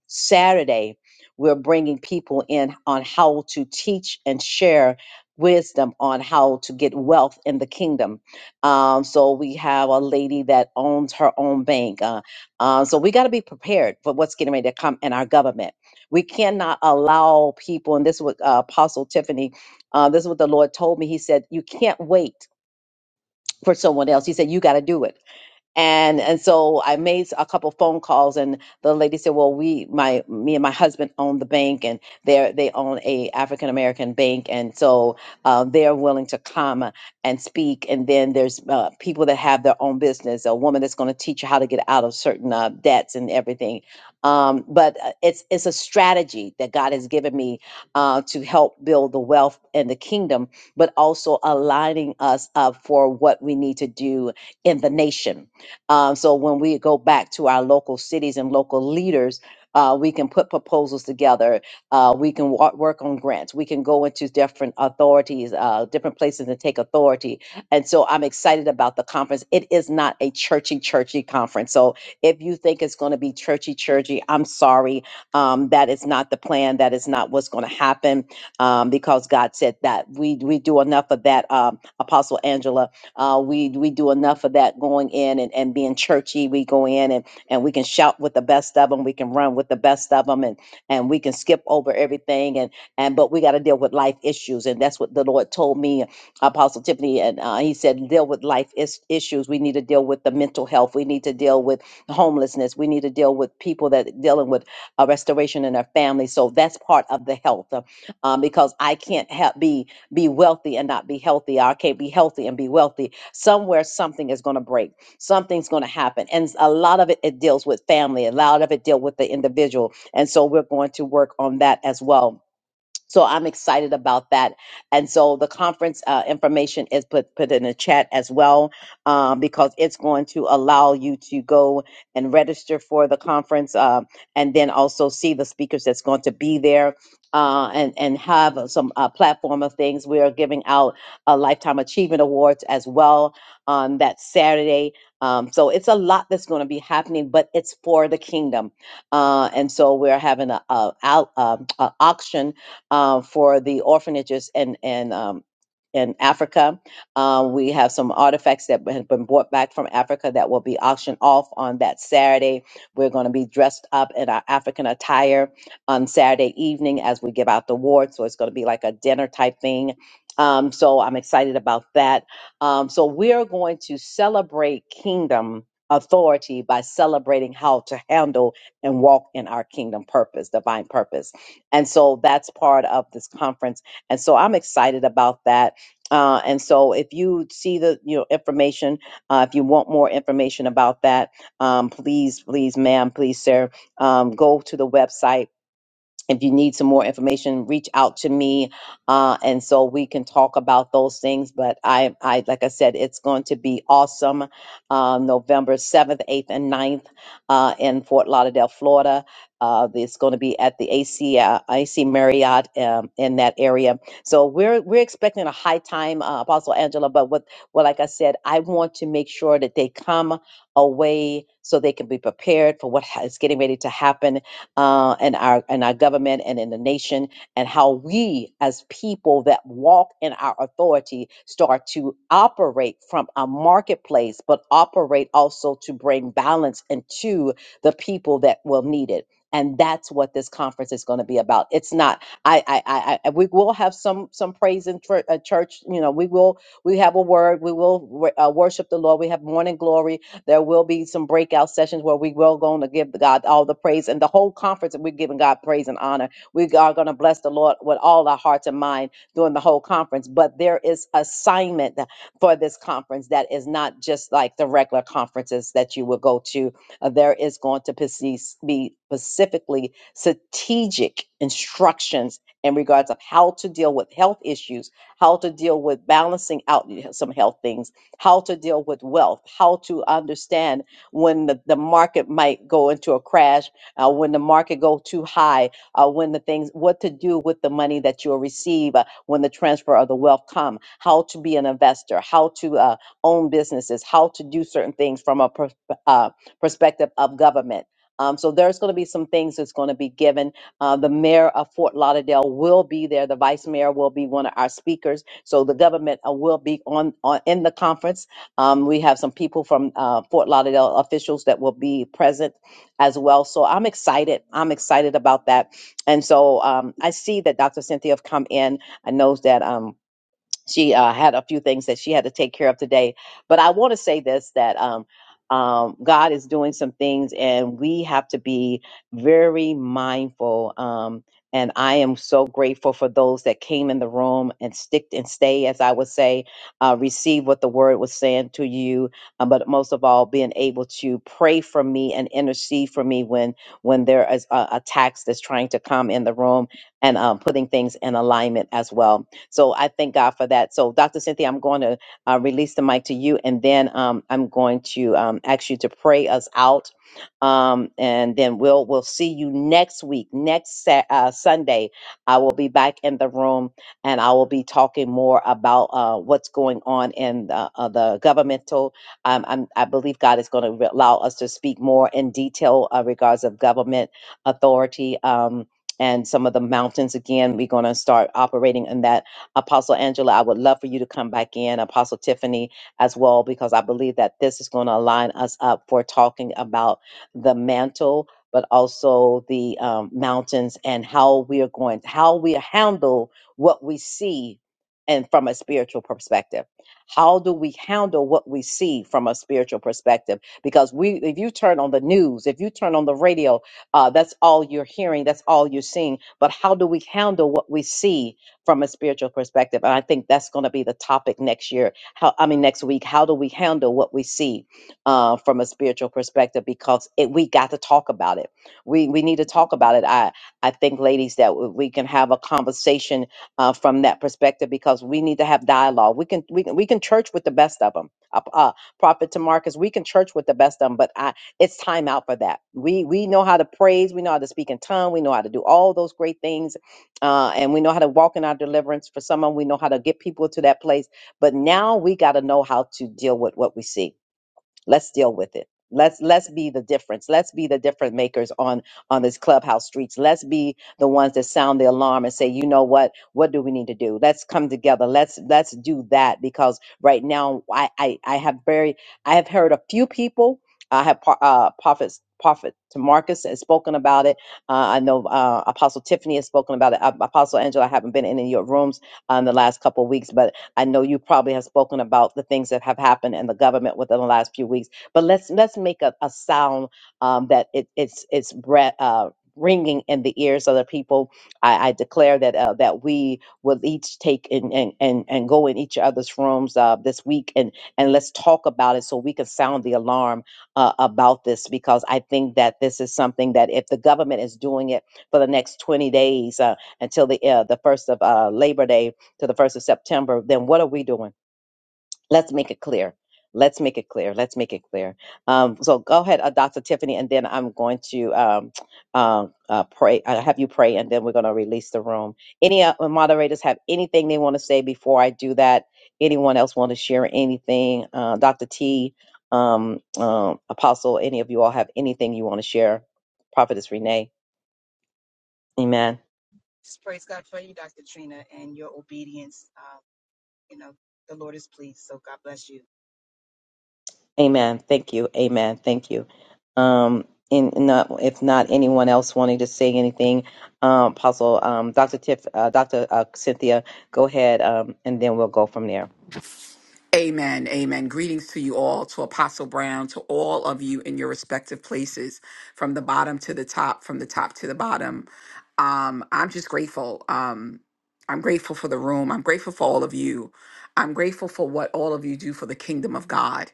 S1: Saturday, we're bringing people in on how to teach and share wisdom on how to get wealth in the kingdom. Um, so we have a lady that owns her own bank. Uh, uh, so we got to be prepared for what's getting ready to come in our government. We cannot allow people, and this is what uh, Apostle Tiffany, uh, this is what the Lord told me. He said, You can't wait for someone else. He said, You got to do it and and so I made a couple phone calls, and the lady said, "Well, we, my, me and my husband own the bank, and they they own a African American bank, and so uh, they're willing to come and speak. And then there's uh, people that have their own business, a woman that's going to teach you how to get out of certain uh, debts and everything. Um, but uh, it's it's a strategy that God has given me uh, to help build the wealth and the kingdom, but also aligning us up for what we need to do in the nation um, so when we go back to our local cities and local leaders, uh, we can put proposals together. Uh, we can wa- work on grants. We can go into different authorities, uh, different places, and take authority. And so I'm excited about the conference. It is not a churchy, churchy conference. So if you think it's going to be churchy, churchy, I'm sorry. Um, that is not the plan. That is not what's going to happen um, because God said that we we do enough of that. Um, Apostle Angela uh, we we do enough of that going in and, and being churchy. We go in and, and we can shout with the best of them. We can run with the best of them, and and we can skip over everything. And and but we got to deal with life issues, and that's what the Lord told me, Apostle Tiffany, and uh, he said deal with life is- issues. We need to deal with the mental health. We need to deal with homelessness. We need to deal with people that are dealing with a restoration in their family. So that's part of the health, uh, um, because I can't help be be wealthy and not be healthy. I can't be healthy and be wealthy. Somewhere something is going to break. Something's going to happen. And a lot of it, it deals with family. A lot of it deal with the individual. And so we're going to work on that as well so I'm excited about that. And so the conference uh, information is put put in the chat as well, um, because it's going to allow you to go and register for the conference, uh, and then also see the speakers that's going to be there. Uh, and and have some uh, platform of things. We are giving out a lifetime achievement awards as well on that Saturday. Um, so it's a lot that's going to be happening, but it's for the kingdom. Uh, and so we're having a, a, out- um, a auction uh, for the orphanages and and um, in Africa. Uh, we have some artifacts that have been brought back from Africa that will be auctioned off on that Saturday. We're going to be dressed up in our African attire on Saturday evening as we give out the award. So it's going to be like a dinner type thing. Um, so I'm excited about that. Um, so we are going to celebrate kingdom authority by celebrating how to handle and walk in our kingdom purpose, divine purpose. And so that's part of this conference. And so I'm excited about that. Uh, and so if you see the you know, information, uh, if you want more information about that, um, please, please, ma'am, please, sir, um, go to the website if you need some more information, reach out to me, uh, and so we can talk about those things. But I, I like I said, it's going to be awesome. Um, November seventh, eighth, and ninth uh, in Fort Lauderdale, Florida. Uh, it's going to be at the AC uh, AC Marriott um, in that area. So we're we're expecting a high time, uh, Apostle Angela. But what, well, like I said, I want to make sure that they come away so they can be prepared for what ha- is getting ready to happen uh, and our and our government and in the nation, and how we as people that walk in our authority start to operate from a marketplace, but operate also to bring balance into the people that will need it. And that's what this conference is going to be about. It's not. I. I. I. I- I- We will have some some praise in chur- uh, church. You know, we will. We have a word. We will wor- uh, worship the Lord. We have morning glory there will be some breakout sessions where we will going to give God all the praise and the whole conference. We're giving God praise and honor. We are going to bless the Lord with all our hearts and mind during the whole conference. But there is assignment for this conference that is not just like the regular conferences that you will go to. Uh, There is going to perce- be specifically strategic instructions in regards of how to deal with health issues, how to deal with balancing out some health things how to deal with wealth, how to understand when the, the market might go into a crash, uh, when the market go too high, uh, when the things, what to do with the money that you'll receive uh, when the transfer of the wealth come, how to be an investor, how to uh, own businesses, how to do certain things from a pers- uh, perspective of government. Um, so there's going to be some things that's going to be given. Uh, the mayor of Fort Lauderdale will be there. The vice mayor will be one of our speakers so the government uh, will be on, on in the conference. Um, we have some people from uh, Fort Lauderdale officials that will be present as well. So I'm excited. I'm excited about that. And so um, I see that Dr. Cynthia have come in. I know that. Um, she uh, had a few things that she had to take care of today. But I want to say this that um, um, God is doing some things, and we have to be very mindful. Um, and I am so grateful for those that came in the room and sticked and stay, as I would say, uh, receive what the word was saying to you. uh, but most of all, being able to pray for me and intercede for me when when there is uh, attacks that's trying to come in the room, and um, putting things in alignment as well. So I thank God for that. So, Dr. Cynthia, I'm going to uh, release the mic to you, and then um, I'm going to um, ask you to pray us out, um, and then we'll we'll see you next week, next Sa- uh, Sunday. I will be back in the room, and I will be talking more about uh, what's going on in the, uh, the governmental. Um, I'm, I believe God is going to re- allow us to speak more in detail uh, regards of government authority. Um, and some of the mountains again we're going to start operating in that Apostle Angela, I would love for you to come back in, Apostle Tiffany as well, because I believe that this is going to align us up for talking about the mantle, but also the um, mountains and how we are going, how we handle what we see and from a spiritual perspective. How do we handle what we see from a spiritual perspective? Because we, if you turn on the news, if you turn on the radio, uh, that's all you're hearing, that's all you're seeing. But how do we handle what we see? from a spiritual perspective. And I think that's going to be the topic next year. How I mean next week. How do we handle what we see uh, from a spiritual perspective? Because it, we got to talk about it. We we need to talk about it. I I think, ladies, that w- we can have a conversation uh, from that perspective because we need to have dialogue. We can we can we can church with the best of them. Uh, uh, Prophet to we can church with the best of them, but I, it's time out for that. We we know how to praise, we know how to speak in tongue, we know how to do all those great things uh, and we know how to walk in our deliverance. For someone, we know how to get people to that place. But now we got to know how to deal with what we see let's deal with it let's let's be the difference let's be the difference makers on on this clubhouse streets let's be the ones that sound the alarm and say you know what what do we need to do let's come together let's let's do that because right now i i, I have very i have heard a few people i have pro- uh prophets prophet to marcus has spoken about it uh, i know uh, apostle tiffany has spoken about it Uh, apostle angela i haven't been in any of your rooms uh, in the last couple of weeks but I know you probably have spoken about the things that have happened in the government within the last few weeks, but let's let's make a, a sound um, that it, it's it's bre- uh, ringing in the ears of the people. I, I declare that uh, that we will each take and and and, and go in each other's rooms uh, this week and and let's talk about it so we can sound the alarm uh, about this because I think that this is something that if the government is doing it for the next 20 days uh, until the uh, the first of uh, Labor Day to the first of September, then what are we doing? Let's make it clear. Let's make it clear. Let's make it clear. Um, so go ahead, uh, Dr. Tiffany, and then I'm going to um, uh, uh, pray. I have you pray, and then we're going to release the room. Any uh, moderators have anything they want to say before I do that? Anyone else want to share anything? Uh, Dr. T, um, um, Apostle, any of you all have anything you want to share? Prophetess Renee, Amen.
S5: Just praise God for you, Dr. Trina, and your obedience. Uh, you know, the Lord is pleased. So God bless you.
S1: Amen. Thank you. Amen. Thank you. Um, and not if not anyone else wanting to say anything, um, Apostle, um, Dr. Tiff, uh, Dr. Uh, Cynthia, go ahead, um, and then we'll go from there.
S17: Amen. Amen. Greetings to you all, to Apostle Brown, to all of you in your respective places, from the bottom to the top, from the top to the bottom. Um, I'm just grateful. Um, I'm grateful for the room. I'm grateful for all of you. I'm grateful for what all of you do for the kingdom of God.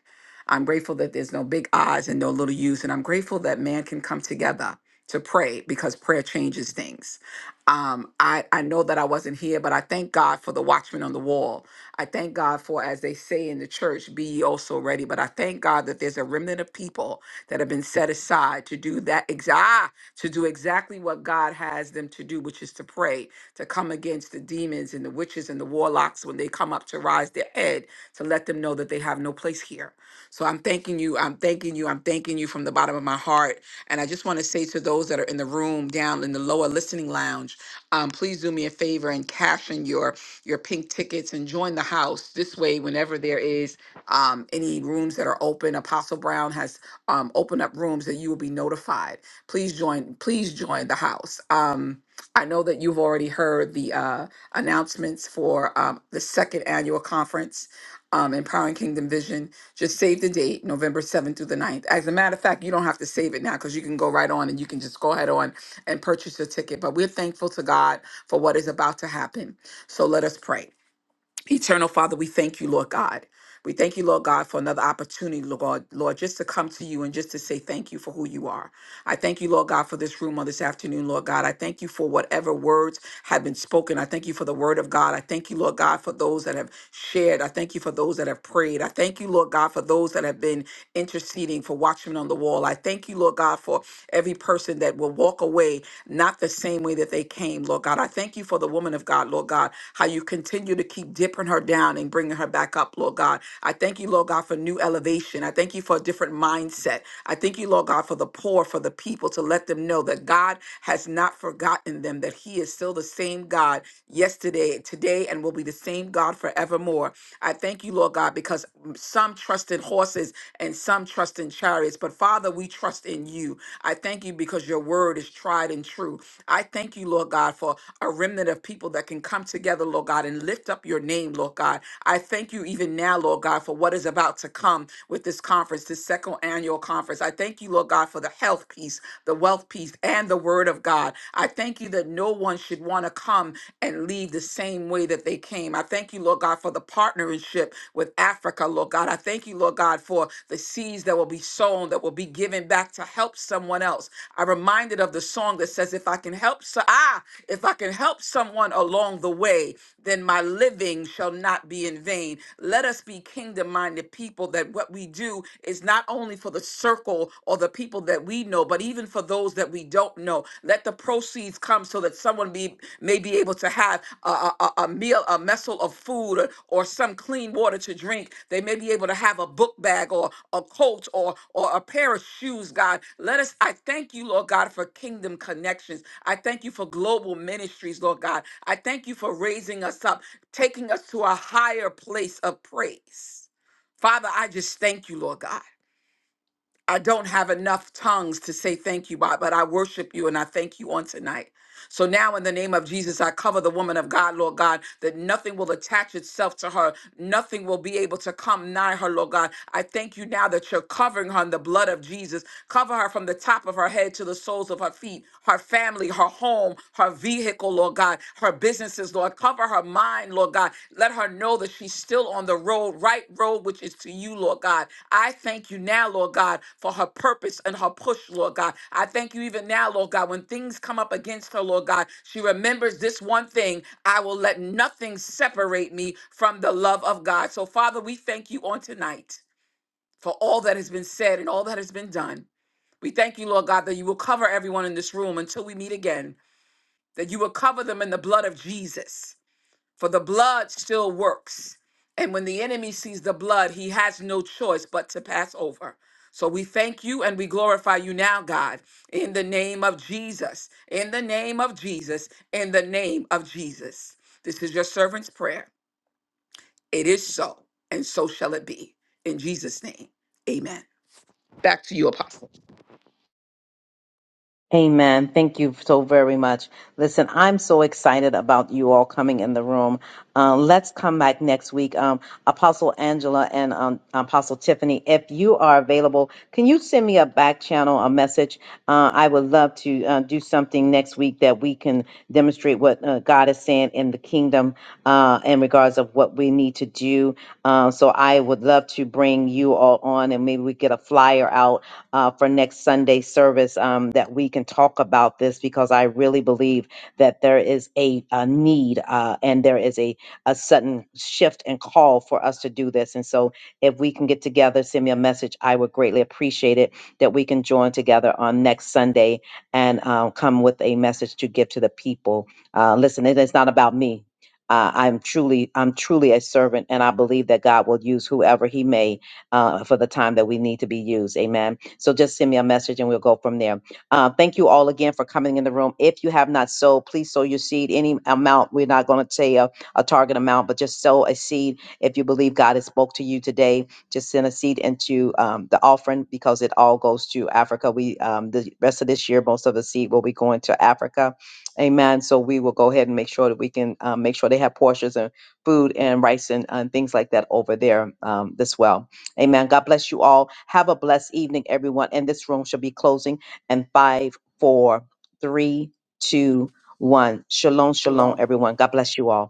S17: I'm grateful that there's no big I's and no little U's. And I'm grateful that man can come together to pray because prayer changes things. Um, I, I know that I wasn't here, but I thank God for the watchman on the wall I thank God for, as they say in the church, be ye also ready. But I thank God that there's a remnant of people that have been set aside to do that exact to do exactly what God has them to do, which is to pray, to come against the demons and the witches and the warlocks when they come up to rise their head, to let them know that they have no place here. So I'm thanking you. I'm thanking you. I'm thanking you from the bottom of my heart. And I just want to say to those that are in the room down in the lower listening lounge, um, please do me a favor and cash in your your pink tickets and join the house. This way, whenever there is um, any rooms that are open, Apostle Brown has um, opened up rooms that you will be notified. Please join. Please join the house. Um, I know that you've already heard the uh, announcements for um, the second annual conference, um, Empowering Kingdom Vision. Just save the date, November 7th through the ninth. As a matter of fact, you don't have to save it now because you can go right on and you can just go ahead on and purchase a ticket. But we're thankful to God for what is about to happen. So let us pray. Eternal Father, we thank you, Lord God. We thank you, Lord God, for another opportunity, Lord, God- Lord, just to come to you and just to say thank you for who you are. I thank you, Lord God, for this room on this afternoon, Lord God. I thank you for whatever words have been spoken. I thank you for the word of God. I thank you, Lord God, for those that have shared. I thank you for those that have prayed. I thank you, Lord God, for those that have been interceding, for watchmen on the wall. I thank you, Lord God, for every person that will walk away not the same way that they came, Lord God. I thank you for the woman of God, Lord God, how you continue to keep dipping her down and bringing her back up, Lord God. I thank you, Lord God, for new elevation. I thank you for a different mindset. I thank you, Lord God, for the poor, for the people, to let them know that God has not forgotten them, that He is still the same God yesterday, today, and will be the same God forevermore. I thank you, Lord. Lord God, because some trust in horses and some trust in chariots. But Father, we trust in you. I thank you because your word is tried and true. I thank you, Lord God, for a remnant of people that can come together, Lord God, and lift up your name, Lord God. I thank you even now, Lord God, for what is about to come with this conference, this second annual conference. I thank you, Lord God, for the health piece, the wealth piece, and the word of God. I thank you that no no one should want to come and leave the same way that they came. I thank you, Lord God, for the partnership with Africa, Lord God. I thank you, Lord God, for the seeds that will be sown, that will be given back to help someone else. I'm reminded of the song that says, if I can help so ah, if I can help someone along the way, then my living shall not be in vain. Let us be kingdom minded people that what we do is not only only for the circle or the people that we know, but even for those that we don't know. Let the proceeds come so that someone be, may be able to have a, a, a a meal, a messel of food, or, or some clean water to drink. They may be able to have a book bag or a coat or, or a pair of shoes, God. Let us, I thank you, Lord God, for kingdom connections. I thank you for global ministries, Lord God. I thank you for raising us up, taking us to a higher place of praise. Father, I just thank you, Lord God. I don't have enough tongues to say thank you, by, but I worship you and I thank you on tonight. So now, in the name of Jesus, I cover the woman of God, Lord God, that nothing will attach itself to her. Nothing will be able to come nigh her, Lord God. I thank you now that you're covering her in the blood of Jesus. Cover her from the top of her head to the soles of her feet, her family, her home, her vehicle, Lord God, her businesses, Lord. Cover her mind, Lord God. Let her know that she's still on the road, right road, which is to you, Lord God. I thank you now, Lord God, for her purpose and her push, Lord God. I thank you even now, Lord God, when things come up against her, Lord God, she remembers this one thing I will let nothing separate me from the love of God. So, Father, we thank you on tonight for all that has been said and all that has been done. We thank you, Lord God, that you will cover everyone in this room until we meet again, that you will cover them in the blood of Jesus for the blood still works. And when the enemy sees the blood, he has no choice but to pass over. So we thank you and we glorify you now, God, in the name of Jesus, in the name of Jesus, in the name of Jesus. This is your servant's prayer. It is so, and so shall it be. In Jesus' name, amen. Back to you, Apostle.
S1: Amen. Thank you so very much. Listen, I'm so excited about you all coming in the room. Um, let's come back next week. Um, Apostle Angela and um, Apostle Tiffany, if you are available, can you send me a back channel, a message? Uh, I would love to uh, do something. something next week that we can demonstrate what uh, God is saying in the kingdom uh, in regards of what we need to do. Uh, so I would love to bring you all on, and maybe we get a flyer out uh, for next Sunday service um, that we can talk about this because I really believe that there is a, a need uh, and there is a a sudden shift and call for us to do this. And so, if we can get together, send me a message. I would greatly appreciate it that we can join together on next Sunday and uh, come with a message to give to the people. Uh, listen, it is not about me. Uh, I'm truly, I'm truly a servant, and I believe that God will use whoever He may uh, for the time that we need to be used. Amen. So just send me a message, and we'll go from there. Uh, thank you all again for coming in the room. If you have not sowed, please sow your seed. Any amount, we're not going to say a, a target amount, but just sow a seed if you believe God has spoke to you today just send a seed into um, the offering because it all goes to Africa. We um, the rest of this year, most of the seed will be going to Africa. Amen. So we will go ahead and make sure that we can um, make sure they have portions and food and rice and, and things like that over there um, as well. Amen. God bless you all. Have a blessed evening, everyone. And this room shall be closing in five, four, three, two, one. Shalom, shalom,
S17: Shalom.
S1: everyone. God bless you all.